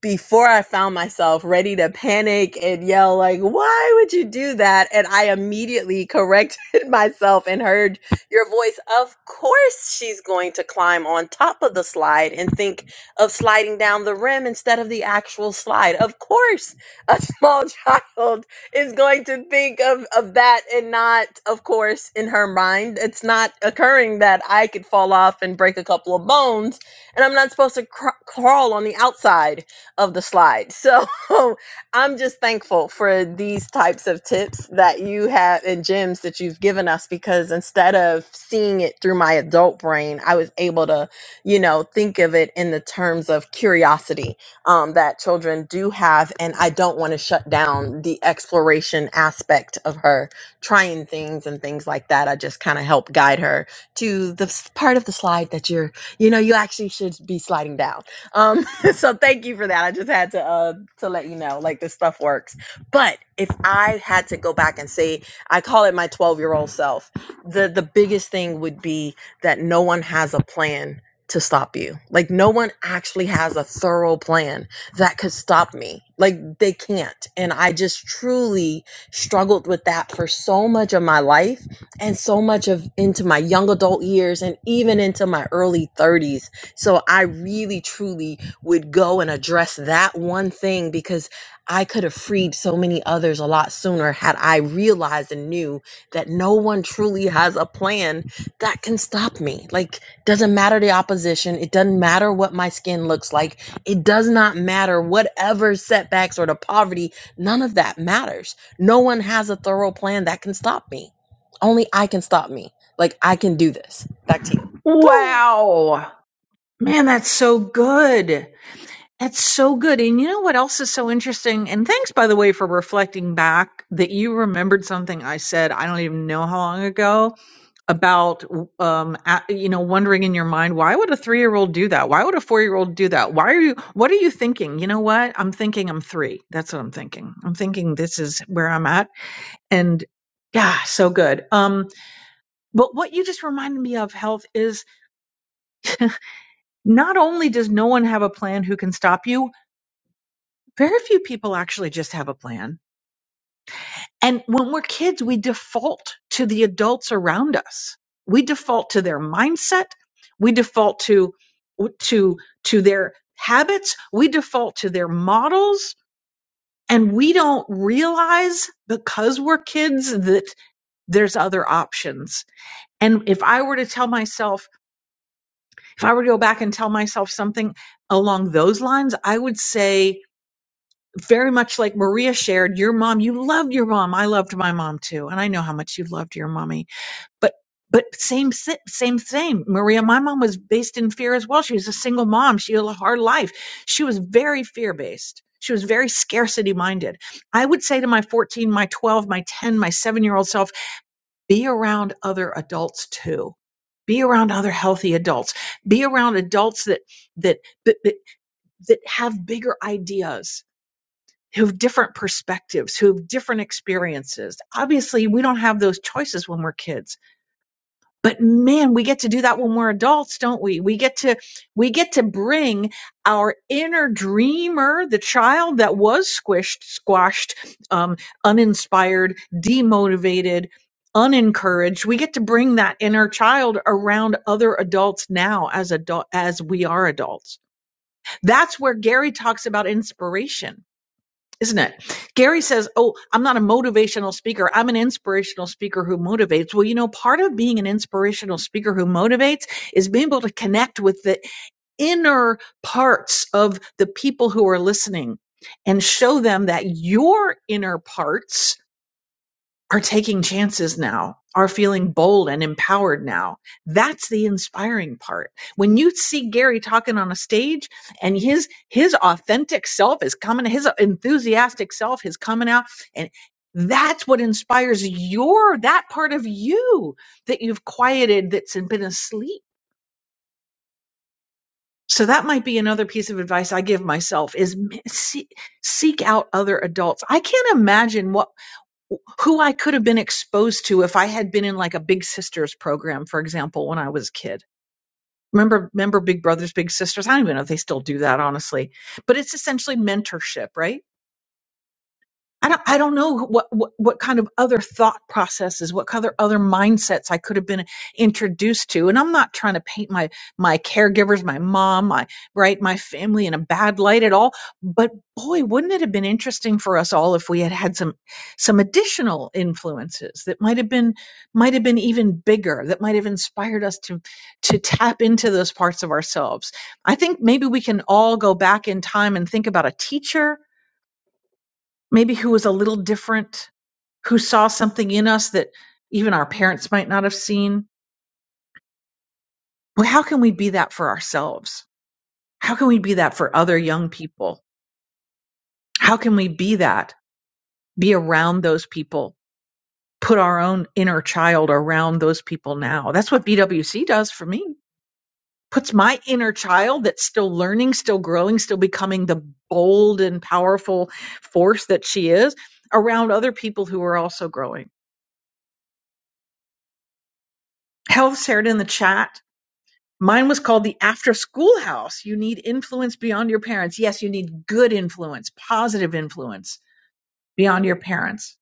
N: before I found myself ready to panic and yell, like, why would you do that? And I immediately corrected (laughs) myself and heard your voice. Of course, she's going to climb on top of the slide and think of sliding down the rim instead of the actual slide. Of course, a (laughs) small child is going to think of, of that and not, of course, in her mind. It's not occurring that I could fall off and break a couple of bones and I'm not supposed to cr- crawl on the outside of the slide. So (laughs) I'm just thankful for these types of tips that you have and gems that you've given us because instead of seeing it through my adult brain, I was able to, you know, think of it in the terms of curiosity um, that children do have. And I don't want to shut down the exploration aspect of her trying things and things like that. I just kind of help guide her to the s- part of the slide that you're, you know, you actually should be sliding down. Um, (laughs) so thank you for that. I just had to uh to let you know like this stuff works. But if I had to go back and say I call it my 12-year-old self, the the biggest thing would be that no one has a plan to stop you. Like no one actually has a thorough plan that could stop me. Like they can't. And I just truly struggled with that for so much of my life and so much of into my young adult years and even into my early 30s. So I really truly would go and address that one thing because I could have freed so many others a lot sooner had I realized and knew that no one truly has a plan that can stop me. Like, doesn't matter the opposition, it doesn't matter what my skin looks like, it does not matter whatever setbacks or the poverty, none of that matters. No one has a thorough plan that can stop me. Only I can stop me. Like, I can do this. Back to you.
R: Wow. Man, that's so good. That's so good. And you know what else is so interesting? And thanks, by the way, for reflecting back that you remembered something I said, I don't even know how long ago, about, um, a you know, wondering in your mind, why would a three year old do that? Why would a four year old do that? Why are you, what are you thinking? You know what? I'm thinking I'm three. That's what I'm thinking. I'm thinking this is where I'm at. And yeah, so good. Um, but what you just reminded me of, health, is not only does no one have a plan who can stop you, very few people actually just have a plan And when we're kids, we default to the adults around us. We default to their mindset. We default to, to, to their habits. We default to their models. And we don't realize because we're kids that there's other options. And if I were to tell myself, if I were to go back and tell myself something along those lines, I would say, very much like Maria shared, your mom, you loved your mom. I loved my mom too. And I know how much you loved your mommy but but same si- same same maria my mom was based in fear as well she was a single mom she had a hard life she was very fear based she was very scarcity minded i would say to my 14 my 12 my 10 my 7 year old self be around other adults too be around other healthy adults be around adults that that that that, that have bigger ideas who have different perspectives who have different experiences obviously we don't have those choices when we're kids but man we get to do that when we're adults don't we we get to we get to bring our inner dreamer the child that was squished squashed um, uninspired demotivated unencouraged we get to bring that inner child around other adults now as adult as we are adults that's where gary talks about inspiration isn't it? Gary says, Oh, I'm not a motivational speaker. I'm an inspirational speaker who motivates. Well, you know, part of being an inspirational speaker who motivates is being able to connect with the inner parts of the people who are listening and show them that your inner parts are taking chances now, are feeling bold and empowered now. That's the inspiring part. When you see Gary talking on a stage and his his authentic self is coming, his enthusiastic self is coming out and that's what inspires your that part of you that you've quieted that's been asleep. So that might be another piece of advice I give myself is m- see, seek out other adults. I can't imagine what who I could have been exposed to if I had been in like a Big Sisters program, for example, when I was a kid. Remember, remember Big Brothers, Big Sisters? I don't even know if they still do that, honestly. But it's essentially mentorship, right? I don't, I don't know what, what, what kind of other thought processes, what kind of other mindsets I could have been introduced to. And I'm not trying to paint my, my caregivers, my mom, my, right, my family in a bad light at all. But boy, wouldn't it have been interesting for us all if we had had some, some additional influences that might have been, might have been even bigger, that might have inspired us to, to tap into those parts of ourselves. I think maybe we can all go back in time and think about a teacher, maybe who was a little different who saw something in us that even our parents might not have seen. Well, how can we be that for ourselves? How can we be that for other young people? How can we be that? Be around those people, put our own inner child around those people now. That's what BWC does for me. Puts my inner child that's still learning, still growing, still becoming the bold and powerful force that she is around other people who are also growing. Health shared in the chat Mine was called the after school house. You need influence beyond your parents. Yes, you need good influence, positive influence beyond your parents.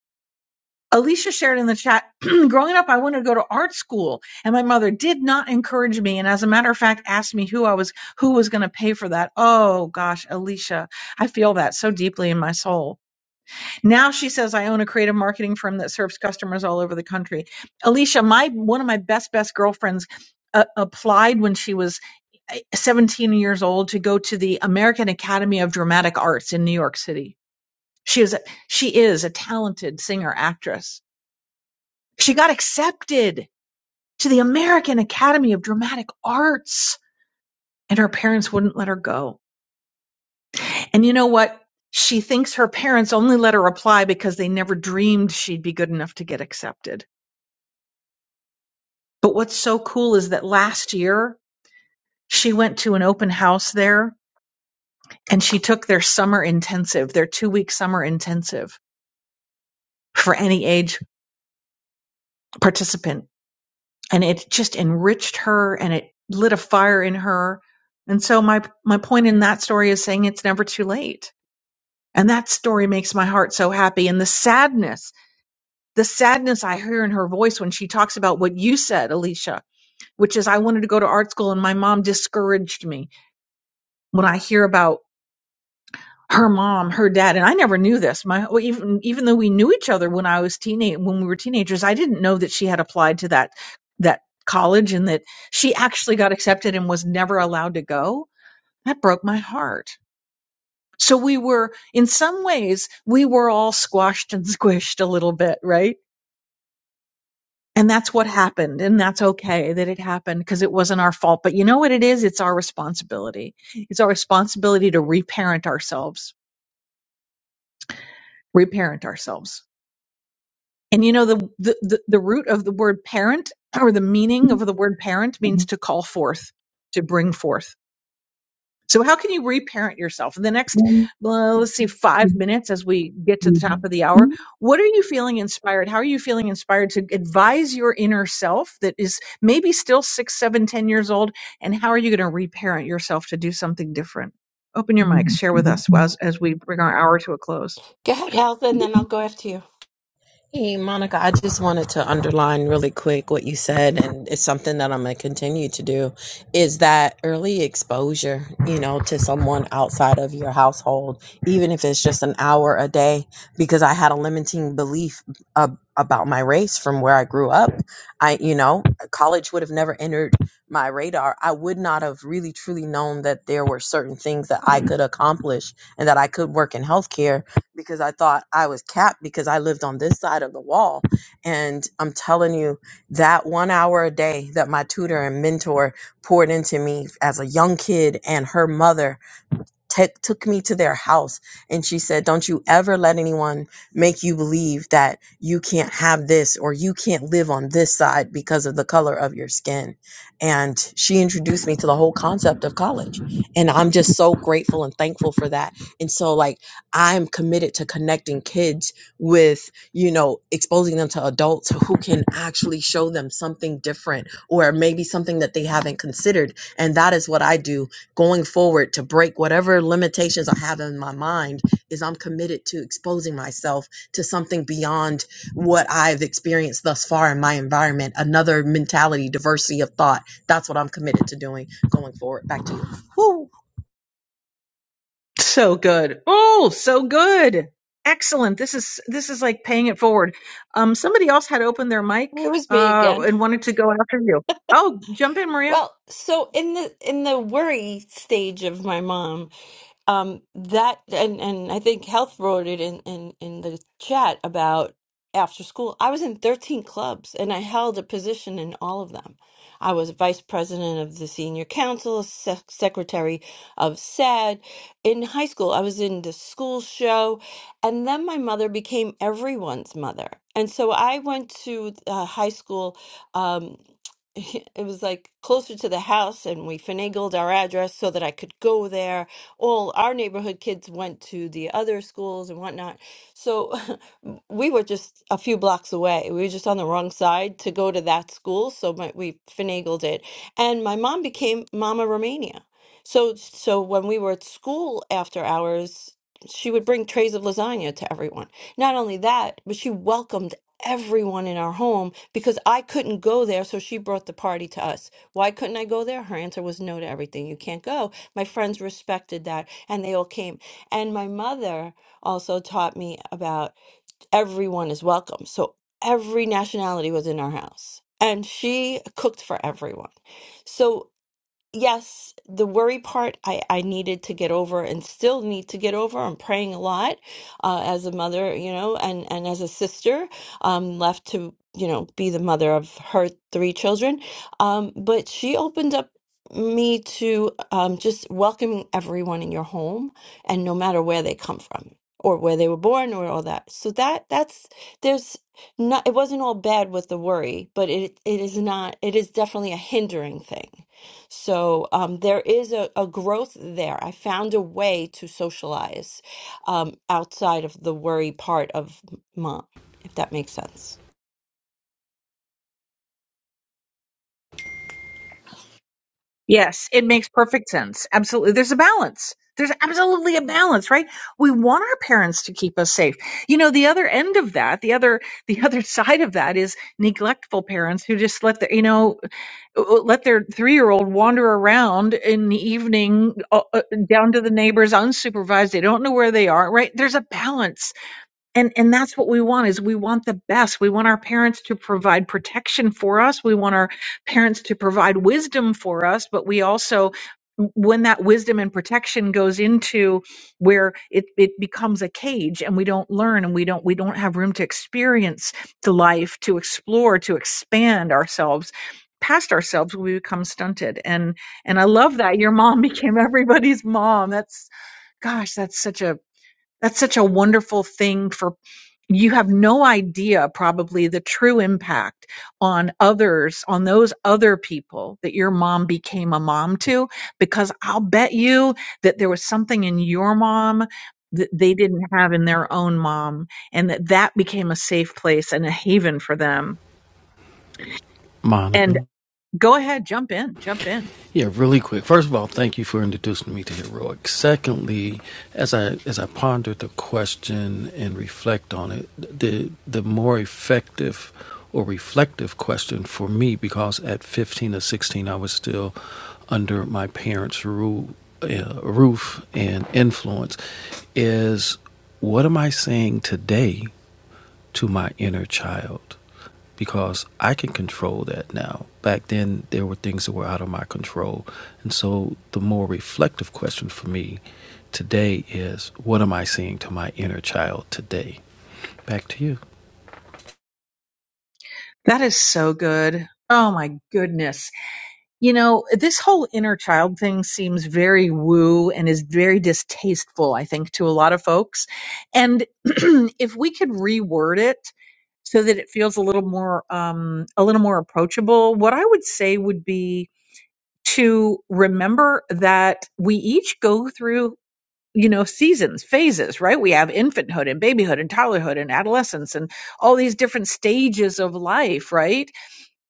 R: Alicia shared in the chat, (clears throat) growing up, I wanted to go to art school and my mother did not encourage me. And as a matter of fact, asked me who I was, who was going to pay for that. Oh gosh, Alicia, I feel that so deeply in my soul. Now she says, I own a creative marketing firm that serves customers all over the country. Alicia, my one of my best, best girlfriends uh, applied when she was uh, 17 years old to go to the American Academy of Dramatic Arts in New York City. She is a, she is a talented singer actress. She got accepted to the American Academy of Dramatic Arts and her parents wouldn't let her go. And you know what? She thinks her parents only let her apply because they never dreamed she'd be good enough to get accepted But what's so cool is that last year she went to an open house there and she took their summer intensive, their two week summer intensive for any age participant. And it just enriched her and it lit a fire in her. And so my, my point in that story is saying it's never too late. And that story makes my heart so happy. And the sadness, the sadness I hear in her voice when she talks about what you said, Alicia, which is I wanted to go to art school and my mom discouraged me when I hear about her mom, her dad, and I never knew this. My well, even even though we knew each other when I was teenage when we were teenagers, I didn't know that she had applied to that that college and that she actually got accepted and was never allowed to go. That broke my heart. So we were in some ways we were all squashed and (laughs) squished a little bit, right? And that's what happened and that's okay that it happened because it wasn't our fault. But you know what it is? It's our responsibility. It's our responsibility to reparent ourselves. Reparent ourselves And you know the, the the the root of the word parent or the meaning of the word parent means to call forth, to bring forth. So how can you reparent yourself in the next well, let's see
N: Woo!
R: 5 minutes as we get to the top of the hour? What are you feeling inspired? How are you feeling inspired to advise your inner self that is maybe still six, seven, ten years old and how are you going to reparent yourself to do something different? Open your mics, share with us
N: Hey,
R: as, as we bring our hour to a close.
V: Go ahead, Health, and then I'll go after you.
N: Monica, I just wanted to underline really quick what you said, and it's something that I'm going to continue to do is that early exposure, you know, to someone outside of your household, even if it's just an hour a day, because I had a limiting belief ab- about my race from where I grew up. I, you know, college would have never entered my radar. I would not have really truly known that there were certain things that I could accomplish and that I could work in healthcare because I thought I was capped because I lived on this side of the wall. And I'm telling you, that one hour a day that my tutor and mentor poured into me as a young kid and her mother t- took me to their house and she said, Don't you ever let anyone make you believe that you can't have this or you can't live on this side because of the color of your skin. And she introduced me to the whole concept of college. And I'm just so grateful and thankful for that. And so, like, I'm committed to connecting kids with, you know, exposing them to adults who can actually show them something different or maybe something that they haven't considered. And that is what I do going forward to break whatever limitations I have in my mind is I'm committed to exposing myself to something beyond what I've experienced thus far in my environment, another mentality, diversity of thought. That's what I'm committed to doing going forward. Back to you. Woo!
R: So good. Oh, so good. Excellent. This is this is like paying it forward. Um somebody else had opened their mic
V: It was me
R: uh
V: again.
R: and wanted to go after you. Oh, jump in, Maria.
V: Well, so in the in the worry stage of my mom, um that and and i think health wrote it in in in the chat about after school i was in 13 clubs and i held a position in all of them i was vice president of the senior council sec- secretary of sad in high school i was in the school show and then my mother became everyone's mother and so i went to uh, high school um (laughs) it was like closer to the house and we finagled our address so that i could go there all our neighborhood kids went to the other schools and whatnot. So (laughs) we were just a few blocks away. We were just on the wrong side to go to that school. So my, we finagled it. And my mom became Mama Romania. So, so when we were at school after hours, she would bring trays of lasagna to everyone. Not only that, but she welcomed everyone in our home because I couldn't go there. So she brought the party to us. Why couldn't I go there? Her answer was no to everything. You can't go. My friends respected that and they all came. And my mother also taught me about everyone is welcome. So every nationality was in our house and she cooked for everyone. So yes, the worry part I, I needed to get over and still need to get over. I'm praying a lot uh, as a mother, you know, and, and as a sister, um, left to, you know, be the mother of her three children. Um, but she opened up me to um, just welcoming everyone in your home and no matter where they come from or where they were born or all that. So that that's there's not it wasn't all bad with the worry, but it it is not it is definitely a hindering thing so um, there is a, a growth there. I found a way to socialize um, outside of the worry part of m- mom, if that makes sense.
R: Yes, it makes perfect sense. Absolutely. There's a balance. There's absolutely a balance, right? We want our parents to keep us safe. You know, the other end of that, the other (laughs) the other side of that is neglectful parents who just let their, you know, let their 3-year-old wander around in the evening uh, uh, down to the neighbors unsupervised. They don't know where they are, right? There's a balance and and that's what we want is we want the best we want our parents to provide protection for us we want our parents to provide wisdom for us but we also when that wisdom and protection goes into where it, it becomes a cage and we don't learn and we don't we don't have room to experience the life to explore to expand ourselves past ourselves we become stunted and and i love that your mom (laughs) became everybody's mom that's gosh that's such a that's such a wonderful thing for you have no idea probably the true impact on others, on those other people that your mom became a mom to, because I'll bet you that there was something in your mom that they didn't have in their own mom and that that became a safe place and a haven for them. And
U: Monica.
R: go ahead, jump in, jump in.
U: Yeah, really quick. First of all, thank you for introducing me to heroic. Secondly, as I as I ponder the question and reflect on it, the the more effective or reflective question for me because at 15 or 16 I was still under my parents' rule, uh, roof and influence is what am I saying today to my inner child? because I can control that now. Back then, there were things that were out of my control. And so, the more reflective question for me today is what am I saying to my inner child today? Back to you.
R: That is so good. Oh my goodness. You know, this whole inner child thing seems very woo and is very distasteful, I think, to a lot of folks. And (clears throat) if we could reword it so that it feels a little more, um, a little more approachable, what I would say would be to remember that we each go through, you know, seasons, phases, right? We have infanthood and babyhood and toddlerhood and adolescence and all these different stages of life, right?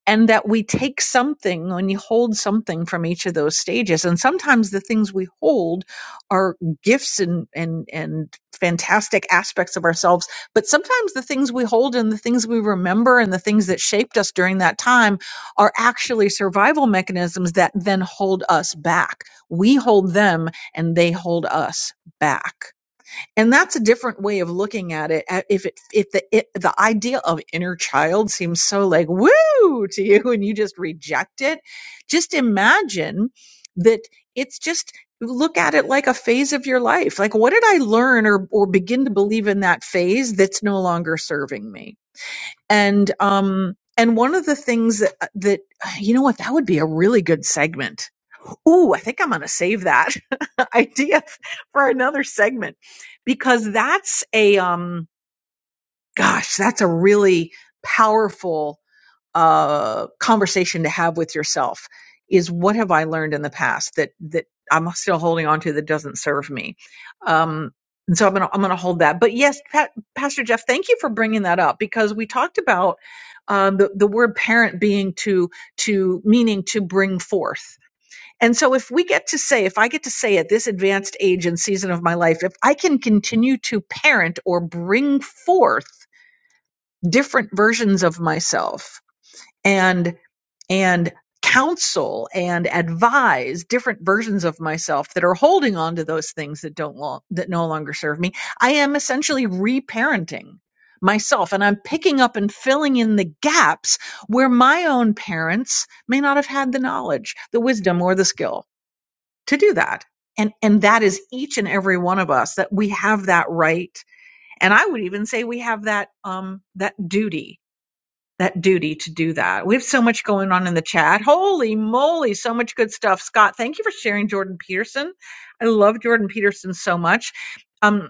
R: and that we take something when you hold something from each of those stages and sometimes the things we hold are gifts and and and fantastic aspects of ourselves but sometimes the things we hold and the things we remember and the things that shaped us during that time are actually survival mechanisms that then hold us back we hold them and they hold us back and that's a different way of looking at it A- if it if the it, the idea of inner child seems so like woo to you (laughs) and you just reject it just imagine that it's just look at it like a phase of your life like what did i learn or or begin to believe in that phase that's no longer serving me and um and one of the things that uh, that (sighs) you know what that would be a really good segment Ooh, I think I'm going to save that (laughs) idea for another segment because that's a, um, gosh, that's a really powerful, uh, conversation to have with yourself is what have I learned in the past that, that I'm still holding on to that doesn't serve me. Um, and so I'm going to, I'm going to hold that. But yes, Pat, Pastor Jeff, thank you for bringing that up because we talked about, um, the, the word parent being to, to meaning to bring forth and so if we get to say, if I get to say at this advanced age and season of my life, if I can continue to parent or bring forth different versions of myself and, and counsel and advise different versions of myself that are holding on to those things that don't, lo- that no longer serve me, I am essentially reparenting myself and I'm picking up and filling in the gaps where my own parents may not have had the knowledge, the wisdom or the skill to do that. And, and that is each and every one of us that we have that right. And I would even say we have that, um, that duty, that duty to do that. We have so much going on in the chat. Holy moly. So much good stuff. Scott, thank you for sharing Jordan Peterson. I love Jordan Peterson so much. Um,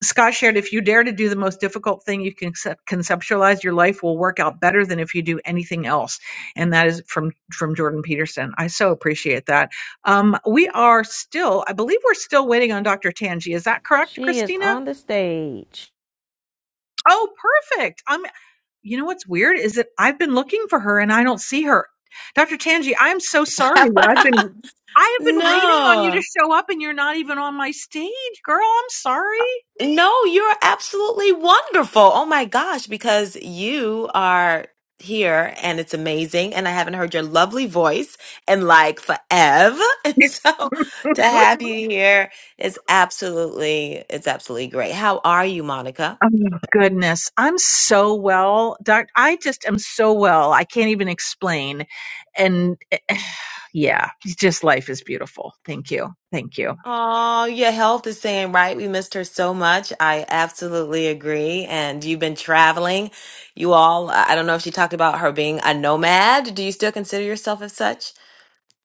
R: Scott shared, if you dare to do the most difficult thing you can conceptualize, your life will work out better than if you do anything else. And that is from, from Jordan Peterson. I so appreciate that. Um, we are still, I believe we're still waiting on Dr. Tanji. Is that correct,
B: She is
R: Christina?
B: on the stage.
R: Oh, perfect. I'm, you know what's weird is that I've been looking for her and I don't see her. Dr. Tanji, I'm so sorry that I've
W: (laughs)
R: been, I have been waiting on you to
W: No,
R: show up and you're not even on my stage, girl. I'm sorry.
W: no, you're absolutely wonderful. Oh my gosh, because you are here and it's amazing. And I haven't heard your lovely voice in like forever. (laughs) And so to have you here is absolutely, it's absolutely great. How are you, Monica?
R: Oh goodness, I'm so well, doc. I just am so well. I can't even explain. And eh, (sighs) yeah, just life is beautiful. Thank you. Thank you.
W: Oh, your health is saying right. We missed her so much. I absolutely agree. And you've been traveling. You all, I I don't know if she talked about her being a nomad. Do you still consider yourself as such?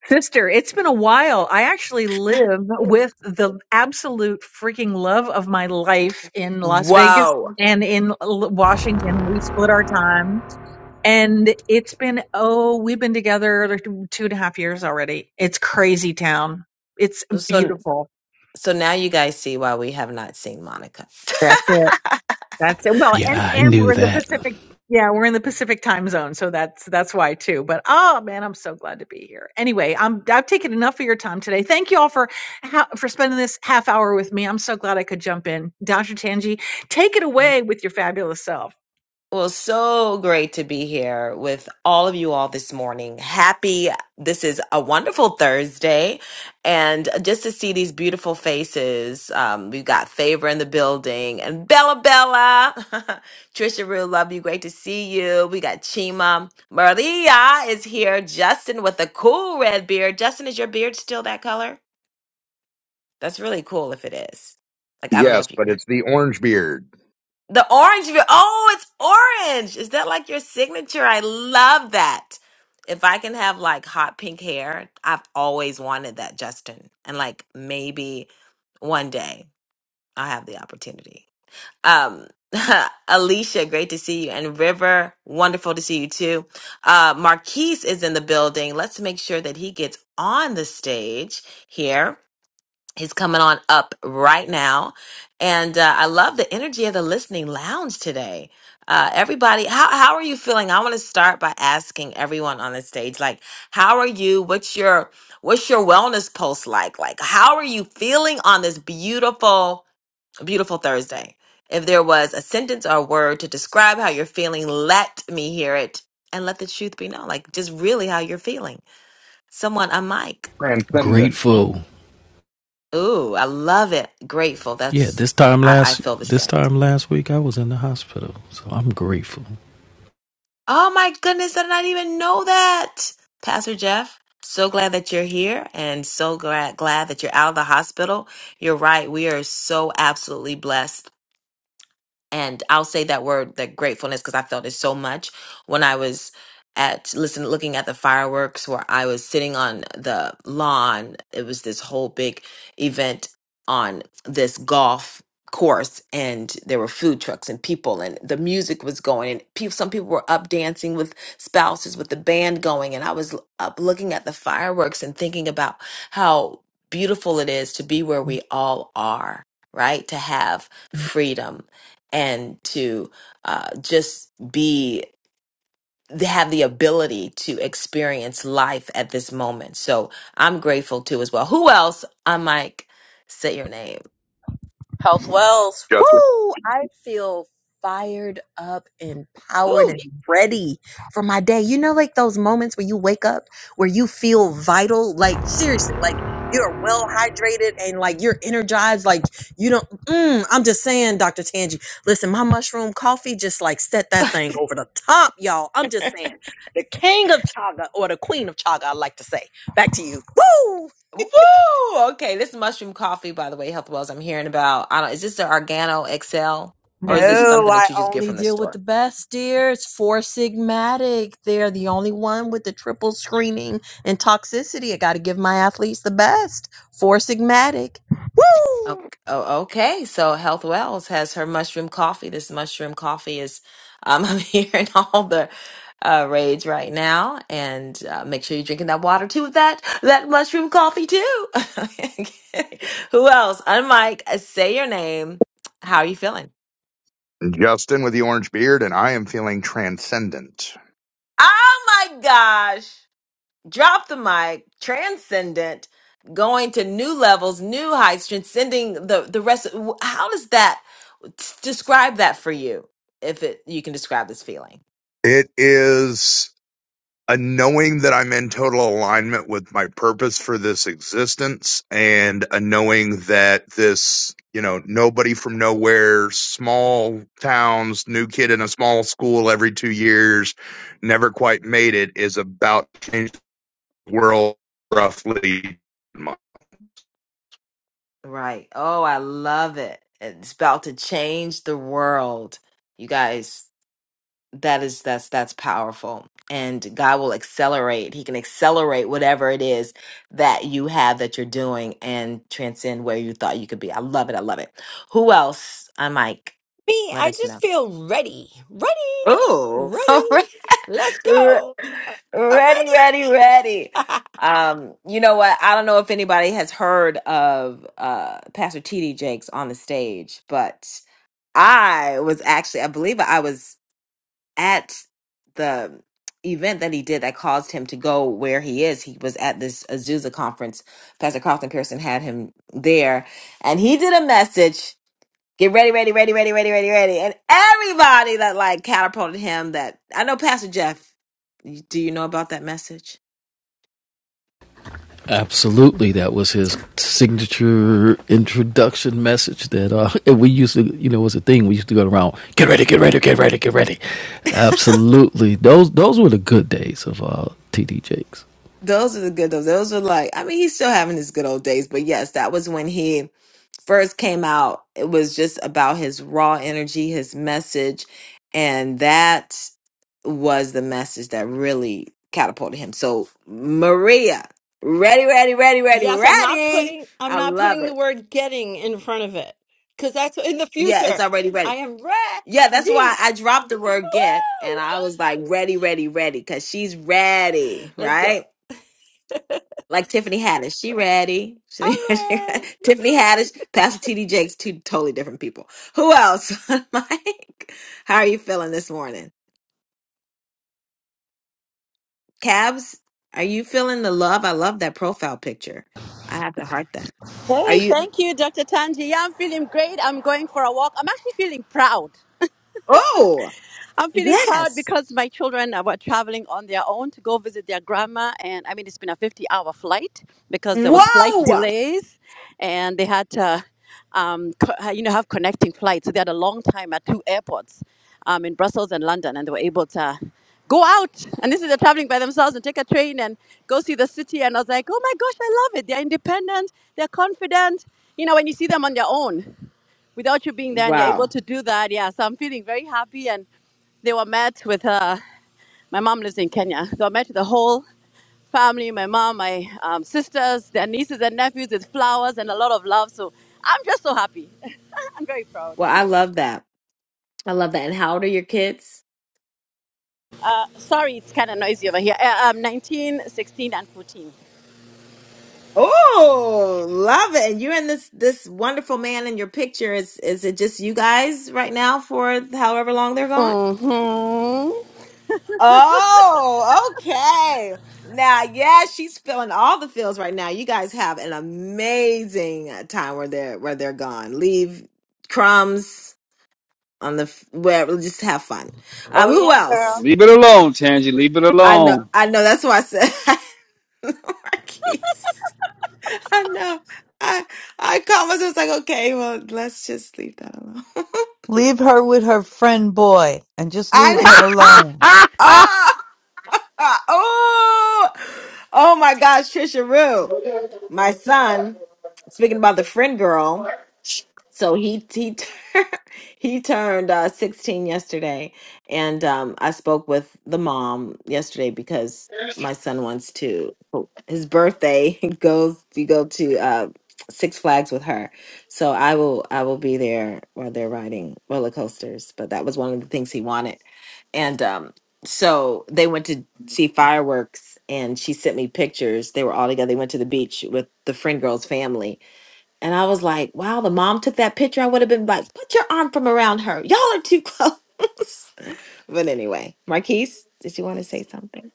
R: Sister, it's been a while. I actually
W: (laughs)
R: live with the absolute freaking love of my life in Las Vegas
W: Wow.
R: and in L- Washington. We split our time. And it's been, oh, we've been together two and a half years already. It's crazy town. It's
W: So
R: beautiful.
W: so now you guys see why we have not seen Monica.
R: That's it.
W: (laughs)
R: That's it. Well, and
U: Yeah, I
R: and we're
U: knew
R: in the
U: that.
R: Pacific. Yeah, we're in the Pacific time zone, so that's that's why too. But oh man, I'm so glad to be here. Anyway, I'm I've taken enough of your time today. Thank you all for ha- for spending this half hour with me. I'm so glad I could jump in. Dr. Tanji, take it away with your fabulous self.
W: Well, so great to be here with all of you all this morning. Happy, this is a wonderful Thursday. And just to see these beautiful faces, um, we've got Favor in the building and Bella Bella. (laughs) Trisha, real love you. Great to see you. We got Chima. Maria is here. Justin with a cool red beard. Justin, is your beard still that color? That's really cool if it is. Like, I don't know
M: Yes,
W: if you
M: but
W: can.
M: it's the orange beard.
W: The orange. vi- Oh, it's orange. Is that like your signature? I love that. If I can have like hot pink hair, I've always wanted that, Justin. And like maybe one day I'll have the opportunity. Um, (laughs) Alicia, great to see you. And River, wonderful to see you too. Uh, Marquise is in the building. Let's make sure that he gets on the stage here. He's coming on up right now. And uh, I love the energy of the listening lounge today. Uh, everybody, how, how are you feeling? I want to start by asking everyone on the stage, like, how are you? What's your what's your wellness pulse like? Like, how are you feeling on this beautiful, beautiful Thursday? If there was a sentence or a word to describe how you're feeling, let me hear it and let the truth be known. Like, just really how you're feeling. Someone, a mic.
M: Transcendent.
U: Grateful.
W: Ooh, I love it. Grateful.
U: Yeah,
W: That's
U: this time
W: I, I
U: last
W: feel the
U: this
W: same.
U: time last week I was in the hospital. So I'm grateful.
W: Oh my goodness, I did not even know that. Pastor Jeff, so glad that you're here and so glad glad that you're out of the hospital. You're right. We are so absolutely blessed and I'll say that word, that gratefulness, because I felt it so much when I was at listen looking at the fireworks where I was sitting on the lawn. It was this whole big event on this golf course and there were food trucks and people and the music was going and people some people were up dancing with spouses with the band going and I was l- up looking at the fireworks and thinking about how beautiful it is to be where we all are right to have freedom and to uh, just be have the ability to experience life at this moment. So I'm grateful too as well. Who else? I'm like, Say your name.
N: Health Wells.
M: Justin.
N: Woo! I feel fired up, empowered,
W: Ooh.
N: and ready for my day. You know, like those moments where you wake up, where you feel vital, like seriously, like you're well hydrated and like you're energized. Like you don't, mm, I'm just saying, Dr. Tangi, listen, my mushroom coffee just like set that thing over the top, y'all. I'm just saying, the king of chaga or the queen of chaga, I like to say. Back to you. Woo!
W: Woo! Okay, this mushroom coffee, by the way, Health Wells. I'm hearing about. I don't. Is this the Organo Excel,
N: No,
W: or is this
N: (laughs)
W: something that
N: I
W: you just get
N: only
W: from the
N: deal with
W: store?
N: the best, dear. It's Four Sigmatic. They're the only one with the triple screening and toxicity. I got to give my athletes the best. Four Sigmatic. Woo!
W: Oh, oh, okay. So Health Wells has her mushroom coffee. This mushroom coffee is, um, (laughs) I'm hearing all the uh, rage right now. And uh, make sure you're drinking that water too with that that mushroom coffee too. (laughs) Who else? Unmike, say your name. How are you feeling?
M: Justin with the orange beard, and I am feeling transcendent.
W: Oh my gosh. drop the mic, transcendent, going to new levels, new heights, transcending the the rest. of- How does that describe that for you? If it you can describe this feeling,
M: It is. a knowing that I'm in total alignment with my purpose for this existence and a knowing that this, you know, nobody from nowhere, small towns, new kid in a small school every two years, never quite made it is about to change the world roughly.
W: right? Oh, I love it. It's about to change the world, you guys. that is that's that's powerful and god will accelerate he can accelerate whatever it is that you have that you're doing and transcend where you thought you could be i love it i love it who else i mike
V: Me,
W: let
V: I
W: us
V: just
W: know
V: feel ready, ready,
W: oh (laughs) all right
V: ready. Let's
W: Re-
V: go. I- I'm
W: ready ready ready
V: ready. (laughs)
W: um you know what i don't know if anybody has heard of uh pastor td jakes on the stage but i was actually i believe i was at the event that he did that caused him to go where he is. He was at this Azusa conference. Pastor Carlton Pearson had him there, and he did a message. Get ready, ready, ready, ready, ready, ready, ready. And everybody that like catapulted him that I know Pastor Jeff, you- do you know about that message?
U: Absolutely, that was his signature introduction message. That uh, (laughs) and we used to, you know, it was a thing. We used to go around, get ready, get ready, get ready, get ready. Absolutely, those those were the good days of uh, TD Jakes.
W: Those are the good those. Those were like I mean he's still having his good old days, but yes, that was when he first came out, it was just about his raw energy, his message, and that was the message that really catapulted him. So, Maria, ready, ready, ready, ready,
V: Yes, I'm not
W: ready.
V: putting I'm
W: I
V: not
W: love
V: putting the
W: it.
V: word getting in front of it because that's in the
W: Yeah, it's
V: future.
W: already ready.
V: I am
W: Yeah, that's why
V: ready.
W: I dropped the word get
V: Woo!
W: and I was like, ready, ready, ready, because she's ready,
V: Let's go.
W: right?
V: (laughs)
W: like Tiffany Haddish. She ratty. (laughs) She,
V: I'm
W: she,
V: ready.
W: Tiffany Haddish, Pastor TD Jakes, two totally different people. Who else? (laughs) Mike, how are you feeling this morning? Cabs, are you feeling the love? I love that profile picture. I have to heart that. Are
X: Hey,
W: you?
X: thank you, Dr. Tanji. Yeah, I'm feeling great. I'm going for a walk. I'm actually feeling proud.
W: Oh,
X: I'm feeling proud
W: yes.
X: because my children uh, were traveling on their own to go visit their grandma. And I mean, it's been a 50 hour flight because there was flight
W: Whoa.
X: delays and they had to, um, co- uh, you know, have connecting flights. So they had a long time at two airports um, in Brussels and London and they were able to go out. And this is they're traveling by themselves and take a train and go see the city. And I was like, oh my gosh, I love it. They're independent. They're confident. You know, when you see them on their own without you being there and you're able
W: Wow.
X: to do that yeah so i'm feeling very happy and they were met with uh, my mom lives in kenya they were met with the whole family my mom my um, sisters their nieces and nephews with flowers and a lot of love so i'm just so happy (laughs) i'm very proud
W: Well, I love that. I love that. And how old are your kids?
X: sorry it's kind of noisy over here uh, um, 19 16 and 14
W: Oh, love it. And you and this this wonderful man in your picture. Is is it just you guys right now for however long they're gone?
X: hmm
W: Oh, okay. Now, yeah, she's feeling all the feels right now. You guys have an amazing uh, time where they're where they're gone. Leave crumbs on the f- where just have fun.
X: oh
W: Um, who
X: yes girl.
W: else?
Y: Leave it alone, Tangy. Leave it
W: I know,
Y: alone.
W: I know. That's why I said (laughs) Marquise. I know. I I caught myself I was like, okay, well, let's just leave that alone. (laughs)
C: Leave her with her friend boy and just
W: I
C: leave
W: kn-
C: her alone.
W: oh, Ah! oh, oh my gosh, Trisha Rue, my son. Speaking about the friend girl. So he he tur- (laughs) he turned uh, 16 yesterday, and um, I spoke with the mom yesterday because my son wants to oh, his birthday (laughs) goes you go to uh, Six Flags with her. So I will I will be there while they're riding roller coasters. But that was one of the things he wanted, and um, so they went to see fireworks, and she sent me pictures. They were all together. They went to the beach with the friend girl's family and I was like, wow, the mom took that picture. I would have been like, put your arm from around her. Y'all are too close. (laughs) but anyway, Marquise, did you want to say something?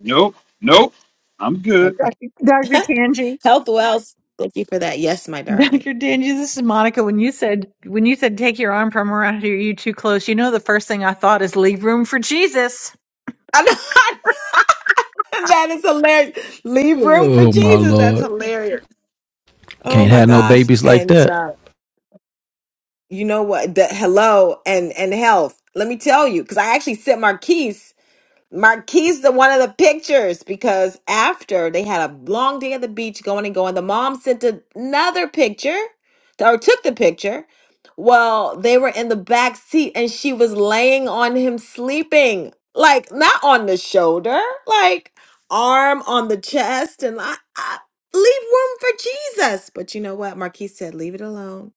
Y: Nope. Nope. I'm good.
W: Okay.
R: Dr.
W: (laughs)
R: Tanji.
W: Health Wells, thank you for that. Yes, my darling.
R: Dr. Tanji, this is Monica. When you said when you said take your arm from around here, you too close. You know the first thing I thought is leave room for Jesus.
W: (laughs) I know, that is hilarious. Leave room for
U: Oh my
W: Jesus. That's
U: lord,
W: hilarious. Oh
U: can't
W: my
U: have no
W: gosh.
U: babies like
W: And
U: that.
W: uh, you know what? The hello and and health. Let me tell you, because I actually sent Marquise. Marquise, the one of the pictures, because after they had a long day at the beach going and going, the mom sent another picture or took the picture. Well, they were in the back seat and she was laying on him sleeping, like not on the shoulder, like arm on the chest. And I, I leave room for Jesus. But you know what? Marquise said, leave it alone.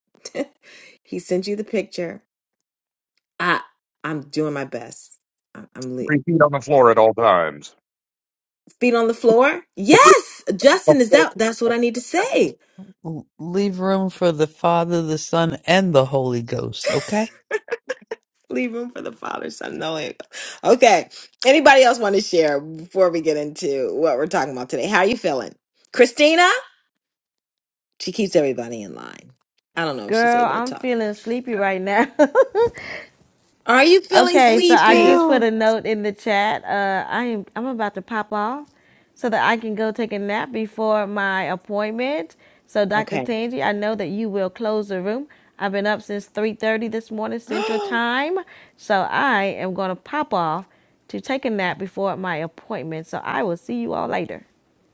W: (laughs) he sent you the picture. I, I'm doing my best. I- I'm, le-
M: Three feet on the floor at all times.
W: Feet on the floor? Yes! Justin is out. That's what I need to say.
C: L- Leave room for the Father, the Son, and the Holy Ghost, okay?
W: Leave room for the Father, Son, and the Holy Ghost. Okay. Anybody else want to share before we get into what we're talking about today? How are you feeling? Christina? She keeps everybody in line. I don't know if she's
B: Girl,
W: able to
B: I'm
W: talk.
B: feeling sleepy right now.
W: Are you
B: (laughs)
W: feeling
B: okay,
C: Me
B: so I
W: sleepy?
B: just put
C: too.
B: a note in the chat. Uh, I am I'm about to pop off so that I can go take a nap before my appointment. So Dr.
W: Okay.
B: Tangi, I know that you will close the room. I've been up since 3:30 this morning Central
W: (gasps)
B: Time, so I am going to pop off to take a nap before my appointment. So I will see you all later.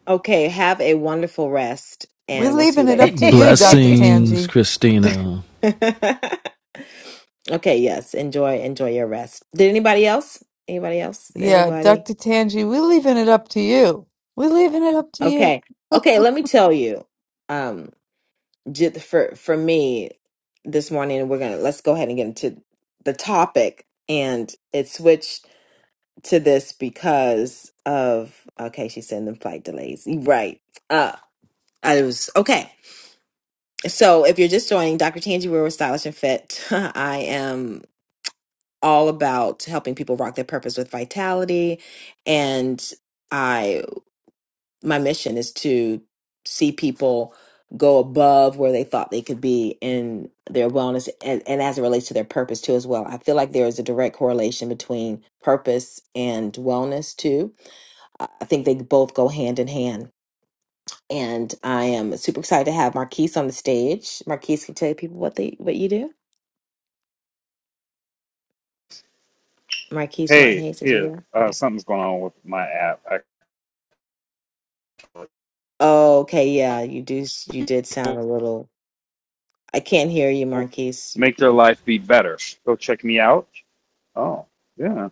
W: okay. Have a wonderful rest
C: We're
W: and we'll see you
C: leaving it up
W: later.
C: to you, Dr.
B: (laughs)
U: Blessings,
C: Tangi.
U: Christina.
W: (laughs) okay. Yes. Enjoy, enjoy your rest. Did anybody else? Anybody else? Did
C: Yeah,
W: everybody?
C: Dr. Tangi, we're leaving it up to you. We're leaving it up to you.
W: Okay. Okay, let me tell you. Um j- for for me this morning we're going to let's go ahead and get into the topic and it switched to this because of okay, she's sending the flight delays. Right. Uh I was okay. So if you're just joining Dr. Tangi We're with Stylish and Fit, (laughs) I am all about helping people rock their purpose with vitality and my mission is to see people go above where they thought they could be in their wellness and, and as it relates to their purpose too as well i feel like there is a direct correlation between purpose and wellness too i I think they both go hand in hand and i am super excited to have marquise on the stage marquise can you tell people what they what you do marquise martin
Y: Hey,
W: hayes is you
Y: here.
W: there
Y: Uh,
W: okay
Y: something's going on with my app. I
W: okay yeah you do s- you did sound a little i can't hear you
Y: will
W: marquise you,
Y: make their
W: you,
Y: life be better. Go check me out. Oh, yeah.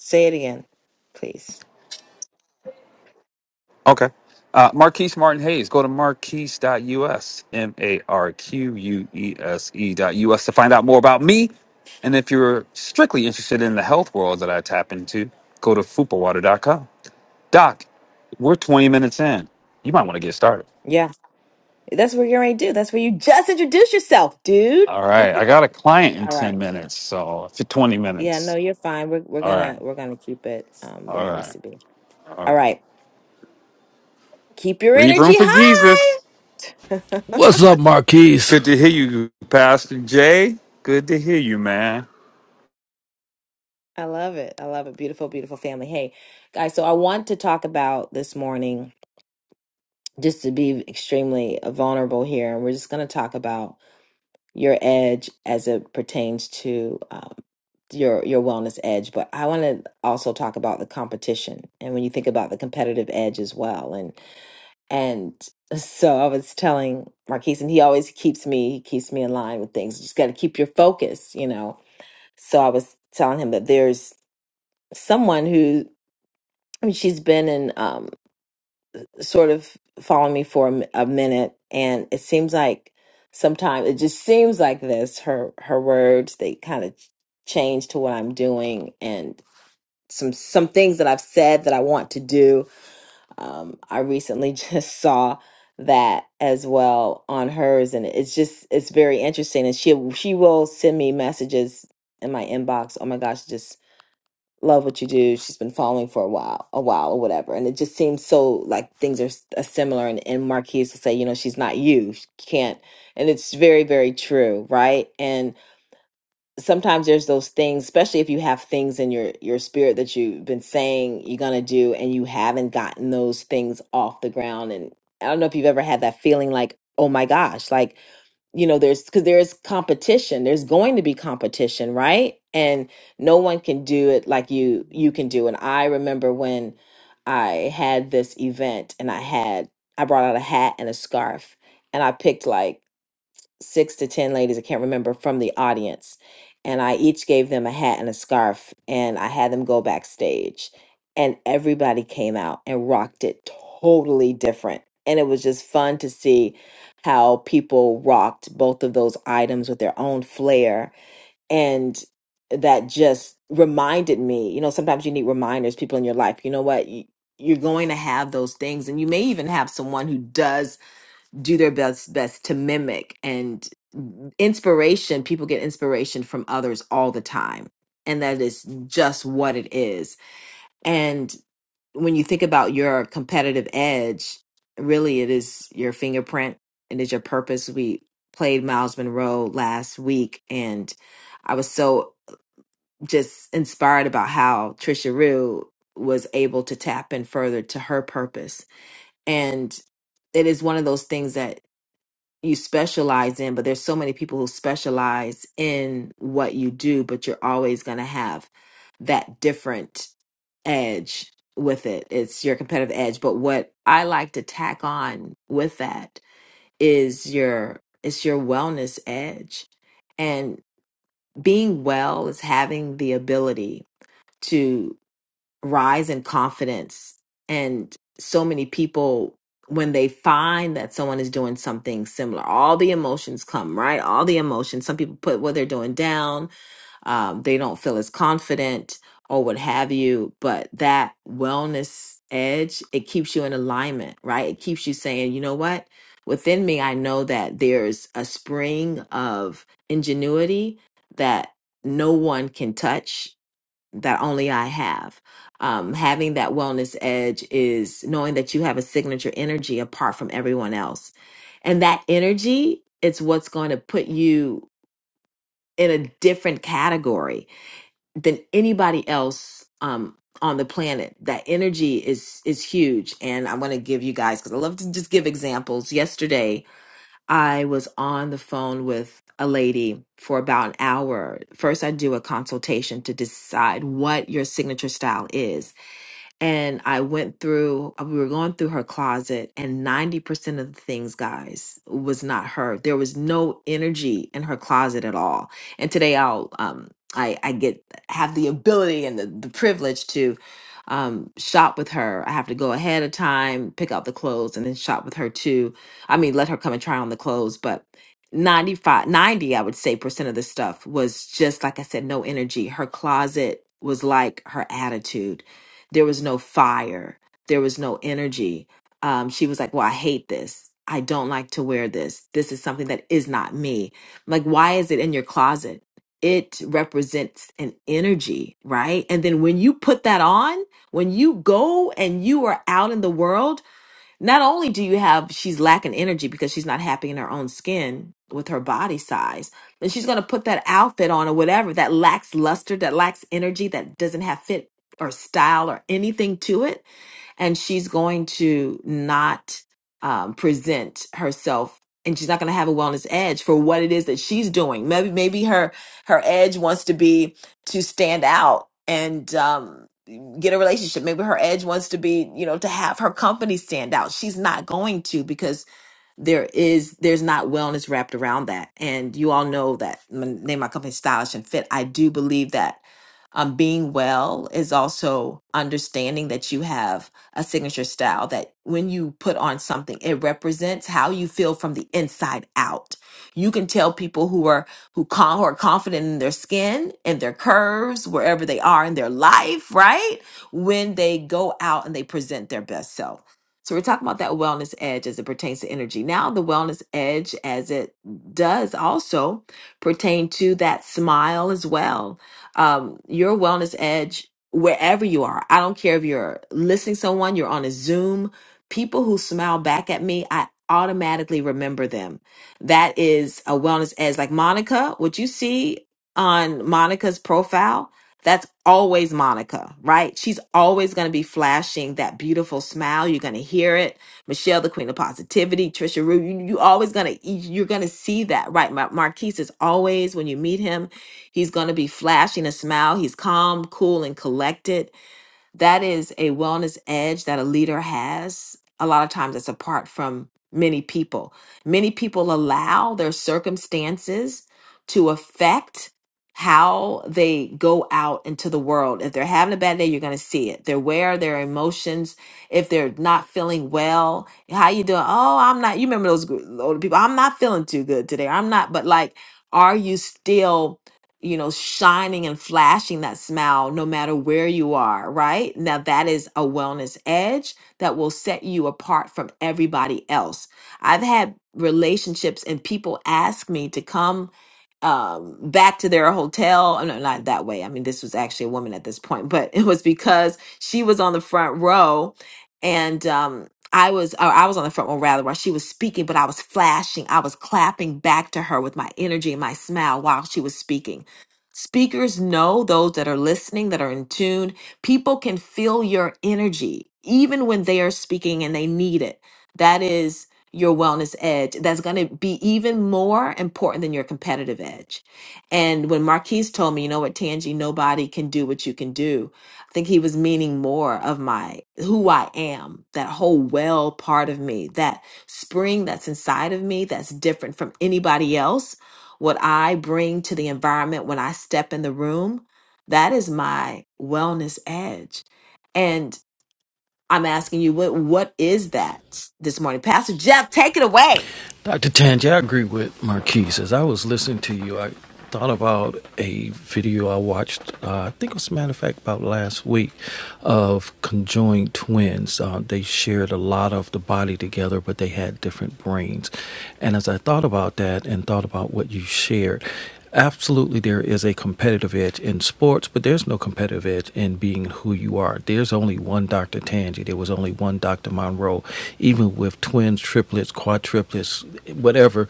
W: say it again please
Y: Okay. Uh, Marquise Martin Hayes. Go to marquise.us, M A R Q U E S E dot US to find out more about me. And if you're strictly interested in the health world that I tap into, go to fupawater.com. Doc, we're 20 minutes in. You might want to get started.
W: yeah That's what you're going to do. That's where you just introduce yourself, dude.
Y: All right. I got a client in
W: All
Y: 10
W: right.
Y: minutes, so for 20
W: Yeah, no,
Y: minutes.
W: you're fine. We're we're
Y: All right.
W: gonna we're gonna keep it um where
Y: All
W: it needs
Y: right.
W: to be.
Y: All
W: All
Y: right.
W: right. Keep your
Y: Leave room
W: energy
Y: for
W: high.
Y: Jesus.
W: (laughs)
U: What's up, Marquise?
Y: Good to hear you, Pastor Jay. Good to hear you, man.
W: I love it. I love it. Beautiful, beautiful family. Hey, guys, so I want to talk about this morning, just to be extremely vulnerable here, and we're just gonna talk about your edge as it pertains to um, your your wellness edge but i want to also talk about the competition and when you think about the competitive edge as well and and (laughs) so i was telling marquise and he always keeps me he keeps me in line with things you just got to keep your focus you know so i was telling him that there's someone who i mean she's been in um, sort of following me for a, m- a minute and it seems like sometimes it just seems like this her her words they kind of change to what i'm doing and some some things that i've said that i want to do um i recently (laughs) just saw that as well on hers and it's just it's very interesting and she she will send me messages in my inbox oh my gosh just love what you do. She's been following for a while, a while or whatever. And it just seems so like things are s- uh, similar. And, and Marquise will say, you know, she's not you. She can't. And it's very, very true. Right. And sometimes there's those things, especially if you have things in your, your spirit that you've been saying you're going to do and you haven't gotten those things off the ground. And I don't know if you've ever had that feeling like, oh my gosh, like you know there's because there's competition there's going to be competition right and no one can do it like you you can do and i remember when i had this event and i had i brought out a hat and a scarf and i picked like six to ten ladies, I can't remember, from the audience. And I each gave them a hat and a scarf, and I had them go backstage. And everybody came out and rocked it totally different. And it was just fun to see how people rocked both of those items with their own flair. And that just reminded me, you know, sometimes you need reminders, people in your life, you know what? You- You're going to have those things, and you may even have someone who does do their best best to mimic and inspiration people get inspiration from others all the time and that is just what it is and when you think about your competitive edge really it is your fingerprint it is your purpose we played miles monroe last week and i was so just inspired about how trisha rue was able to tap in further to her purpose and it is one of those things that you specialize in, but there's so many people who specialize in what you do, but you're always going to have that different edge with it. It's your competitive edge. But what I like to tack on with that is your it's your wellness edge. And being well is having the ability rise in confidence. And so many people, when they find that someone is doing something similar, all the emotions come, right? All the emotions. Some people put what they're doing down, um, they don't feel as confident or what have you. But that wellness edge, it keeps you in alignment, right? It keeps you saying, you know what? Within me, I know that there's a spring of ingenuity that no one can touch that only I have. Um, having that wellness edge is knowing that you have a signature energy apart from everyone else. And that energy, it's what's going to put you in a different category than anybody else um, on the planet. That energy is is huge. And I'm going to give you guys, because I love to just give examples. Yesterday, I was on the phone with a lady for about an hour. First, I do a consultation to decide what your signature style is and I went through, uh, we were going through her closet, and 90% of the things, guys, was not her. There was no energy in her closet at all. And today I'll, um, I, I get, have the ability and the, the privilege to um, shop with her. I have to go ahead of time, pick out the clothes, and then shop with her too. I mean, let her come and try on the clothes, but 95, 90, i would say percent of the stuff was just like i said no energy her closet was like her attitude there was no fire. There was no energy. Um, she was like, Well, I hate this. I don't like to wear this. This is something that is not me. I'm like, why is it in your closet? It represents an energy, right? And then when you put that on, when you go and you are out in the world, not only do you have she's lacking energy because she's not happy in her own skin with her body size, and she's going to put that outfit on or whatever that lacks luster, that lacks energy, that doesn't have fit or style or anything to it and she's going to not um, present herself and she's not going to have a wellness edge for what it is that she's doing maybe maybe her her edge wants to be to stand out and um, get a relationship maybe her edge wants to be you know to have her company stand out she's not going to because there is there's not wellness wrapped around that and you all know that my name my company stylish and fit i do believe that um, being well is also understanding that you have a signature style that when you put on something, it represents how you feel from the inside out. You can tell people who are who, con- who are confident in their skin and their curves, wherever they are in their life, right? When they go out and they present their best self. So we're talking about that wellness edge as it pertains to energy. Now the wellness edge as it does also pertain to that smile as well um, your wellness edge wherever you are. I don't care if you're listening to someone, you're on a Zoom. People who smile back at me, I automatically remember them. That is a wellness edge. Like Monica, what you see on Monica's profile, that's always Monica, right? She's always going to be flashing that beautiful smile. You're going to hear it. Michelle, the queen of positivity, Trisha Rue, you, you always going to, you're going to see that, right? Mar- Marquise is always, when you meet him, He's going to be flashing a smile. He's calm, cool, and collected. That is a wellness edge that a leader has. A lot of times it's apart from many people. Many people allow their circumstances to affect how they go out into the world. If they're having a bad day, you're going to see it. They're aware of their emotions. If they're not feeling well, how you doing? Oh, I'm not. You remember those gr- older people? I'm not feeling too good today. I'm not. But like, are you still? you know, shining and flashing that smile no matter where you are, right? Now, that is a wellness edge that will set you apart from everybody else. I've had relationships and people ask me to come um back to their hotel no not that way i mean this was actually a woman at this point but (laughs) it was because she was on the front row and um i was or i was on the front row rather while she was speaking but i was flashing i was clapping back to her with my energy and my smile while she was speaking speakers know those that are listening that are in tune people can feel your energy even when they are speaking and they need it that is your wellness edge that's going to be even more important than your competitive edge. And when Marquise told me, you know what, Tangie, nobody can do what you can do, I think he was meaning more of my who I am, that whole well part of me, that spring that's inside of me that's different from anybody else. What I bring to the environment when I step in the room, that is my wellness edge. I'm asking you, what what is that this morning? Pastor Jeff, take it away.
U: Dr. Tanji, I agree with Marquise. As I was listening to you, I thought about a video I watched, uh, I think it was a matter of fact about last week, of conjoined twins. Uh, they shared a lot of the body together, but they had different brains. And as I thought about that and thought about what you shared, absolutely there is a competitive edge in sports, but there's no competitive edge in being who you are. There's only one Dr. Tangi. There was only one Dr. Monroe. Even with twins, triplets, quadruplets, whatever,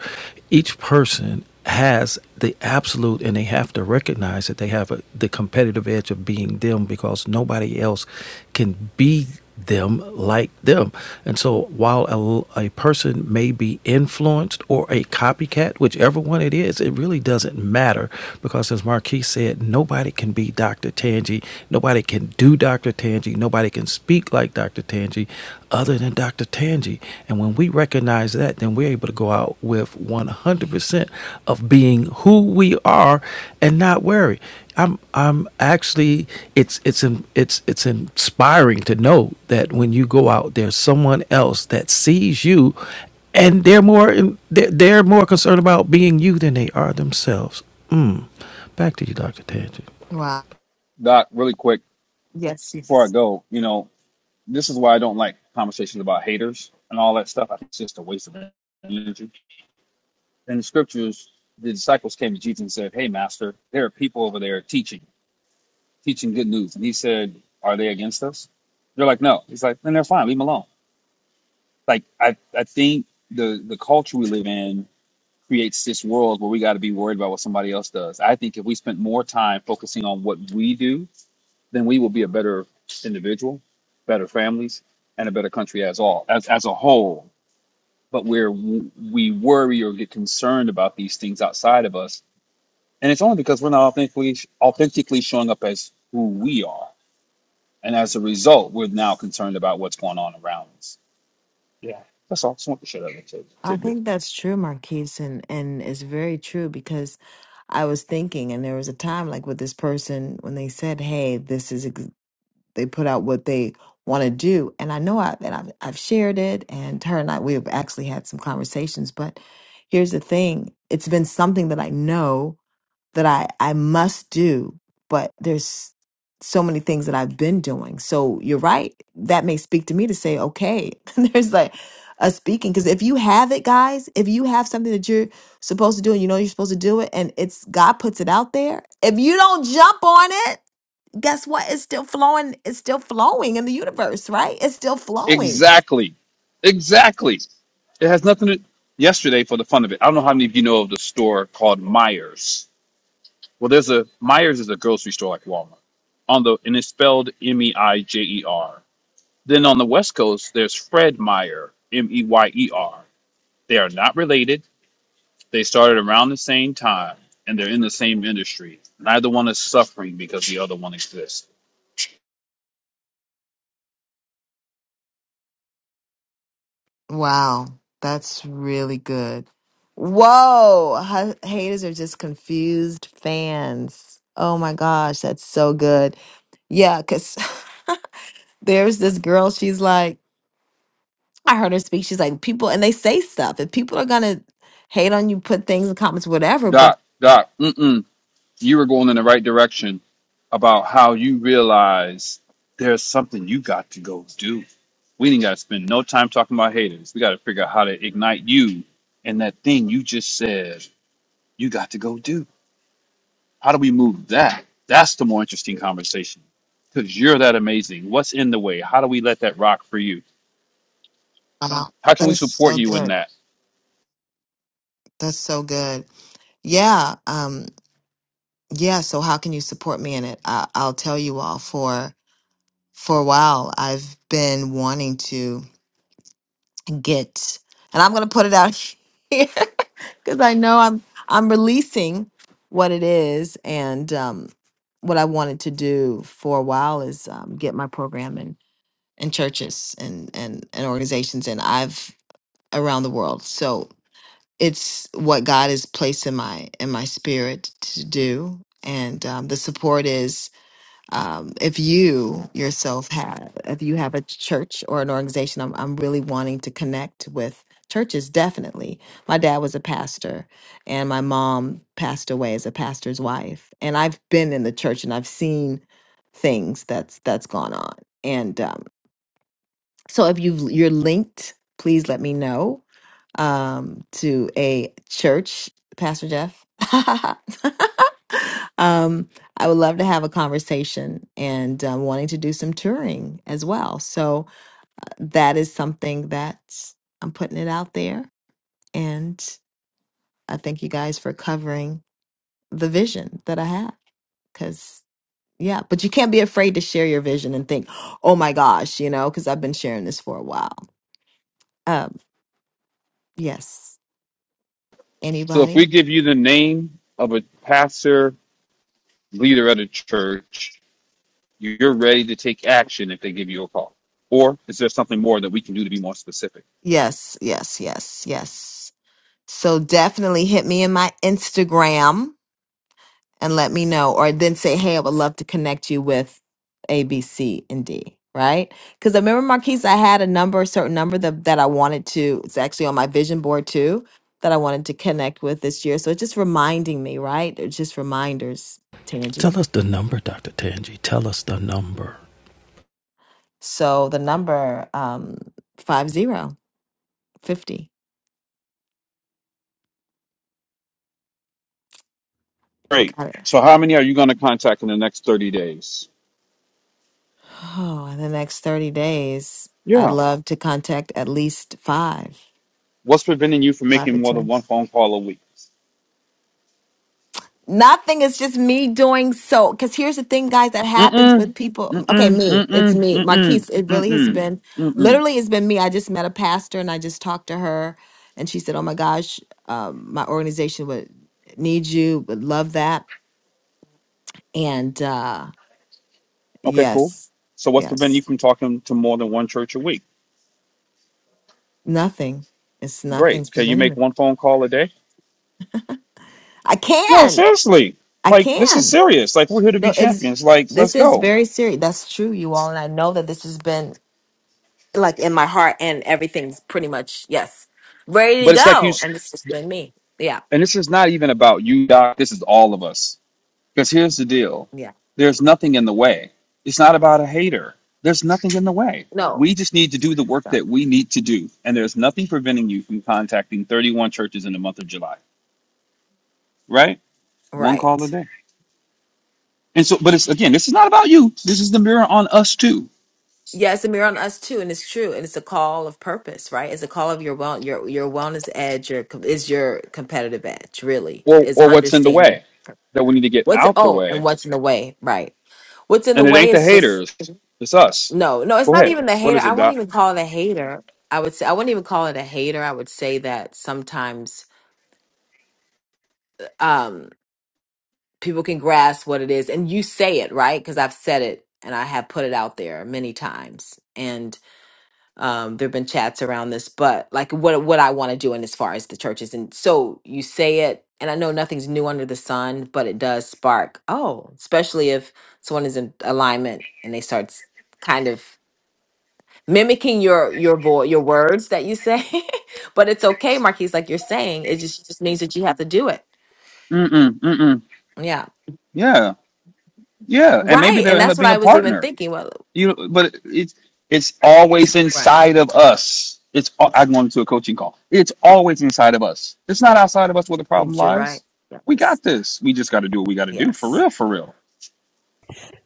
U: each person has the absolute and they have to recognize that they have a, the competitive edge of being them because nobody else can be them like them. And so while a, a person may be influenced or a copycat, whichever one it is, it really doesn't matter because as Marquis said, nobody can be Dr. Tangi, nobody can do Dr. Tangi, nobody can speak like Dr. Tangi other than Dr. Tangi. And when we recognize that, then we're able to go out with 100% of being who we are and not worry. I'm I'm actually it's it's in, it's it's inspiring to know that when you go out there's someone else that sees you and they're more in, they're, they're more concerned about being you than they are themselves. Mm. Back to you Dr. Tangi.
W: Wow.
Y: Doc, really quick
W: Yes,
Y: before I
W: yes.
Y: go, you know, this is why I don't like conversations about haters and all that stuff. I think it's just a waste of energy. In the scriptures, the disciples came to Jesus and said, Hey, master, there are people over there teaching, teaching good news. And he said, Are they against us? They're like, No. He's like, Then they're fine. Leave them alone. like I, I think the the culture we live in creates this world where we got to be worried about what somebody else does. I think if we spent more time focusing on what we do, then we will be a better individual, better families, and a better country as all as as a whole. But we're we worry or get concerned about these things outside of us, and it's only because we're not authentically authentically showing up as who we are, and as a result, we're now concerned about what's going on around us. Yeah, that's all. Just want to share that little tid-
W: I
Y: tidbit.
W: think that's true, Marquise, and, and it's very true because I was thinking, and there was a time like with this person when they said, "Hey, this is," ex- they put out what they want to do, and I know I and I've, I've shared it, and her and I we have actually had some conversations. But here's the thing: it's been something that I know that I I must do, but there's so many things that I've been doing. So you're right. That may speak to me to say, okay, (laughs) there's like a speaking because if you have it, guys, if you have something that you're supposed to do and you know you're supposed to do it, and it's God puts it out there, if you don't jump on it, guess what? It's still flowing. It's still flowing in the universe, right? It's still flowing.
Y: Exactly. Exactly. It has nothing to yesterday for the fun of it. I don't know how many of you know of the store called Myers. Well there's a Myers is a grocery store like Walmart. On the and it's spelled M E I J E R. Then on the West Coast there's Fred Meyer, M E Y E R. They are not related. They started around the same time and they're in the same industry. Neither one is suffering because the other one exists.
W: Wow, that's really good. Whoa, ha- haters are just confused fans. Oh my gosh, that's so good. Yeah, because (laughs) there's this girl, she's like, I heard her speak. She's like, people, and they say stuff. If people are going to hate on you, put things in comments, whatever. But
Y: Doc, Doc, mm mm. You were going in the right direction about how you realize there's something you got to go do. We ain't got to spend no time talking about haters. We got to figure out how to ignite you and that thing you just said you got to go do. How do we move that? That's the more interesting conversation because you're that amazing. What's in the way? How do we let that rock for you?
W: wow,
Y: How can we
W: that's
Y: support
W: so
Y: you in
W: good.
Y: that?
W: That's so good. Yeah. Um, yeah. So how can you support me in it? I- I'll tell you all for, for a while, I've been wanting to. get. And I'm going to put it out (laughs) here because I know I'm I'm releasing what it is and um, what I wanted to do for a while is um, get my program in in churches and and and organizations and I've around the world. So it's what God has placed in my in my spirit to do, and um, the support is um, if you yourself have if you have a church or an organization I'm, I'm really wanting to connect with churches definitely my dad was a pastor and my mom passed away as a pastor's wife and i've been in the church and i've seen things that's that's gone on and um, so if you you're linked please let me know um, to a church pastor jeff (laughs) um, I would love to have a conversation and um, wanting to do some touring as well. So uh, that is something that I'm putting it out there. And I thank you guys for covering the vision that I have. Because, yeah, but you can't be afraid to share your vision and think, oh my gosh, you know, because I've been sharing this for a while. Um, yes.
Y: So if we
W: Anybody?
Y: give you the name of a pastor leader at a church You're ready to take action if they give you a call. Or is there something more that we can do to be more specific?
W: Yes, yes, yes, yes. So definitely hit me in my Instagram and let me know, or then say, hey, I would love to connect you with A, B, C, and D, right? Because I remember, Marquise, I had a number, a certain number that, that I wanted to, it's actually on my vision board too, that I wanted to connect with this year. So it's just reminding me, right? It's just reminders, Tangie.
U: Tell us the number Dr. Tangi. Tell us the number.
W: So the number um, five zero 50, you
Y: Great.
W: got it.
Y: So, how many are you going to contact in the next 30 days?
W: Oh, in the next 30 days, I'd
Y: Yeah.
W: love to contact at least five,
Y: What's preventing you from
W: five
Y: making
W: to
Y: more
W: 10.
Y: than one phone call a week?
W: Nothing. It's just me doing so. Because here's the thing, guys, that happens
Y: Mm-mm.
W: with people. Okay,
Y: Mm-mm.
W: me. It's
Y: Mm-mm.
W: me.
Y: Mm-mm.
W: Marquise, it really has
Y: Mm-mm.
W: been,
Y: Mm-mm.
W: literally, it's been me. I just met a pastor and I just talked to her. And she said, Oh my gosh, um, my organization would need you, would love that. And uh,
Y: Okay, cool.
W: yes,
Y: So what's preventing you
W: yes,
Y: from talking to more than one church a week?
W: nothing. It's nothing's
Y: Great. Can you
W: preventing
Y: make
W: me.
Y: one phone call a day?
W: I
Y: No,
W: can.
Y: seriously.
W: I
Y: Like this is
W: can.
Y: serious. Like we're here to be
W: No, it's,
Y: champions. Like let's
W: this is
Y: go.
W: very serious. That's true, you all. And I know that this has been like in my heart and everything's pretty much yes ready to
Y: But it's like you
W: go and it's just been me yeah
Y: and this is not even about you, Doc. This is all of us. Because here's the deal
W: yeah
Y: there's nothing in the way. It's not about a hater. There's nothing in the way.
W: no
Y: We just need to do the work
W: no.
Y: that we need to do. And there's nothing preventing you from contacting 31 churches in the month of July, right? One call a
W: right
Y: day. And so, but it's again, this is not about you. This is the mirror on us too,
W: yeah it's a mirror on us too and it's true and it's a call of purpose right it's a call of your well your your wellness edge your com- is your competitive edge really
Y: or,
W: is
Y: or what's in the
W: understanding
Y: way that we need to get
W: what's
Y: out the
W: oh and
Y: way.
W: what's in the way right what's in the
Y: And it
W: way
Y: ain't the
W: is just
Y: haters, it's us.
W: no no it's
Y: Go
W: not
Y: ahead.
W: even the
Y: What
W: hater
Y: is
W: i
Y: it,
W: won't
Y: Doc?
W: even call it a hater i would say i wouldn't even call it a hater i would say that sometimes Um, people can grasp what it is and you say it right because i've said it and i have put it out there many times and um, there have been chats around this but like what what i want to do in as far as the churches and so you say it and i know nothing's new under the sun but it does spark oh especially if someone is in alignment and they start s- kind of mimicking your your voice your words that you say (laughs) but it's okay marquise like you're saying it just just means that you have to do it
Y: Mm mm, mm mm.
W: yeah
Y: Yeah. Yeah, and maybe
W: Right.
Y: they'll
W: And
Y: end
W: that's
Y: up
W: what
Y: being a
W: I was even
Y: partner.
W: thinking. Well,
Y: You, but it's it's always
W: Right.
Y: inside of us. It's al- I'm going to a coaching call. It's always inside of us. It's not outside of us where the problem
W: And You're
Y: lies.
W: right. Yeah,
Y: We
W: Yes.
Y: got this. We just got to do what we got to do for
W: Yes.
Y: real, for real.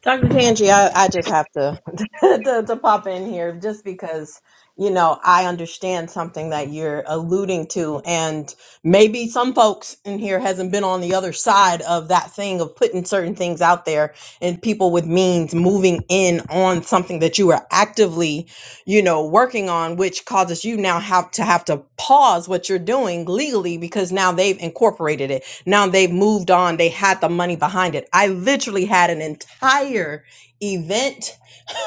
N: Dr. Tangi, I, I just have to, (laughs) to to pop in here just because you know I understand something that you're alluding to, and maybe some folks in here hasn't been on the other side of that thing of putting certain things out there and people with means moving in on something that you are actively, you know, working on, which causes you now have to have to pause what you're doing legally because now they've incorporated it now they've moved on. They had the money behind it. I literally had an entire event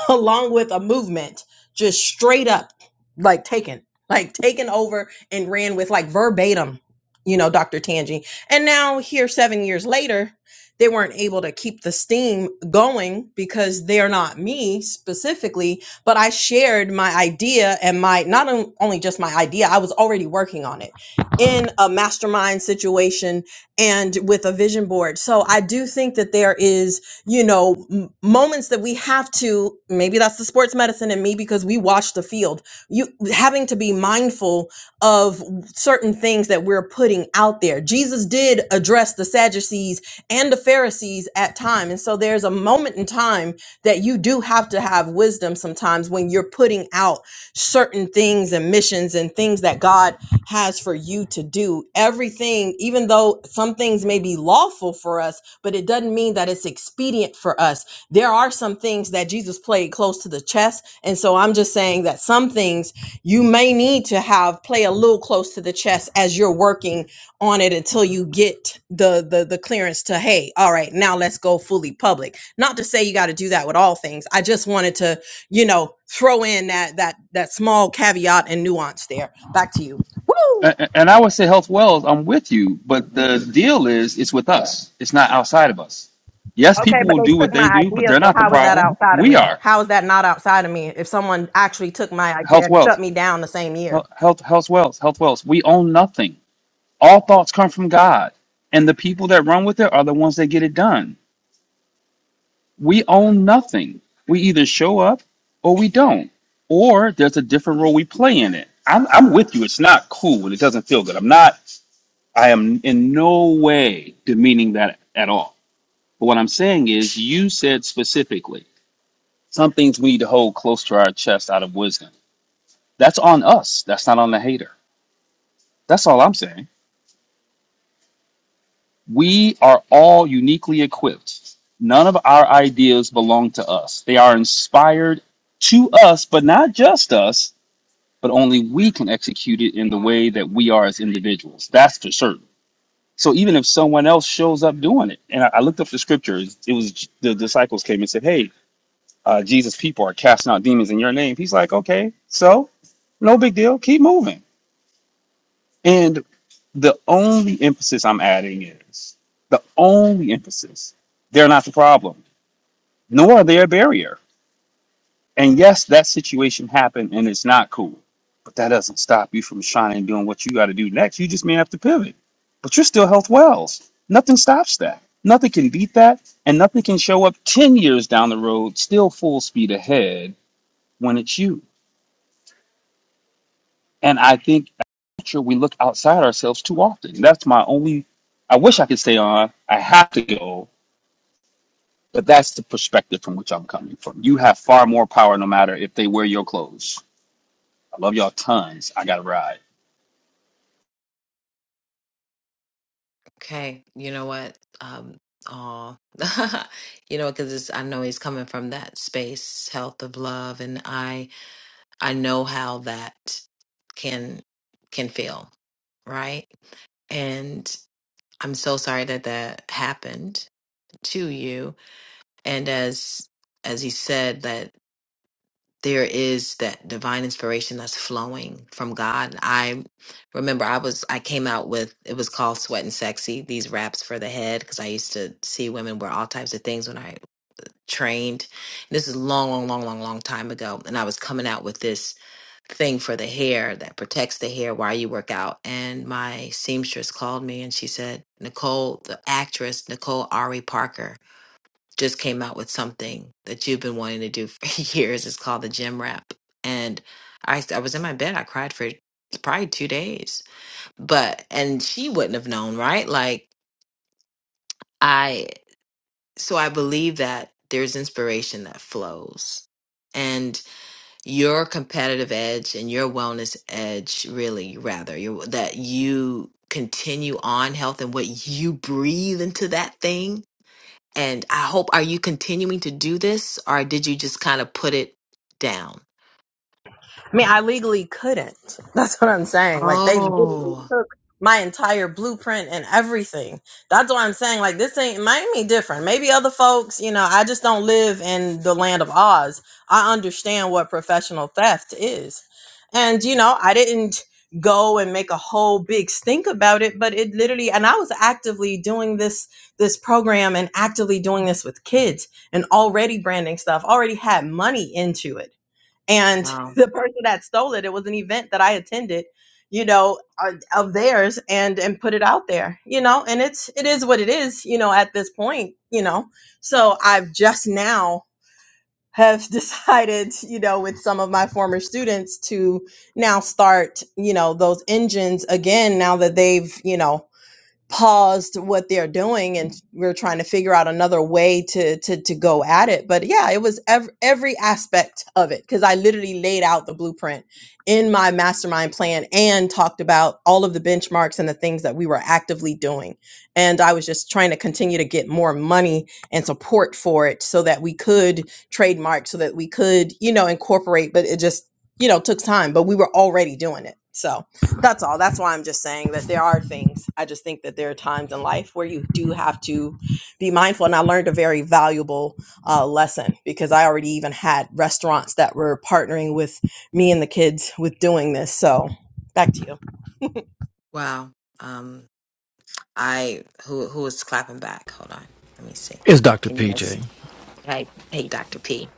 N: (laughs) along with a movement just straight up like taken like taken over and ran with like verbatim you know dr tangi and now here seven years later they weren't able to keep the steam going because they're not me specifically but i shared my idea and my not on- only just my idea i was already working on it in a mastermind situation and with a vision board so i do think that there is you know m- moments that we have to maybe that's the sports medicine in me because we watch the field you having to be mindful of certain things that we're putting out there jesus did address the sadducees and the pharisees at time and so there's a moment in time that you do have to have wisdom sometimes when you're putting out certain things and missions and things that god has for you to do everything even though some things may be lawful for us but it doesn't mean that it's expedient for us. There are some things that Jesus played close to the chest. And so I'm just saying that some things you may need to have play a little close to the chest as you're working on it until you get the the, the clearance to, hey, all right, now let's go fully public. Not to say you got to do that with all things. I just wanted to, you know, throw in that that that small caveat and nuance there. Back to you. Woo!
Y: And, and I would say health wells. I'm with you, but the deal is it's with us. It's not outside of us. Yes,
N: Okay,
Y: people
N: but
Y: will
N: they
Y: do what
N: took
Y: they
N: my
Y: do, but
N: idea,
Y: they're
N: so
Y: not the
N: how is that
Y: problem.
N: outside of
Y: We
N: me?
Y: are
N: How is that not outside of me if someone actually took my idea
Y: health
N: and shut
Y: wells,
N: me down the same year?
Y: health health wells, health wells. We own nothing. All thoughts come from God, and the people that run with it are the ones that get it done. We own nothing. We either show up or we don't, or there's a different role we play in it. I'm, I'm with you. It's not cool and it doesn't feel good. I'm not, I am in no way demeaning that at all. But what I'm saying is, you said specifically some things we need to hold close to our chest out of wisdom. That's on us. That's not on the hater. That's all I'm saying. We are all uniquely equipped. None of our ideas belong to us. They are inspired to us, but not just us, but only we can execute it in the way that we are as individuals. That's for certain. So even if someone else shows up doing it, and I, I looked up the scriptures, it was the disciples came and said, Hey, uh, Jesus, people are casting out demons in your name. He's like, Okay, so no big deal. Keep moving. And the only emphasis I'm adding is the only emphasis. They're not the problem, nor are they a barrier. And yes, that situation happened and it's not cool, but that doesn't stop you from shining and doing what you got to do next. You just may have to pivot, but you're still Health Wells. Nothing stops that. Nothing can beat that, and nothing can show up 10 years down the road, still full speed ahead when it's you. And I think as a culture, we look outside ourselves too often. That's my only. I wish I could stay on. I have to go But that's the perspective from which I'm coming from. You have far more power no matter if they wear your clothes. I love y'all tons. I got to ride.
W: Okay, you know what? Um, aw. (laughs) You know, because I know he's coming from that space, health of love, and I I know how that can can feel, right? And I'm so sorry that that happened to you. And as as he said, that. there is that divine inspiration that's flowing from God. I remember I was I came out with it was called Sweat and Sexy, these wraps for the head because I used to see women wear all types of things when I trained. This is long long long long long time ago and I was coming out with this thing for the hair that protects the hair while you work out and my seamstress called me and she said, "Nicole, the actress Nicole Ari Parker just came out with something that you've been wanting to do for (laughs) years. It's called the Gym Wrap. And I, I was in my bed. I cried for probably two days. But, and she wouldn't have known, right? Like, I, so I believe that there's inspiration that flows. And your competitive edge and your wellness edge, really, rather, your, that you continue on health and what you breathe into that thing And I hope, are you continuing to do this or did you just kind of put it down?
N: I mean, I legally couldn't. (laughs) That's what I'm saying. Like they literally
W: Oh,
N: took my entire blueprint and everything. That's what I'm saying. Like this ain't Miami different. Maybe other folks, you know, I just don't live in the land of Oz. I understand what professional theft is. And you know, I didn't go and make a whole big stink about it, but it literally and I was actively doing this this program and actively doing this with kids and already branding stuff, already had money into it and (laughs)
W: wow.
N: the person that stole it it was an event that i attended you know uh, of theirs and and put it out there you know and it's it is what it is you know at this point you know so i've just now have (laughs) decided you know with some of my former students to now start you know those engines again now that they've you know paused what they're doing and we're trying to figure out another way to to to go at it but yeah it was ev- every aspect of it because i literally laid out the blueprint in my mastermind plan and talked about all of the benchmarks and the things that we were actively doing and i was just trying to continue to get more money and support for it so that we could trademark so that we could you know incorporate but it just you know took time but we were already doing it so that's all. That's why I'm just saying that there are things. I just think that there are times in life where you do have to be mindful. And I learned a very valuable uh, lesson because I already even had restaurants that were partnering with me and the kids with doing this. So back to you. (laughs)
W: Wow. Um, I, who, who was clapping back? Hold on. Let me see.
U: It's Dr.
W: Can you guys,
U: PJ.
W: hey, hey, Dr. P.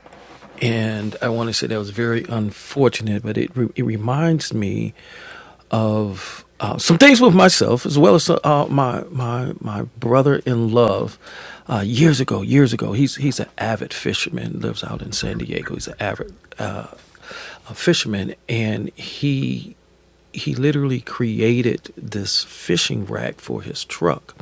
U: And I want to say that was very unfortunate, but it, re- it reminds me of uh, some things with myself as well as uh, my my my brother in love. Uh, years ago, years ago, he's he's an avid fisherman. Lives out in San Diego. He's an avid uh, a fisherman, and he he literally created this fishing rack for his truck.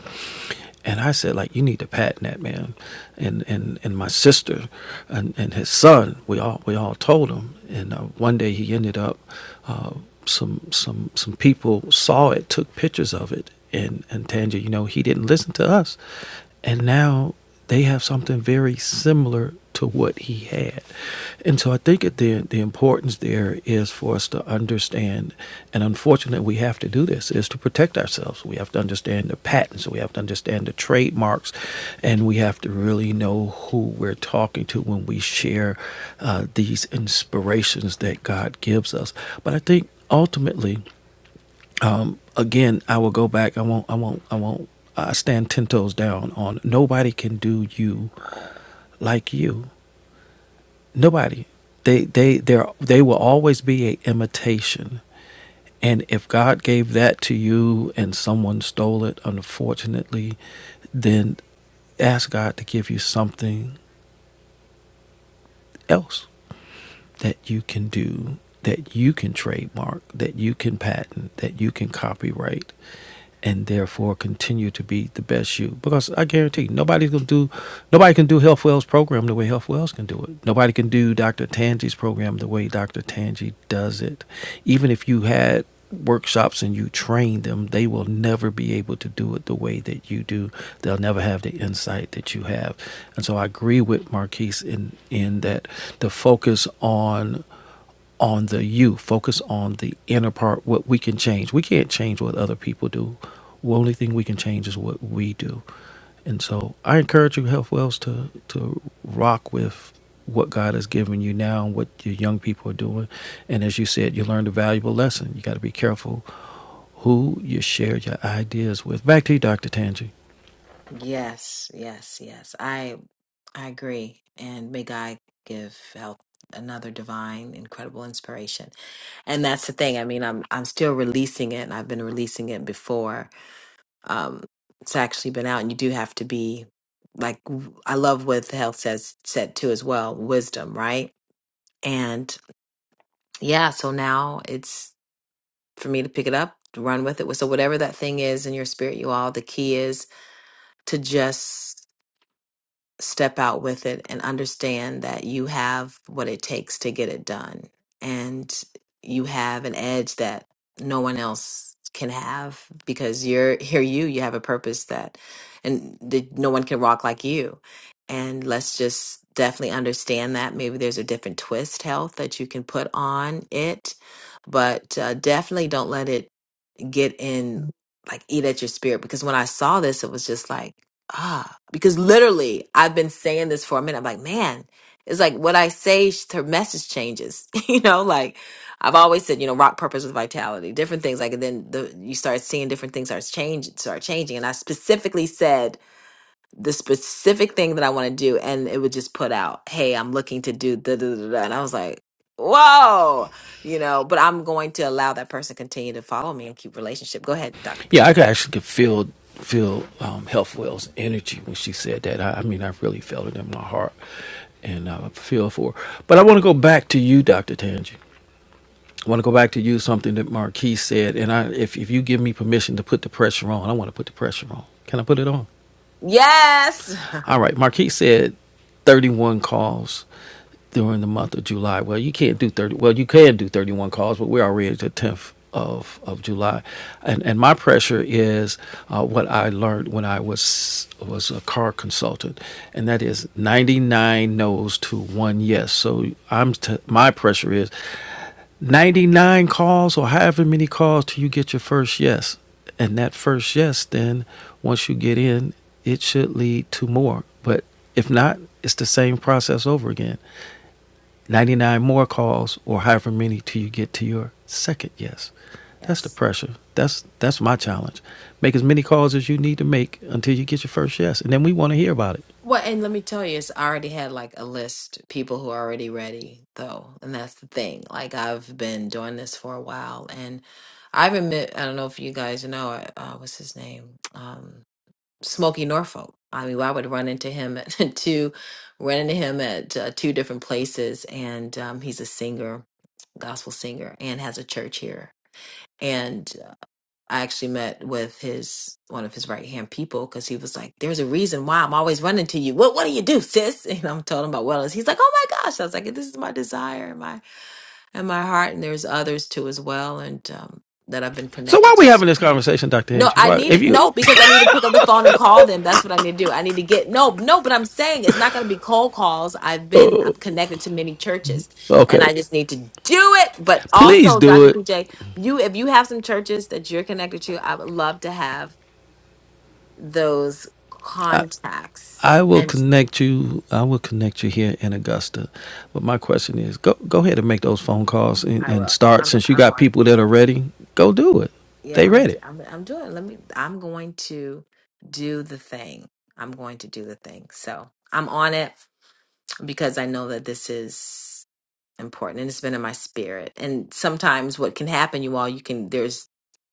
U: And I said, like, you need to patent that, man. And and and my sister, and, and his son, we all we all told him. And uh, one day he ended up. Uh, some some some people saw it, took pictures of it, and and Tangier, you know, he didn't listen to us, and now they have something very similar to what he had, and so I think that the the importance there is for us to understand, and unfortunately we have to do this is to protect ourselves. We have to understand the patents, we have to understand the trademarks, and we have to really know who we're talking to when we share uh, these inspirations that God gives us. But I think ultimately, um, again, I will go back. I won't. I won't. I won't. I stand ten toes down on nobody can do you like you. Nobody. They they they they will always be an imitation. And if God gave that to you and someone stole it, unfortunately, then ask God to give you something else that you can do, that you can trademark, that you can patent, that you can copyright, and therefore continue to be the best you. Because I guarantee you, nobody's gonna do, nobody can do Health Wells program the way Health Wells can do it. Nobody can do Dr. Tangi's program the way Dr. Tangi does it. Even if you had workshops and you train them, they will never be able to do it the way that you do. They'll never have the insight that you have. And so I agree with Marquise in in that the focus on on the you, focus on the inner part, what we can change. We can't change what other people do. The only thing we can change is what we do. And so I encourage you, Health Wells, to to rock with what God has given you now and what your young people are doing. And as you said, you learned a valuable lesson. You got to be careful who you share your ideas with. Back to you, Dr. Tangi.
W: Yes, yes, yes. I I agree. And may God give health another divine, incredible inspiration. And that's the thing. I mean, I'm I'm still releasing it and I've been releasing it before. Um it's actually been out and you do have to be like w- I love what the health says said too as well, wisdom, right? And yeah, so now it's for me to pick it up, to run with it. So whatever that thing is in your spirit, you all, the key is to just step out with it and understand that you have what it takes to get it done and you have an edge that no one else can have because you're here you you have a purpose that and that no one can rock like you and let's just definitely understand that maybe there's a different twist health that you can put on it but uh, definitely don't let it get in, like eat at your spirit. Because when I saw this, it was just like, ah, because literally I've been saying this for a minute. I'm like, man, it's like what I say, sh- her message changes, (laughs) you know, like I've always said, you know, rock purpose with vitality, different things. Like, and then the, you start seeing different things start change, start changing. And I specifically said, the specific thing that I want to do, and it would just put out, "Hey, I'm looking to do da da da,", da," and I was like, "Whoa," you know. But I'm going to allow that person continue to follow me and keep relationship. Go ahead, Doctor
U: Yeah, I
W: PJ.
U: could actually could feel feel um, Health Wells' energy when she said that. I, I mean, I really felt it in my heart, and I feel for. Her. But I want to go back to you, Doctor Tangi. I want to go back to you something that Marquise said, and I, if if you give me permission to put the pressure on, I want to put the pressure on. Can I put it on?
W: Yes,
U: All right, Marquise said, thirty-one calls during the month of July. Well, you can't do thirty. Well, you can do thirty-one calls, but we're already at the tenth of of July, and and my pressure is uh, what I learned when I was was a car consultant, and that is ninety-nine no's to one yes. So I'm t- my pressure is 99 calls or however many calls till you get your first yes. And that first yes, then once you get in, it should lead to more. But if not, it's the same process over again 99 more calls or however many till you get to your second yes.
W: (laughs)
U: That's the
W: yes.
U: pressure. That's that's my challenge. Make as many calls as you need to make until you get your first yes, and then we want to hear about it.
W: Well, and let me tell you, it's I already had like a list people who are already ready though, and that's the thing. Like I've been doing this for a while, and I've admit I don't know if you guys know uh, uh, what's his name, um, Smokey Norfolk. I mean, I would run into him at (laughs) two, run into him at uh, two different places, and um, he's a singer, gospel singer, and has a church here. and. I actually met with his one of his right hand people because he was like, "There's a reason why I'm always running to you. What What do you do, sis?" (laughs) And I'm telling him about wellness. He's like, "Oh my gosh!" I was like, "This is my desire, in my heart, and there's others too as well, and um, that I've been
U: So why
W: connected
U: are we
W: to.
U: having
W: So-
U: this conversation, Doctor
W: No,
U: Angie?
W: I
U: Why, if
W: needed no
U: you,
W: because I need to pick up the phone and call them. That's what I need to do. I need to get no, no. But I'm saying it's not going to be cold calls. I've been I'm
U: oh,
W: connected to many churches, and
U: okay,
W: I just need to do it. But
U: please
W: also,
U: do
W: Dr.
U: it.
W: PJ, you if you have some churches that you're connected to, I would love to have those
U: I,
W: contacts,
U: I will
W: and
U: connect you. I will connect you here in Augusta. But my question is, go go ahead and make those phone calls and,
W: I
U: and
W: will.
U: start.
W: I'm
U: Since you
W: I'm
U: got
W: on.
U: people that are ready, go do it.
W: Yeah,
U: They
W: I'm
U: ready.
W: d- I'm I'm doing. Let me I'm going to do the thing. I'm going to do the thing. So, I'm on it because I know that this is important and it's been in my spirit. And sometimes what can happen you all you can there's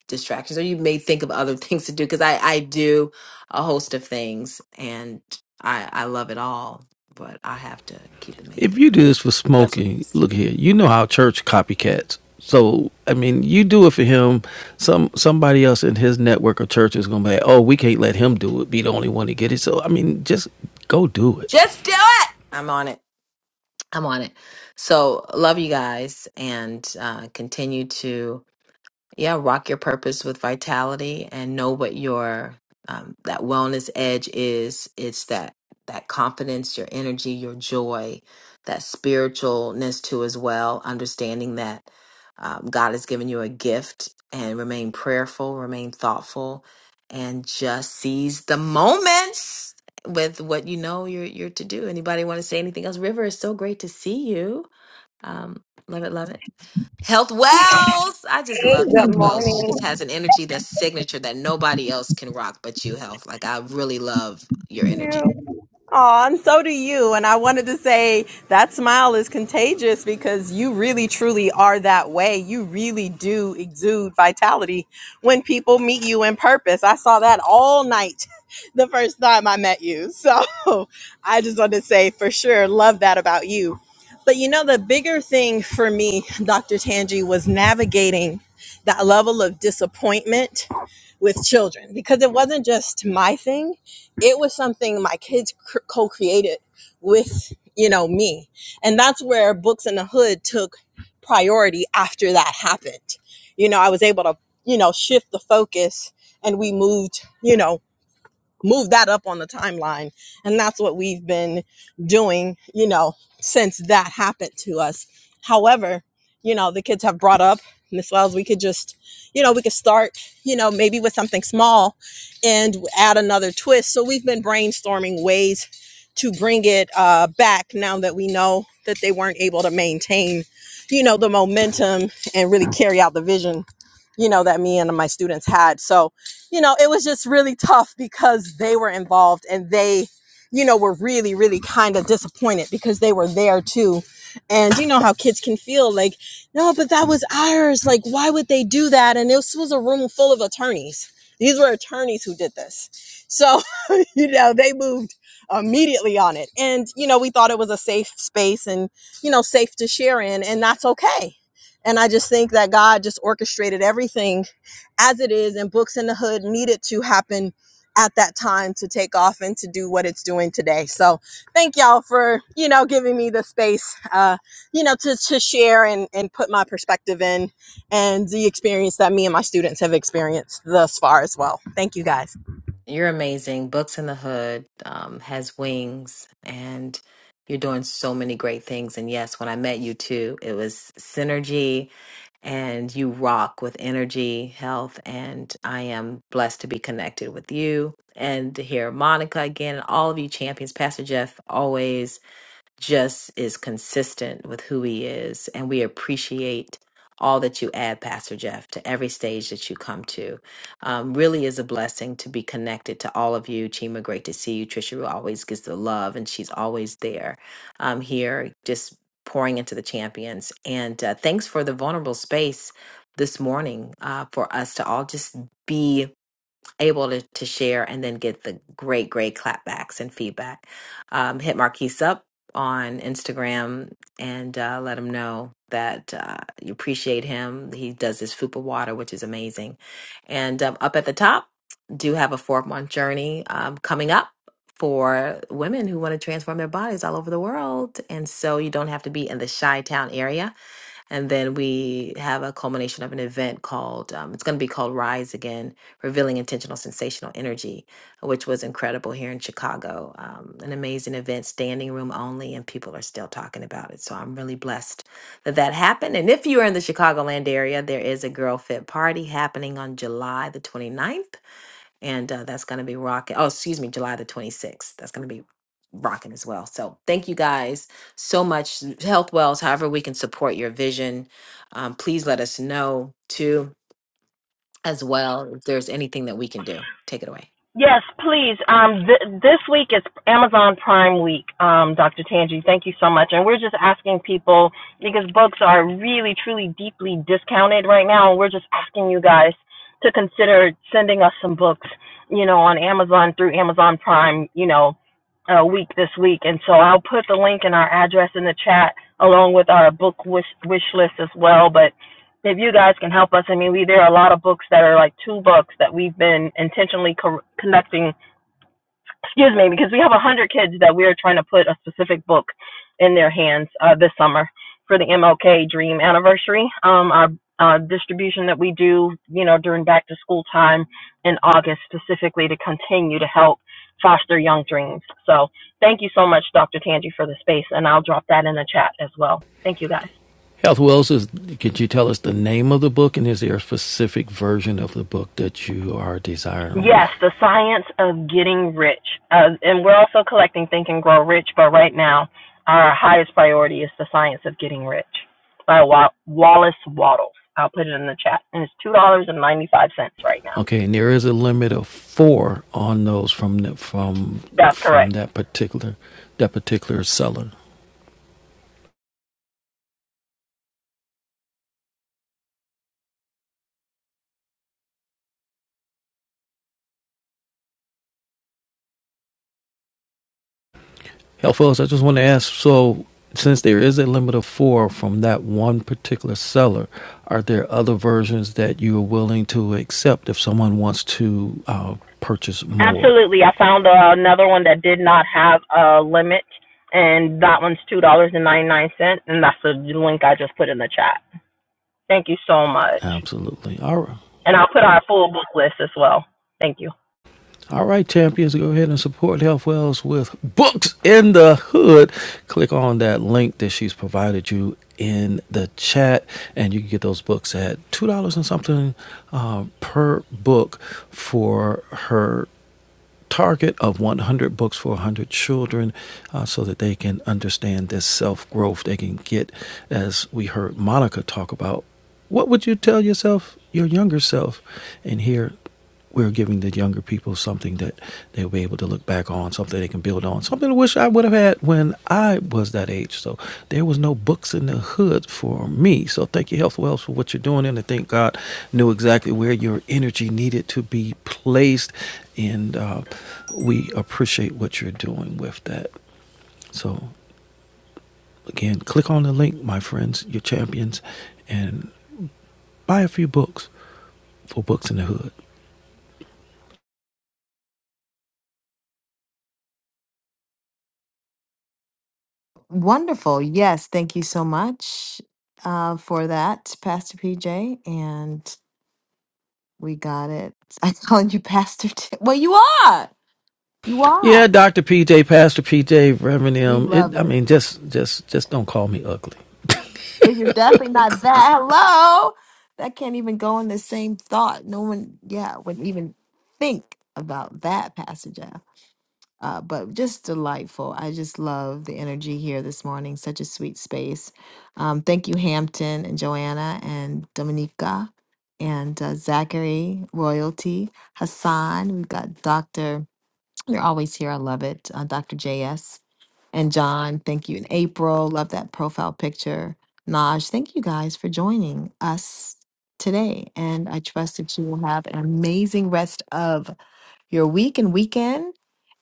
W: distractions or you may think of other (laughs) things to do because I I do a host of things and I I love it all, but I have to keep the main
U: If
W: thing
U: you
W: the
U: do
W: main
U: this
W: thing.
U: for
W: That's what it
U: smoking,
W: is.
U: look here. You know how church copycats. So I mean, you do it for him. Some somebody else in his network of church is gonna be, like, oh, we can't let him do it. Be the only one to get it. So I mean, just go do it.
W: Just do it. I'm on it. I'm on it. So love you guys and uh, continue to yeah rock your purpose with vitality and know what your um, that wellness edge is it's that that confidence your energy your joy that spiritualness too as well understanding that um, god has given you a gift and remain prayerful remain thoughtful and just seize the moments with what you know you're you're to do anybody want to say anything else river it's so great to see you um love it love it Health Wells. I just love
N: Good
W: Health
N: morning.
W: Wells. She has an energy that's signature that nobody else can rock but you, Health. Like I really love your energy.
N: Aw, and so do you. And I wanted to say that smile is contagious because you really truly are that way. You really do exude vitality when people meet you in purpose. I saw that all night (laughs) the first time I met you. So (laughs) I just wanted to say for sure, love that about you. But you know, the bigger thing for me, (laughs) Dr. Tangi, was navigating that level of disappointment with children because it wasn't just my thing it was something my kids cr- co-created with you know me and that's where books in the hood took priority after that happened you know i was able to you know shift the focus and we moved you know move that up on the timeline. And that's what we've been doing, you know, since that happened to us. However, you know, the kids have brought up, Miss Wells, we could just, you know, we could start, you know, maybe with something small and add another twist. So we've been brainstorming ways to bring it uh, back now that we know that they weren't able to maintain, you know, the momentum and really carry out the vision you know, that me and my students had. So, you know, it was just really tough because they were involved and they, you know, were really, really kind of disappointed because they were there too. And you know how kids can feel like, no, but that was ours. Like, why would they do that? And this was a room full of attorneys. These were attorneys who did this. So, (laughs) you know, they moved immediately on it. And, you know, we thought it was a safe space and, you know, safe to share in, and that's okay and I just think that God just orchestrated everything as it is, and Books in the Hood needed to happen at that time to take off and to do what it's doing today. So thank y'all for, you know, giving me the space, uh, you know, to, to share and, and put my perspective in and the experience that me and my students have experienced thus far as well. Thank you guys.
W: You're amazing. Books in the Hood um, has wings, and you're doing so many great things. And yes, when I met you too, it was synergy, and you rock with energy, health, and I am blessed to be connected with you and to hear Monica again and all of you champions. Pastor Jeff always. just is consistent with who he is. And we appreciate all that you add, Pastor Jeff, to every stage that you come to. Um, really is a blessing to be connected to all of you. Chima, great to see you. Trisha always gives the love, and she's always there um, here, just pouring into the champions. And uh, thanks for the vulnerable space this morning uh, for us to all just be able to, to share and then get the great, great clapbacks and feedback. Um, hit Marquise up on Instagram and uh, let him know that uh, you appreciate him. He does this fupa water, which is amazing. And um, up at the top, do have a four month journey um, coming up for women who want to transform their bodies all over the world. And so you don't have to be in the Chi Town area and then we have a culmination of an event called, um, it's going to be called Rise Again, Revealing Intentional Sensational Energy, which was incredible here in Chicago. Um, an amazing event, standing room only, and people are still talking about it. So I'm really blessed that that happened. And if you are in the Chicagoland area, there is a Girl Fit Party happening on July the 29th and uh, that's going to be rocking. Oh, excuse me, July the 26th. That's going to be rocking as well. So thank you guys so much. Health Wells, however, we can support your vision. Um, please let us know too, as well, if there's anything that we can do. Take it away.
N: Yes, please. Um, th- this week is Amazon Prime Week, um, Dr. Tanji, Thank you so much. And we're just asking people because books are really, truly, deeply discounted right now. And we're just asking you guys to consider sending us some books, you know, on Amazon through Amazon Prime, you know, uh, week this week. And so I'll put the link and our address in the chat along with our book wish, wish list as well. But if you guys can help us, I mean, we, there are a lot of books that are like two books that we've been intentionally co- connecting excuse me, because we have 100 kids that we are trying to put a specific book in their hands uh, this summer for the MLK Dream Anniversary. Um, our uh, distribution that we do, you know, during back to school time in August, specifically to continue to help foster young dreams. So, thank you so much, Dr. Tanji, for the space, and I'll drop that in the chat as well. Thank you, guys.
U: Health Wells, is, could you tell us the name of the book and is there a specific version of the book that you are desiring?
N: Yes, the science of getting rich. Uh, and we're also collecting Think and Grow Rich, but right now our highest priority is the science of getting rich by Wa- Wallace Waddles. I'll put it in the chat. And it's $2.95 right now.
U: Okay, and there is a limit of four on those from the, from
N: That's
U: from
N: correct.
U: that particular that particular seller. Health Wells, I just want to ask. So, since there is a limit of four from that one particular seller, are there other versions that you are willing to accept if someone wants to uh, purchase more?
N: Absolutely. I found uh, another one that did not have a limit, and that one's $2.99, and ninety-nine cents, and that's the link I just put in the chat. Thank you so much.
U: Absolutely. All right.
N: And I'll put our full book list as well. Thank you.
U: All right, champions, go ahead and support Health Wells with Books in the Hood. Click on that link that she's provided you in the chat, and you can get those books at $2 and something uh, per book for her target of 100 books for 100 children uh, so that they can understand this self growth. They can get, as we heard Monica talk about, what would you tell yourself, your younger self? And here we're giving the younger people something that they'll be able to look back on. So something they can build on. Something I wish I would have had when I was that age. So there was no books in the hood for me. So thank you, Health Wells, for what you're doing. And I thank God knew exactly where your energy needed to be placed. And uh, we appreciate what you're doing with that. So again, click on the link, my friends, your champions, and buy a few books for books in the hood.
W: Wonderful. Yes. Thank you so much uh, for that, Pastor PJ. And we got it. (laughs) I called you Pastor. T- well, you are. You are.
U: Yeah, Doctor PJ, Pastor PJ, Reverend
W: We
U: M.
W: love
U: It, I
W: it.
U: mean, just, just, just don't call me ugly.
W: It's definitely not that. Hello. That can't even go in the same thought. No one, yeah, would even think about that passage. Uh, uh, but just delightful. I just love the energy here this morning. Such a sweet space. Um, thank you, Hampton and Joanna and Dominica and uh, Zachary, Royalty, Hassan. We've got Dr. You're always here. I love it. Uh, Dr. JS. And John, thank you. And April, love that profile picture. Naj, thank you guys for joining us today. And I trust that you will have an amazing rest of your week and weekend.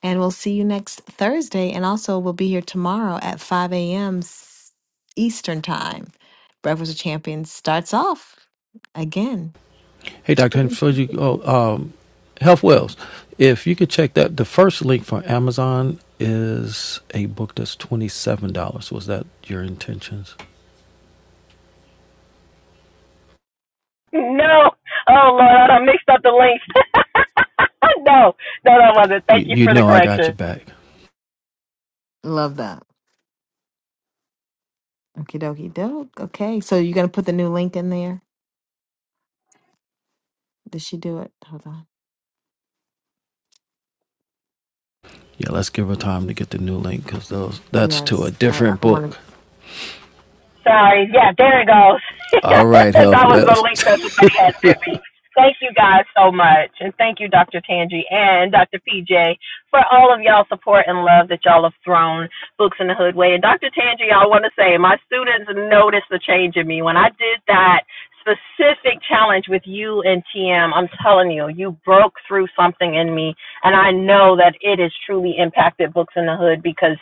W: And we'll see you next Thursday. And also, we'll be here tomorrow at 5 a.m. Eastern Time. Breakfast of Champions starts off again.
U: Hey, Dr. Henry, before you go, um, Health Wells, if you could check that, the first link for Amazon is a book that's $27. Was that your intentions?
N: No. Oh Lord, I done mixed up the links. (laughs) no. No, that wasn't.
U: You,
N: Thank you
U: you
N: for the
U: know I got
N: correction.
U: your back.
W: Love that. Okie dokie doke. Okay. So you're gonna put the new link in there? Did she do it? Hold on.
U: Yeah, let's give her time to get the new link because those that's to a
W: Yes. I, I
U: different
W: don't wanna
U: book.
N: Sorry. Yeah, there it goes.
U: All
N: (laughs)
U: right, Health
N: that was the
U: Wells. (laughs)
N: link that somebody had sent me. Thank you guys so much. And thank you, Dr. Tangi and Dr. PJ, for all of y'all support and love that y'all have thrown Books in the Hood way. And Dr. Tangi, I want to say, my students noticed the change in me. When I did that specific challenge with you and TM, I'm telling you, you broke through something in me. And I know that it has truly impacted Books in the Hood because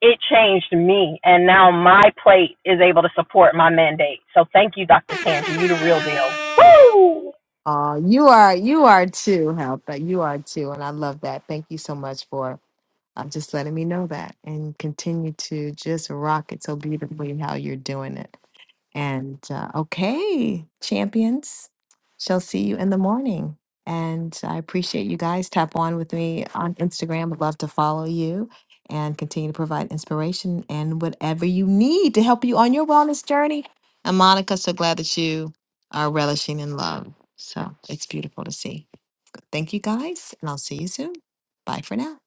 N: it changed me, and now my plate is able to support my mandate. So thank you, Dr. Tangi. You the real deal.
W: Oh, you are you are too, help that you are too. And I love that. Thank you so much for uh, just letting me know that and continue to just rock it so beautifully how you're doing it. And uh, okay, champions, shall see you in the morning. And I appreciate you guys. Tap on with me on Instagram. Would love to follow you and continue to provide inspiration and whatever you need to help you on your wellness journey. And Monica, so glad that you are relishing in love. So it's beautiful to see. Thank you guys, and I'll see you soon. Bye for now.